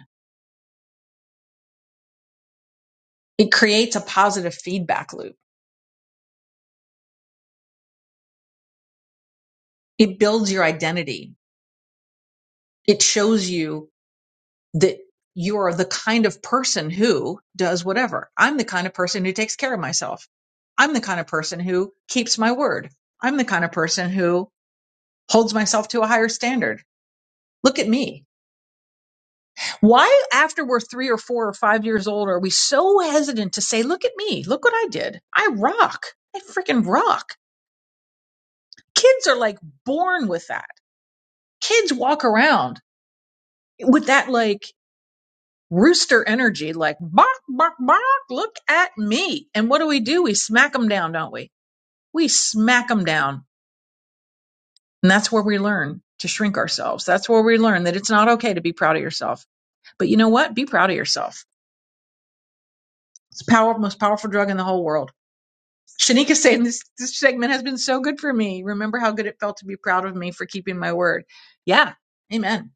[SPEAKER 15] It creates a positive feedback loop. It builds your identity. It shows you that you're the kind of person who does whatever. I'm the kind of person who takes care of myself. I'm the kind of person who keeps my word. I'm the kind of person who holds myself to a higher standard. Look at me. Why, after we're three or four or five years old, are we so hesitant to say, Look at me, look what I did? I rock. I freaking rock. Kids are like born with that. Kids walk around with that like rooster energy, like, Bark, bark, bark, look at me. And what do we do? We smack them down, don't we? We smack them down. And that's where we learn to shrink ourselves. That's where we learn that it's not okay to be proud of yourself. But you know what? Be proud of yourself. It's the power, most powerful drug in the whole world. Shanika's saying this this segment has been so good for me. Remember how good it felt to be proud of me for keeping my word. Yeah. Amen.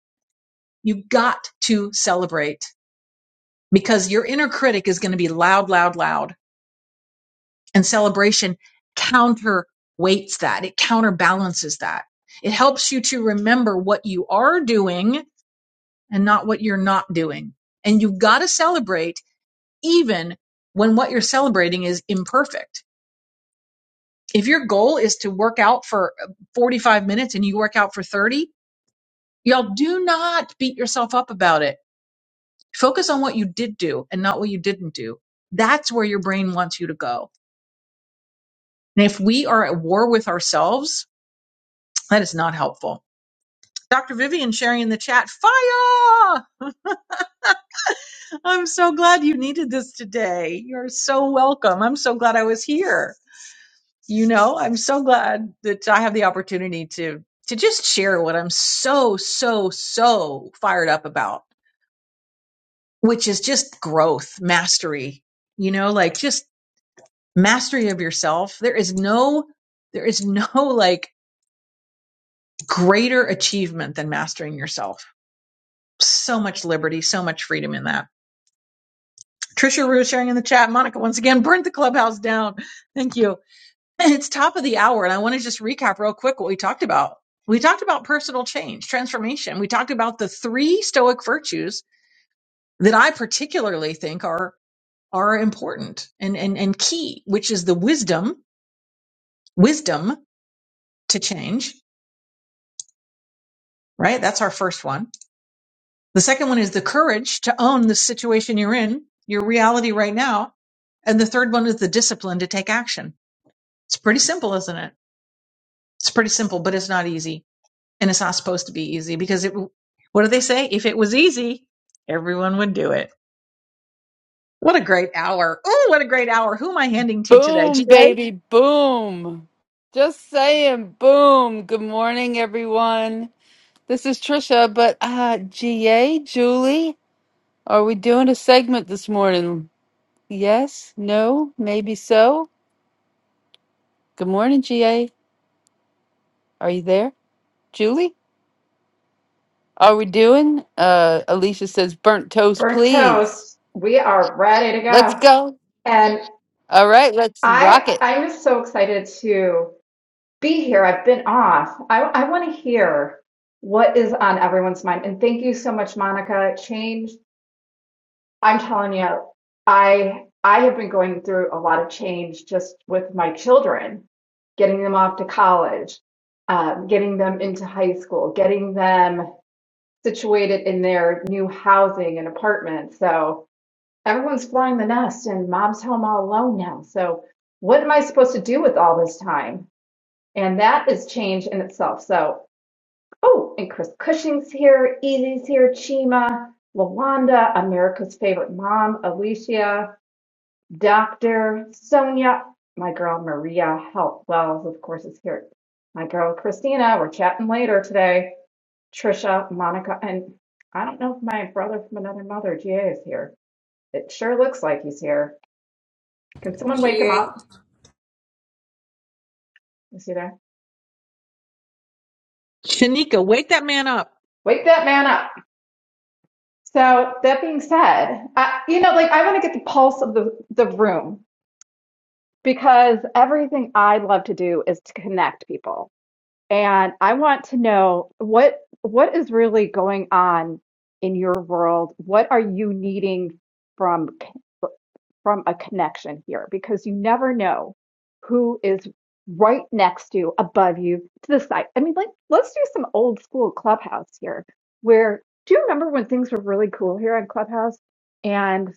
[SPEAKER 15] You got to celebrate because your inner critic is going to be loud, loud, loud. And celebration counterweights that. It counterbalances that. It helps you to remember what you are doing and not what you're not doing. And you've got to celebrate even when what you're celebrating is imperfect If your goal is to work out for 45 minutes and you work out for 30, y'all do not beat yourself up about it. Focus on what you did do and not what you didn't do. That's where your brain wants you to go. And if we are at war with ourselves, that is not helpful. Dr. Vivian sharing in the chat, fire! I'm so glad you needed this today. You're so welcome. I'm so glad I was here. you know i'm so glad that i have the opportunity to to just share what i'm so so so fired up about which is just growth mastery you know like just mastery of yourself there is no there is no like greater achievement than mastering yourself so much liberty so much freedom in that trisha rue sharing in the chat monica once again burnt the clubhouse down thank you It's top of the hour, and I want to just recap real quick what we talked about. We talked about personal change, transformation. We talked about the three Stoic virtues that I particularly think are are important and and and key, which is the wisdom, wisdom to change, right? That's our first one. The second one is the courage to own the situation you're in, your reality right now, and the third one is the discipline to take action. It's pretty simple, isn't it? It's pretty simple, but it's not easy. and it's not supposed to be easy because it what do they say if it was easy everyone would do it what a great hour oh what a great hour who am i handing to today
[SPEAKER 2] Boom,
[SPEAKER 15] ga
[SPEAKER 2] baby, boom. Just saying, boom. Good morning, everyone. This is Trisha, but uh, GA, Julie, are we doing a segment this morning? Yes, no, maybe so. Good morning, GA. Are you there? Julie, are we doing? Uh, Alicia says, burnt toast,
[SPEAKER 20] burnt
[SPEAKER 2] please.
[SPEAKER 20] toast. We are ready to
[SPEAKER 2] Let's
[SPEAKER 20] go.
[SPEAKER 2] go.
[SPEAKER 20] And
[SPEAKER 2] All right, let's rock
[SPEAKER 20] I,
[SPEAKER 2] it.
[SPEAKER 20] I'm just so excited to be here. I've been off. I, I want to hear what is on everyone's mind. And thank you so much, Monica. Change. I'm telling you, I, I have been going through a lot of change just with my children, getting them off to college, um, getting them into high school, getting them situated in their new housing and apartment. So, Everyone's flying the nest and mom's home all alone now. So what am I supposed to do with all this time? And that is change in itself. So, oh, and Chris Cushing's here, Easy's here, Chima, Lawanda, America's favorite mom, Alicia, Doctor, Sonia, my girl Maria Help Wells, of course, is here. My girl Christina, we're chatting later today. Trisha, Monica, and I don't know if my brother from another mother, GA, is here. It sure looks like he's here. Can someone wake him
[SPEAKER 6] GA,
[SPEAKER 20] up? Is he there?
[SPEAKER 15] shanika wake that man up
[SPEAKER 20] Wake that man up. So that being said, I, you know, like I want to get the pulse of the, the room because everything I love to do is to connect people. And I want to know what what is really going on in your world? What are you needing from from a connection here because you never know who is right next to you, above you, to the side. I mean, like, let's do some old school clubhouse here where do you remember when things were really cool here on Clubhouse? And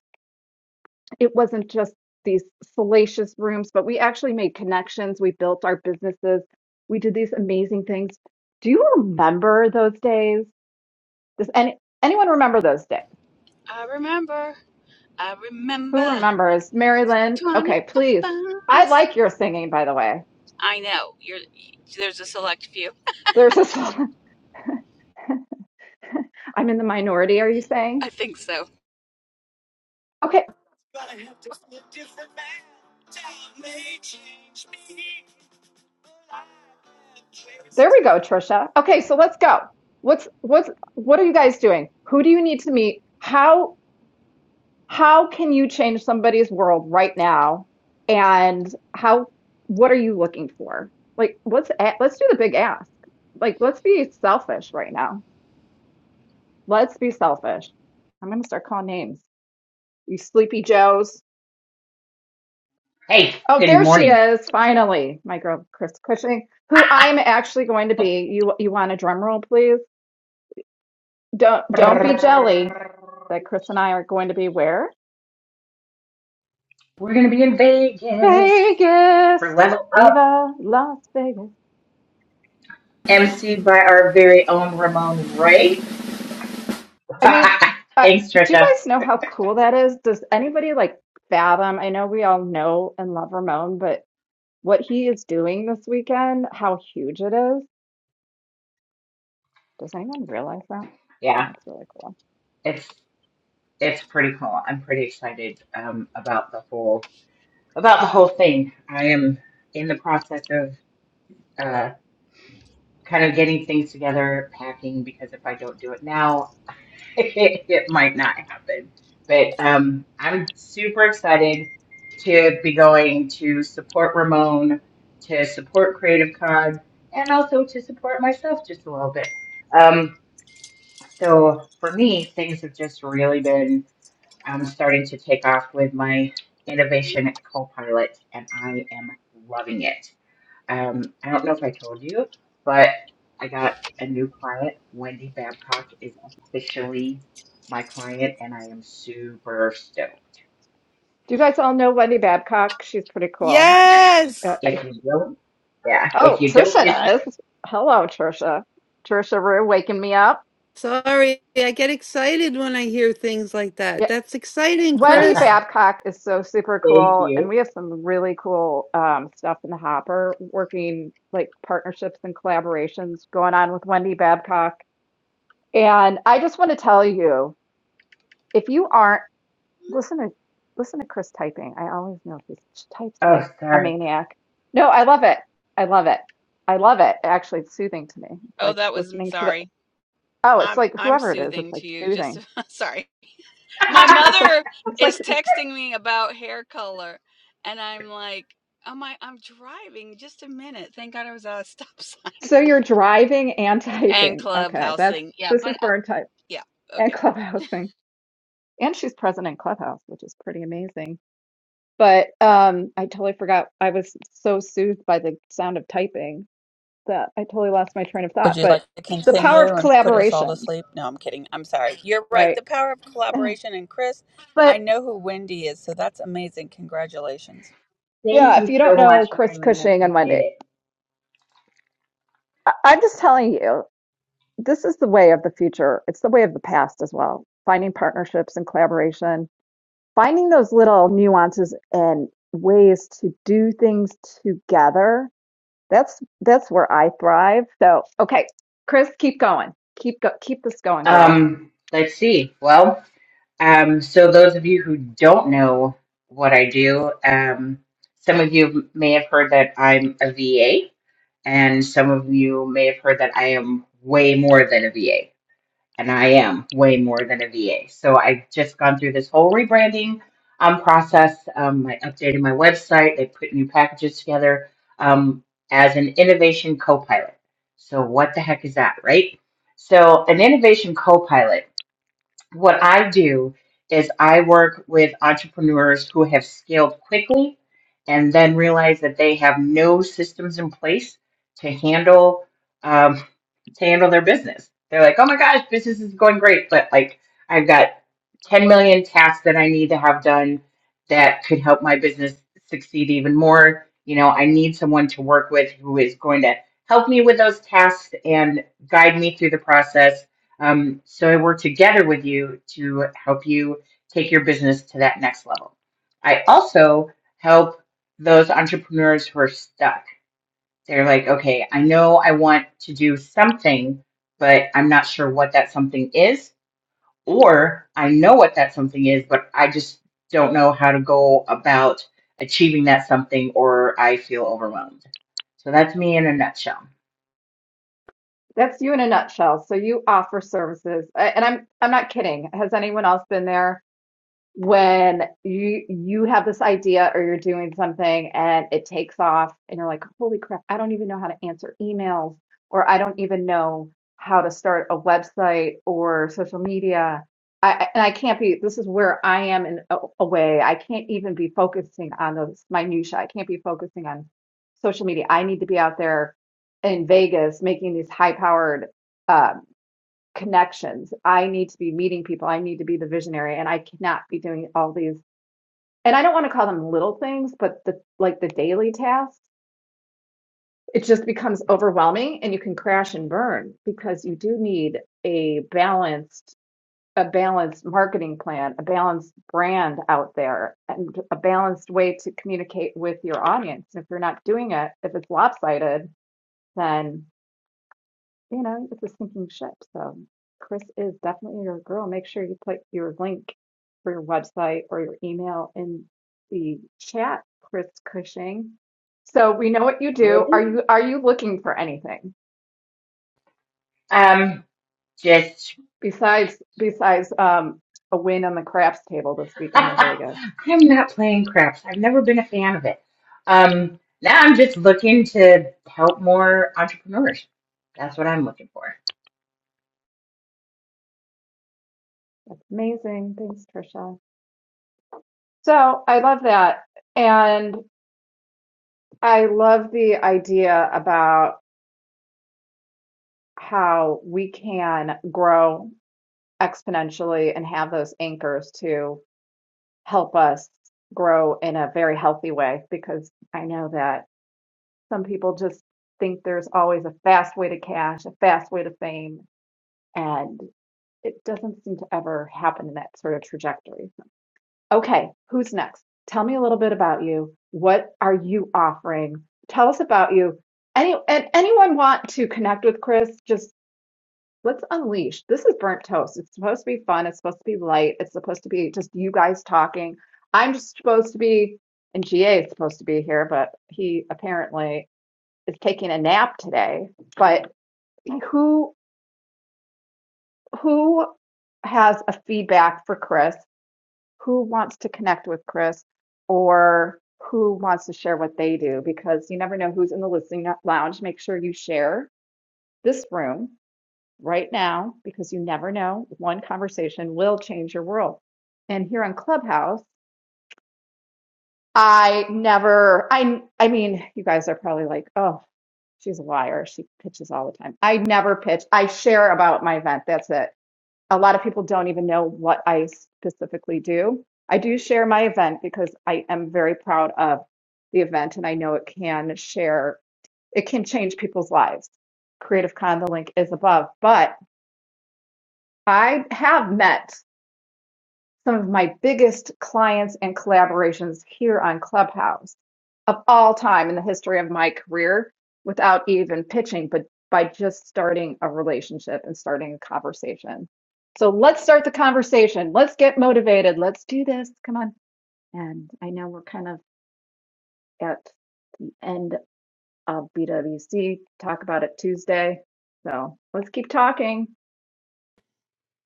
[SPEAKER 20] it wasn't just these salacious rooms, but we actually made connections. We built our businesses. We did these amazing things. Do you remember those days? Does any anyone remember those days?
[SPEAKER 6] I remember. I
[SPEAKER 20] Who
[SPEAKER 6] remember.
[SPEAKER 20] remembers? Mary Lynn? Okay,
[SPEAKER 6] 25
[SPEAKER 20] please. I
[SPEAKER 6] miles.
[SPEAKER 20] like your singing, by the way.
[SPEAKER 6] I know. You're there's a select few.
[SPEAKER 20] There's this. I'm in the minority. Are you
[SPEAKER 6] I
[SPEAKER 20] saying?
[SPEAKER 6] think so.
[SPEAKER 20] Okay, there we go, Trisha. Okay, so let's go. What's what's what are you guys doing? Who do you need to meet? How how can you change somebody's world right now? And how what are you looking for? Like let's let's do the big ask. Like let's be selfish right now. Let's be selfish. I'm gonna start calling names. You sleepy Joes.
[SPEAKER 21] Hey,
[SPEAKER 20] Oh,
[SPEAKER 21] good
[SPEAKER 20] there she
[SPEAKER 21] morning.
[SPEAKER 20] is, finally, my girl Chris Cushing, who I'm actually going to be. You you want a drum roll, please? Don't don't be jelly
[SPEAKER 21] We're
[SPEAKER 20] that Chris and I are going to be where?
[SPEAKER 21] going to be in Vegas
[SPEAKER 20] Vegas.
[SPEAKER 21] for Level Up,
[SPEAKER 20] Viva Las Vegas.
[SPEAKER 21] emceed by our very own Ramon Ray.
[SPEAKER 20] I mean, I,
[SPEAKER 21] Thanks,
[SPEAKER 20] do you
[SPEAKER 21] Trisha.
[SPEAKER 20] guys know how cool that is? Does anybody like fathom? I know we all know and love Ramon, but what he is doing this weekend, how huge it is. Does anyone realize that? No,
[SPEAKER 21] Yeah,
[SPEAKER 20] it's really cool.
[SPEAKER 21] it's it's pretty cool. I'm pretty excited um, about the whole about the whole thing. I am in the process of uh, kind of getting things together, packing because if I don't do it now. it might not happen. But um, I'm super excited to be going to support Ramon, to support Creative Con, and also to support myself just a little bit. Um, so for me, things have just really been um, starting to take off with my innovation co pilot, and I am loving it. Um, I don't know if I told you, but I got a new client. Wendy Babcock is officially my client, and I am super stoked.
[SPEAKER 20] Do you guys all know Wendy Babcock? She's pretty cool.
[SPEAKER 2] Yes.
[SPEAKER 20] Uh, I-
[SPEAKER 21] If you don't, yeah, if
[SPEAKER 20] oh,
[SPEAKER 21] you don't,
[SPEAKER 20] Trisha
[SPEAKER 21] you should.
[SPEAKER 20] does. Hello, Trisha. Trisha Rue waking me up.
[SPEAKER 2] Sorry, I get excited when I hear things like that.
[SPEAKER 20] Yeah.
[SPEAKER 2] That's exciting,
[SPEAKER 20] Wendy
[SPEAKER 21] Thank
[SPEAKER 2] Chris.
[SPEAKER 20] Babcock is so super cool, and
[SPEAKER 21] you.
[SPEAKER 20] we have some really cool um, stuff in the hopper, working like partnerships and collaborations going on with Wendy Babcock. And I just want to tell you, if you aren't listen to listen to Chris typing, I always know she types
[SPEAKER 21] Oh,
[SPEAKER 20] like a
[SPEAKER 21] sorry.
[SPEAKER 20] maniac. No, I love it. I love it. I love it. Actually, it's soothing to me. It's
[SPEAKER 6] Oh,
[SPEAKER 20] like
[SPEAKER 6] that was me.
[SPEAKER 20] listening to
[SPEAKER 6] Sorry.
[SPEAKER 20] Oh, it's
[SPEAKER 6] I'm
[SPEAKER 20] like
[SPEAKER 6] I'm
[SPEAKER 20] whoever it is,
[SPEAKER 6] soothing
[SPEAKER 20] it's like
[SPEAKER 6] to you. Just
[SPEAKER 20] soothing.
[SPEAKER 6] sorry. My
[SPEAKER 20] It's
[SPEAKER 21] Thank
[SPEAKER 20] like
[SPEAKER 6] mother
[SPEAKER 20] it's like
[SPEAKER 6] is texting me about hair color, and I'm like, oh my, I'm driving. Just a minute. Thank God I was at a stop sign
[SPEAKER 20] so you're driving and
[SPEAKER 6] and
[SPEAKER 20] typing. Okay, that's
[SPEAKER 6] clubhousing. Yeah,
[SPEAKER 20] this is
[SPEAKER 6] but I-
[SPEAKER 20] burn type
[SPEAKER 6] yeah.
[SPEAKER 20] and
[SPEAKER 6] Okay.
[SPEAKER 20] clubhousing. And she's present in Clubhouse, which is pretty amazing. But um I totally forgot I was so soothed by the sound of typing that I totally lost my train of
[SPEAKER 6] Would
[SPEAKER 20] thought.
[SPEAKER 6] you
[SPEAKER 20] But
[SPEAKER 6] like to
[SPEAKER 20] the power
[SPEAKER 6] continue
[SPEAKER 20] of
[SPEAKER 6] and put us all to
[SPEAKER 20] collaboration,
[SPEAKER 6] sleep? No, I'm kidding. I'm sorry. You're right.
[SPEAKER 20] right?
[SPEAKER 6] The power of collaboration. And Chris, I
[SPEAKER 20] But
[SPEAKER 6] know who Wendy is, so that's amazing. Congratulations.
[SPEAKER 20] yeah, if
[SPEAKER 21] you
[SPEAKER 20] you don't
[SPEAKER 21] so much,
[SPEAKER 20] know Chris
[SPEAKER 21] Marilyn. I
[SPEAKER 20] Cushing on
[SPEAKER 21] appreciate
[SPEAKER 20] Monday,
[SPEAKER 21] it.
[SPEAKER 20] I- I'm just telling you. this is the way of the future. It's the way of the past as well. Finding partnerships and collaboration, finding those little nuances and ways to do things together. That's that's where I thrive. So, okay, Chris, keep going. Keep go- keep this going, girl.
[SPEAKER 21] Um, let's see. Well, um, so those of you who don't know what I do, um, some of you may have heard that I'm a VA. And some of you may have heard that I am way more than a VA, and I am way more than a VA. So I've just gone through this whole rebranding um, process. Um, I updated my website, I put new packages together um, as an innovation co pilot. So, what the heck is that, right? So, an innovation co pilot what I do is I work with entrepreneurs who have scaled quickly and then realize that they have no systems in place to handle um, to handle their business. They're like, "Oh my gosh, business is going great, but like I've got 10 million tasks that I need to have done that could help my business succeed even more. You know, I need someone to work with who is going to help me with those tasks and guide me through the process um, so I work together with you to help you take your business to that next level. I also help those entrepreneurs who are stuck. They're like, okay, I know I want to do something, but I'm not sure what that something is, or I know what that something is, but I just don't know how to go about achieving that something, or I feel overwhelmed. So that's me in a nutshell.
[SPEAKER 20] That's you in a nutshell. So you offer services, and I'm I'm not kidding. Has anyone else been there? when you you have this idea or you're doing something and it takes off and you're like, holy crap, I don't even know how to answer emails or I don't even know how to start a website or social media. I, I- and I can't be, this is where I am in a, a way. I can't even be focusing on those minutiae. I can't be focusing on social media. I need to be out there in Vegas making these high powered uh, connections. I need to be meeting people. I need to be the visionary and I cannot be doing all these. And I don't want to call them little things, but the like the daily tasks, it just becomes overwhelming and you can crash and burn because you do need a balanced a balanced marketing plan, a balanced brand out there and a balanced way to communicate with your audience. If you're not doing it, if it's lopsided, then you know, it's a sinking ship. So Chris is definitely your girl. Make sure you put your link for your website or your email in the chat, Chris Cushing. So we know what you do. Are
[SPEAKER 21] Okay.
[SPEAKER 20] you are you looking for anything
[SPEAKER 21] Um, just
[SPEAKER 20] besides besides um, a win on the crafts table this weekend in Vegas?
[SPEAKER 21] I'm not playing craps. I've never been a fan of it. Um, now I'm just looking to help more entrepreneurs. That's what I'm looking for.
[SPEAKER 20] That's amazing. Thanks, Trisha. So I love that. And I love the idea about how we can grow exponentially and have those anchors to help us grow in a very healthy way because I know that some people just think there's always a fast way to cash, a fast way to fame, and it doesn't seem to ever happen in that sort of trajectory. Okay, who's next? Tell me a little bit about you. What are you offering? Tell us about you. Any and anyone want to connect with Chris? Just Let's unleash. This is burnt toast. It's supposed to be fun. It's supposed to be light. It's supposed to be just you guys talking. I'm just supposed to be, and GA is supposed to be here, but he apparently is taking a nap today. But who who has a feedback for Chris? Who wants to connect with Chris, or who wants to share what they do? Because you never know who's in the listening lounge. Make sure you share this room right now because you never know. One conversation will change your world. And here on Clubhouse, I never, I, I mean, you guys are probably like, oh, she's a liar. She pitches all the time. I never pitch. I share about my event. That's it. A lot of people don't even know what I specifically do. I do share my event because I am very proud of the event and I know it can share, it can change people's lives. Creative Con, the link is above. But I have met some of my biggest clients and collaborations here on Clubhouse of all time in the history of my career without even pitching, but by just starting a relationship and starting a conversation. So let's start the conversation. Let's get motivated. Let's do this. Come on. And I know we're kind of at the end of BWC, talk about it Tuesday. So let's keep talking.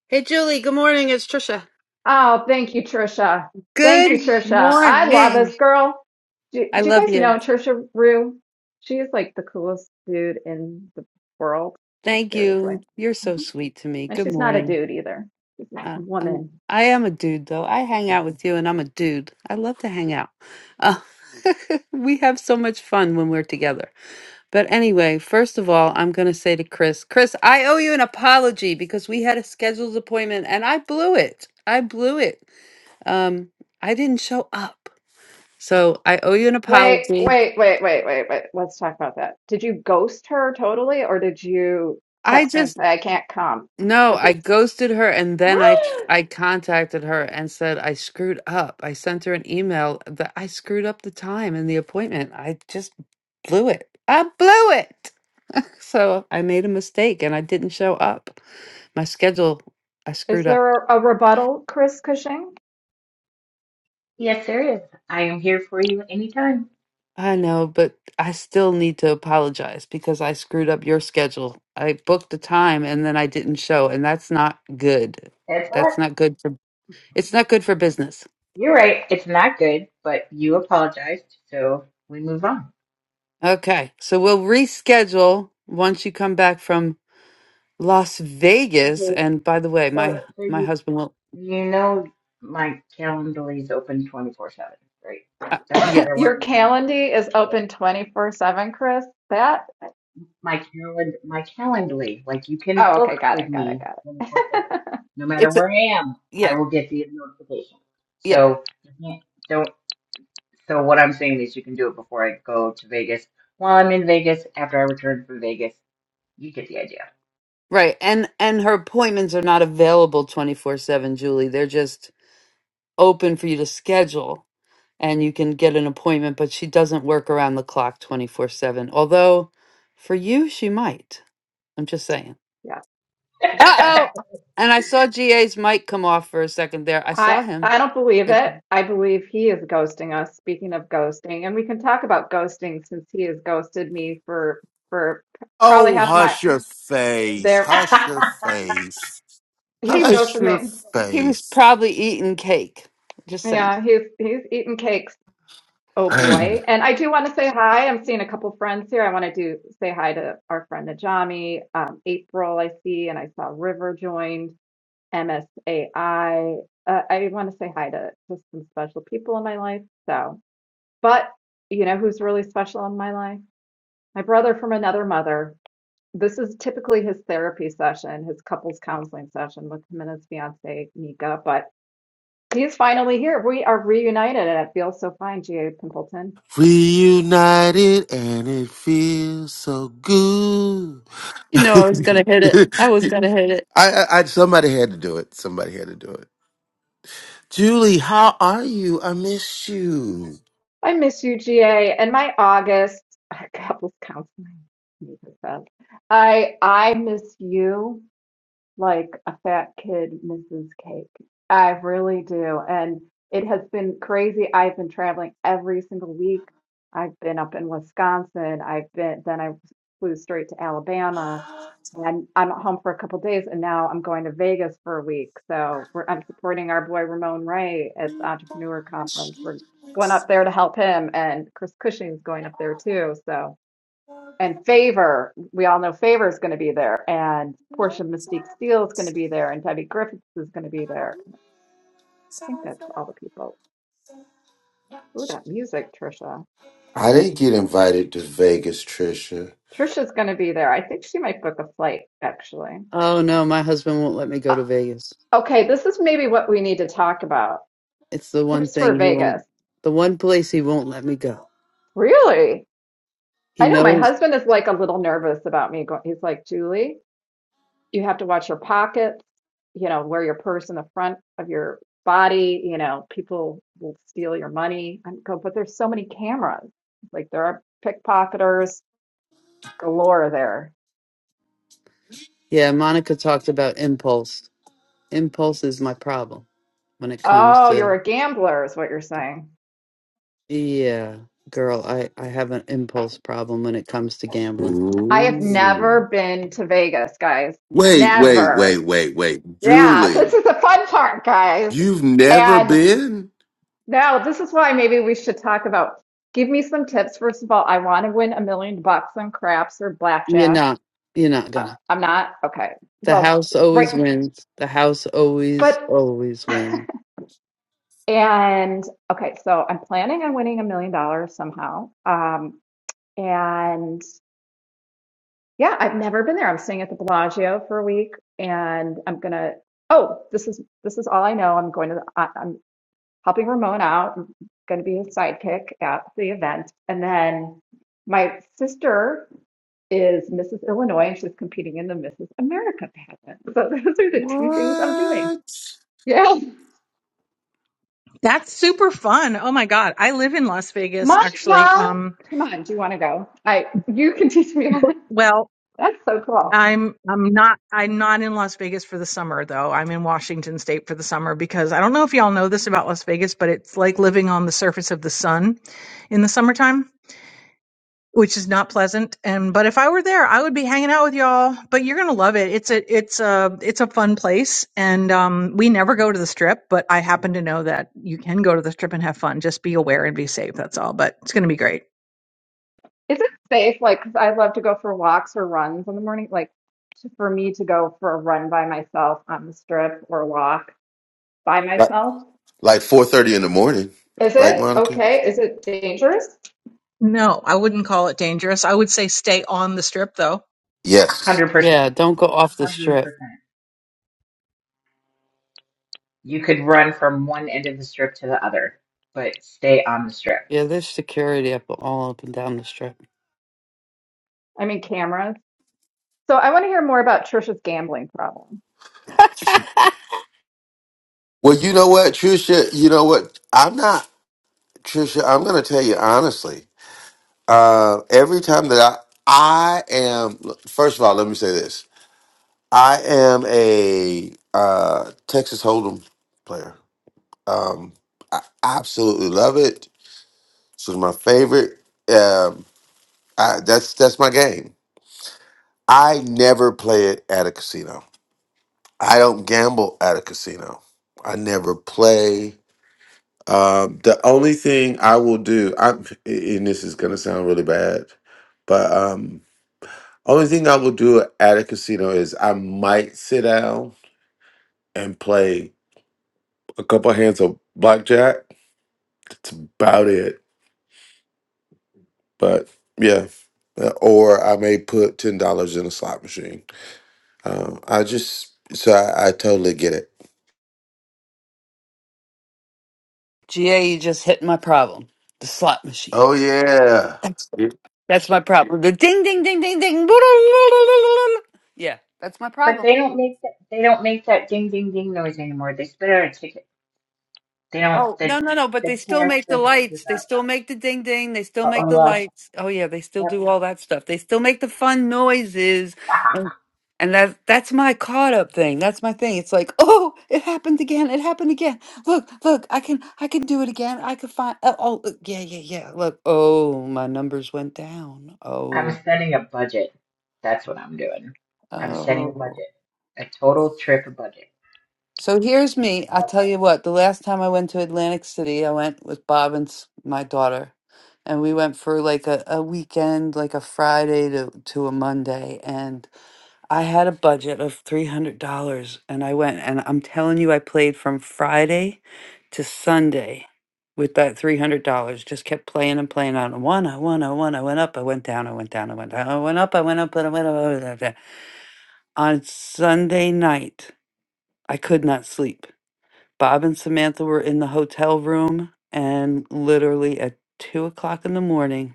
[SPEAKER 2] Hey, Julie. Good morning. It's Trisha.
[SPEAKER 20] Oh, thank you, Trisha. Thank you,
[SPEAKER 2] Good
[SPEAKER 20] Trisha. I love
[SPEAKER 2] morning.
[SPEAKER 20] this girl. Do,
[SPEAKER 2] I
[SPEAKER 20] do you
[SPEAKER 2] love
[SPEAKER 20] guys
[SPEAKER 2] you.
[SPEAKER 20] know Trisha Rue? She is like the coolest dude in the world. Like
[SPEAKER 2] Thank
[SPEAKER 20] seriously.
[SPEAKER 2] you. You're so
[SPEAKER 20] Mhm.
[SPEAKER 2] sweet to me.
[SPEAKER 20] And
[SPEAKER 2] Good
[SPEAKER 20] she's not a
[SPEAKER 2] morning.
[SPEAKER 20] dude either. She's a
[SPEAKER 2] Uh, I'm.
[SPEAKER 20] woman.
[SPEAKER 2] I am a dude, though. I hang out with you, and I'm a dude. I love to hang out. Uh, we have so much fun when we're together. But anyway, first of all, I'm going to say to Chris, Chris, I owe you an apology because we had a scheduled appointment and I blew it. I blew it. Um, I didn't show up. So I owe you an
[SPEAKER 20] Wait,
[SPEAKER 2] apology.
[SPEAKER 20] wait, wait, wait, wait, wait. Let's talk about that. Did you ghost her totally, or did you
[SPEAKER 2] I
[SPEAKER 20] text her
[SPEAKER 2] just
[SPEAKER 20] and say, I can't come?
[SPEAKER 2] No,
[SPEAKER 20] This
[SPEAKER 2] I
[SPEAKER 20] is
[SPEAKER 2] ghosted her and then I I contacted her and said I screwed up. I sent her an email that I screwed up the time and the appointment. I just blew it. I blew it. So I made a mistake and I didn't show up. My schedule, I
[SPEAKER 20] Is
[SPEAKER 2] screwed up.
[SPEAKER 20] there a, rebuttal, Chris Cushing?
[SPEAKER 21] Yes, there is. I am here for you anytime.
[SPEAKER 2] I know, but I still need to apologize because I screwed up your schedule. I booked the time and then I didn't show, and that's not good.
[SPEAKER 21] That's all.
[SPEAKER 2] That's not good for it's not good for business.
[SPEAKER 21] You're right. It's not good, but you apologized, so we move on.
[SPEAKER 2] Okay, so we'll reschedule once you come back from Las Vegas.
[SPEAKER 21] Okay.
[SPEAKER 2] And by the way,
[SPEAKER 21] So,
[SPEAKER 2] my
[SPEAKER 21] so
[SPEAKER 2] my
[SPEAKER 21] you
[SPEAKER 2] husband will.
[SPEAKER 21] you know my Calendly is open 24/7, right?
[SPEAKER 2] Uh,
[SPEAKER 21] Doesn't matter
[SPEAKER 2] yes,
[SPEAKER 21] where I
[SPEAKER 20] Your
[SPEAKER 21] am.
[SPEAKER 20] Calendly is
[SPEAKER 21] so.
[SPEAKER 20] open 24/7, Chris. That?
[SPEAKER 21] my calendar, my Calendly. Like you can
[SPEAKER 20] Oh,
[SPEAKER 21] book
[SPEAKER 20] okay, got
[SPEAKER 21] with
[SPEAKER 20] it, got it,
[SPEAKER 21] me
[SPEAKER 20] got
[SPEAKER 21] 24 7.
[SPEAKER 20] it.
[SPEAKER 21] No matter
[SPEAKER 2] it's a
[SPEAKER 21] where I am, I
[SPEAKER 2] yeah,
[SPEAKER 21] will get the notification.
[SPEAKER 2] yeah,
[SPEAKER 21] So you can't, don't. So what I'm saying is, you can do it before I go to Vegas. While I'm in Vegas, after I return from Vegas, you get the idea.
[SPEAKER 2] right. And and her appointments are not available twenty four seven, Julie. They're just open for you to schedule, and you can get an appointment. But she doesn't work around the clock twenty four seven. Although, for you, she might. I'm just saying.
[SPEAKER 20] Yeah, that's
[SPEAKER 2] Uh
[SPEAKER 20] true.
[SPEAKER 2] oh. And I saw GA's mic come off for a second there. I saw
[SPEAKER 20] I
[SPEAKER 2] him.
[SPEAKER 20] I don't believe it. I believe he is ghosting us. Speaking of ghosting, and we can talk about ghosting since he has ghosted me for for probably
[SPEAKER 22] Oh,
[SPEAKER 20] half my
[SPEAKER 22] hush your face.
[SPEAKER 20] there.
[SPEAKER 22] Hush
[SPEAKER 21] A
[SPEAKER 22] your face.
[SPEAKER 20] He's
[SPEAKER 22] Hush
[SPEAKER 20] ghosted
[SPEAKER 22] your
[SPEAKER 20] me.
[SPEAKER 2] He was
[SPEAKER 22] face.
[SPEAKER 2] probably eating cake. Just saying.
[SPEAKER 20] Yeah, he's he's eaten cakes. Oh boy. And I do want to say hi. I'm seeing a couple friends here. I want to do say hi to our friend Najami, um, April, I see, and I saw River joined, MSAI. Uh, I want to say hi to just some special people in my life. So, but you know who's really special in my life? My brother from another mother. This is typically his therapy session, his couples counseling session with him and his fiance, Nika, but he's finally here. We are reunited and it feels so fine, G.A. Pimpleton.
[SPEAKER 22] Reunited and it feels so good.
[SPEAKER 2] You know, I was going to hit it. I was
[SPEAKER 22] I,
[SPEAKER 2] going to hit it.
[SPEAKER 22] I, I, somebody had to do it. Somebody had to do it. Julie, how are you? I miss you.
[SPEAKER 20] I miss you, GA. And my August, couples counseling. I, I miss you like a fat kid misses cake. I really do. And it has been crazy. I've been traveling every single week. I've been up in Wisconsin. I've been, then I flew straight to Alabama and I'm at home for a couple days and now I'm going to Vegas for a week. So we're, I'm supporting our boy Ramon Ray at the entrepreneur conference. We're going up there to help him and Chris Cushing's going up there too. So and Favor, we all know Favor is going to be there, and Portia Mystique Steele is going to be there, and Debbie Griffiths is going to be there. I think that's all the people. Ooh, that music, Trisha.
[SPEAKER 22] I didn't get invited to Vegas, Trisha.
[SPEAKER 20] Trisha's going to be there. I think she might book a flight, actually.
[SPEAKER 2] Oh, no, my husband won't let me go
[SPEAKER 20] Uh,
[SPEAKER 2] to Vegas.
[SPEAKER 20] okay, this is maybe what we need to talk about.
[SPEAKER 2] It's the one
[SPEAKER 20] Tips for
[SPEAKER 2] thing he
[SPEAKER 20] Vegas.
[SPEAKER 2] won't, the one place he won't let me go.
[SPEAKER 20] Really?
[SPEAKER 2] He
[SPEAKER 20] I know my
[SPEAKER 2] knows.
[SPEAKER 20] husband is like a little nervous about me going. He's like, Julie, you have to watch your pockets, you know, wear your purse in the front of your body, you know, people will steal your money and go, but there's so many cameras. Like there are pickpocketers galore there.
[SPEAKER 2] Yeah, Monica talked about impulse. Impulse is my problem when it comes
[SPEAKER 20] Oh,
[SPEAKER 2] to,
[SPEAKER 20] you're a gambler is what you're saying.
[SPEAKER 2] yeah, girl, I, I have an impulse problem when it comes to gambling.
[SPEAKER 20] I have
[SPEAKER 22] Ooh.
[SPEAKER 20] never been to Vegas, guys.
[SPEAKER 22] Wait, wait,
[SPEAKER 20] Never.
[SPEAKER 22] wait, wait, wait.
[SPEAKER 20] Yeah,
[SPEAKER 22] Julie,
[SPEAKER 20] this is the fun part, guys.
[SPEAKER 22] you've never
[SPEAKER 20] And
[SPEAKER 22] been?
[SPEAKER 20] now this is why maybe we should talk about give me some tips. First of all, I want to win a million bucks on craps or
[SPEAKER 2] You're
[SPEAKER 20] blackjack.
[SPEAKER 2] not, you're not
[SPEAKER 20] Uh,
[SPEAKER 2] gonna.
[SPEAKER 20] I'm not? Okay.
[SPEAKER 2] The
[SPEAKER 20] Well,
[SPEAKER 2] house always
[SPEAKER 20] right.
[SPEAKER 2] wins. The house always,
[SPEAKER 20] But,
[SPEAKER 2] always wins.
[SPEAKER 20] and okay, so I'm planning on winning a million dollars somehow. Um, and yeah, I've never been there. I'm staying at the Bellagio for a week and I'm gonna, oh, this is this is all I know. I'm going to the, I, I'm helping Ramon out. I'm gonna be his sidekick at the event. And then my sister is Mrs. Illinois and she's competing in the Mrs. America pageant. So those are the two things I'm doing.
[SPEAKER 22] What?
[SPEAKER 20] Yeah.
[SPEAKER 15] that's super fun oh my god i live in las vegas
[SPEAKER 20] Monica,
[SPEAKER 15] actually um
[SPEAKER 20] come on, do you want to go? I you can teach me.
[SPEAKER 15] but, well
[SPEAKER 20] That's so cool.
[SPEAKER 15] i'm i'm not i'm not in las vegas for the summer though i'm in washington state for the summer because i don't know if y'all know this about las vegas but it's like living on the surface of the sun in the summertime which is not pleasant. And but if I were there, I would be hanging out with y'all. But you're gonna love it. It's a it's a it's a fun place. And um, we never go to the strip, but I happen to know that you can go to the strip and have fun. Just be aware and be safe. That's all. But it's gonna be great.
[SPEAKER 20] Is it safe? Like, 'cause I love to go for walks or runs in the morning. Like, to, for me to go for a run by myself on the strip or walk by
[SPEAKER 22] Like
[SPEAKER 20] myself.
[SPEAKER 22] like four thirty in the morning,
[SPEAKER 20] Is
[SPEAKER 22] right,
[SPEAKER 20] it
[SPEAKER 22] Monica?
[SPEAKER 20] okay? Is it dangerous?
[SPEAKER 15] No, I wouldn't call it dangerous. I would say stay on the strip though.
[SPEAKER 22] Yes.
[SPEAKER 21] Hundred percent,
[SPEAKER 2] Yeah, don't go off the
[SPEAKER 21] hundred
[SPEAKER 2] strip.
[SPEAKER 21] percent. You could run from one end of the strip to the other, but stay on the strip.
[SPEAKER 2] Yeah, there's security up all up and down the strip.
[SPEAKER 20] I mean, cameras. So I want to hear more about Trisha's gambling problem.
[SPEAKER 22] Well, you know what, Trisha? You know what? I'm not Trisha. I'm gonna tell you honestly. Uh, every time that I I am first of all, let me say this. I am a uh, Texas Hold'em player. Um, I absolutely love it. This is my favorite. Um, I, that's that's my game. I never play it at a casino. I don't gamble at a casino. I never play. Um, the only thing I will do, I'm, and this is gonna sound really bad, but um, only thing I will do at a casino is I might sit down and play a couple hands of blackjack. That's about it. But yeah, Uh, or I may put ten dollars in a slot machine. Um, I just so I, I totally get it.
[SPEAKER 2] GA, you just hit my problem. The slot
[SPEAKER 22] Oh
[SPEAKER 2] machines.
[SPEAKER 22] yeah,
[SPEAKER 2] That's my problem. The ding, ding, ding, ding, ding. Yeah, that's my
[SPEAKER 21] But
[SPEAKER 2] problem.
[SPEAKER 21] they don't make that. They don't make that ding ding ding noise anymore. They spit out a ticket. They don't.
[SPEAKER 2] Oh
[SPEAKER 21] The
[SPEAKER 2] no, no, no! But
[SPEAKER 21] the
[SPEAKER 2] they still
[SPEAKER 21] cash
[SPEAKER 2] make the
[SPEAKER 21] doesn't.
[SPEAKER 2] lights. They still make the ding, ding. They still make the
[SPEAKER 21] Oh
[SPEAKER 2] lights. Oh yeah, they still
[SPEAKER 21] yeah. Yep.
[SPEAKER 2] do all that stuff. They still make the fun noises. And that that's my caught up thing. That's my thing. It's like, oh, it happened again. It happened again. Look, look, I can I can do it again. I could find oh, oh look, yeah, yeah, yeah. Look, oh, my numbers went down.
[SPEAKER 21] I'm
[SPEAKER 2] Oh,
[SPEAKER 21] setting a budget. That's what I'm doing. I'm setting a
[SPEAKER 2] oh.
[SPEAKER 21] budget. A total trip budget.
[SPEAKER 2] So here's me. I'll tell you what, the last time I went to Atlantic City, I went with Bob and s- my daughter. And we went for like a, a weekend, like a Friday to, to a Monday. and. I had a budget of $300 and I went and I'm telling you I played from Friday to Sunday with that $300. Just kept playing and playing on one, I won, I won, I went up, I went down, I went down, I went down, I went up, I went up, and I went up. I went up, I went up. On Sunday night, I could not sleep. Bob and Samantha were in the hotel room and literally at two o'clock in the morning,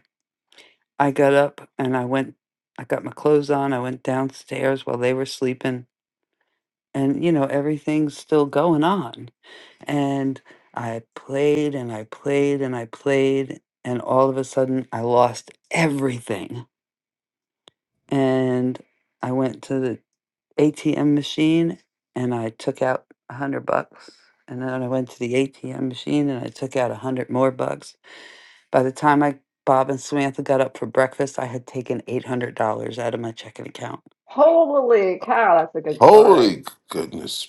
[SPEAKER 2] I got up and I went, I got my clothes on, I went downstairs while they were sleeping and you know everything's still going on and i played and i played and i played and all of a sudden i lost everything and i went to the atm machine and i took out a hundred bucks and then i went to the atm machine and i took out a hundred more bucks by the time i bob and samantha got up for breakfast i had taken eight hundred dollars out of my checking account
[SPEAKER 20] Holy cow, that's a good story.
[SPEAKER 22] holy goodness!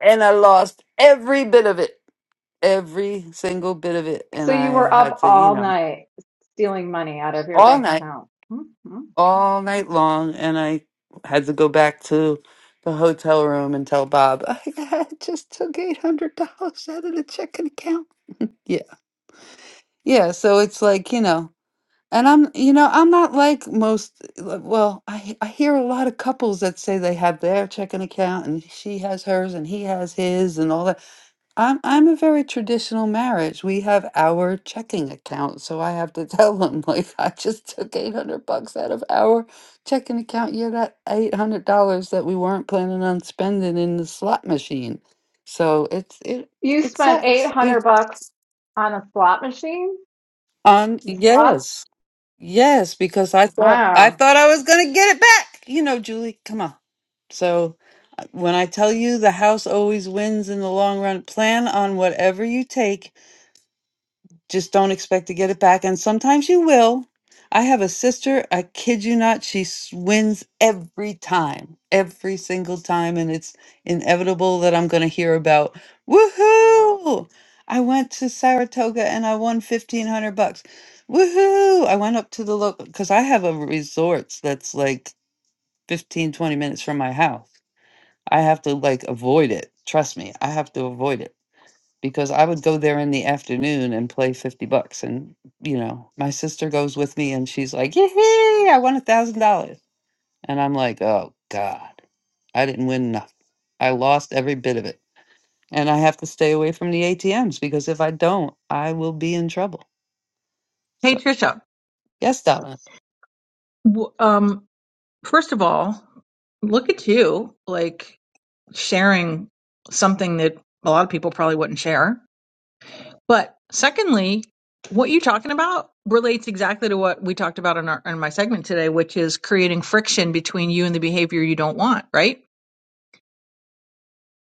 [SPEAKER 2] and i lost every bit of it every single bit of it
[SPEAKER 20] So
[SPEAKER 2] and
[SPEAKER 20] you
[SPEAKER 2] i
[SPEAKER 20] were
[SPEAKER 2] had
[SPEAKER 20] up
[SPEAKER 2] to you
[SPEAKER 20] all
[SPEAKER 2] know
[SPEAKER 20] night stealing money out of your
[SPEAKER 2] all
[SPEAKER 20] bank
[SPEAKER 2] night
[SPEAKER 20] account. Mhm.
[SPEAKER 2] all night long and i had to go back to the hotel room and tell bob i just took $800 out of the checking account yeah yeah so it's like you know and i'm you know i'm not like most uh, well i i hear a lot of couples that say they have their checking account and she has hers and he has his and all that I'm I'm a very traditional marriage. We have our checking account, so I have to tell them like I just took eight hundred bucks out of our checking account. Yeah, that eight hundred dollars that we weren't planning on spending in the slot machine. So it's it
[SPEAKER 20] You
[SPEAKER 2] it
[SPEAKER 20] spent
[SPEAKER 2] sucks.
[SPEAKER 20] 800
[SPEAKER 2] It,
[SPEAKER 20] bucks On a slot machine?
[SPEAKER 2] um,
[SPEAKER 20] The slots?
[SPEAKER 2] yes, yes, because I thought I
[SPEAKER 20] Wow.
[SPEAKER 2] thought I was gonna get it back. You know, Julie, come on. So uh, when I tell you the house always wins in the long run, plan on whatever you take just don't expect to get it back. And sometimes you will. I have a sister, I kid you not, she s- wins every time, every single time. And it's inevitable that I'm going to hear about, woohoo! I went to Saratoga and I won 1500 bucks. Woohoo! I went up to the local, because I have a resort that's like 15 20 minutes from my house. I have to like avoid it. Trust me, I have to avoid it because I would go there in the afternoon and play 50 bucks. And, you know, my sister goes with me and she's like, yay, I won a thousand dollars. And I'm like, oh God, I didn't win nothing. I lost every bit of it. And I have to stay away from the ATMs because if I don't, I will be in trouble.
[SPEAKER 15] Hey
[SPEAKER 2] So,
[SPEAKER 15] Trisha,
[SPEAKER 2] yes, Donna,
[SPEAKER 15] W- Um, first of all, look at you, like sharing something that a lot of people probably wouldn't share. But secondly, what you're talking about relates exactly to what we talked about in our in my segment today, which is creating friction between you and the behavior you don't want, right?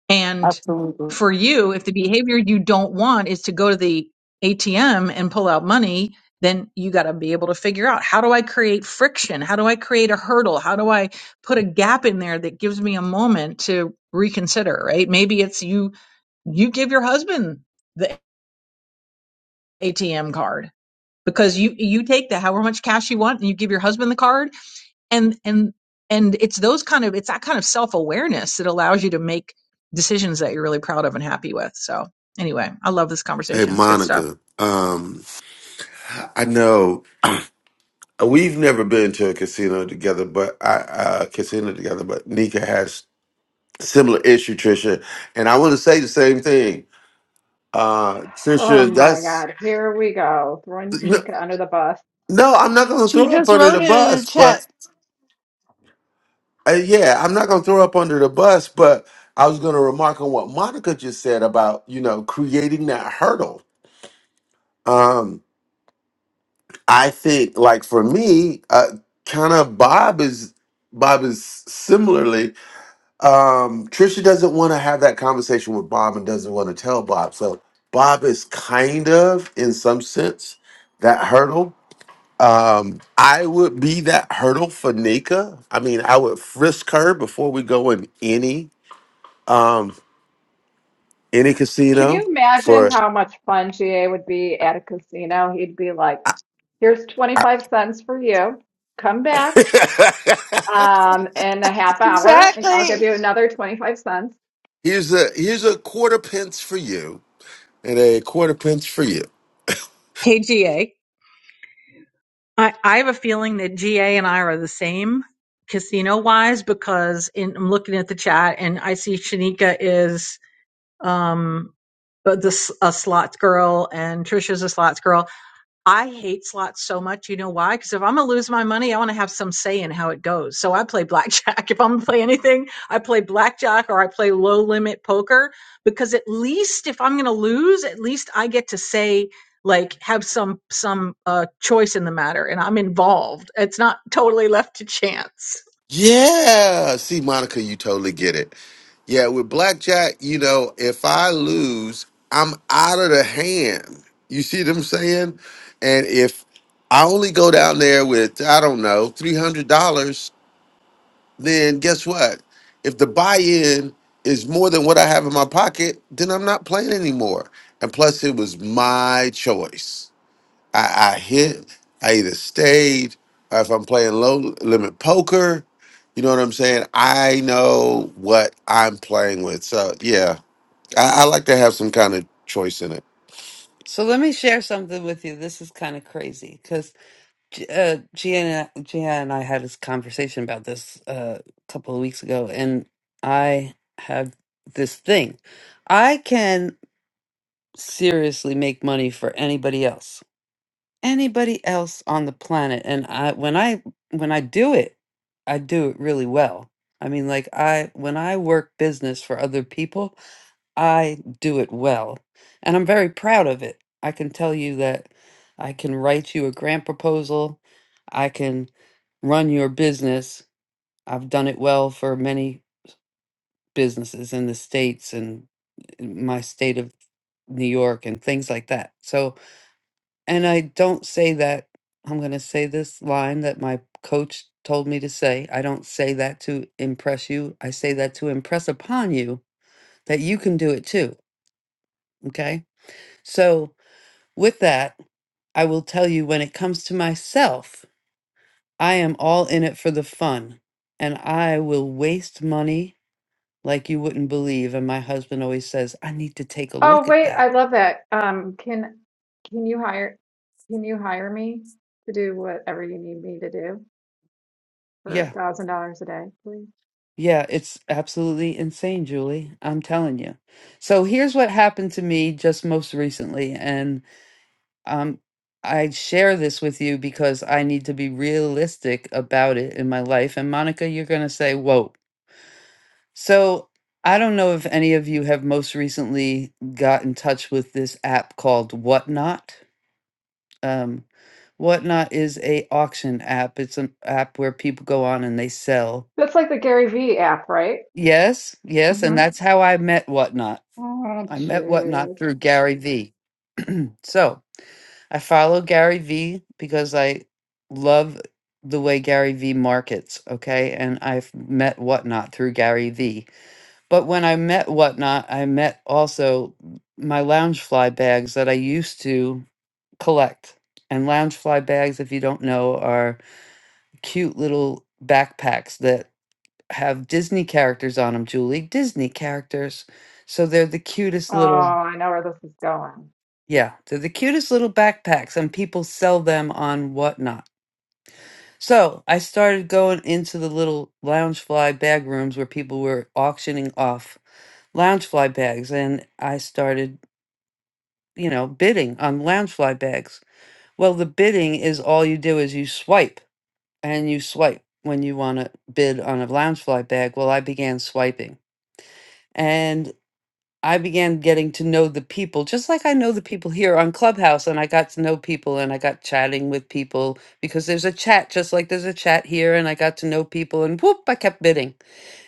[SPEAKER 15] And
[SPEAKER 2] absolutely.
[SPEAKER 15] for you, if the behavior you don't want is to go to the ATM and pull out money, then you got to be able to figure out how do I create friction? How do I create a hurdle? How do I put a gap in there that gives me a moment to reconsider, right? Maybe it's you you give your husband the ATM card because you you take the however much cash you want and you give your husband the card and and and it's those kind of it's that kind of self-awareness that allows you to make decisions that you're really proud of and happy with so anyway i love this
[SPEAKER 22] Hey,
[SPEAKER 15] conversation it's good stuff
[SPEAKER 22] Monica. Um, I know uh, we've never been to a casino together, but I uh, casino together. But Nika has similar issue, Trisha, and I want to say the same thing. Uh,
[SPEAKER 20] Oh
[SPEAKER 22] Trisha,
[SPEAKER 20] my
[SPEAKER 22] that's
[SPEAKER 20] God. Here we go. Throwing
[SPEAKER 22] no,
[SPEAKER 20] Nika under the bus.
[SPEAKER 22] no, I'm not going to
[SPEAKER 2] She
[SPEAKER 22] throw up
[SPEAKER 2] just
[SPEAKER 22] under
[SPEAKER 2] wrote
[SPEAKER 22] the
[SPEAKER 2] it in the
[SPEAKER 22] bus,
[SPEAKER 2] chat.
[SPEAKER 22] but uh, yeah, I'm not going to throw up under the bus, but I was going to remark on what Monica just said about you know creating that hurdle. Um, I think like for me, uh, kind of Bob is Bob is similarly. Um, Trisha doesn't want to have that conversation with Bob and doesn't want to tell Bob. So Bob is kind of, in some sense, that hurdle. Um, I would be that hurdle for Nika. I mean, I would frisk her before we go in any um any
[SPEAKER 20] Can
[SPEAKER 22] casino
[SPEAKER 20] you imagine
[SPEAKER 22] for
[SPEAKER 20] how much fun GA would be at a casino? He'd be like, here's 25 cents for you. Come back um, in a half hour and I'll give you another 25 cents.
[SPEAKER 22] here's a here's a quarter pence for you and a quarter pence for you.
[SPEAKER 15] hey ga i, I have a feeling that ga and i are the same casino wise because in, i'm looking at the chat and i see shanika is um but this a slots girl and trisha's a slots girl I hate slots so much. You know why? Because if I'm going to lose my money, I want to have some say in how it goes. So I play blackjack. If I'm going to play anything, I play blackjack or I play low limit poker because at least if I'm going to lose, at least I get to say, like, have some, some, uh, choice in the matter and I'm involved. It's not totally left to chance.
[SPEAKER 22] Yeah. See, Monica, you totally get it. Yeah, with blackjack, you know, if I lose, I'm out of the hand. You see what I'm saying? And if I only go down there with, I don't know, $300, then guess what? If the buy in is more than what I have in my pocket, then I'm not playing anymore. And plus, it was my choice. I, I hit, I either stayed, or if I'm playing low limit poker, you know what I'm saying? I know what I'm playing with. So yeah, I, I like to have some kind of choice in it.
[SPEAKER 2] So let me share something with you. This is kind of crazy because G- uh, Gia, and- and I had this conversation about this uh, a couple of weeks ago, and I have this thing. I can seriously make money for anybody else, anybody else on the planet, and I when I when I do it, I do it really well. I mean, like I when I work business for other people, I do it well. And I'm very proud of it. I can tell you that I can write you a grant proposal. I can run your business. I've done it well for many businesses in the States and in my state of New York and things like that. So, and I don't say that, I'm going to say this line that my coach told me to say. I don't say that to impress you. I say that to impress upon you that you can do it too. Okay. So, With that, I will tell you when it comes to myself, I am all in it for the fun, and I will waste money like you wouldn't believe. And my husband always says, I need to take a
[SPEAKER 20] Oh,
[SPEAKER 2] look at
[SPEAKER 20] wait. I
[SPEAKER 2] that.
[SPEAKER 20] love that. Um, can, can you hire, can you hire me to do whatever you need me to do for a
[SPEAKER 2] Yeah,
[SPEAKER 20] thousand dollars a day, please?
[SPEAKER 2] yeah, it's absolutely insane, Julie. I'm telling you. So here's what happened to me just most recently. And um, I share this with you because I need to be realistic about it in my life. And Monica, you're going to say, Whoa So I don't know if any of you have most recently got in touch with this app called Whatnot. Um, Whatnot is a auction app. It's an app where people go on and they sell.
[SPEAKER 20] That's like the Gary Vee app, right?
[SPEAKER 2] Yes, yes, and
[SPEAKER 20] hmm
[SPEAKER 2] that's how I met Whatnot. I
[SPEAKER 20] Aren't
[SPEAKER 2] met Whatnot through Gary V. So I follow Gary V because I love the way Gary V markets. Okay, and I've met Whatnot through Gary V But when I met Whatnot, I met also my Loungefly bags that I used to collect. And Loungefly bags, if you don't know, are cute little backpacks that have Disney characters on them, Julie. Disney characters. So they're the cutest
[SPEAKER 20] Oh,
[SPEAKER 2] little,
[SPEAKER 20] I know where this is going.
[SPEAKER 2] yeah, they're the cutest little backpacks, and people sell them on Whatnot So I started going into the little loungefly bag rooms where people were auctioning off loungefly bags, and I started, you know, bidding on loungefly bags. Well, the bidding is all you do is you swipe and you swipe when you want to bid on a loungefly bag. Well, I began swiping, and. I began getting to know the people, just like I know the people here on Clubhouse. And I got to know people and I got chatting with people because there's a chat, just like there's a chat here. And I got to know people and whoop, I kept bidding.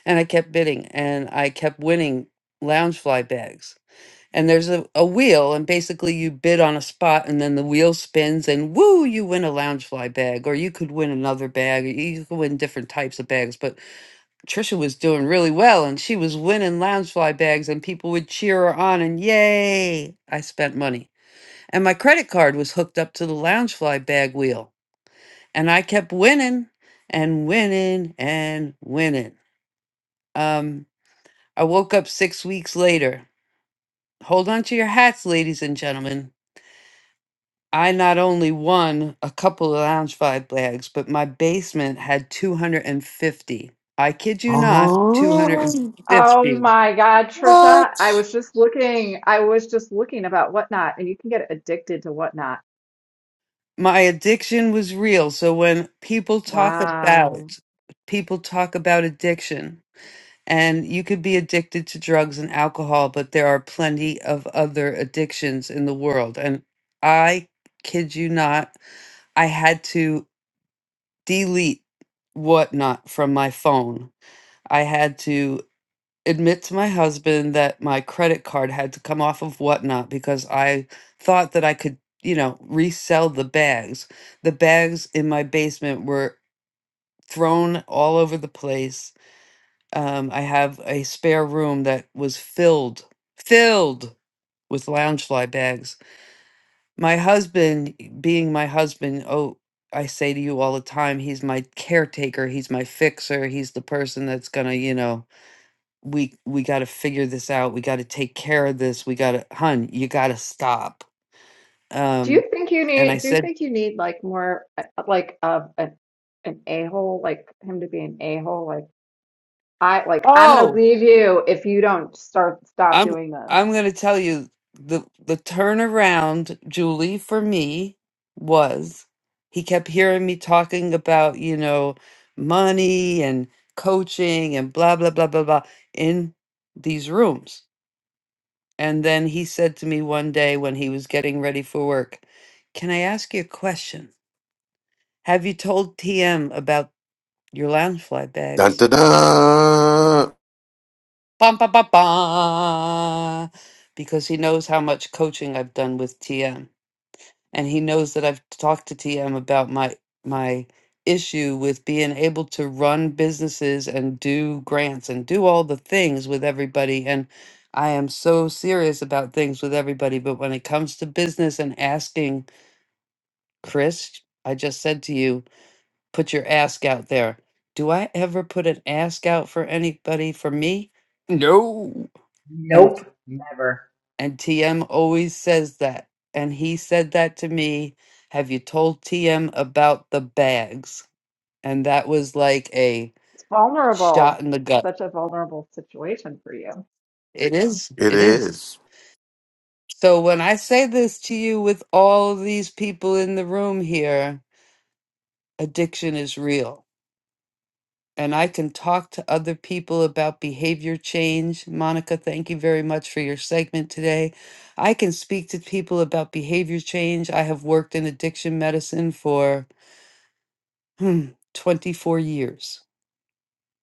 [SPEAKER 2] And I kept bidding and I kept winning lounge fly bags. And there's a, a wheel, and basically you bid on a spot, and then the wheel spins, and woo, you win a lounge fly bag, or you could win another bag, or you could win different types of bags. But Trisha was doing really well and she was winning lounge fly bags and people would cheer her on and yay, I spent money. And my credit card was hooked up to the lounge fly bag wheel and I kept winning and winning and winning. Um I woke up six weeks later. Hold on to your hats, ladies and gentlemen. I not only won a couple of lounge five bags, but my basement had 250. I kid you not,
[SPEAKER 22] Um,
[SPEAKER 20] Oh
[SPEAKER 2] 250.
[SPEAKER 20] my God, Trisha, I
[SPEAKER 22] what?
[SPEAKER 20] was just looking. I was just looking about Whatnot, and you can get addicted to Whatnot.
[SPEAKER 2] My addiction was real. So when people talk
[SPEAKER 20] Wow.
[SPEAKER 2] about people talk about addiction, and you could be addicted to drugs and alcohol, but there are plenty of other addictions in the world. And I kid you not, I had to delete whatnot from my phone. I had to admit to my husband that my credit card had to come off of whatnot because I thought that I could, you know, resell the bags. The bags in my basement were thrown all over the place. Um, I have a spare room that was filled, filled with loungefly bags my husband, being my husband, oh, I say to you all the time, he's my caretaker, he's my fixer, he's the person that's gonna, you know, we we got to figure this out, we got to take care of this, we got to, hun, you got to stop.
[SPEAKER 20] Do
[SPEAKER 2] Um,
[SPEAKER 20] you think you
[SPEAKER 2] and I
[SPEAKER 20] need, do you
[SPEAKER 2] said,
[SPEAKER 20] think you need like more uh, like of an an a-hole, like him to be an a-hole? Like I like I'm gonna
[SPEAKER 2] oh,
[SPEAKER 20] leave you if you don't start stop
[SPEAKER 2] I'm
[SPEAKER 20] doing this.
[SPEAKER 2] I'm gonna tell you the the turnaround, Julie, for me was he kept hearing me talking about, you know, money and coaching and blah blah blah blah blah in these rooms. And then he said to me one day when he was getting ready for work, Can I ask you a question? Have you told TM about your loungefly
[SPEAKER 22] Dun,
[SPEAKER 2] bags?
[SPEAKER 22] dun, dun.
[SPEAKER 2] Bum, ba ba ba. Because he knows how much coaching I've done with TM. and he knows that I've talked to TM about my my issue with being able to run businesses and do grants and do all the things with everybody and I am so serious about things with everybody but when it comes to business and asking Chris I just said to you put your ask out there do I ever put an ask out for anybody for me no
[SPEAKER 21] Nope. Never.
[SPEAKER 2] and TM always says that. And he said that to me. Have you told TM about the bags? And that was like a
[SPEAKER 20] It's
[SPEAKER 2] shot
[SPEAKER 20] vulnerable.
[SPEAKER 2] in the
[SPEAKER 20] It's
[SPEAKER 2] gut.
[SPEAKER 20] such a vulnerable situation for you.
[SPEAKER 2] It is.
[SPEAKER 22] It
[SPEAKER 2] It is.
[SPEAKER 22] is.
[SPEAKER 2] So when I say this to you with all of these people in the room here, addiction is real. And I can talk to other people about behavior change. Monica, thank you very much for your segment today. I can speak to people about behavior change. I have worked in addiction medicine for hmm, 24 years.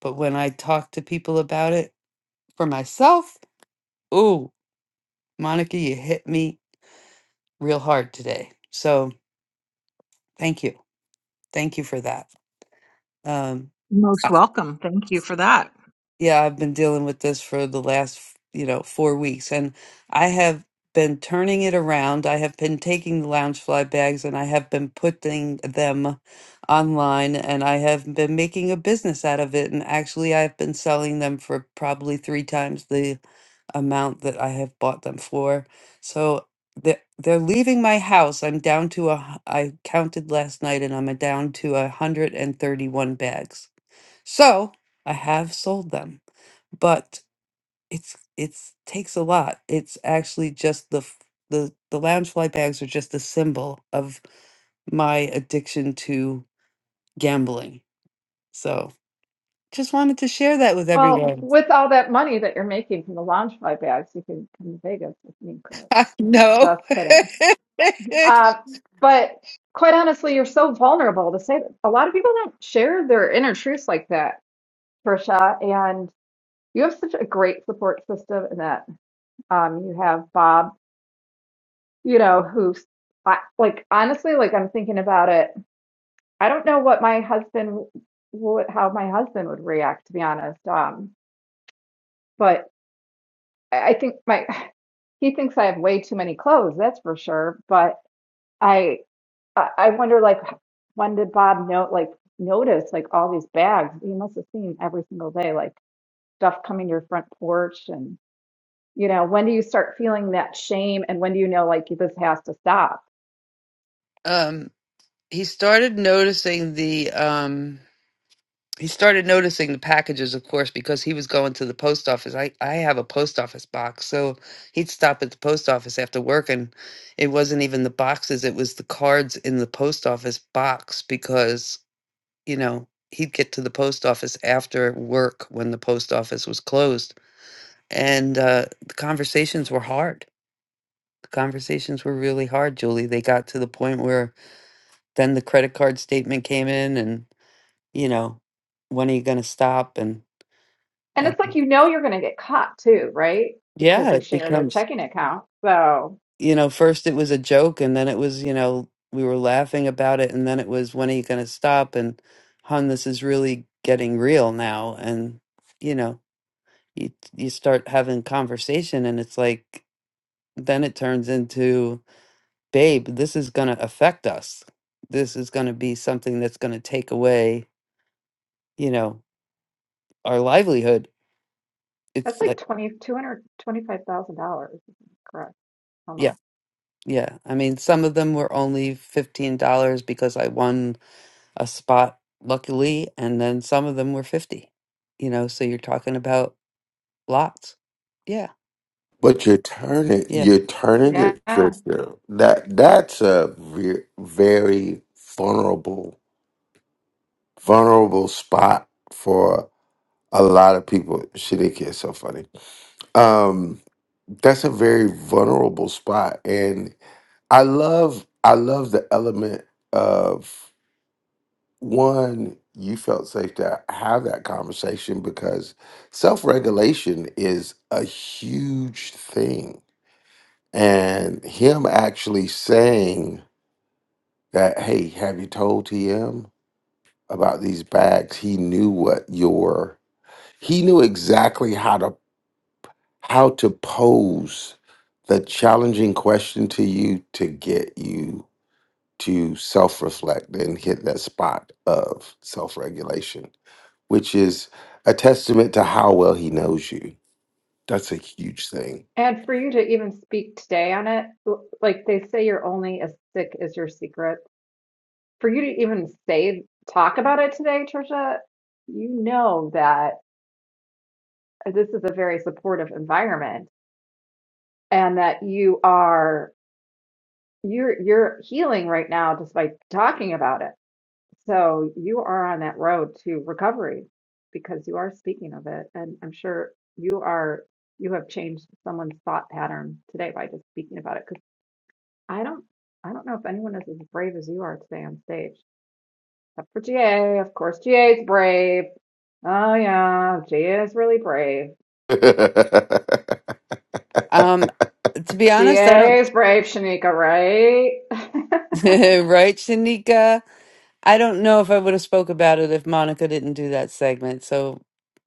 [SPEAKER 2] But when I talk to people about it for myself, ooh, Monica, you hit me real hard today. So thank you. Thank you for that. Um,
[SPEAKER 15] Most
[SPEAKER 2] uh,
[SPEAKER 15] welcome. Thank you for that.
[SPEAKER 2] yeah, I've been dealing with this for the last, you know, four weeks, and I have been turning it around. I have been taking the Loungefly bags and I have been putting them online, and I have been making a business out of it. And actually, I've been selling them for probably three times the amount that I have bought them for. So they're, they're leaving my house. I'm down to a, hu- I counted last night and I'm down to a 131 bags. So I have sold them, but it's, it's takes a lot. It's actually just the, f- the, the lounge fly bags are just a symbol of my addiction to gambling. So just wanted to share that with
[SPEAKER 20] Well,
[SPEAKER 2] everyone.
[SPEAKER 20] with all that money that you're making from the Loungefly bags, you could come to Vegas with me, Chris.
[SPEAKER 2] No.
[SPEAKER 20] Just kidding. Uh, but quite honestly, you're so vulnerable to say that. A lot of people don't share their inner truths like that, Trisha. And you have such a great support system in that. Um, you have Bob, you know, who's I, like, honestly, like I'm thinking about it. I don't know what my husband would, how my husband would react, to be honest. Um, but I think my he thinks I have way too many clothes, that's for sure. But I I I wonder like when did Bob know like notice like all these bags? He must have seen every single day, like stuff coming to your front porch and you know, when do you start feeling that shame and when do you know like this has to stop?
[SPEAKER 2] um he started noticing the um he started noticing the packages of course because he was going to the post office i i have a post office box so he'd stop at the post office after work and it wasn't even the boxes it was the cards in the post office box because you know he'd get to the post office after work when the post office was closed and uh the conversations were hard the conversations were really hard julie they got to the point where then the credit card statement came in and you know, when are you going to stop? And
[SPEAKER 20] And
[SPEAKER 2] um,
[SPEAKER 20] it's like you know you're gonna get caught too, right?
[SPEAKER 2] yeah,
[SPEAKER 20] Because you
[SPEAKER 2] it
[SPEAKER 20] share the
[SPEAKER 2] becomes,
[SPEAKER 20] checking account. So
[SPEAKER 2] you know, first it was a joke and then it was, you know, we were laughing about it and then it was, when are you going to stop? And hon, this is really getting real now. And, you know, you, you start having conversation and it's like, then it turns into, babe, this is going to affect us. This is going to be something that's going to take away, you know, our livelihood.
[SPEAKER 20] that's
[SPEAKER 2] It's
[SPEAKER 20] like
[SPEAKER 2] like,
[SPEAKER 20] twenty two hundred twenty five thousand dollars, correct? Hold
[SPEAKER 2] yeah.
[SPEAKER 20] on.
[SPEAKER 2] Yeah, I mean, some of them were only $15 because I won a spot luckily, and then some of them were 50. You know, so you're talking about lots. Yeah.
[SPEAKER 22] But you're turning,
[SPEAKER 2] Yeah.
[SPEAKER 22] you're turning it,
[SPEAKER 20] Yeah.
[SPEAKER 22] Tristan. That that's a ve- very vulnerable, vulnerable spot for. A lot of people shit. It gets so funny. Um, that's a very vulnerable spot, and I love I love the element of one. You felt safe to have that conversation because self regulation is a huge thing, and him actually saying that, "Hey, have you told TM about these bags?" He knew what your he knew exactly how to how to pose the challenging question to you to get you to self reflect and hit that spot of self regulation, which is a testament to how well he knows you. That's a huge thing.
[SPEAKER 20] And for you to even speak today on it, l- like they say, you're only as sick as your secret. For you to even say, talk about it today, Trisha, you know that this is a very supportive environment and that you are you're you're healing right now just by talking about it. So you are on that road to recovery because you are speaking of it. And I'm sure you are you have changed someone's thought pattern today by just speaking about it. I don't I don't know if anyone is as brave as you are today on stage. Except for GA, of course GA's brave. Oh yeah, GA is really brave.
[SPEAKER 22] That's
[SPEAKER 2] Um to be honest, I don't
[SPEAKER 20] GA is brave, Shanika, right?
[SPEAKER 2] right, Shanika? I don't know if I would have spoke about it if Monica didn't do that segment. So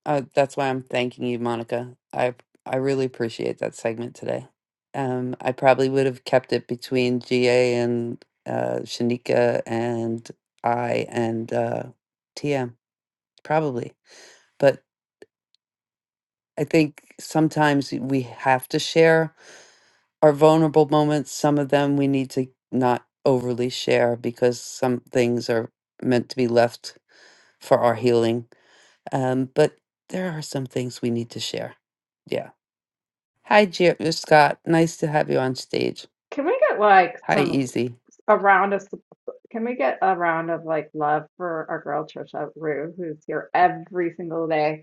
[SPEAKER 2] uh, that's why I'm thanking you, Monica. I I really appreciate that segment today. Um, I probably would have kept it between GA and uh, Shanika and I and uh, TM probably, but. I think sometimes we have to share our vulnerable moments. Some of them we need to not overly share because some things are meant to be left for our healing. Um, but there are some things we need to share. Yeah. Hi, Jer- Scott. Nice to have you on stage.
[SPEAKER 20] Can we get like
[SPEAKER 2] Hi,
[SPEAKER 20] some
[SPEAKER 2] Easy.
[SPEAKER 20] a round of can we get a round of like love for our girl Trisha Rue, who's here every single day?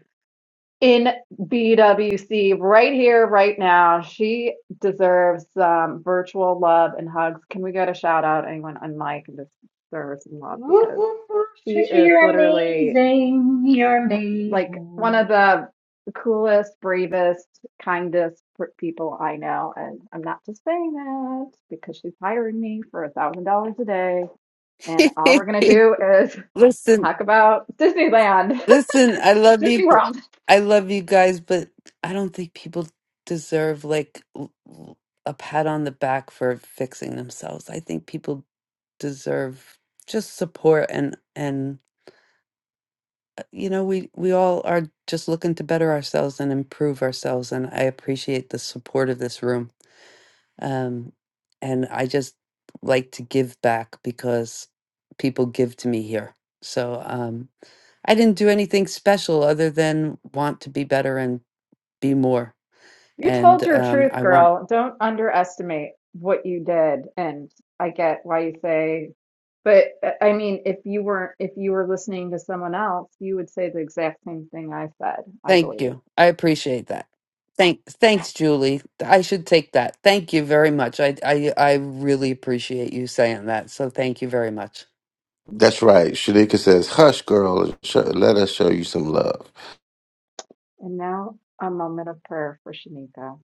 [SPEAKER 20] in BWC right here, right now. She deserves some virtual love and hugs. Can we get a shout out? Anyone on mic and just throw her some love
[SPEAKER 21] Whoop,
[SPEAKER 20] because
[SPEAKER 21] whoop, whoop.
[SPEAKER 20] she
[SPEAKER 21] Trisha,
[SPEAKER 20] is
[SPEAKER 21] you're
[SPEAKER 20] literally
[SPEAKER 21] amazing. You're
[SPEAKER 20] like one
[SPEAKER 21] amazing.
[SPEAKER 20] of the coolest, bravest, kindest pr- people I know. And I'm not just saying that because she's hiring me for a thousand dollars a day. And all we're gonna do is
[SPEAKER 2] Listen,
[SPEAKER 20] talk about Disneyland.
[SPEAKER 2] Listen, I love
[SPEAKER 20] Disney
[SPEAKER 2] you.
[SPEAKER 20] World.
[SPEAKER 2] I love you guys, but I don't think people deserve like l- l- a pat on the back for fixing themselves. I think people deserve just support and and uh, you know we we all are just looking to better ourselves and improve ourselves and I appreciate the support of this room. Um, and I just like to give back because people give to me here. So um, I didn't do anything special other than want to be better and be more.
[SPEAKER 20] You
[SPEAKER 2] And
[SPEAKER 20] told your
[SPEAKER 2] um,
[SPEAKER 20] truth,
[SPEAKER 2] I want,
[SPEAKER 20] girl. Don't underestimate what you did. And I get why you say, but uh, I mean, if you weren't, if you were listening to someone else, you would say the exact same thing I said, I
[SPEAKER 2] thank
[SPEAKER 20] believe.
[SPEAKER 2] you. I appreciate that. Thank, thanks, Julie. I should take that. Thank you very much. I, I, I really appreciate you saying that. So thank you very much.
[SPEAKER 22] right. Shanika says, Hush, girl, and sh- let us show you some love.
[SPEAKER 20] And now a moment of prayer for Shanika.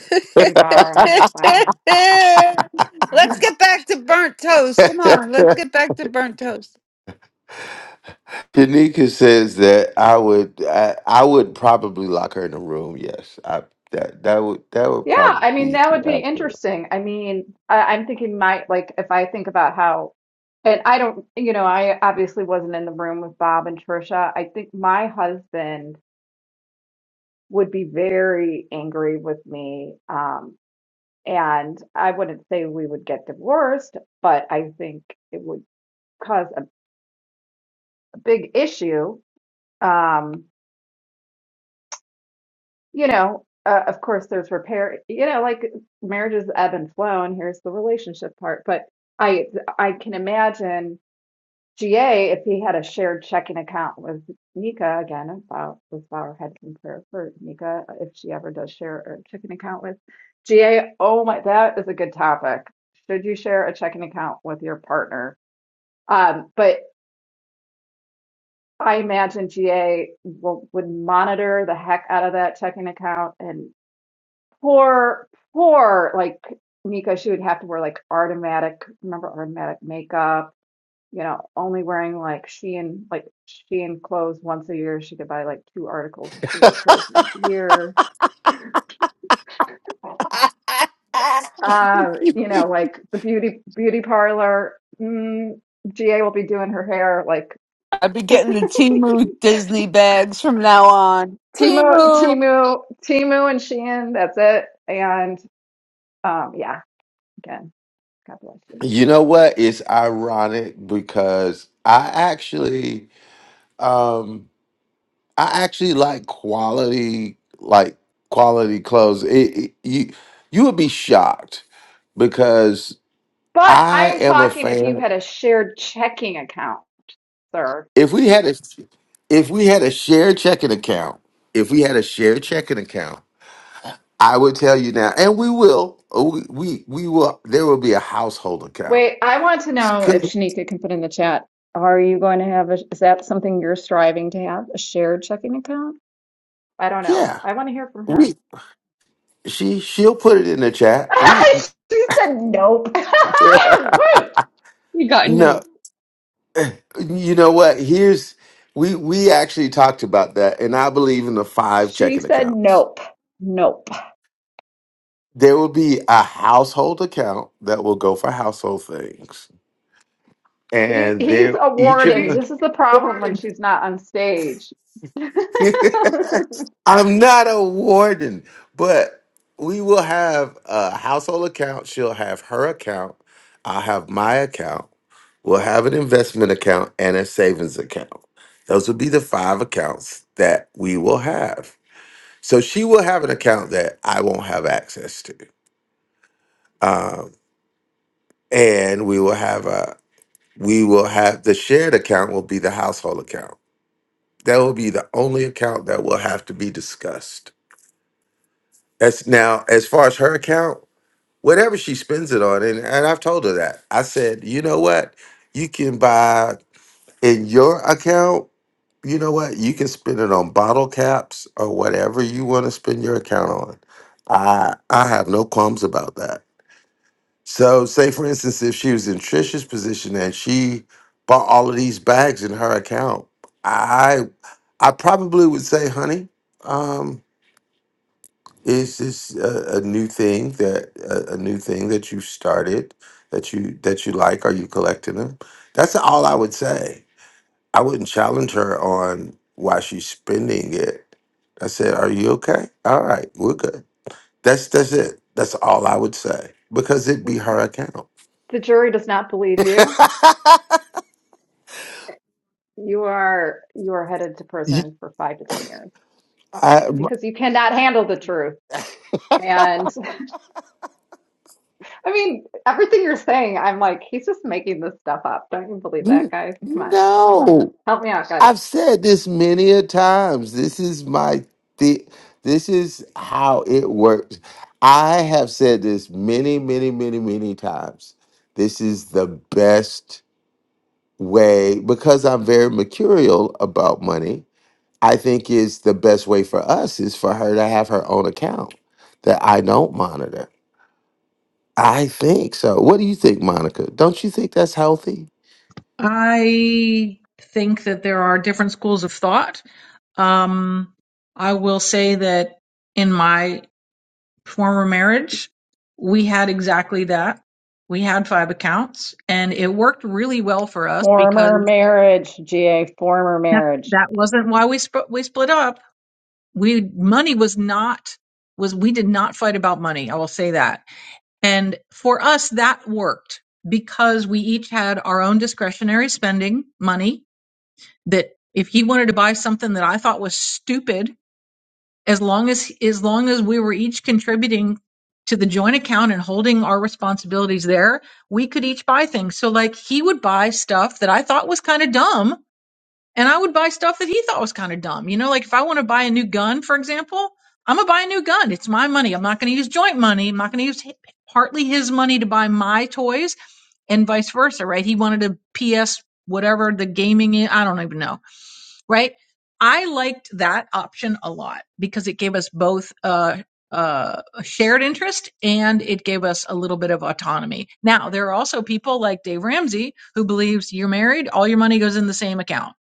[SPEAKER 20] We bow our head in silence.
[SPEAKER 2] Let's get back to burnt toast. Come on, let's get back to burnt toast.
[SPEAKER 22] Shanika says that I would I, I would probably lock her in a room. Yes, I, that that would that would
[SPEAKER 20] Yeah,
[SPEAKER 22] probably
[SPEAKER 20] I mean,
[SPEAKER 22] be
[SPEAKER 20] that would be
[SPEAKER 22] accurate.
[SPEAKER 20] interesting. I mean, I, I'm thinking my, like, if I think about how, and I don't, you know, I obviously wasn't in the room with Bob and Trisha. I think my husband would be very angry with me. Um, and I wouldn't say we would get divorced, but I think it would cause a, a big issue. Um, you know, uh, of course, there's repair, you know, like marriages ebb and flow, and here's the relationship part. But I, I can imagine. GA, if he had a shared checking account with Nika, again, if Bow- with Bauer had some prayer for Nika, if she ever does share a checking account with GA, oh my, that is a good topic. Should you share a checking account with your partner? Um, but I imagine GA will, would monitor the heck out of that checking account and poor, poor, like Nika, she would have to wear like automatic remember automatic makeup you know, only wearing like Shein, like Shein clothes once a year. She could buy like two articles of Shein clothes once a year. Uh, you know, like the beauty beauty parlor. Mm, GA will be doing her hair like Timu, Timu, Timu, and Shein. That's it. And um, yeah, again, God bless you.
[SPEAKER 22] You know what? It's ironic because I actually um I actually like quality like quality clothes. It, it- you you would be shocked because
[SPEAKER 20] But I
[SPEAKER 22] I
[SPEAKER 20] am
[SPEAKER 22] am a
[SPEAKER 20] talking if you
[SPEAKER 22] fan.
[SPEAKER 20] had a shared checking account, sir.
[SPEAKER 22] If we had a if we had a shared checking account, if we had a shared checking account, I would tell you now, and we will, we we, we will. There will be a household account.
[SPEAKER 20] Wait, I want to know if
[SPEAKER 22] 'Cause-
[SPEAKER 20] Shanika can put in the chat. Are you going to have a, is that something you're striving to have? A shared checking account? I don't know.
[SPEAKER 22] Yeah,
[SPEAKER 20] I want to hear from
[SPEAKER 22] we
[SPEAKER 20] her.
[SPEAKER 22] She she'll put it in the chat. We
[SPEAKER 20] she said nope. Woo!
[SPEAKER 23] You got no
[SPEAKER 22] no, you know what? Here's we we actually talked about that, and I believe in the five
[SPEAKER 20] She
[SPEAKER 22] checking
[SPEAKER 20] said
[SPEAKER 22] accounts.
[SPEAKER 20] nope. Nope.
[SPEAKER 22] There will be a household account that will go for household things,
[SPEAKER 20] He
[SPEAKER 22] and
[SPEAKER 20] he's
[SPEAKER 22] there
[SPEAKER 20] a
[SPEAKER 22] each of
[SPEAKER 20] warden.
[SPEAKER 22] us
[SPEAKER 20] This is the problem when she's not on stage.
[SPEAKER 22] I'm not a warden, but we will have a household account. She'll have her account. I'll have my account. We'll have an investment account and a savings account. Those will be the five accounts that we will have. So she will have an account that I won't have access to. Um, and we will have a we will have the shared account will be the household account. That will be the only account that will have to be discussed As now, as far as her account, whatever she spends it on, and, and I've told her that. I said, you know what? You can buy in your account, you know what? You can spend it on bottle caps or whatever you want to spend your account on. I I have no qualms about that. So say for instance, if she was in Trisha's position and she bought all of these bags in her account, I I probably would say, honey, um, is this a, a new thing that a, a new thing that you started that you that you like? Are you collecting them? That's all I would say. I wouldn't challenge her on why she's spending it. I said, "Are you okay? All right, we're good." That's that's it. That's all I would say because it'd be her account.
[SPEAKER 20] The jury does not believe you. You are you are headed to
[SPEAKER 22] You-
[SPEAKER 20] prison for five to ten years
[SPEAKER 22] I, m-
[SPEAKER 20] because you cannot handle the truth. and. I mean, everything you're saying, I'm like, he's just making this stuff up. Don't you believe that,
[SPEAKER 22] n-
[SPEAKER 20] guys? Come on, come on,
[SPEAKER 22] no.
[SPEAKER 20] help me out, guys.
[SPEAKER 22] I've said this many a times. This is my the this is how it works. I have said this many, many, many, many times. This is the best way because I'm very mercurial about money. I think is the best way for us is for her to have her own account that I don't monitor. I think so. What do you think, Monica? Don't you think that's healthy?
[SPEAKER 15] I think that there are different schools of thought. Um, I will say that in my former marriage, we had exactly that. We had five accounts and it worked really well for us
[SPEAKER 20] Former
[SPEAKER 15] because
[SPEAKER 20] marriage, GA, former
[SPEAKER 15] that
[SPEAKER 20] marriage.
[SPEAKER 15] that wasn't why we sp- we split up. We money was not was we did not fight about money. I will say that. And for us that worked because we each had our own discretionary spending money that if he wanted to buy something that I thought was stupid as long as as long as we were each contributing to the joint account and holding our responsibilities there, we could each buy things. So like he would buy stuff that I thought was kind of dumb and I would buy stuff that he thought was kind of dumb. You know, like if I want to buy a new gun, for example, I'm going to buy a new gun. It's my money. I'm not going to use joint money. I'm not going to use hi- partly his money to buy my toys and vice versa, right? He wanted a PS whatever the gaming is. I don't even know right? I liked that option a lot because it gave us both uh, uh, a shared interest and it gave us a little bit of autonomy. Now, there are also people like Dave Ramsey who believes you're married, all your money goes in the same account.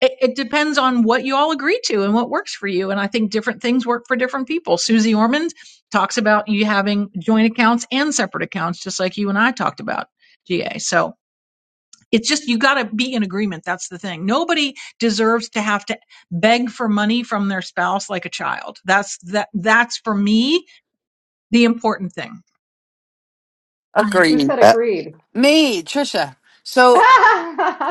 [SPEAKER 15] It, it depends on what you all agree to and what works for you. And I think different things work for different people. Susie Ormond talks about you having joint accounts and separate accounts, just like you and I talked about, GA. So, it's just you got to be in agreement. That's the thing. Nobody deserves to have to beg for money from their spouse like a child. That's that. That's for me the important thing.
[SPEAKER 20] Who
[SPEAKER 2] Agreed.
[SPEAKER 20] said
[SPEAKER 22] Uh,
[SPEAKER 20] agreed?
[SPEAKER 2] Hey, Trisha.
[SPEAKER 20] of
[SPEAKER 2] So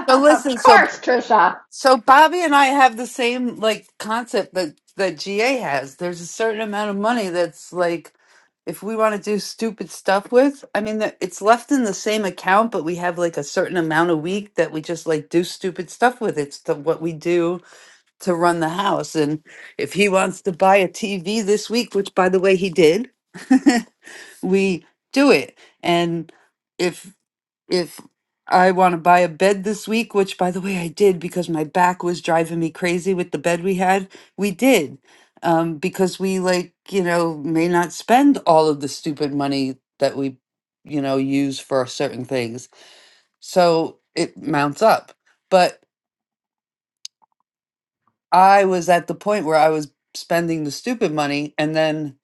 [SPEAKER 2] so listen, so
[SPEAKER 20] course, Trisha.
[SPEAKER 2] so Bobby and I have the same like concept that that GA has. There's a certain amount of money that's like if we want to do stupid stuff with, I mean that it's left in the same account, but we have like a certain amount a week that we just like do stupid stuff with. It's the, what we do to run the house. And if he wants to buy a TV this week, which by the way he did, we do it. And if if I want to buy a bed this week, which by the way, I did because my back was driving me crazy with the bed we had. We did um, because we, like, you know, may not spend all of the stupid money that we, you know, use for certain things. So it mounts up. But I was at the point where I was spending the stupid money and then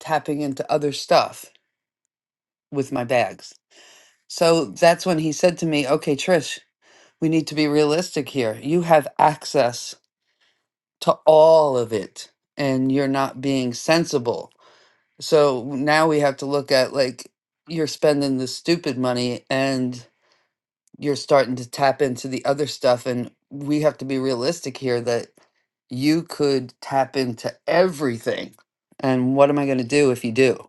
[SPEAKER 2] tapping into other stuff with my bags. So that's when he said to me, okay, Trish, we need to be realistic here. You have access to all of it and you're not being sensible. So now we have to look at like you're spending the stupid money and you're starting to tap into the other stuff and we have to be realistic here that you could tap into everything. And what am I going to do if you do?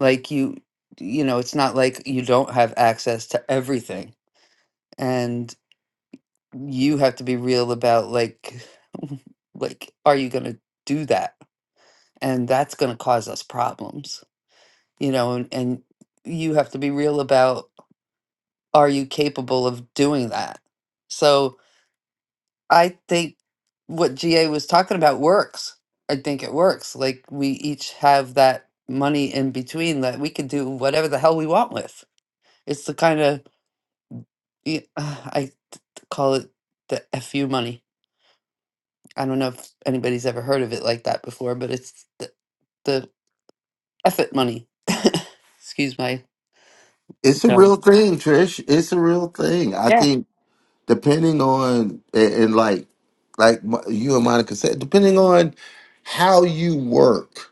[SPEAKER 2] Like you you know, it's not like you don't have access to everything. And you have to be real about like like are you going to do that? and that's going to cause us problems you know and, and you have to be real about are you capable of doing that so i think what ga was talking about works i think it works like we each have that money in between that we can do whatever the hell we want with it's the kind of i call it the fu money i don't know if anybody's ever heard of it like that before but it's the, the F it money excuse my
[SPEAKER 22] It's a
[SPEAKER 2] no
[SPEAKER 22] real thing, Trish. It's a real thing. I think depending on and, and like like Mo- you and Monica said, depending on how you work,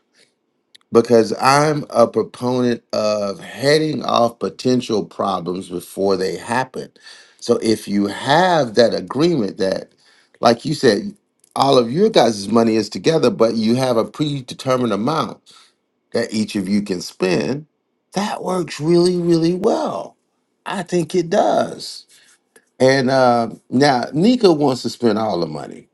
[SPEAKER 22] because I'm a proponent of heading off potential problems before they happen. So if you have that agreement that, like you said, all of your guys' money is together, but you have a predetermined amount that each of you can spend, that works really, really well. I think it does and uh, now Nika wants to spend all the money,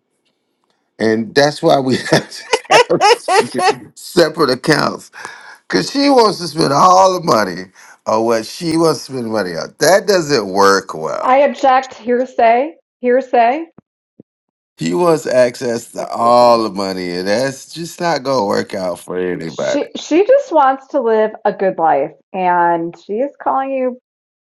[SPEAKER 22] and that's why we have to have separate accounts because she wants to spend all the money on what she wants to spend money on. That doesn't work well.
[SPEAKER 20] I object hearsay, hearsay.
[SPEAKER 22] He wants access to
[SPEAKER 20] That's hearsay.
[SPEAKER 22] all the money, and that's just not gonna work out for anybody.
[SPEAKER 20] She she just wants to live a good life and she is calling you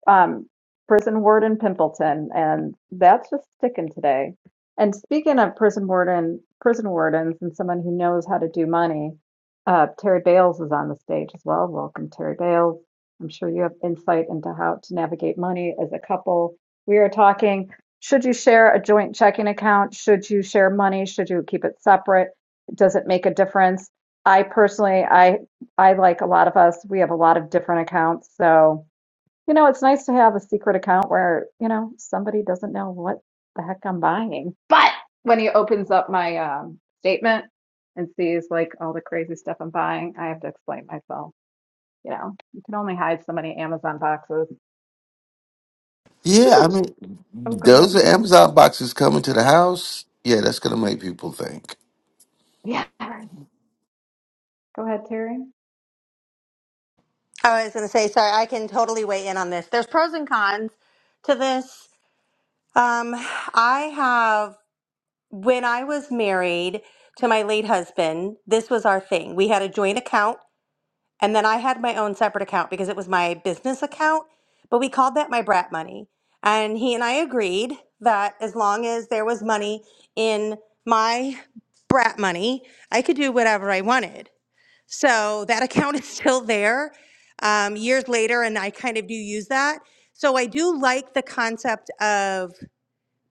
[SPEAKER 20] um, prison warden Pimpleton, and that's just sticking today. And speaking of prison warden, prison wardens, and someone who knows how to do money, uh, Terry Bales is on the stage as well. Welcome, Terry Bales. I'm sure you have insight into how to navigate money as a couple. We are talking: should you share a joint checking account? Should you share money? Should you keep it separate? Does it make a difference? I personally, I I like a lot of us. We have a lot of different accounts, so. You know, it's nice to have a secret account where, you know, somebody doesn't know what the heck I'm buying. But when he opens up my um, statement and sees like all the crazy stuff I'm buying, I have to explain myself. You know, you can only hide so many Amazon boxes. This
[SPEAKER 22] Yeah, I
[SPEAKER 20] is,
[SPEAKER 22] mean,
[SPEAKER 20] oh, go ahead.
[SPEAKER 22] those are Amazon boxes coming to the house. Yeah, that's gonna make people think
[SPEAKER 20] Yeah, go ahead, Terry.
[SPEAKER 24] I was going to say, sorry, I can totally weigh in on this. There's pros and cons to this. Um, I have, when I was married to my late husband, this was our thing. We had a joint account, and then I had my own separate account because it was my business account, but we called that my brat money. And he and I agreed that as long as there was money in my brat money, I could do whatever I wanted. So that account is still there um, years later, and I kind of do use that. So I do like the concept of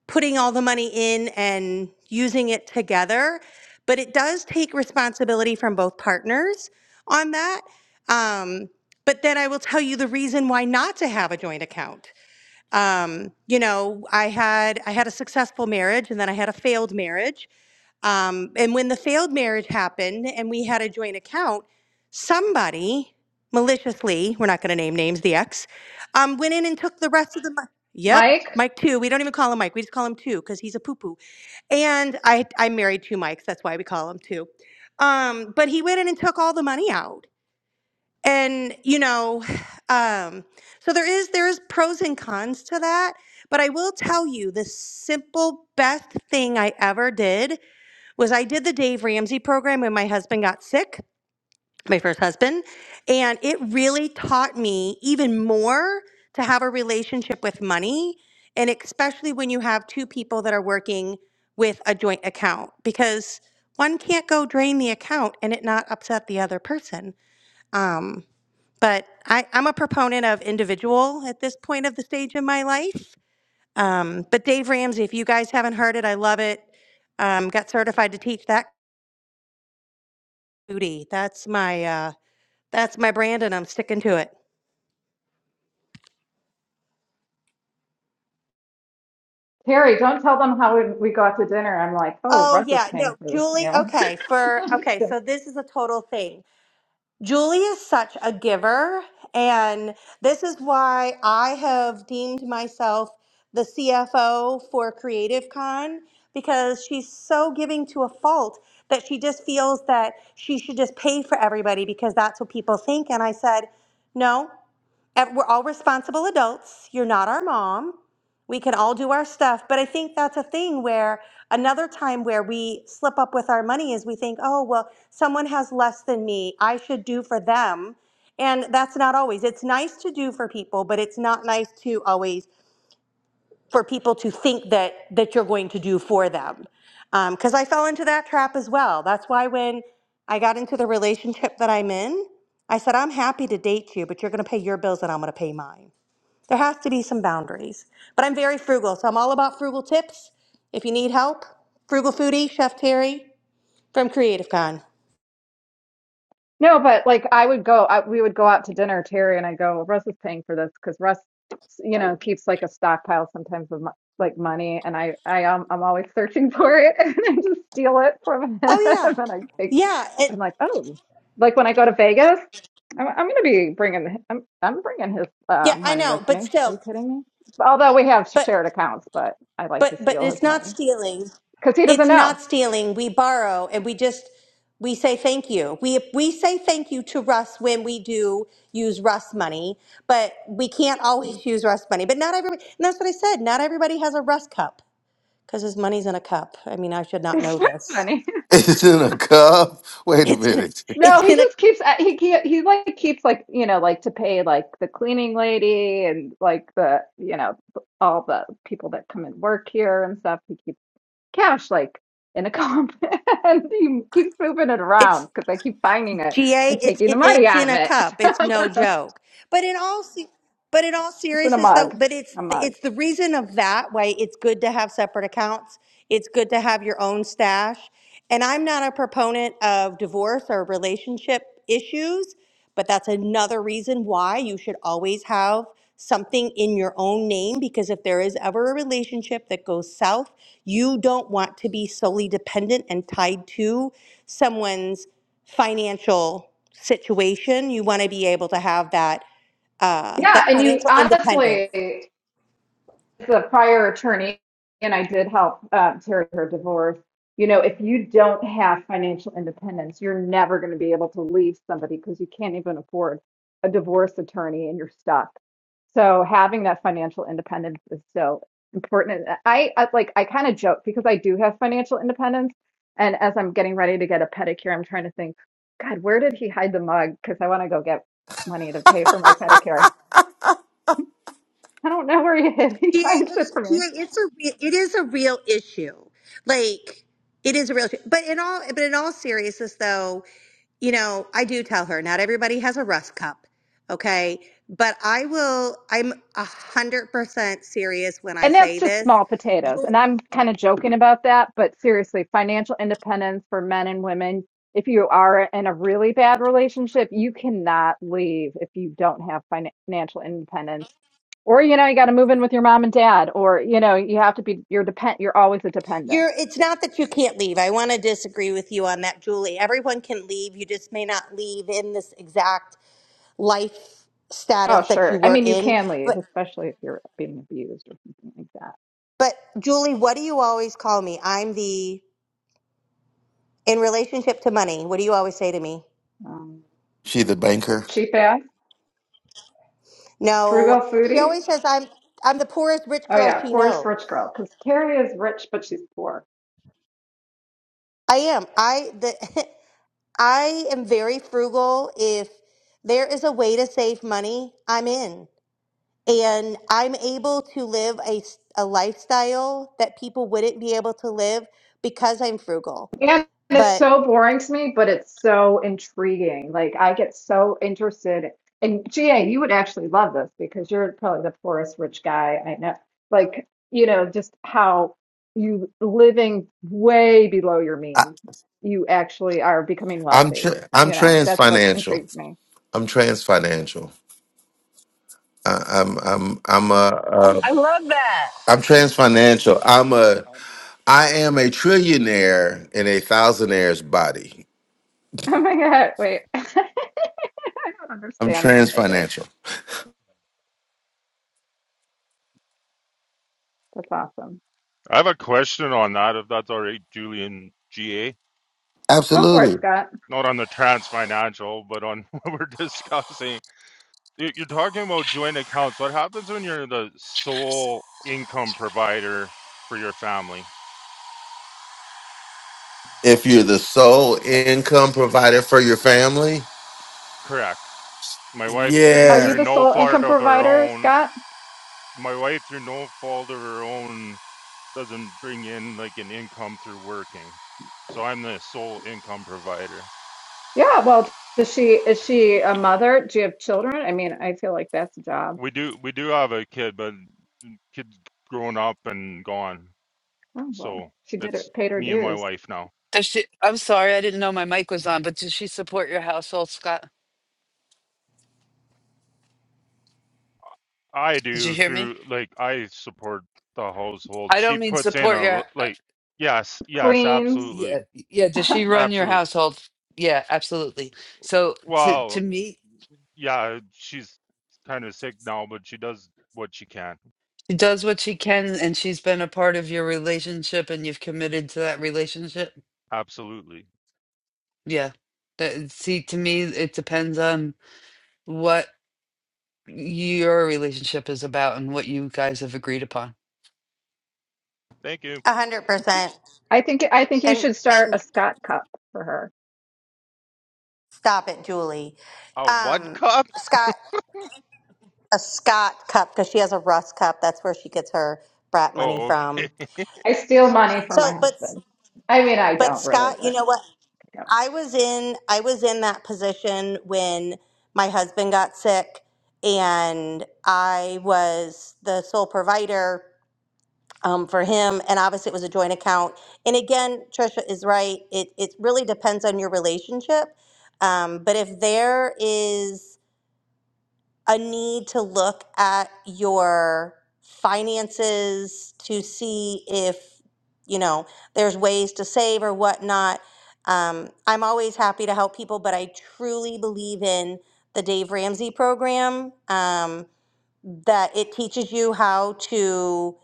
[SPEAKER 24] putting all the money in and using it together, but it does take responsibility from both partners on that. Um, but then I will tell you the reason why not to have a joint account. Um, you know, I had I had a successful marriage, and then I had a failed marriage, um, and when the failed marriage happened and we had a joint account, somebody maliciously, we're not going to name names, the ex, um, went in and took the rest of the money. Yep,
[SPEAKER 20] Mike,
[SPEAKER 24] Mike two. We don't even call him Mike. We just call him two because he's a poo poo. And I, I'm married to Mikes. That's why we call him two. Um, but he went in and took all the money out. And you know, um, so there is there is pros and cons to that. But I will tell you, the simple best thing I ever did was I did the Dave Ramsey program when my husband got sick, my first husband, and it really taught me even more to have a relationship with money, and especially when you have two people that are working with a joint account because one can't go drain the account and it not upset the other person. Um, but I, I'm a proponent of individual at this point of the stage in my life. Um, but Dave Ramsey, if you guys haven't heard it, I love it um, got certified to teach that Foodie. That's my uh that's my brand and I'm sticking to it.
[SPEAKER 20] Terry, don't tell them how we, we got to dinner. I'm like, oh,
[SPEAKER 24] Oh
[SPEAKER 20] Russ is
[SPEAKER 24] yeah, no,
[SPEAKER 20] paying for this
[SPEAKER 24] Julie,
[SPEAKER 20] meal.
[SPEAKER 24] okay, for okay,
[SPEAKER 20] So
[SPEAKER 24] so this is a total thing. Julie is such a giver and this is why I have deemed myself the CFO for Creative Con because she's so giving to a fault that she just feels that she should just pay for everybody because that's what people think and I said, "No, ev- we're all responsible adults. You're not our mom. We can all do our stuff. But I think that's a thing where another time where we slip up with our money is we think, oh, well, someone has less than me. I should do for them. And that's not always. It's nice to do for people, but it's not nice to always for people to think that that you're going to do for them. Because I fell into that trap as well. That's why when I got into the relationship that I'm in, I said, I'm happy to date you, but you're going to pay your bills and I'm going to pay mine. There has to be some boundaries. But I'm very frugal, so I'm all about frugal tips. If you need help, frugal foodie, Chef Terry from Creative Con.
[SPEAKER 20] No, but like I would go, I, we would go out to dinner, Terry and I go, "Well, Russ is paying for this because Russ, you know, keeps like a stockpile sometimes of mo- like money, and I, I um, I'm always searching for it, and I just steal it from him,
[SPEAKER 24] Oh
[SPEAKER 20] and
[SPEAKER 24] yeah,
[SPEAKER 20] I take,
[SPEAKER 24] yeah, it,
[SPEAKER 20] I'm like, oh, like when I go to Vegas, I'm, I'm gonna be bringing, i am I'm, I'm bringing his uh,
[SPEAKER 24] yeah. I
[SPEAKER 20] money with
[SPEAKER 24] know, but
[SPEAKER 20] me. Are you
[SPEAKER 24] still,
[SPEAKER 20] kidding me? Although we have
[SPEAKER 24] but
[SPEAKER 20] shared accounts, but I like to
[SPEAKER 24] but but
[SPEAKER 20] steal his
[SPEAKER 24] it's not
[SPEAKER 20] money
[SPEAKER 24] stealing.
[SPEAKER 20] because he doesn't
[SPEAKER 24] It's
[SPEAKER 20] know.
[SPEAKER 24] not stealing. We borrow, and we just we say thank you. We we say thank you to Russ when we do use Russ money, but we can't always use Russ money. But not everybody. And that's what I said. Not everybody has a Russ cup. Because his money's in a cup. I mean, I should not know
[SPEAKER 20] It's not
[SPEAKER 24] this.
[SPEAKER 20] funny.
[SPEAKER 22] it's in a cup. Wait a
[SPEAKER 24] It's in,
[SPEAKER 22] minute,
[SPEAKER 20] No,
[SPEAKER 24] it's
[SPEAKER 20] he
[SPEAKER 24] in a,
[SPEAKER 20] just keeps uh, he he he like keeps like you know like to pay like the cleaning lady and like the you know all the people that come and work here and stuff. He keeps cash like in a comp and he keeps moving it around
[SPEAKER 24] it's
[SPEAKER 20] because I keep finding it
[SPEAKER 24] GA,
[SPEAKER 20] and
[SPEAKER 24] it's,
[SPEAKER 20] taking the
[SPEAKER 24] it,
[SPEAKER 20] money
[SPEAKER 24] it's
[SPEAKER 20] out
[SPEAKER 24] in
[SPEAKER 20] of
[SPEAKER 24] a
[SPEAKER 20] it.
[SPEAKER 24] cup. It's no joke. But in all, se- but in all
[SPEAKER 20] It's in a
[SPEAKER 24] seriousness though,
[SPEAKER 20] mug,
[SPEAKER 24] but it's,
[SPEAKER 20] a mug.
[SPEAKER 24] it's the reason of that why it's good to have separate accounts. It's good to have your own stash. And I'm not a proponent of divorce or relationship issues. But that's another reason why you should always have something in your own name because if there is ever a relationship that goes south, you don't want to be solely dependent and tied to someone's financial situation. You want to be able to have that uh,
[SPEAKER 20] Yeah,
[SPEAKER 24] that
[SPEAKER 20] and you
[SPEAKER 24] financial independence.
[SPEAKER 20] honestly. the prior attorney, and I did help um, Terry her divorce. You know, if you don't have financial independence, you're never going to be able to leave somebody because you can't even afford a divorce attorney and you're stuck. So having that financial independence is so important. And I, I like I kind of joke because I do have financial independence, and as I'm getting ready to get a pedicure, I'm trying to think, God, where did he hide the mug? Because I want to go get money to pay for my pedicure. I don't know where he hid. He
[SPEAKER 24] GA,
[SPEAKER 20] hides it
[SPEAKER 24] it's
[SPEAKER 20] from me
[SPEAKER 24] GA, it's a re- it is a real issue. Like it is a real issue. But in all but in all seriousness though, you know, I do tell her not everybody has a rust cup, okay? But I will. I'm a hundred percent serious when I
[SPEAKER 20] And that's
[SPEAKER 24] say
[SPEAKER 20] just
[SPEAKER 24] this.
[SPEAKER 20] small potatoes. And I'm kind of joking about that, but seriously, financial independence for men and women, if you are in a really bad relationship, you cannot leave if you don't have fin- financial independence. Or, you know, you got to move in with your mom and dad, or, you know, you have to be, you're depend, you're always a dependent.
[SPEAKER 24] You're. It's not that you can't leave. I want to disagree with you on that, Julie. Everyone can leave. You just may not leave in this exact life
[SPEAKER 20] Oh,
[SPEAKER 24] status that you
[SPEAKER 20] sure. I
[SPEAKER 24] were
[SPEAKER 20] mean, you
[SPEAKER 24] in.
[SPEAKER 20] can leave,
[SPEAKER 24] But
[SPEAKER 20] especially if you're being abused or something like that.
[SPEAKER 24] but Julie, what do you always call me? I'm the in relationship to money. What do you always say to me?
[SPEAKER 20] Um,
[SPEAKER 22] she the banker.
[SPEAKER 20] cheap ass,
[SPEAKER 24] No,
[SPEAKER 20] frugal
[SPEAKER 24] she
[SPEAKER 20] foodie.
[SPEAKER 24] always says I'm I'm the poorest rich
[SPEAKER 20] Oh
[SPEAKER 24] girl
[SPEAKER 20] yeah,
[SPEAKER 24] she
[SPEAKER 20] poorest rich
[SPEAKER 24] knows.
[SPEAKER 20] girl. Because Terry is rich, but she's poor.
[SPEAKER 24] I am. I the I am very frugal. If there is a way to save money, I'm in. And I'm able to live a, s- a lifestyle that people wouldn't be able to live because I'm frugal.
[SPEAKER 20] And it's
[SPEAKER 24] But
[SPEAKER 20] so boring to me, but it's so intriguing. Like I get so interested. And GA, you would actually love this because you're probably the poorest rich guy I know. Like, you know, just how you living way below your means, you actually are becoming
[SPEAKER 22] I'm
[SPEAKER 20] wealthy.
[SPEAKER 22] tr- I'm
[SPEAKER 20] You know,
[SPEAKER 22] trans
[SPEAKER 20] that's what
[SPEAKER 22] financial.
[SPEAKER 20] intrigues me.
[SPEAKER 22] I'm trans financial. I- I'm I'm I'm a uh, I'm trans financial. I'm a I am a trillionaire in a thousandaires body.
[SPEAKER 20] Oh my God, wait. I don't
[SPEAKER 22] I'm
[SPEAKER 20] understand that,
[SPEAKER 22] trans
[SPEAKER 20] but I do.
[SPEAKER 22] financial.
[SPEAKER 20] That's awesome.
[SPEAKER 25] I have a question on that, if that's all right, Julian GA.
[SPEAKER 20] Go for it,
[SPEAKER 22] Absolutely.
[SPEAKER 20] Scott.
[SPEAKER 25] Not on the trans financial, but on what we're discussing. You- You're talking about joint accounts. What happens when you're the sole income provider for your family?
[SPEAKER 22] If you're the sole income provider for your family,
[SPEAKER 25] Correct. My wife, mm,
[SPEAKER 20] Are you
[SPEAKER 22] yeah,
[SPEAKER 25] through
[SPEAKER 20] the
[SPEAKER 25] no
[SPEAKER 20] sole
[SPEAKER 25] fault
[SPEAKER 20] income
[SPEAKER 25] of her
[SPEAKER 20] provider,
[SPEAKER 25] own,
[SPEAKER 20] Scott?
[SPEAKER 25] my wife, through no fault of her own, doesn't bring in like an income through working. So I'm the sole income provider.
[SPEAKER 20] Yeah, well, does she is she a mother? Do you have children? I mean, I feel like that's a job.
[SPEAKER 25] We do we do have a kid, but kid's grown up and gone.
[SPEAKER 20] Oh well,
[SPEAKER 25] So
[SPEAKER 20] she did
[SPEAKER 25] it's
[SPEAKER 20] it, paid her
[SPEAKER 25] me and my
[SPEAKER 20] dues.
[SPEAKER 25] wife now.
[SPEAKER 2] Does she? I'm sorry, I didn't know my mic was on. But does she support your household, Scott?
[SPEAKER 25] I
[SPEAKER 2] Did you
[SPEAKER 25] do
[SPEAKER 2] hear me?
[SPEAKER 25] through like I support the household.
[SPEAKER 2] I
[SPEAKER 25] She
[SPEAKER 2] don't mean
[SPEAKER 25] puts in a
[SPEAKER 2] support your.
[SPEAKER 25] l-
[SPEAKER 2] Uh,
[SPEAKER 25] like yes, yes,
[SPEAKER 20] Cleans.
[SPEAKER 25] absolutely.
[SPEAKER 2] yeah, yeah. Does she run your
[SPEAKER 25] Absolutely.
[SPEAKER 2] household? Yeah, absolutely. So to
[SPEAKER 25] Well,
[SPEAKER 2] to me,
[SPEAKER 25] yeah, she's kind of sick now, but she does what she can.
[SPEAKER 2] she does what she can, and she's been a part of your relationship, and you've committed to that relationship.
[SPEAKER 25] Absolutely.
[SPEAKER 2] Yeah. That- see, to me, it depends on what your relationship is about and what you guys have agreed upon.
[SPEAKER 25] Thank you.
[SPEAKER 24] 100%.
[SPEAKER 20] I think I think you
[SPEAKER 24] And
[SPEAKER 20] should start
[SPEAKER 24] and
[SPEAKER 20] a Scott cup for her.
[SPEAKER 24] stop it, Julie.
[SPEAKER 25] A what
[SPEAKER 24] Um
[SPEAKER 25] cup?
[SPEAKER 24] Scott a Scott cup cuz she has a Russ cup. That's where she gets her brat money
[SPEAKER 25] Oh, okay.
[SPEAKER 24] from.
[SPEAKER 20] I steal money from my
[SPEAKER 24] So, but
[SPEAKER 20] husband. I mean, I
[SPEAKER 24] but
[SPEAKER 20] don't really,
[SPEAKER 24] Scott, you
[SPEAKER 20] but
[SPEAKER 24] know what?
[SPEAKER 20] you know.
[SPEAKER 24] I was in I was in that position when my husband got sick and I was the sole provider um, for him and obviously it was a joint account and again Trisha is right it, it really depends on your relationship um, but if there is a need to look at your finances to see if you know there's ways to save or whatnot um, i'm always happy to help people but i truly believe in the dave ramsey program um, that it teaches you how to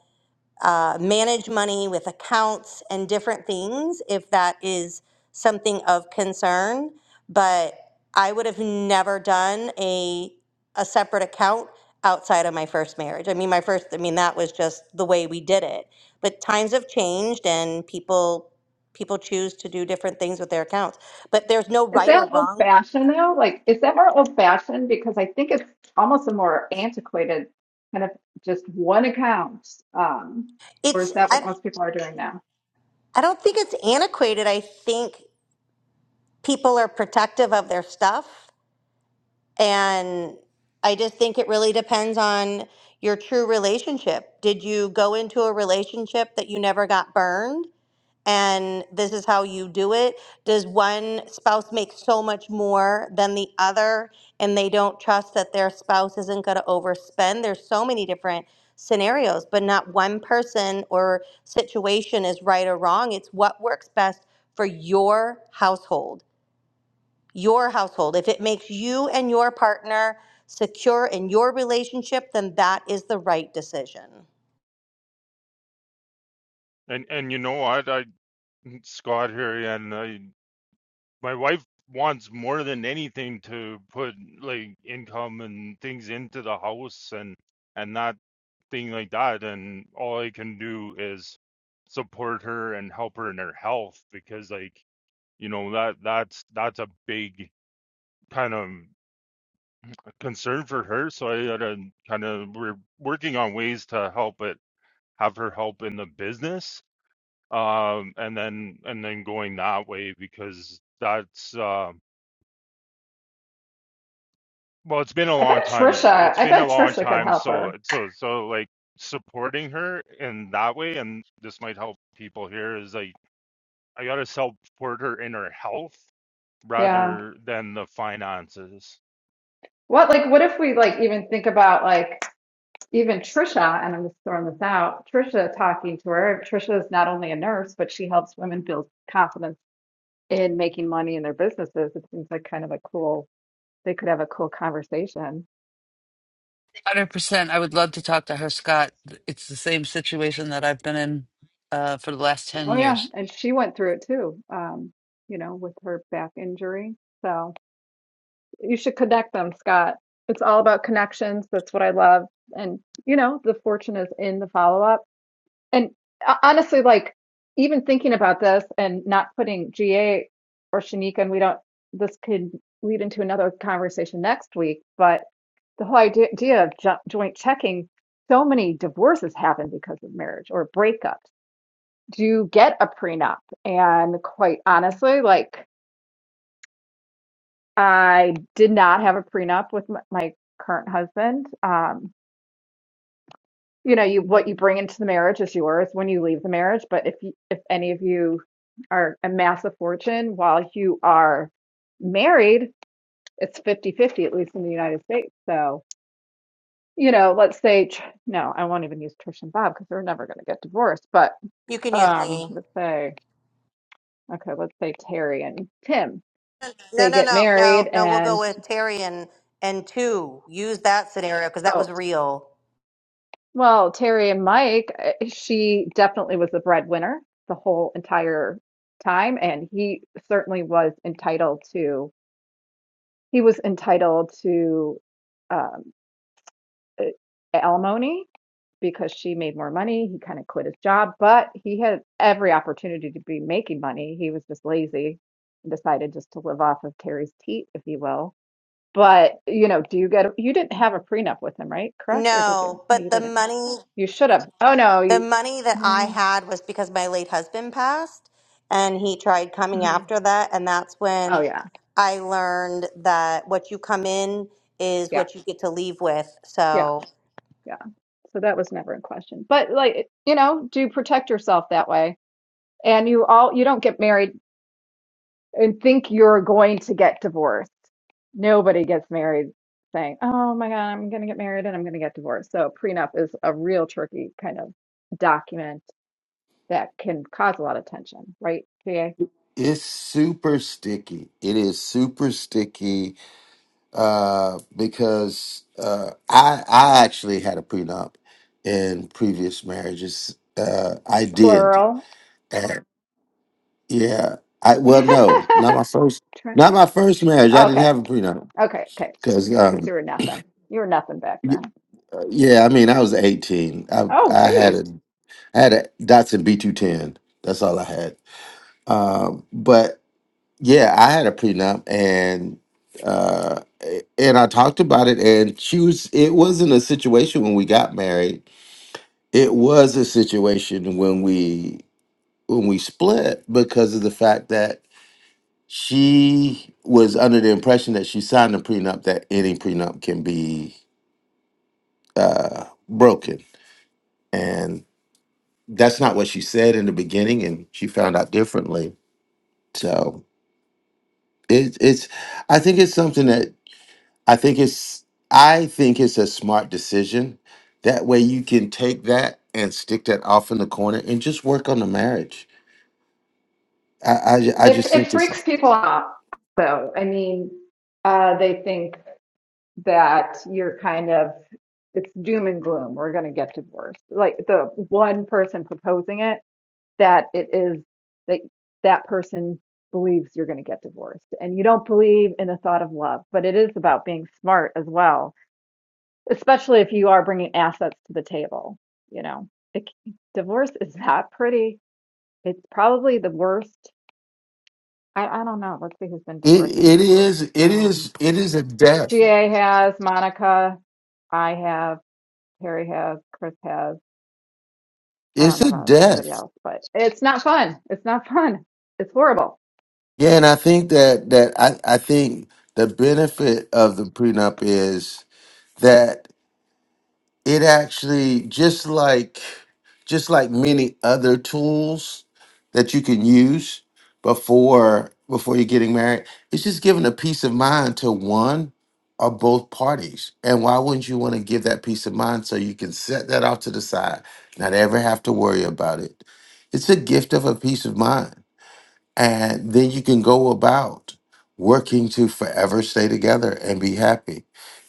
[SPEAKER 24] uh, manage money with accounts and different things if that is something of concern. But I would have never done a a separate account outside of my first marriage. I mean, my first, I mean, that was just the way we did it. But times have changed, and people people choose to do different things with their accounts. But there's no
[SPEAKER 20] Is
[SPEAKER 24] right or
[SPEAKER 20] that old
[SPEAKER 24] wrong.
[SPEAKER 20] fashioned though? Like, is that more old fashioned? Because I think it's almost a more antiquated kind of just one account. Um, or
[SPEAKER 24] It's
[SPEAKER 20] is that
[SPEAKER 24] I
[SPEAKER 20] what most people are doing now?
[SPEAKER 24] I don't think it's antiquated. I think people are protective of their stuff And I just think it really depends on your true relationship. Did you go into a relationship that you never got burned? And this is how you do it. Does one spouse make so much more than the other and they don't trust that their spouse isn't going to overspend? There's so many different scenarios, but not one person or situation is right or wrong. It's what works best for your household your household. If it makes you and your partner secure in your relationship, then that is the right decision.
[SPEAKER 25] And and you know what? I Scott here and I my wife wants more than anything to put like income and things into the house and and that thing like that and all i can do is support her and help her in her health because like you know that that's that's a big kind of concern for her so i gotta kind of we're working on ways to help it have her help in the business um and then and then going that way because that's um well it's been a
[SPEAKER 20] I
[SPEAKER 25] long
[SPEAKER 20] bet
[SPEAKER 25] time
[SPEAKER 20] Trisha,
[SPEAKER 25] it's
[SPEAKER 20] I
[SPEAKER 25] been a
[SPEAKER 20] bet
[SPEAKER 25] long
[SPEAKER 20] Trisha could
[SPEAKER 25] time
[SPEAKER 20] help
[SPEAKER 25] so
[SPEAKER 20] her.
[SPEAKER 25] so so like supporting her in that way and this might help people here is like I gotta support her inner health
[SPEAKER 20] Yeah.
[SPEAKER 25] rather than the finances.
[SPEAKER 20] What like what if we like even think about like even Trisha, and I'm just throwing this out, Trisha talking to her. Trisha is not only a nurse, but she helps women build confidence in making money in their businesses. It seems like kind of a cool they could have a cool conversation.
[SPEAKER 2] Hundred percent. I would love to talk to her, Scott. It's the same situation that I've been in uh, for the last ten
[SPEAKER 20] Oh yeah.
[SPEAKER 2] years.
[SPEAKER 20] And she went through it too, um, you know, with her back injury. So you should connect them, Scott. It's all about connections. That's what I love. And you know, the fortune is in the follow up And uh, honestly, like even thinking about this and not putting GA or Shanika, and we don't, this could lead into another conversation next week, but the whole idea idea of jo joint checking, so many divorces happen because of marriage or breakups. Do you get a prenup? And quite honestly, like I did not have a prenup with my, my current husband. Um, you know you what you bring into the marriage is yours when you leave the marriage but if you, if any of you are amass a fortune while you are married it's fifty fifty at least in the united states so you know let's say Tr- no i won't even use trish and bob because they're never going to get divorced but
[SPEAKER 24] You can use
[SPEAKER 20] um
[SPEAKER 24] me.
[SPEAKER 20] let's say okay let's say terry and tim
[SPEAKER 24] No,
[SPEAKER 20] they
[SPEAKER 24] no,
[SPEAKER 20] get
[SPEAKER 24] no,
[SPEAKER 20] married
[SPEAKER 24] no, no. We'll
[SPEAKER 20] and
[SPEAKER 24] go with Terry and and two. Use that scenario because that
[SPEAKER 20] oh
[SPEAKER 24] was real.
[SPEAKER 20] Well, Terry and Mike, eh, she definitely was the breadwinner the whole entire time, and he certainly was entitled to he was entitled to um, eh, alimony because she made more money. He kind of quit his job, but he had every opportunity to be making money. He was just lazy and decided just to live off of Terry's teat, if you will. But, you know, do you get you didn't have a prenup with him, right? Correct? Or did you?
[SPEAKER 24] No,
[SPEAKER 20] No,
[SPEAKER 24] but
[SPEAKER 20] you
[SPEAKER 24] the
[SPEAKER 20] didn't.
[SPEAKER 24] money,
[SPEAKER 20] You should have. Oh no,
[SPEAKER 24] the
[SPEAKER 20] you.
[SPEAKER 24] money that I
[SPEAKER 20] Mm-hmm.
[SPEAKER 24] had was because my late husband passed, and he tried coming
[SPEAKER 20] mm-hmm.
[SPEAKER 24] after that, and that's
[SPEAKER 20] Oh
[SPEAKER 24] when
[SPEAKER 20] yeah,
[SPEAKER 24] I learned that what you come in is
[SPEAKER 20] yeah,
[SPEAKER 24] what you get to leave with.
[SPEAKER 20] yeah,
[SPEAKER 24] So.
[SPEAKER 20] yeah. So that was never in question. But like, you know, do protect yourself that way. And you all, you don't get married and think you're going to get divorced. Nobody gets married saying, "Oh my God, I'm going to get married and I'm going to get divorced." So prenup is a real tricky kind of document that can cause a lot of tension, right? PA
[SPEAKER 22] it's super sticky. It is super sticky uh, because uh, I I actually had a prenup in previous marriages. Uh, I did.
[SPEAKER 20] plural.
[SPEAKER 22] Uh, yeah. I well, no, not my
[SPEAKER 20] Tran-
[SPEAKER 22] first, not my first marriage. I didn't
[SPEAKER 20] Okay.
[SPEAKER 22] have a prenup
[SPEAKER 20] Okay, okay.
[SPEAKER 22] because,
[SPEAKER 20] Because
[SPEAKER 22] um,
[SPEAKER 20] you were nothing. You were nothing back
[SPEAKER 22] y-
[SPEAKER 20] then.
[SPEAKER 22] yeah, I mean, I was eighteen. I
[SPEAKER 20] Oh,
[SPEAKER 22] I had
[SPEAKER 20] geez.
[SPEAKER 22] a I had a Datsun B two ten. That's all I had. Um, but Yeah, I had a prenup and uh and I talked about it and she was it wasn't a situation when we got married. It was a situation when we when we split because of the fact that she was under the impression that she signed a prenup that any prenup can be uh broken. And that's not what she said in the beginning and she found out differently. So it, it's I think it's something that I think it's I think it's a smart decision. That way you can take that and stick that off in the corner and just work on the marriage. I I, ju- I
[SPEAKER 20] It
[SPEAKER 22] just think
[SPEAKER 20] it
[SPEAKER 22] this
[SPEAKER 20] freaks
[SPEAKER 22] is-
[SPEAKER 20] people out, though. I mean, uh, they think that you're kind of it's doom and gloom. We're going to get divorced. Like the one person proposing it, that it is that that person believes you're going to get divorced, and you don't believe in the thought of love. But it is about being smart as well especially if you are bringing assets to the table. You know, it, divorce is not pretty. It's probably the worst. I, I don't know. Let's see who's been
[SPEAKER 22] it
[SPEAKER 20] divorced on the
[SPEAKER 22] it
[SPEAKER 20] stage.
[SPEAKER 22] is it
[SPEAKER 20] Um,
[SPEAKER 22] is it is a death.
[SPEAKER 20] GA has, Monica, I have, Harry has, Chris has. I
[SPEAKER 22] It's
[SPEAKER 20] don't know
[SPEAKER 22] a
[SPEAKER 20] about anybody
[SPEAKER 22] death.
[SPEAKER 20] else, but it's not fun. It's not fun. It's horrible.
[SPEAKER 22] Yeah, and I think that that I, I think the benefit of the prenup is that. it actually just like just like many other tools that you can use before before you're getting married it's just giving a peace of mind to one or both parties and why wouldn't you want to give that peace of mind so you can set that off to the side not ever have to worry about it it's a gift of a peace of mind and then you can go about working to forever stay together and be happy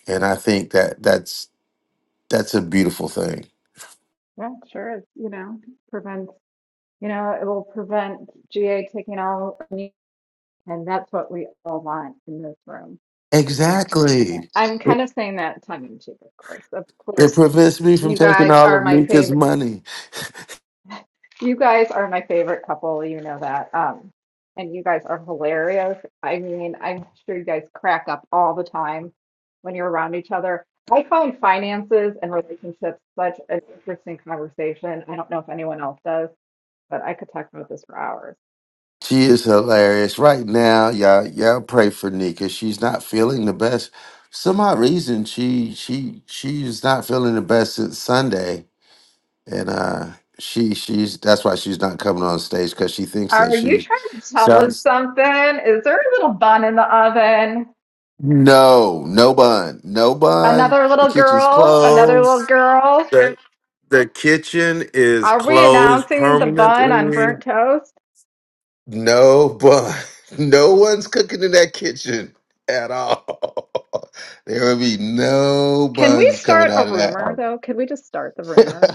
[SPEAKER 22] and i think that that's that's a beautiful thing
[SPEAKER 20] Yeah, sure. It's, you know, prevents, you know, it will prevent GA taking all, and that's what we all want in this room And I'm kind of saying that.
[SPEAKER 22] Exactly.
[SPEAKER 20] I'm
[SPEAKER 22] It,
[SPEAKER 20] kind of saying that tongue in cheek, of course. Of
[SPEAKER 22] it
[SPEAKER 20] course,
[SPEAKER 22] prevents me from
[SPEAKER 20] you
[SPEAKER 22] taking
[SPEAKER 20] guys
[SPEAKER 22] all
[SPEAKER 20] are
[SPEAKER 22] of
[SPEAKER 20] my
[SPEAKER 22] Nika's
[SPEAKER 20] favorite.
[SPEAKER 22] money.
[SPEAKER 20] You guys are my favorite couple. You know that. Um, and you guys are hilarious. I mean, I'm sure you guys crack up all the time when you're around each other. I find finances and relationships such an interesting conversation. I don't know if anyone else does, but I could talk about this for hours.
[SPEAKER 22] She is hilarious. Right now, y'all y'all pray for Nika. She's not feeling the best. Some odd reason she she she's not feeling the best since Sunday. And uh she she's that's why she's not coming on stage because she thinks that
[SPEAKER 20] Are you
[SPEAKER 22] she
[SPEAKER 20] trying to tell us
[SPEAKER 22] sounds
[SPEAKER 20] something? Is there a little bun in the oven?
[SPEAKER 22] no, no bun. No bun.
[SPEAKER 20] Another
[SPEAKER 22] The
[SPEAKER 20] little
[SPEAKER 22] kitchen's
[SPEAKER 20] girl, another
[SPEAKER 22] closed.
[SPEAKER 20] little girl.
[SPEAKER 22] The, the kitchen is
[SPEAKER 20] Are we
[SPEAKER 22] closed
[SPEAKER 20] announcing the bun on
[SPEAKER 22] permanently.
[SPEAKER 20] burnt toast?
[SPEAKER 22] No, but no one's cooking in that kitchen at all. There will be no
[SPEAKER 20] Can we
[SPEAKER 22] buns coming
[SPEAKER 20] start a
[SPEAKER 22] out of that.
[SPEAKER 20] rumor
[SPEAKER 22] oven.
[SPEAKER 20] though? Can we just start the rumor?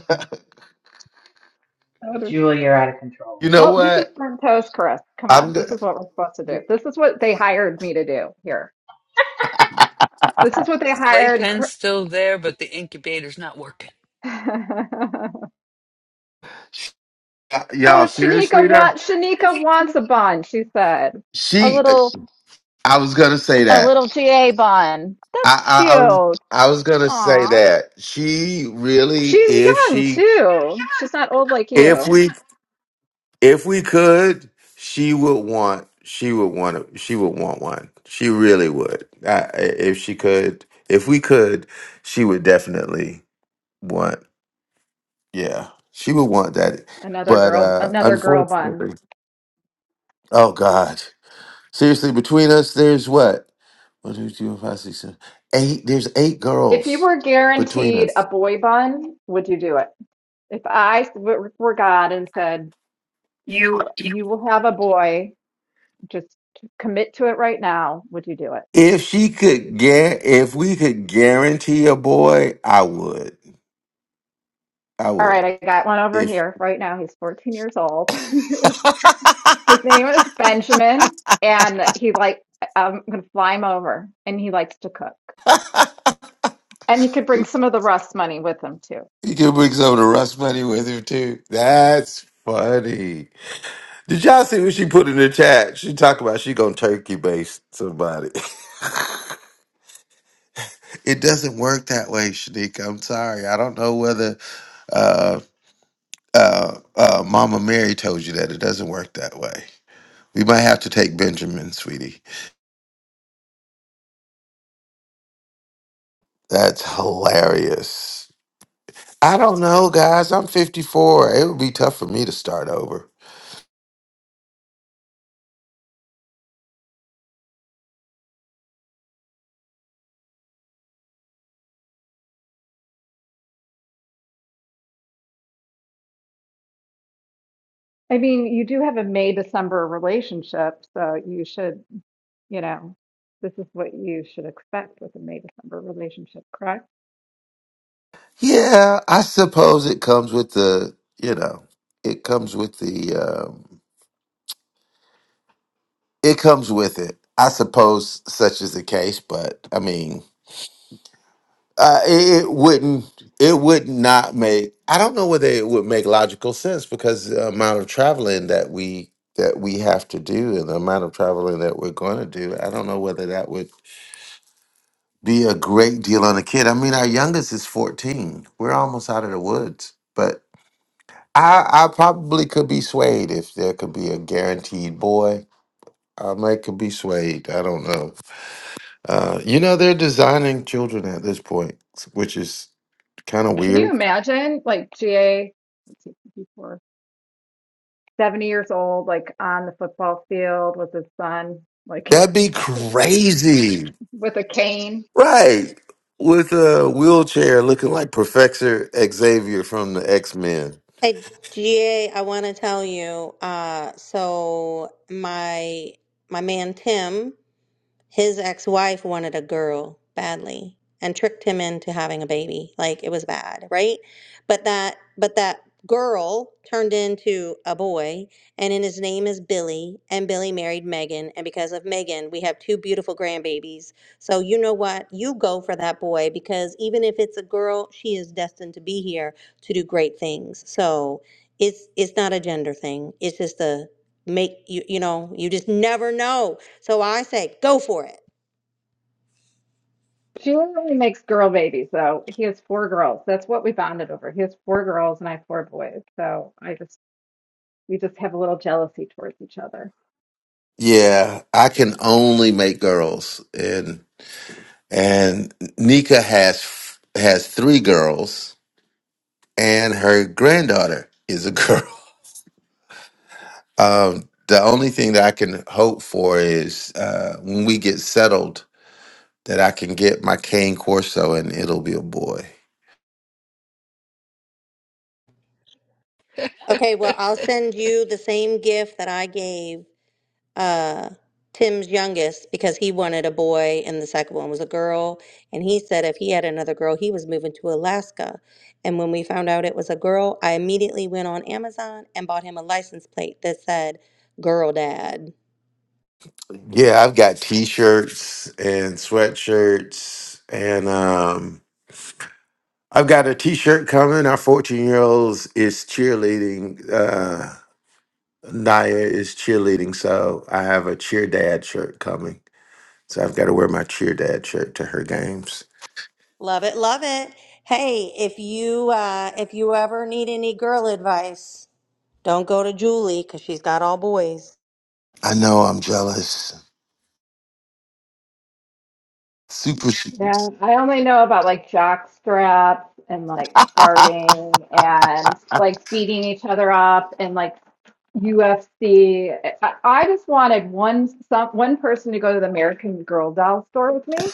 [SPEAKER 20] That would-
[SPEAKER 21] Julie, you're out of control.
[SPEAKER 22] you know
[SPEAKER 20] Well, this is
[SPEAKER 22] what?
[SPEAKER 20] burnt toast, Chris. Come
[SPEAKER 22] I'm
[SPEAKER 20] on.
[SPEAKER 22] go-
[SPEAKER 20] This is what we're supposed to
[SPEAKER 21] Y-
[SPEAKER 20] do. This is what they hired me to do here. This is what they
[SPEAKER 2] The
[SPEAKER 20] hired.
[SPEAKER 2] playpen's
[SPEAKER 20] Chris.
[SPEAKER 2] still there, but the incubator's not working.
[SPEAKER 20] oh,
[SPEAKER 22] y'all seriously
[SPEAKER 20] Shanika
[SPEAKER 22] though.
[SPEAKER 20] wants Shanika wants a bun, she said. A
[SPEAKER 22] She,
[SPEAKER 20] little
[SPEAKER 22] I was gonna say
[SPEAKER 20] a
[SPEAKER 22] that.
[SPEAKER 20] little GA bun. That's
[SPEAKER 22] I, I, I was,
[SPEAKER 20] cute.
[SPEAKER 22] I was gonna say
[SPEAKER 20] Aw.
[SPEAKER 22] that. She really,
[SPEAKER 20] She's
[SPEAKER 22] if
[SPEAKER 20] young
[SPEAKER 22] she,
[SPEAKER 20] too. She's not old like
[SPEAKER 22] if
[SPEAKER 20] you.
[SPEAKER 22] we if we could, she would want she would want a, she would want one. She really would. I, I- if she could, if we could, she would definitely want. Yeah, she would want that.
[SPEAKER 20] Another
[SPEAKER 22] But
[SPEAKER 20] girl,
[SPEAKER 22] uh
[SPEAKER 20] another girl bun.
[SPEAKER 22] unfortunately, oh God, seriously, between us, there's what one, two, three, four, five, six, seven, eight. There's eight
[SPEAKER 20] If you
[SPEAKER 22] girls
[SPEAKER 20] were
[SPEAKER 22] between
[SPEAKER 20] guaranteed a
[SPEAKER 22] us.
[SPEAKER 20] boy bun, would you do it? If I were were God and said, "You, you will have a boy. Just commit to it right now," would you do it?
[SPEAKER 22] If she could get, if we could guarantee a boy, I would. I
[SPEAKER 20] All
[SPEAKER 22] would.
[SPEAKER 20] right, I got one over
[SPEAKER 22] If
[SPEAKER 20] here right now. He's 14 years old. His name is Benjamin, and he like I'm gonna fly him over, and he likes to cook, and he could bring some of the Rust money with him too.
[SPEAKER 22] You can bring some of the Russ money with her too. That's funny. Did y'all see what she put in the chat? She talked about she gonna turkey base somebody. it doesn't work that way, Shanika. I'm sorry. I don't know whether uh, uh, uh, Mama Mary told you that. It doesn't work that way. We might have to take Benjamin, sweetie. That's hilarious. I don't know, guys. I'm 54. It would be tough for me to start over.
[SPEAKER 20] I mean, you do have a May December relationship, so you should, you know, this is what you should expect with a May December relationship, correct?
[SPEAKER 22] Yeah, I suppose it comes with the, you know, it comes with the, um, it comes with it. I suppose such is the case, but I mean, uh, it, it wouldn't, it would not make. I don't know whether it would make logical sense because the amount of traveling that we that we have to do and the amount of traveling that we're going to do, I don't know whether that would be a great deal on a kid. I mean, our youngest is fourteen. We're almost out of the woods, but I I probably could be swayed if there could be a guaranteed boy. I might could be swayed. I don't know. Uh, you know they're designing children at this point, which is kind of
[SPEAKER 20] Can you
[SPEAKER 22] weird.
[SPEAKER 20] imagine like GA, let's see, 54, 70 years old, like on the football field with his son, like in
[SPEAKER 22] That'd
[SPEAKER 20] high
[SPEAKER 22] be
[SPEAKER 20] school,
[SPEAKER 22] crazy,
[SPEAKER 20] with a cane?
[SPEAKER 22] right? With a wheelchair looking like Professor Xavier from the X Men.
[SPEAKER 24] Hey, GA, I want to tell you, uh, so my my man Tim, his ex-wife wanted a girl badly and tricked him into having a baby like it was bad right but that but that girl turned into a boy and in his name is billy and billy married megan and because of megan we have two beautiful grandbabies so you know what you go for that boy because even if it's a girl she is destined to be here to do great things so it's it's not a gender thing it's just a make you you know you just never know so I say, go for it.
[SPEAKER 20] She literally makes girl babies, though. He has four girls. That's what we bonded over. He has four girls and I have four boys. So I just, we just have a little jealousy towards each other.
[SPEAKER 22] Yeah, I can only make girls, and and Nika has has three girls, and her granddaughter is a girl. Um, the only thing that I can hope for is uh, when we get settled that I can get my cane corso and it'll be a boy.
[SPEAKER 24] Okay, well, I'll send you the same gift that I gave uh, Tim's youngest because he wanted a boy and the second one was a girl. And he said if he had another girl, he was moving to Alaska. And when we found out it was a girl, I immediately went on Amazon and bought him a license plate that said girl dad.
[SPEAKER 22] Yeah, I've got t-shirts and sweatshirts and um, I've got a t-shirt coming. Our 14 year olds is cheerleading. Uh, Naya is cheerleading. So I have a cheer dad shirt coming. So I've got to wear my cheer dad shirt to her games.
[SPEAKER 24] Love it, love it. Hey, if you uh, if you ever need any girl advice, don't go to Julie because she's got all boys.
[SPEAKER 22] I know I'm jealous. Super.
[SPEAKER 20] Yeah, I only know about like jock straps and like farting and like beating each other up and like UFC. I, I just wanted one some one person to go to the American Girl doll store with me,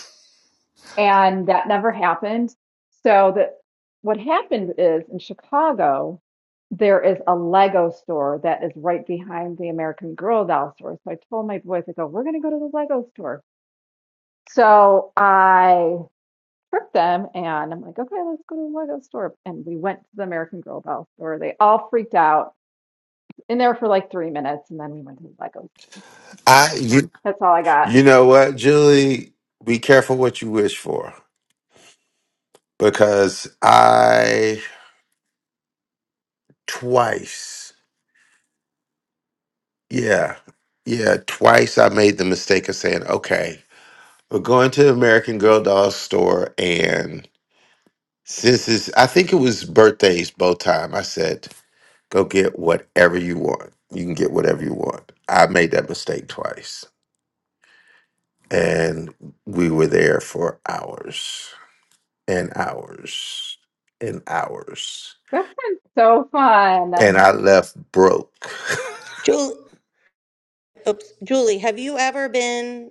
[SPEAKER 20] and that never happened. So that what happened is in Chicago, there is a Lego store that is right behind the American Girl doll store. So I told my boys, I go, we're gonna go to the Lego store. So I tricked them. And I'm like, okay, let's go to the Lego store. And we went to the American Girl Doll store. They all freaked out in there for like three minutes. And then we went to the Lego store.
[SPEAKER 22] I you-
[SPEAKER 20] That's all I
[SPEAKER 22] You
[SPEAKER 20] got.
[SPEAKER 22] know what, Julie? Be careful what you wish for because I twice, yeah, yeah, twice I made the mistake of saying, okay, we're going to American Girl Doll store. And since it's, I think it was birthdays both time, I said, go get whatever you want. You can get whatever you want. I made that mistake twice. And we were there for hours and hours and hours
[SPEAKER 20] That sounds so fun.
[SPEAKER 22] and I left broke.
[SPEAKER 24] Julie. Oops, Julie, have you ever been,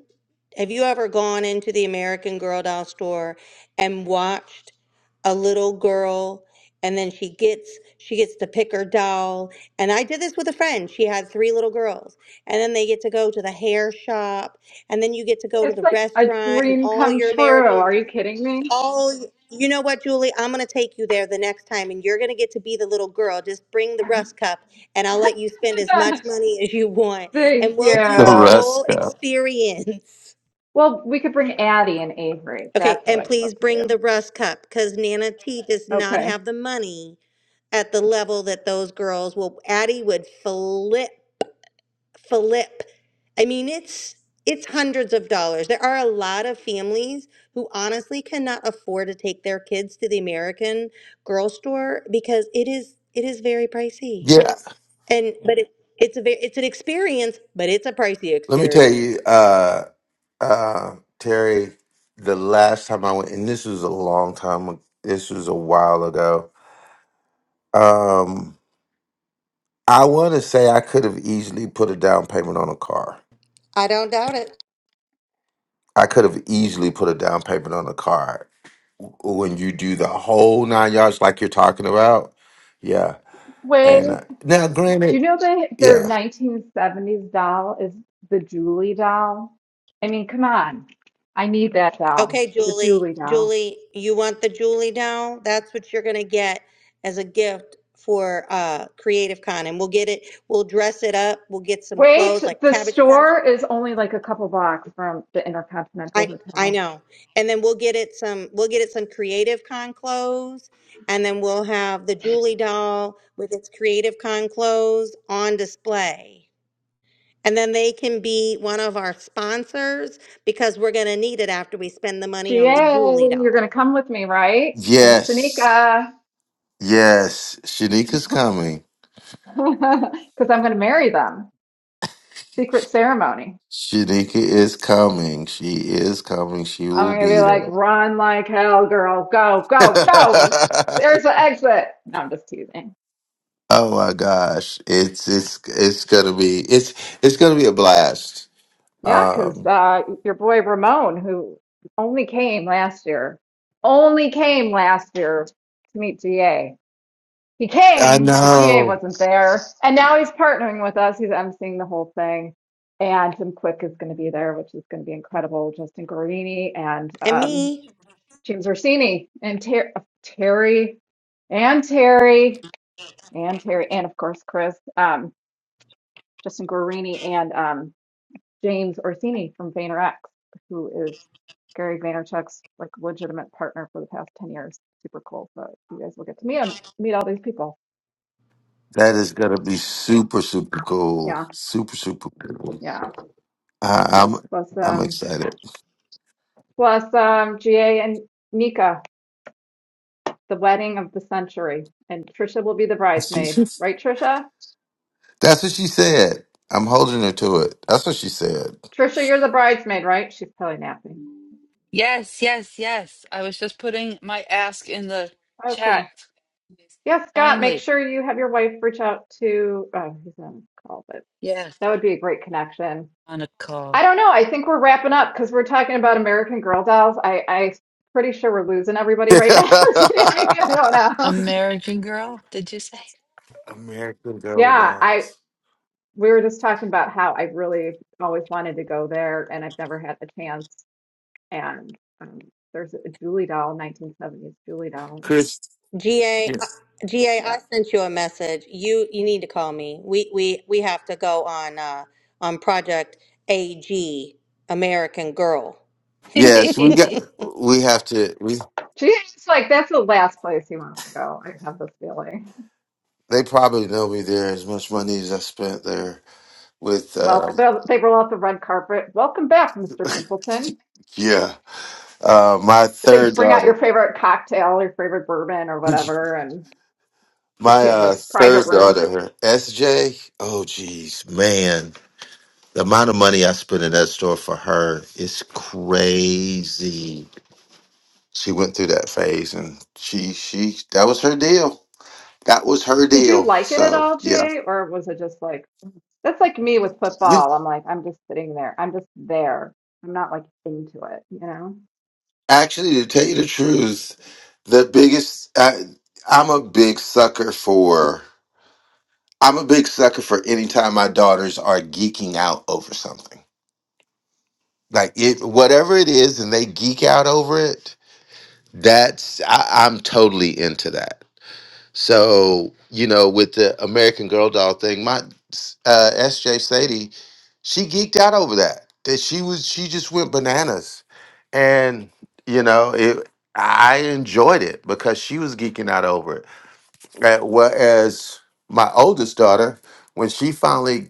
[SPEAKER 24] have you ever gone into the American Girl doll store and watched a little girl and then she gets she gets to pick her doll and I did this with a friend. She had three little girls. And then they get to go to the hair shop and then you get to go to
[SPEAKER 20] It's
[SPEAKER 24] the
[SPEAKER 20] like a
[SPEAKER 24] restaurant and
[SPEAKER 20] dream
[SPEAKER 24] all
[SPEAKER 20] come
[SPEAKER 24] your
[SPEAKER 20] true.
[SPEAKER 24] American
[SPEAKER 20] Are you kidding me?
[SPEAKER 24] Oh, you know what, Julie? I'm going to take you there the next time, and you're going to get to be the little girl. Just bring the rust cup, and I'll let you spend as much money as you want, and
[SPEAKER 20] Thank
[SPEAKER 24] we'll do
[SPEAKER 22] The
[SPEAKER 24] the
[SPEAKER 20] you.
[SPEAKER 24] whole
[SPEAKER 22] rascal.
[SPEAKER 24] experience.
[SPEAKER 20] Well, we could bring Addie and Avery.
[SPEAKER 24] Okay,
[SPEAKER 20] That's what
[SPEAKER 24] and
[SPEAKER 20] I'd love
[SPEAKER 24] please
[SPEAKER 20] to
[SPEAKER 24] bring
[SPEAKER 20] do.
[SPEAKER 24] the rust cup because Nana T does not
[SPEAKER 20] Okay.
[SPEAKER 24] have the money at the level that those girls will. Addie would flip. flip. I mean, it's it's hundreds of dollars. There are a lot of families who honestly cannot afford to take their kids to the American Girl store because it is it is very pricey.
[SPEAKER 22] yeah,
[SPEAKER 24] And but it, it's a ve- it's an experience, but it's a pricey
[SPEAKER 22] let me tell you,
[SPEAKER 24] experience.
[SPEAKER 22] uh, uh, Terry. The last time I went, and this was a long time. This was a while ago. Um, I want to say I could have easily put a down payment on a car.
[SPEAKER 24] I don't doubt it.
[SPEAKER 22] I could have easily put a down payment on a car when you do the whole nine yards, like you're talking about. Yeah, and uh,
[SPEAKER 20] Way
[SPEAKER 22] now,
[SPEAKER 20] Do
[SPEAKER 22] granted,
[SPEAKER 20] you know they their
[SPEAKER 22] yeah,
[SPEAKER 20] 1970s doll is the Julie doll? I mean, come on. I need that doll,
[SPEAKER 24] Okay,
[SPEAKER 20] the
[SPEAKER 24] Julie,
[SPEAKER 20] Julie doll.
[SPEAKER 24] Julie, you want the Julie now? That's what you're gonna get as a gift for uh Creative Con, and we'll get it. We'll dress it up. We'll get some
[SPEAKER 20] Wait,
[SPEAKER 24] clothes like
[SPEAKER 20] the
[SPEAKER 24] Cabbage Patch
[SPEAKER 20] store is only like a couple blocks from the Intercontinental
[SPEAKER 24] I I
[SPEAKER 20] Hotel.
[SPEAKER 24] know. And then we'll get it some we'll get it some creative con clothes and then we'll have the Julie doll with its creative con clothes on display. And then they can be one of our sponsors because we're going to need it after we spend the money on the Julie
[SPEAKER 20] GA, you're gonna
[SPEAKER 24] doll.
[SPEAKER 20] come with me, right? And
[SPEAKER 22] yes,
[SPEAKER 20] Sanika,
[SPEAKER 22] yes, Shanika's coming.
[SPEAKER 20] because I'm gonna marry them. Secret ceremony.
[SPEAKER 22] Shanika is coming. She is coming. She will
[SPEAKER 20] I'm gonna be
[SPEAKER 22] be
[SPEAKER 20] like,
[SPEAKER 22] there.
[SPEAKER 20] run like hell, girl. Go, go, go. There's the exit. No, I'm just teasing.
[SPEAKER 22] oh my gosh. It's it's it's gonna be it's it's gonna be a blast.
[SPEAKER 20] Yeah, because
[SPEAKER 22] Um
[SPEAKER 20] uh, your boy Ramon, who only came last year, only came last year to meet GA. He
[SPEAKER 22] I
[SPEAKER 20] came, but GA
[SPEAKER 22] know.
[SPEAKER 20] wasn't there. And now he's partnering with us. He's emceeing the whole thing. And Jim Quick is going to be there, which is going to be incredible. Justin Guarini and
[SPEAKER 24] And
[SPEAKER 20] um,
[SPEAKER 24] me,
[SPEAKER 20] James Orsini and Ter- uh, Terry and Terry and Terry and of course Chris, um, Justin Guarini and um, James Orsini from VaynerX, who is Gary Vaynerchuk's like legitimate partner for the past 10 years. Super cool. So you guys will get to meet him, meet all these people.
[SPEAKER 22] That is gonna be super, super
[SPEAKER 20] Yeah.
[SPEAKER 22] cool. Super, super cool.
[SPEAKER 20] Yeah.
[SPEAKER 22] I, I'm
[SPEAKER 20] Plus
[SPEAKER 22] I'm
[SPEAKER 20] um
[SPEAKER 22] excited.
[SPEAKER 20] plus um GA and Mika, the wedding of the century. And Trisha will be the bridesmaid. Right, Trisha?
[SPEAKER 22] That's what she said. I'm holding her to it. That's what she said.
[SPEAKER 20] Trisha, you're the bridesmaid, right? She's probably napping.
[SPEAKER 2] Yes, yes, yes. I was just putting my ask in the
[SPEAKER 20] Oh,
[SPEAKER 2] chat.
[SPEAKER 20] cool. Yes, Scott, make
[SPEAKER 2] Finally,
[SPEAKER 20] sure you have your wife reach out to oh, he's on the call, but that would be a great connection
[SPEAKER 2] on a call.
[SPEAKER 20] I don't know. I think we're wrapping up because we're talking about American Girl dolls. I, I'm pretty sure we're losing everybody right now. I don't
[SPEAKER 2] I'm
[SPEAKER 20] know.
[SPEAKER 22] American Girl
[SPEAKER 20] Yeah, I
[SPEAKER 22] dolls.
[SPEAKER 20] we were just talking about how I really always wanted to go there and I've never had the chance. And um, there's a Julie doll, 1970s Julie doll.
[SPEAKER 22] Chris,
[SPEAKER 24] GA uh,
[SPEAKER 22] yes.
[SPEAKER 24] GA
[SPEAKER 20] Yeah,
[SPEAKER 24] I sent you a message. You you need to call me. We we we have to go on uh on project AG American Girl.
[SPEAKER 22] yes, we got. We have to. We.
[SPEAKER 20] she's like that's the last place he wants to go. I have this feeling.
[SPEAKER 22] They probably know me there as much money as I spent there with. uh
[SPEAKER 20] Welcome. they'll- They roll out the red carpet. Welcome back, Mr. Pimpleton.
[SPEAKER 22] Yeah, uh, my
[SPEAKER 20] They
[SPEAKER 22] third
[SPEAKER 20] bring out
[SPEAKER 22] daughter.
[SPEAKER 20] your favorite cocktail, your favorite bourbon, or whatever, and
[SPEAKER 22] My
[SPEAKER 20] you have a
[SPEAKER 22] uh,
[SPEAKER 20] s- private
[SPEAKER 22] third
[SPEAKER 20] room.
[SPEAKER 22] daughter, SJ. Oh, geez, man, the amount of money I spent in that store for her is crazy. She went through that phase, and she she that was her deal. That was her
[SPEAKER 20] Did you
[SPEAKER 22] deal.
[SPEAKER 20] like it at
[SPEAKER 22] So
[SPEAKER 20] all,
[SPEAKER 22] yeah,
[SPEAKER 20] GA, or was it just like that's like me with football? I'm like, I'm just sitting there. I'm just there. I'm not like into it, you know?
[SPEAKER 22] actually, to tell you the truth, the biggest I, I'm a big sucker for. I'm a big sucker for anytime my daughters are geeking out over something. Like it, whatever it is, and they geek out over it. That's I, I'm totally into that. So you know, with the American Girl doll thing, my uh, SJ Sadie, she geeked out over that. That she was she just went bananas, and you know it. I enjoyed it because she was geeking out over it. Uh, Whereas my oldest daughter, when she finally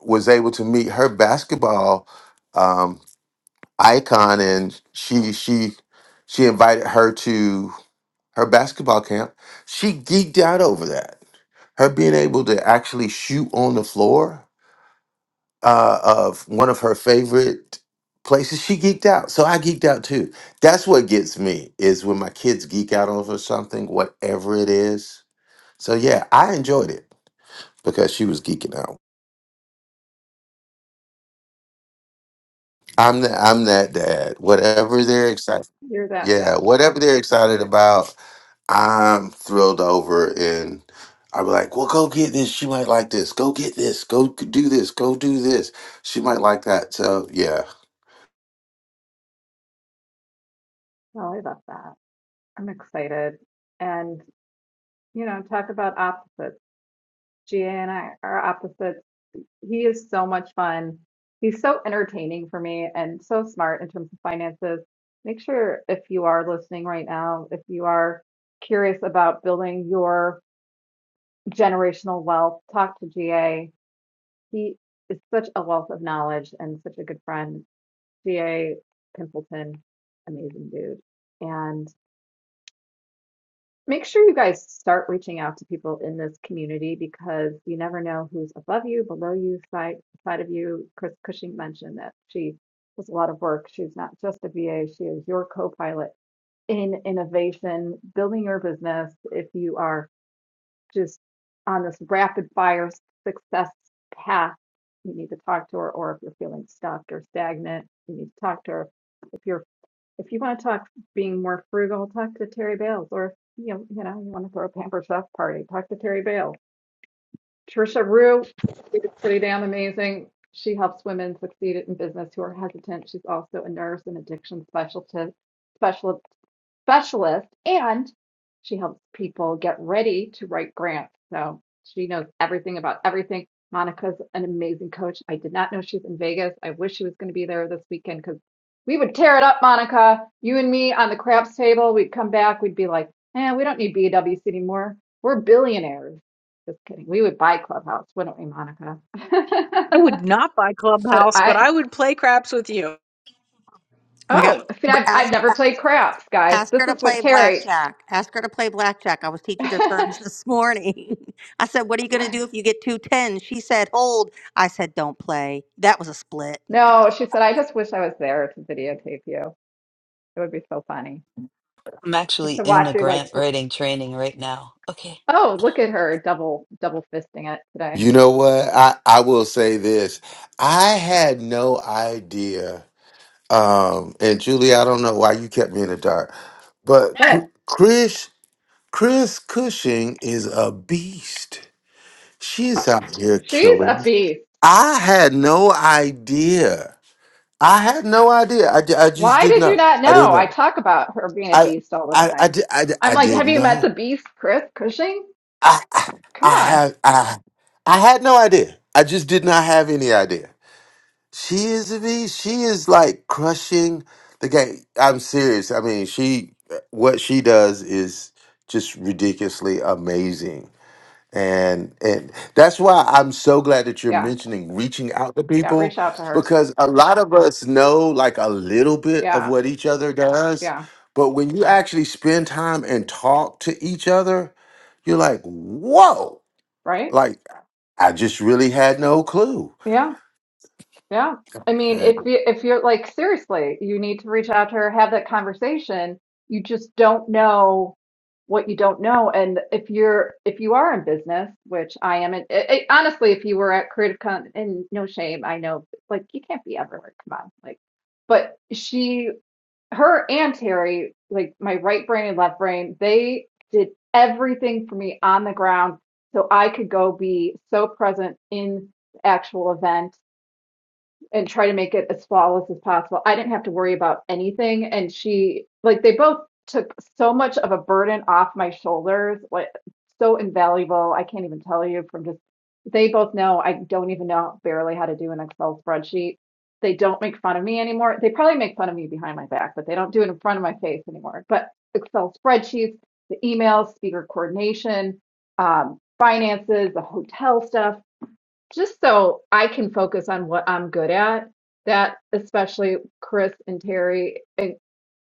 [SPEAKER 22] was able to meet her basketball um, icon, and she she she invited her to her basketball camp, she geeked out over that. Her being able to actually shoot on the floor uh, of one of her favorite places, she geeked out. So I geeked out too. That's what gets me is when my kids geek out over something, whatever it is. So yeah, I enjoyed it because she was geeking out. I'm that I'm that dad. Whatever they're excited.
[SPEAKER 20] You're that
[SPEAKER 22] Yeah,
[SPEAKER 20] Jen.
[SPEAKER 22] whatever they're
[SPEAKER 20] That's
[SPEAKER 22] excited
[SPEAKER 20] cute.
[SPEAKER 22] about, I'm thrilled over, and I'll be like, "Well, go get this. She might like this. Go get this. Go c- do this. Go do this. She might like that." So, yeah.
[SPEAKER 20] Well, I love that. I'm excited. And, you know, talk about opposites. GA and I are opposites. He is so much fun. He's so entertaining for me and so smart in terms of finances. Make sure if you are listening right now, if you are curious about building your generational wealth. Talk to GA. He is such a wealth of knowledge and such a good friend. GA Pimpleton, amazing dude. And make sure you guys start reaching out to people in this community because you never know who's above you, below you, side side of you. Chris Cushing mentioned that she does a lot of work. She's not just a VA, she is your co-pilot in innovation, building your business if you are just on this rapid fire success path, you need to talk to her, or if you're feeling stuck or stagnant, you need to talk to her. If you're if you want to talk being more frugal, talk to Terry Bales, or if you know, you know, you want to throw a Pampers Chef party, talk to Terry Bales. Trisha Rue, she's pretty damn amazing. She helps women succeed in business who are hesitant. She's also a nurse and addiction specialist, specialist specialist and she helps people get ready to write grants. So she knows everything about everything. Monica's an amazing coach. I did not know she's in Vegas. I wish she was going to be there this weekend because we would tear it up, Monica. You and me on the craps table. We'd come back. We'd be like, eh, we don't need BWC anymore. We're billionaires. Just kidding. We would buy Clubhouse, wouldn't we, Monica?
[SPEAKER 15] I would not buy
[SPEAKER 20] but
[SPEAKER 15] Clubhouse, but
[SPEAKER 20] I,
[SPEAKER 15] I would play craps with you.
[SPEAKER 24] Oh my
[SPEAKER 20] oh,
[SPEAKER 24] God.
[SPEAKER 20] see, I've, I've
[SPEAKER 24] Ask,
[SPEAKER 20] never played craps, guys.
[SPEAKER 24] ask
[SPEAKER 20] This
[SPEAKER 24] her to
[SPEAKER 20] is what
[SPEAKER 24] play
[SPEAKER 20] Terry.
[SPEAKER 24] blackjack. Ask her to play blackjack. I was teaching her terms this morning. I said, What are you going to do if you get two tens?" She said, Hold. I said, Don't play. That was a split.
[SPEAKER 20] No, she said, I just wish I was there to videotape you. It would be so funny
[SPEAKER 2] I'm
[SPEAKER 20] just
[SPEAKER 2] actually
[SPEAKER 20] to
[SPEAKER 2] in a
[SPEAKER 20] watch you like,
[SPEAKER 2] grant
[SPEAKER 20] thr-
[SPEAKER 2] writing training right now. Okay.
[SPEAKER 20] oh, look at her double double fisting it today.
[SPEAKER 22] You know what? I I will say this. I had no idea. Um, and Julie, I don't know why you kept me in the dark, but Cr-
[SPEAKER 20] What?
[SPEAKER 22] Chris Chris Cushing is a beast. She's out here
[SPEAKER 20] She's a
[SPEAKER 22] killing.
[SPEAKER 20] beast.
[SPEAKER 22] I had no idea. I had no idea. I, di- I just
[SPEAKER 20] Why
[SPEAKER 22] didn't
[SPEAKER 20] did you
[SPEAKER 22] know.
[SPEAKER 20] not
[SPEAKER 22] I didn't
[SPEAKER 20] know? I
[SPEAKER 22] know.
[SPEAKER 20] talk about her being a
[SPEAKER 22] I
[SPEAKER 20] beast all the
[SPEAKER 22] I I,
[SPEAKER 20] time.
[SPEAKER 22] di- I, di-
[SPEAKER 20] I'm
[SPEAKER 22] I
[SPEAKER 20] like, have
[SPEAKER 22] didn't
[SPEAKER 20] you met
[SPEAKER 22] know.
[SPEAKER 20] the beast, Chris Cushing?
[SPEAKER 22] I I,
[SPEAKER 20] Come
[SPEAKER 22] I
[SPEAKER 20] on.
[SPEAKER 22] have I I had no idea. I just did not have any idea. She is a beast. She is like crushing the game. I'm serious. I mean, she what she does is just ridiculously amazing. And and that's why I'm so glad that you're
[SPEAKER 20] Yeah,
[SPEAKER 22] mentioning reaching out to
[SPEAKER 20] yeah,
[SPEAKER 22] people
[SPEAKER 20] reach out to her.
[SPEAKER 22] because a lot of us know like a little bit of
[SPEAKER 20] Yeah,
[SPEAKER 22] what each other does,
[SPEAKER 20] yeah,
[SPEAKER 22] but when you actually spend time and talk to each other, you're like, whoa,
[SPEAKER 20] right?
[SPEAKER 22] like I just really had no clue.
[SPEAKER 20] Yeah. Yeah. I mean,
[SPEAKER 22] And
[SPEAKER 20] if you if you're like seriously, you need to reach out to her, have that conversation. You just don't know what you don't know. And if you're if you are in business, which I am, and it, it- honestly, if you were at Creative Con, and no shame, I know, like you can't be everywhere. Come on, like, but she, her, and Terry, like my right brain and left brain, they did everything for me on the ground, so I could go be so present in the actual event and try to make it as flawless as possible. I didn't have to worry about anything. And she, like, they both took so much of a burden off my shoulders, like, so invaluable. I can't even tell you from just, they both know I don't even know barely how to do an Excel spreadsheet. They don't make fun of me anymore. They probably make fun of me behind my back, but they don't do it in front of my face anymore. But Excel spreadsheets, the emails, speaker coordination, um, finances, the hotel stuff just so I can focus on what I'm good at. That especially Chris and Terry, a-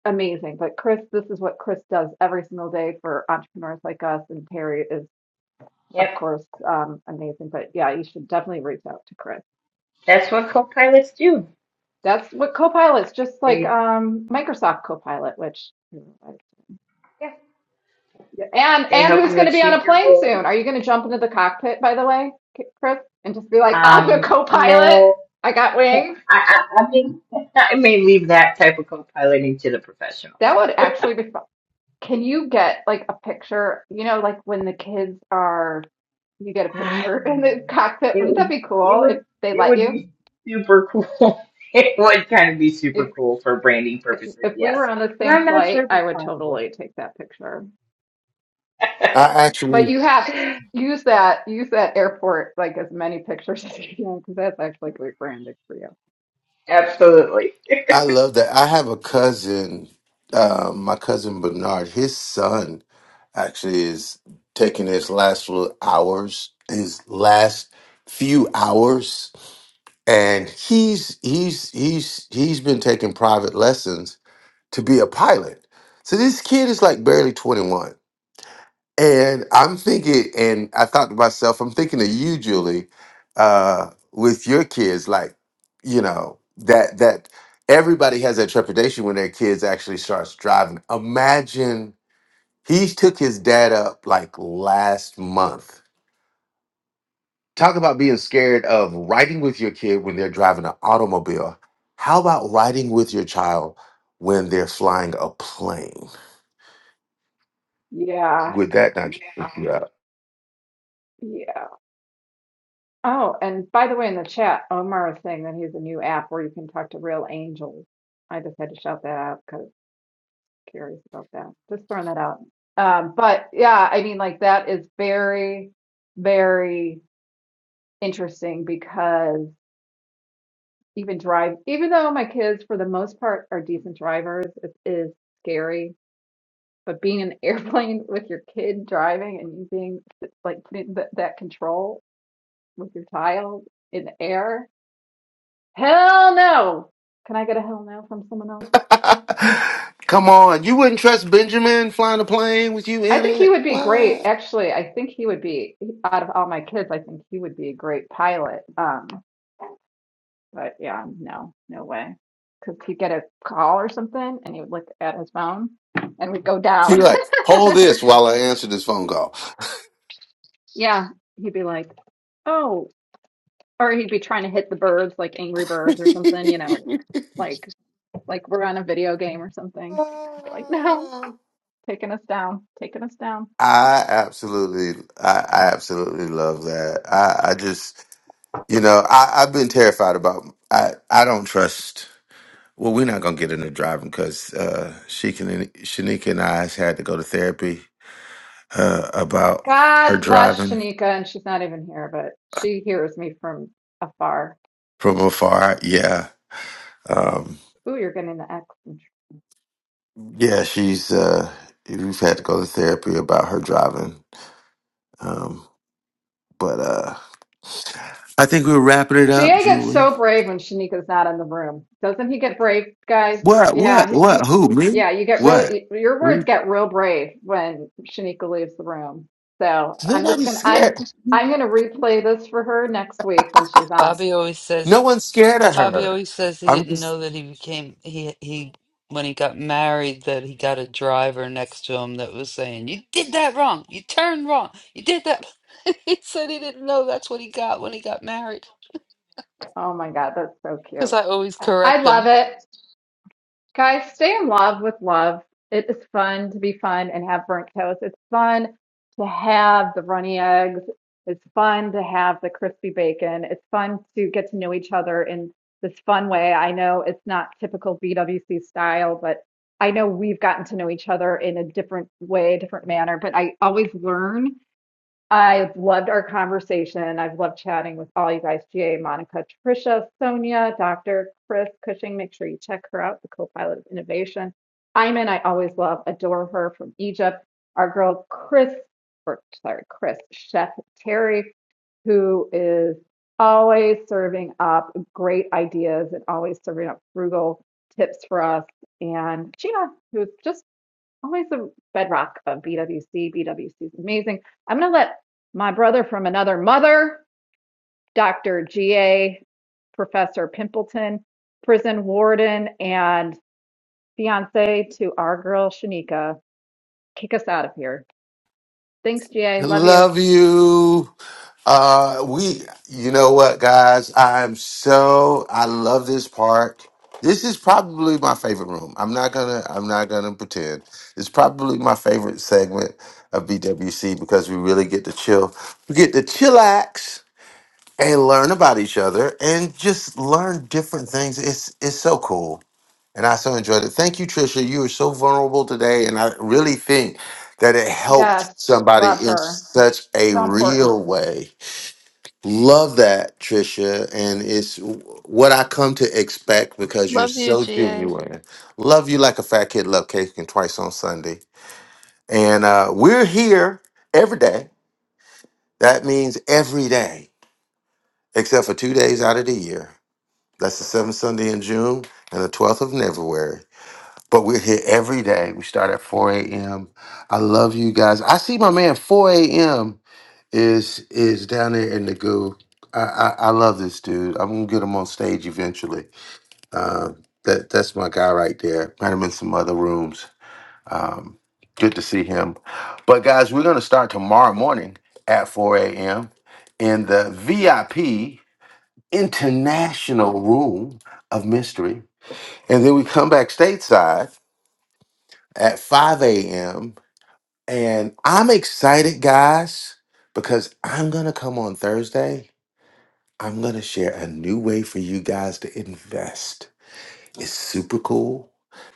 [SPEAKER 20] amazing. But Chris, this is what Chris does every single day for entrepreneurs like us, and Terry is, of
[SPEAKER 21] Yep.
[SPEAKER 20] course, um, amazing. But yeah, you should definitely reach out to Chris.
[SPEAKER 21] That's what co-pilots do.
[SPEAKER 20] That's what Copilot's just like
[SPEAKER 21] They
[SPEAKER 20] um, Microsoft Copilot, which you know, I-
[SPEAKER 21] yeah,
[SPEAKER 20] yeah. and
[SPEAKER 21] they
[SPEAKER 20] and
[SPEAKER 21] help
[SPEAKER 20] who's
[SPEAKER 21] you
[SPEAKER 20] going to be on
[SPEAKER 21] achieve
[SPEAKER 20] a
[SPEAKER 21] your
[SPEAKER 20] plane
[SPEAKER 21] goal.
[SPEAKER 20] soon? Are you going to jump into the cockpit, by the way, K- Chris, and just be like, I'm a
[SPEAKER 21] Um,
[SPEAKER 20] Copilot.
[SPEAKER 21] no,
[SPEAKER 20] I got wings.
[SPEAKER 21] I, I, I mean, I may leave that type of co-piloting to the
[SPEAKER 20] That
[SPEAKER 21] professionals.
[SPEAKER 20] would actually be fun. Can you get like a picture? You know, like when the kids are, you get a picture in the
[SPEAKER 21] Um,
[SPEAKER 20] cockpit.
[SPEAKER 21] it
[SPEAKER 20] Wouldn't that
[SPEAKER 21] would
[SPEAKER 20] be
[SPEAKER 21] it
[SPEAKER 20] cool
[SPEAKER 21] would
[SPEAKER 20] if they
[SPEAKER 21] it
[SPEAKER 20] let
[SPEAKER 21] would
[SPEAKER 20] you?
[SPEAKER 21] be super cool. it would kind of be super
[SPEAKER 20] If
[SPEAKER 21] cool for branding
[SPEAKER 20] if,
[SPEAKER 21] purposes,
[SPEAKER 20] if we were
[SPEAKER 21] yes.
[SPEAKER 20] on the
[SPEAKER 21] But
[SPEAKER 20] same
[SPEAKER 21] I'm not
[SPEAKER 20] flight,
[SPEAKER 21] sure if
[SPEAKER 20] I
[SPEAKER 21] it's
[SPEAKER 20] would
[SPEAKER 21] possible.
[SPEAKER 20] totally take that picture.
[SPEAKER 22] I
[SPEAKER 20] But
[SPEAKER 22] actually
[SPEAKER 20] you have use that use that airport like as many pictures as you can because that's actually great branding for you.
[SPEAKER 21] Absolutely.
[SPEAKER 22] I love that. I have a cousin, uh, my cousin Bernard, his son. actually is taking his last few hours, his last few hours, and he's he's he's he's been taking private lessons to be a pilot. So this kid is like barely 21. And I'm thinking, and I thought to myself, I'm thinking of you, Julie, uh, with your kids, like, you know, that that everybody has that trepidation when their kids actually starts driving. Imagine he took his dad up like last month. Talk about being scared of riding with your kid when they're driving an automobile. How about riding with your child when they're flying a plane?
[SPEAKER 20] Yeah,
[SPEAKER 22] Would that not freak you out?
[SPEAKER 20] yeah. Oh, and by the way, in the chat, Omar is saying that he has a new app where you can talk to real angels. I just had to shout that out because. curious about that. Just throwing that out. Um, but yeah, I mean, like that is very, very interesting because even drive, even though my kids for the most part are decent drivers, it is scary. But being in an airplane with your kid driving and you being like putting that, that control with your child in the air, hell no. Can I get a hell no from someone else?
[SPEAKER 22] Come on, you wouldn't trust Benjamin flying a plane with you
[SPEAKER 20] I
[SPEAKER 22] in
[SPEAKER 20] think he
[SPEAKER 22] it?
[SPEAKER 20] would be great.
[SPEAKER 22] What?
[SPEAKER 20] Actually, I think he would be out of all my kids, I think he would be a great pilot. Um, but yeah, no, no way. Because he'd get a call or something and he would look at his phone and would go
[SPEAKER 22] You're
[SPEAKER 20] down.
[SPEAKER 22] like, hold this while I answer this phone call.
[SPEAKER 20] Yeah, he'd be like, oh, or he'd be trying to hit the birds like Angry Birds or something, you know, like like we're on a video game or something. I'd be like, no, taking us down, taking us down.
[SPEAKER 22] I absolutely, I, I absolutely love that. I, I just, you know, I, I've been terrified about. I, I don't trust. Well, we're not gonna get into driving because uh, she can, Shanika and I has had to go to therapy uh, about her
[SPEAKER 20] God bless
[SPEAKER 22] driving
[SPEAKER 20] Shanika, and she's not even here, but she hears me from afar.
[SPEAKER 22] from afar. Yeah, um,
[SPEAKER 20] Ooh, you're getting the X.
[SPEAKER 22] yeah, she's. Uh, we've had to go to therapy about her driving, um, but uh, I think we're wrapping it up,
[SPEAKER 20] GA gets
[SPEAKER 22] Julie.
[SPEAKER 20] so brave when Shanika's not in the room. Doesn't he get brave, guys?
[SPEAKER 22] What?
[SPEAKER 20] Yeah,
[SPEAKER 22] What?
[SPEAKER 20] he-
[SPEAKER 22] What?
[SPEAKER 20] he-
[SPEAKER 22] Who? Me?
[SPEAKER 20] yeah. You get
[SPEAKER 22] What?
[SPEAKER 20] really your
[SPEAKER 22] What? Are
[SPEAKER 20] words
[SPEAKER 22] you...
[SPEAKER 20] get real brave when Shanika leaves the room. So I'm just
[SPEAKER 22] Nobody's
[SPEAKER 20] gonna I'm
[SPEAKER 22] scared.
[SPEAKER 20] I'm gonna replay this for her next week when she's on.
[SPEAKER 2] Bobby always says
[SPEAKER 22] No one's scared of
[SPEAKER 2] Bobby
[SPEAKER 22] her.
[SPEAKER 2] always says he
[SPEAKER 22] I'm
[SPEAKER 2] didn't
[SPEAKER 22] just
[SPEAKER 2] know that he became he he when he got married that he got a driver next to him that was saying, "You did that wrong. You turned wrong. You did that." he said he didn't know that's what he got when he got married
[SPEAKER 20] Oh my God, that's so
[SPEAKER 2] because I
[SPEAKER 20] cute.
[SPEAKER 2] always
[SPEAKER 20] I
[SPEAKER 2] correct
[SPEAKER 20] love
[SPEAKER 2] him.
[SPEAKER 20] it. Guys, stay in love with love. It is fun to be fun and have burnt toast. It's fun to have the runny eggs. It's fun to have the crispy bacon. It's fun to get to know each other in this fun way. I know it's not typical BWC style, but I know we've gotten to know each other in a different way, a different manner. But I always learn I've loved our conversation. I've loved chatting with all you guys, GA, Monica, Tricia, Sonia, Dr. Chris Cushing. Make sure you check her out, the co-pilot of innovation. Ayman. I always love, adore her from Egypt. Our girl Chris, or sorry, Chris, Chef Terry, who is always serving up great ideas and always serving up frugal tips for us. And Gina, who's just always the bedrock of BWC. BWC is amazing. I'm going to let my brother from another mother, Dr. G.A. Professor Pimpleton, prison warden, and fiance to our girl Shanika, kick us out of here. Thanks, G.A. Love you.
[SPEAKER 22] love you. Uh, we. You know what, guys? I'm so. I love this park. This is probably my favorite room. I'm not gonna. I'm not gonna pretend. It's probably my favorite segment of BWC because we really get to chill. We get to chillax and learn about each other and just learn different things. It's it's so cool. And I so enjoyed it. Thank you, Trisha. You were so vulnerable today, and I really think that it helped
[SPEAKER 20] Yes,
[SPEAKER 22] somebody
[SPEAKER 20] love
[SPEAKER 22] in
[SPEAKER 20] her.
[SPEAKER 22] such a
[SPEAKER 20] So important.
[SPEAKER 22] real way. Love that, Trisha, and it's what I come to expect because you're
[SPEAKER 2] Love you,
[SPEAKER 22] so
[SPEAKER 2] GA.
[SPEAKER 22] genuine. Love you like a fat kid. Love cake and twice on Sunday, and uh, we're here every day. That means every day, except for two days out of the year. That's the seventh Sunday in June and the twelfth of February. But we're here every day. We start at 4 a.m. I love you guys. I see my man 4 a.m. is is down there in the goo. I, I, I love this dude. I'm gonna get him on stage eventually. Um, that that's my guy right there. Met him in some other rooms. Um, good to see him. But guys, we're gonna start tomorrow morning at 4 a.m. in the VIP international room of mystery, and then we come back stateside at 5 a.m. And I'm excited, guys, because I'm going to come on Thursday. I'm going to share a new way for you guys to invest. It's super cool.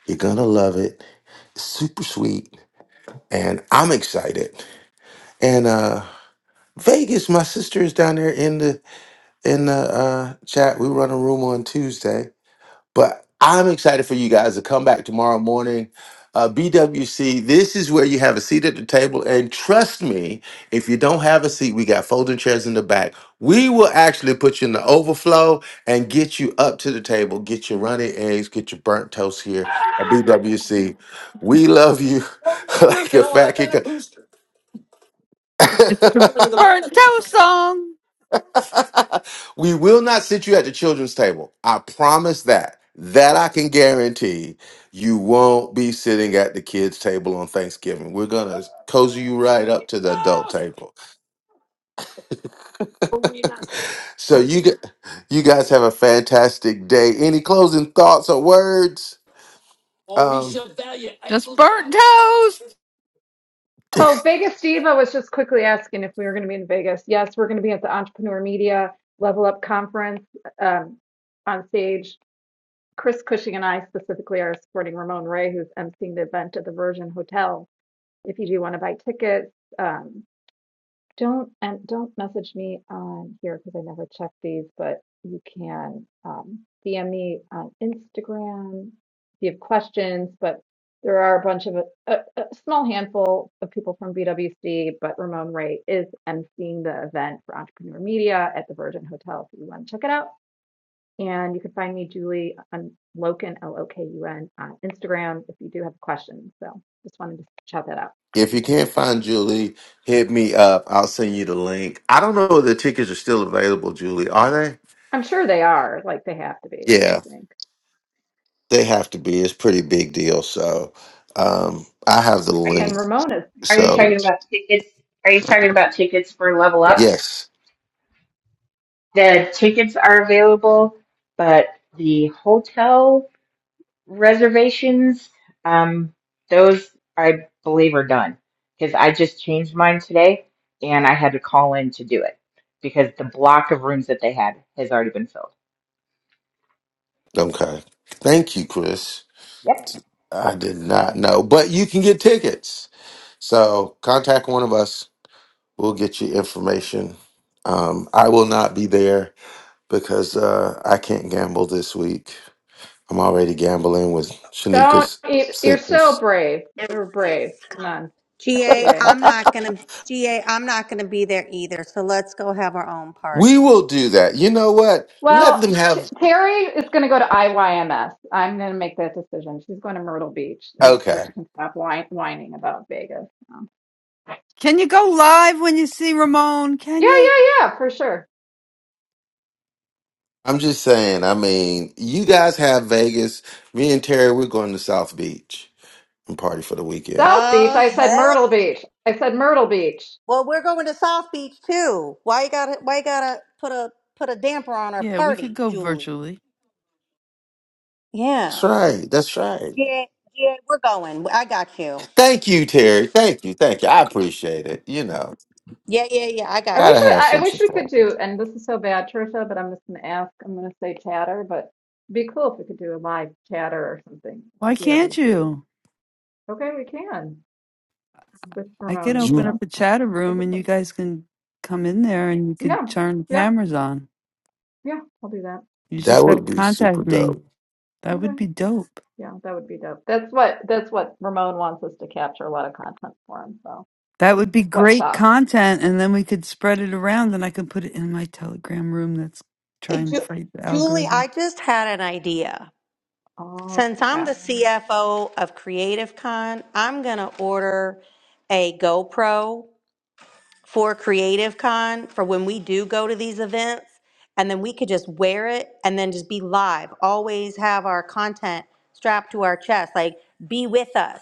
[SPEAKER 22] You're going to love it. It's super sweet. And I'm excited. And uh Vegas, my sister is down there in the in the uh chat. We run a room on Tuesday But I'm excited for you guys to come back tomorrow morning. Uh, BWC, this is where you have a seat at the table. And trust me, if you don't have a seat, we got folding chairs in the back. We will actually put you in the overflow and get you up to the table, get your runny eggs, get your burnt toast here at BWC. We love you like a fat kicker.
[SPEAKER 2] Hello, song.
[SPEAKER 22] we will not sit you at the children's table. I promise that. That I can guarantee you won't be sitting at the kids' table on Thanksgiving. We're gonna cozy you right up to the adult table. so you g- you guys have a fantastic day. Any closing thoughts or words? Um,
[SPEAKER 20] Oh, Vegas Diva was just quickly asking if we were going to be in Vegas. Yes, we're going to be at the Entrepreneur Media Level Up Conference um, on stage Chris Cushing and I specifically are supporting Ramon Ray, who's emceeing the event at the Virgin Hotel. If you do want to buy tickets, um, don't and don't message me on here because I never check these, but you can um, DM me on Instagram if you have questions. But there are a bunch of a, a, small handful of people from BWC, but Ramon Ray is emceeing the event for Entrepreneur Media at the Virgin Hotel. If you want to check it out. And you can find me, Julie, on Loken, L O K U N, on Instagram if you do have questions. So just wanted to shout that out.
[SPEAKER 22] if you can't find Julie, hit me up. I'll send you the link. I don't know if the tickets are still available, Julie. Are they?
[SPEAKER 20] I'm sure they are, like they have to be, I
[SPEAKER 22] Yeah.
[SPEAKER 20] would think.
[SPEAKER 22] They have to be. It's a pretty big deal. So um, I have the
[SPEAKER 21] Are
[SPEAKER 22] link.
[SPEAKER 21] you
[SPEAKER 20] And Ramona's,
[SPEAKER 21] are you
[SPEAKER 22] So
[SPEAKER 21] talking about tickets? Are you talking about tickets for Level
[SPEAKER 20] yeah.
[SPEAKER 21] Up?
[SPEAKER 22] yes.
[SPEAKER 21] The tickets are available, but the hotel reservations, um, those I believe are done because I just changed mine today and I had to call in to do it because the block of rooms that they had has already been filled.
[SPEAKER 22] Okay. Thank you, Chris.
[SPEAKER 21] Yep.
[SPEAKER 22] I did not know, but you can get tickets. So contact one of us. We'll get you information. Um, I will not be there because uh, I can't gamble this week. I'm already gambling with
[SPEAKER 20] Don't,
[SPEAKER 22] Shanika's
[SPEAKER 20] you- you're so
[SPEAKER 22] sickness.
[SPEAKER 20] brave. You're brave. Come on,
[SPEAKER 24] GA,
[SPEAKER 20] Jay.
[SPEAKER 24] I'm not going to. GA, I'm not going to be there either. So let's go have our own
[SPEAKER 22] We
[SPEAKER 24] party.
[SPEAKER 22] will do that. You know what? Let
[SPEAKER 20] Well,
[SPEAKER 22] them
[SPEAKER 20] T-
[SPEAKER 22] have.
[SPEAKER 20] Terry is going to go to IYMS. I'm going to make that decision. She's going to Myrtle Beach, and so
[SPEAKER 22] Okay.
[SPEAKER 20] she can stop whine- whining about Vegas. Um,
[SPEAKER 2] Can you go live when you see Ramon? Can
[SPEAKER 20] yeah,
[SPEAKER 2] you?
[SPEAKER 20] yeah, yeah, for sure.
[SPEAKER 22] I'm just saying, I mean, you guys have Vegas. Me and Terry, we're going to South Beach and party for the weekend.
[SPEAKER 20] South Beach.
[SPEAKER 24] Oh
[SPEAKER 20] I said
[SPEAKER 24] heck!
[SPEAKER 20] Myrtle Beach. I said Myrtle Beach.
[SPEAKER 24] Well, we're going to South Beach too. Why you gotta? Why you gotta put a put a damper on our party, Julie?
[SPEAKER 22] That's
[SPEAKER 24] Yeah.
[SPEAKER 22] right. That's right.
[SPEAKER 24] Yeah, yeah, we're going. I got you.
[SPEAKER 22] Thank you, Terry. Thank you. Thank you. I appreciate it. You know,
[SPEAKER 24] Yeah, yeah, yeah. I
[SPEAKER 20] I
[SPEAKER 24] got
[SPEAKER 20] wish
[SPEAKER 22] gotta
[SPEAKER 24] you.
[SPEAKER 22] have
[SPEAKER 20] I, I
[SPEAKER 22] some
[SPEAKER 20] wish we could
[SPEAKER 22] support.
[SPEAKER 20] do, and this is so bad, Trisha, but I'm just gonna ask. I'm gonna say chatter, but it'd be cool if we could do a live chatter or something.
[SPEAKER 2] Why can't
[SPEAKER 20] BWC.
[SPEAKER 2] you?
[SPEAKER 20] Okay, we can with
[SPEAKER 2] I can
[SPEAKER 20] Ramon and
[SPEAKER 2] open
[SPEAKER 22] You
[SPEAKER 20] stuff.
[SPEAKER 2] up a chatter
[SPEAKER 20] I
[SPEAKER 2] room
[SPEAKER 20] could,
[SPEAKER 2] and you
[SPEAKER 20] put-
[SPEAKER 2] guys can come in there and you could
[SPEAKER 20] yeah,
[SPEAKER 2] turn the
[SPEAKER 20] yeah,
[SPEAKER 2] cameras on.
[SPEAKER 20] yeah. I'll do that.
[SPEAKER 2] You just
[SPEAKER 22] that
[SPEAKER 2] got to
[SPEAKER 22] would be super
[SPEAKER 2] contact me.
[SPEAKER 22] dope.
[SPEAKER 2] That
[SPEAKER 20] Okay,
[SPEAKER 2] would be dope.
[SPEAKER 20] yeah, that would be dope. That's what that's what Ramon wants us to capture a lot of content for him. So
[SPEAKER 2] That would be
[SPEAKER 20] what
[SPEAKER 2] great
[SPEAKER 20] shop?
[SPEAKER 2] content, and then we could spread it around, and I could put it in my Telegram room that's
[SPEAKER 24] Hey,
[SPEAKER 2] trying to
[SPEAKER 24] Ju-
[SPEAKER 2] fight the
[SPEAKER 24] Julie,
[SPEAKER 2] algorithm.
[SPEAKER 24] I just had an idea.
[SPEAKER 20] Oh,
[SPEAKER 24] Since I'm
[SPEAKER 20] snap.
[SPEAKER 24] the CFO of Creative Con, I'm going to order a GoPro for Creative Con for when we do go to these events. And then we could just wear it and then just be live. Always have our content strapped to our chest. Like, be with us.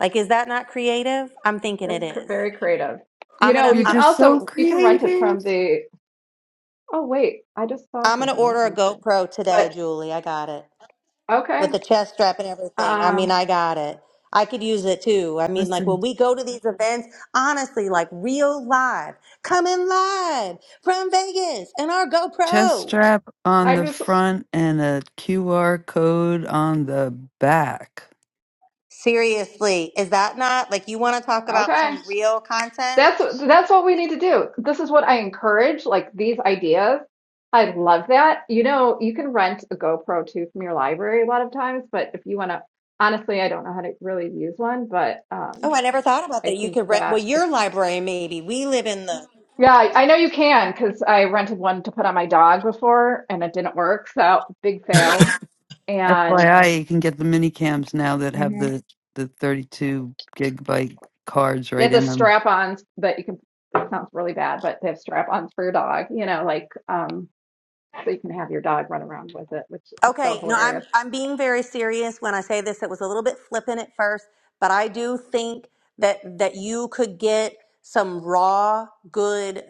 [SPEAKER 24] Like, is that not creative? I'm thinking it
[SPEAKER 20] That's cr
[SPEAKER 24] is.
[SPEAKER 20] very creative. You
[SPEAKER 24] I'm going
[SPEAKER 20] know,
[SPEAKER 24] to.
[SPEAKER 2] You're
[SPEAKER 20] you can
[SPEAKER 2] just so
[SPEAKER 20] also you can rent it
[SPEAKER 2] creative.
[SPEAKER 20] from the. Oh wait, I just saw
[SPEAKER 24] I'm gonna
[SPEAKER 20] something. I don't
[SPEAKER 24] order a GoPro
[SPEAKER 20] like
[SPEAKER 24] today,
[SPEAKER 20] this.
[SPEAKER 24] Julie. I got it.
[SPEAKER 20] Okay.
[SPEAKER 24] with the chest strap and everything. I
[SPEAKER 20] Um,
[SPEAKER 24] mean, I got it. I could use it too. I mean, like
[SPEAKER 2] Listen,
[SPEAKER 24] when we go to these events, honestly, like real live, coming live from Vegas and our
[SPEAKER 2] chest
[SPEAKER 24] GoPro.
[SPEAKER 2] strap on
[SPEAKER 20] I
[SPEAKER 2] the
[SPEAKER 20] just
[SPEAKER 2] front and a QR code on the back.
[SPEAKER 24] Seriously, is that not like you want to talk about
[SPEAKER 20] okay.
[SPEAKER 24] some real content?
[SPEAKER 20] That's that's what we need to do. This is what I encourage, like these ideas. I love that. You know, you can rent a GoPro too from your library a lot of times, but if you want to, honestly, I don't know how to really use one, but
[SPEAKER 24] Oh,
[SPEAKER 20] um,
[SPEAKER 24] I never thought about
[SPEAKER 20] I
[SPEAKER 24] that. You
[SPEAKER 20] think
[SPEAKER 24] could rent, well,
[SPEAKER 20] that
[SPEAKER 24] your library maybe. We live in the
[SPEAKER 20] yeah, I I know you can because I rented one to put on my dog before and it didn't work, so big
[SPEAKER 22] Wait
[SPEAKER 20] fail. And
[SPEAKER 2] FYI, you can get the mini cams now that have the, the 32 gigabyte cards
[SPEAKER 20] They
[SPEAKER 2] right
[SPEAKER 20] have the
[SPEAKER 2] in them.
[SPEAKER 20] strap-ons that you can. It sounds really bad, but they have strap-ons for your dog. You know, like um, so you can have your dog run around with it, which is so
[SPEAKER 24] Okay, no, I'm
[SPEAKER 20] hilarious.
[SPEAKER 24] I'm being very serious when I say this. It was a little bit flippant at first, but I do think that that you could get some raw good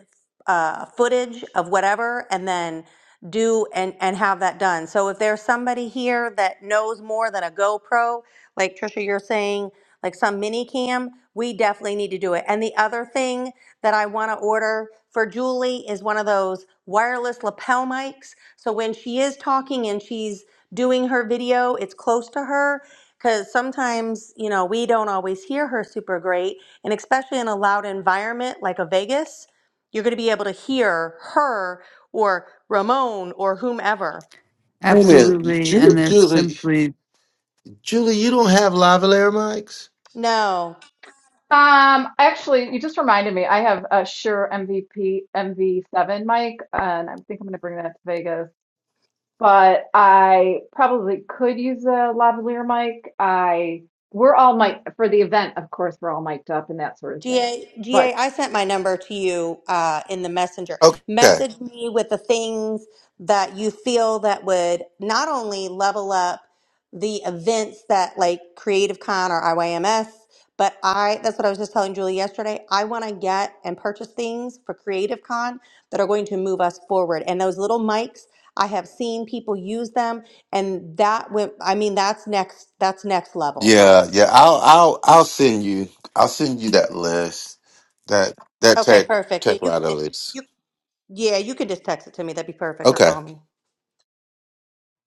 [SPEAKER 24] uh, footage of whatever, and then do and and have that done. So if there's somebody here that knows more than a GoPro, like Trisha, you're saying, like some mini cam, we definitely need to do it. And the other thing that I want to order for Julie is one of those wireless lapel mics so when she is talking and she's doing her video, it's close to her because sometimes, you know, we don't always hear her super great. And especially in a loud environment like a Vegas, you're going to be able to hear her or Ramon or whomever.
[SPEAKER 22] a minute.
[SPEAKER 2] Absolutely, and
[SPEAKER 22] Julie
[SPEAKER 2] they're
[SPEAKER 22] Julie
[SPEAKER 2] simply
[SPEAKER 22] Julie, you don't have lavalier mics?
[SPEAKER 24] No.
[SPEAKER 20] Um, actually, you just reminded me. I have a Shure MVP MV7 mic, and I think I'm going to bring that to Vegas. But I probably could use a lavalier mic. I we're all mic for the event, of course. We're all mic'd up and that sort of thing.
[SPEAKER 24] GA, GA,
[SPEAKER 20] But
[SPEAKER 24] I sent my number to you uh, in the messenger.
[SPEAKER 22] Okay.
[SPEAKER 24] Message me with the things that you feel that would not only level up the events that like Creative Con or IYMS, but I, that's what I was just telling Julie yesterday. I want to get and purchase things for Creative Con that are going to move us forward. And those little mics, I have seen people use them, and that went, I mean, that's next, that's next level for
[SPEAKER 22] Yeah,
[SPEAKER 24] us.
[SPEAKER 22] yeah. I'll I'll I'll send you I'll send you that list. That that
[SPEAKER 24] Okay,
[SPEAKER 22] tech
[SPEAKER 24] perfect.
[SPEAKER 22] tech
[SPEAKER 24] You
[SPEAKER 22] rider
[SPEAKER 24] can.
[SPEAKER 22] list.
[SPEAKER 24] Yeah, you can just text it to me. That'd be perfect, or
[SPEAKER 22] Okay.
[SPEAKER 24] call me.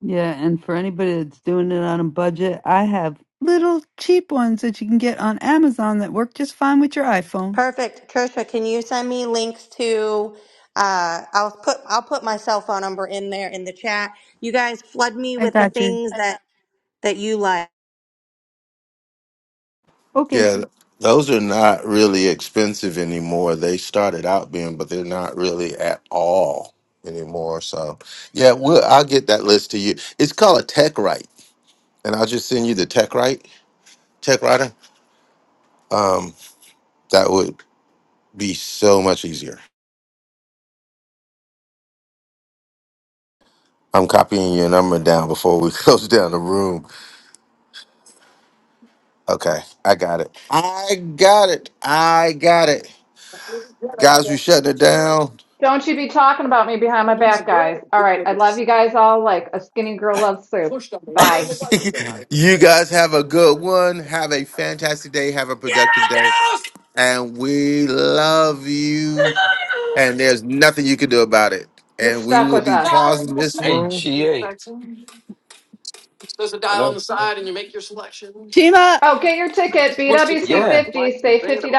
[SPEAKER 2] Yeah, and for anybody that's doing it on a budget, I have little cheap ones that you can get on Amazon that work just fine with your iPhone.
[SPEAKER 24] Perfect, Trisha. Can you send me links to? Uh, I'll put I'll put my cell phone number in there in the chat. You guys flood me
[SPEAKER 2] I
[SPEAKER 24] with the
[SPEAKER 2] got you.
[SPEAKER 24] things that that you like.
[SPEAKER 2] Okay.
[SPEAKER 22] Yeah, those are not really expensive anymore. They started out being, but they're not really at all anymore. So, yeah, we'll, I'll get that list to you. It's called a tech write, and I'll just send you the tech write, tech writer. Um, that would be so much easier. I'm copying your number down before we close down the room. Okay, I got it. I got it. I got it. Guys, we shutting it down.
[SPEAKER 20] Don't you be talking about me behind my back, guys. All right. I love you guys all like a skinny girl loves soup. Bye.
[SPEAKER 22] you guys have a good one. Have a fantastic day. Have a productive day. And we love you. And there's nothing you can do about it.
[SPEAKER 20] You're
[SPEAKER 22] And we
[SPEAKER 20] stuck
[SPEAKER 22] will
[SPEAKER 20] with
[SPEAKER 22] be
[SPEAKER 20] us.
[SPEAKER 22] pausing this
[SPEAKER 26] Hey,
[SPEAKER 22] room.
[SPEAKER 26] GA. Hello.
[SPEAKER 20] Oh, get your ticket.
[SPEAKER 26] Yeah.
[SPEAKER 20] BWC50, save $50.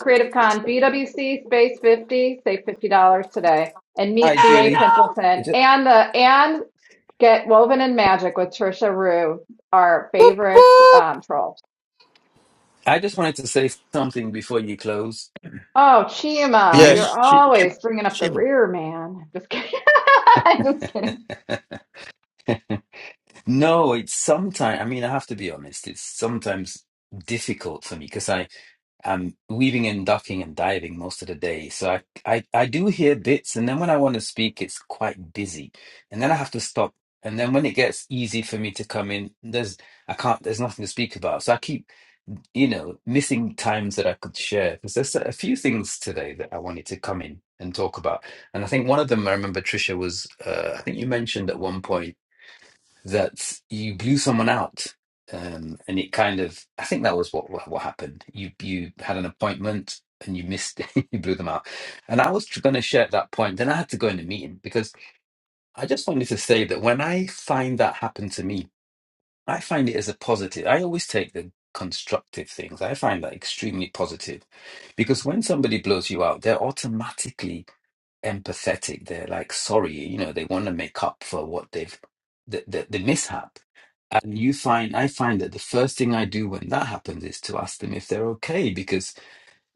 [SPEAKER 20] Creative Con, BWC space 50, save $50 today. And
[SPEAKER 26] Hi,
[SPEAKER 20] meet GA
[SPEAKER 26] Julie. I
[SPEAKER 20] Pimpleton
[SPEAKER 26] ju-
[SPEAKER 20] and the, and get Woven in Magic with Trisha Rue, our favorite um, troll.
[SPEAKER 26] I just wanted to say something before you close.
[SPEAKER 20] Oh,
[SPEAKER 26] Can you
[SPEAKER 20] Chima,
[SPEAKER 26] hear
[SPEAKER 20] you're
[SPEAKER 26] me?
[SPEAKER 22] Yes, she,
[SPEAKER 20] always bringing up the
[SPEAKER 22] she
[SPEAKER 20] rear, man. Just kidding. Just kidding.
[SPEAKER 26] No, it's sometimes, I mean, I have to be honest, it's sometimes difficult for me because I I'm weaving and ducking and diving most of the day. So I, I, I do hear bits, and then when I want to speak, it's quite busy. And then I have to stop. And then when it gets easy for me to come in, there's I can't there's nothing to speak about. So I keep, you know, missing times that I could share because there's a few things today that I wanted to come in and talk about. And I think one of them I remember Trisha was uh, I think you mentioned at one point that you blew someone out, um, and it kind of I think that was what what, what happened. You you had an appointment and you missed it, you blew them out. And I was going to share at that point, then I had to go in a meeting because I just wanted to say that when I find that happen to me, I find it as a positive. I always take the constructive things. I find that extremely positive because when somebody blows you out, they're automatically empathetic. They're like sorry, you know, they want to make up for what they've the, the the mishap. And you find I find that the first thing I do when that happens is to ask them if they're okay because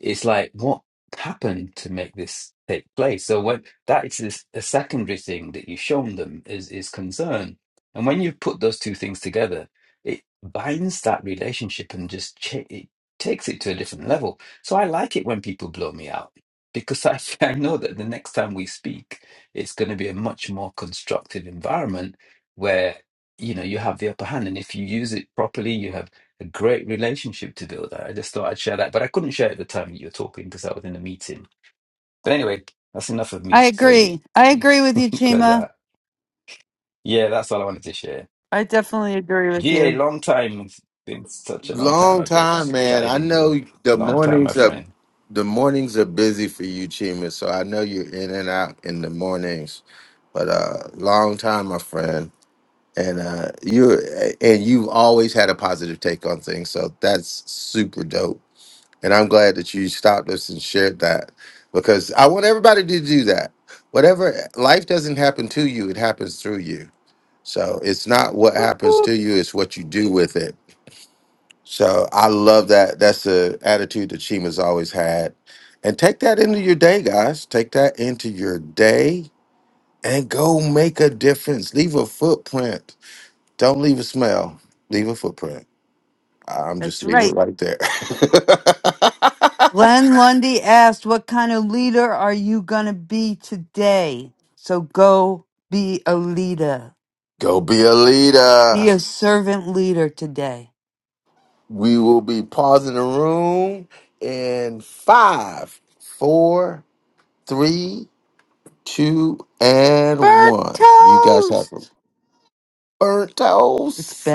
[SPEAKER 26] it's like, what happened to make this take place? So when that is this, a secondary thing that you've shown them is is concern, and when you put those two things together, it binds that relationship and just cha it takes it to a different level. So I like it when people blow me out because I I know that the next time we speak, it's going to be a much more constructive environment where you know you have the upper hand, and if you use it properly, you have a great relationship to build. I I just thought I'd share that, but I couldn't share it at the time that you were talking because I was in a meeting. But anyway, that's enough of
[SPEAKER 2] I
[SPEAKER 26] me. So you,
[SPEAKER 2] agree. I
[SPEAKER 26] you
[SPEAKER 2] agree with you,
[SPEAKER 26] close
[SPEAKER 2] Chima.
[SPEAKER 26] that. Yeah, that's all I wanted to share.
[SPEAKER 2] I definitely agree with
[SPEAKER 26] GA,
[SPEAKER 2] you.
[SPEAKER 26] long time. It's been such a long time
[SPEAKER 22] long
[SPEAKER 26] I've I've
[SPEAKER 22] time, man.
[SPEAKER 26] chatted
[SPEAKER 22] I
[SPEAKER 26] in here.
[SPEAKER 22] know the
[SPEAKER 26] Long time, my
[SPEAKER 22] mornings are
[SPEAKER 26] friend.
[SPEAKER 22] the mornings are busy for you, Chima. So I know you're in and out in the mornings. But uh long time, my friend. and uh you and you've always had a positive take on things so that's super dope and i'm glad that you stopped us and shared that because i want everybody to do that whatever life doesn't happen to you it happens through you so it's not what happens
[SPEAKER 2] Boop.
[SPEAKER 22] to you it's what you do with it so i love that that's the attitude that chima's always had and take that into your day guys take that into your day and go make a difference leave a footprint don't leave a smell, leave a footprint. I'm just
[SPEAKER 2] That's
[SPEAKER 22] leave it
[SPEAKER 2] right.
[SPEAKER 22] right there.
[SPEAKER 2] Glenn Lundy asked, What kind of leader are you going to be today? So go be a leader.
[SPEAKER 22] Go be a
[SPEAKER 2] Be
[SPEAKER 22] leader.
[SPEAKER 2] a servant leader today.
[SPEAKER 22] We will be pausing the room in five, four, three, two, and
[SPEAKER 2] Bird
[SPEAKER 22] one. You guys have
[SPEAKER 2] toast!
[SPEAKER 22] burnt toast.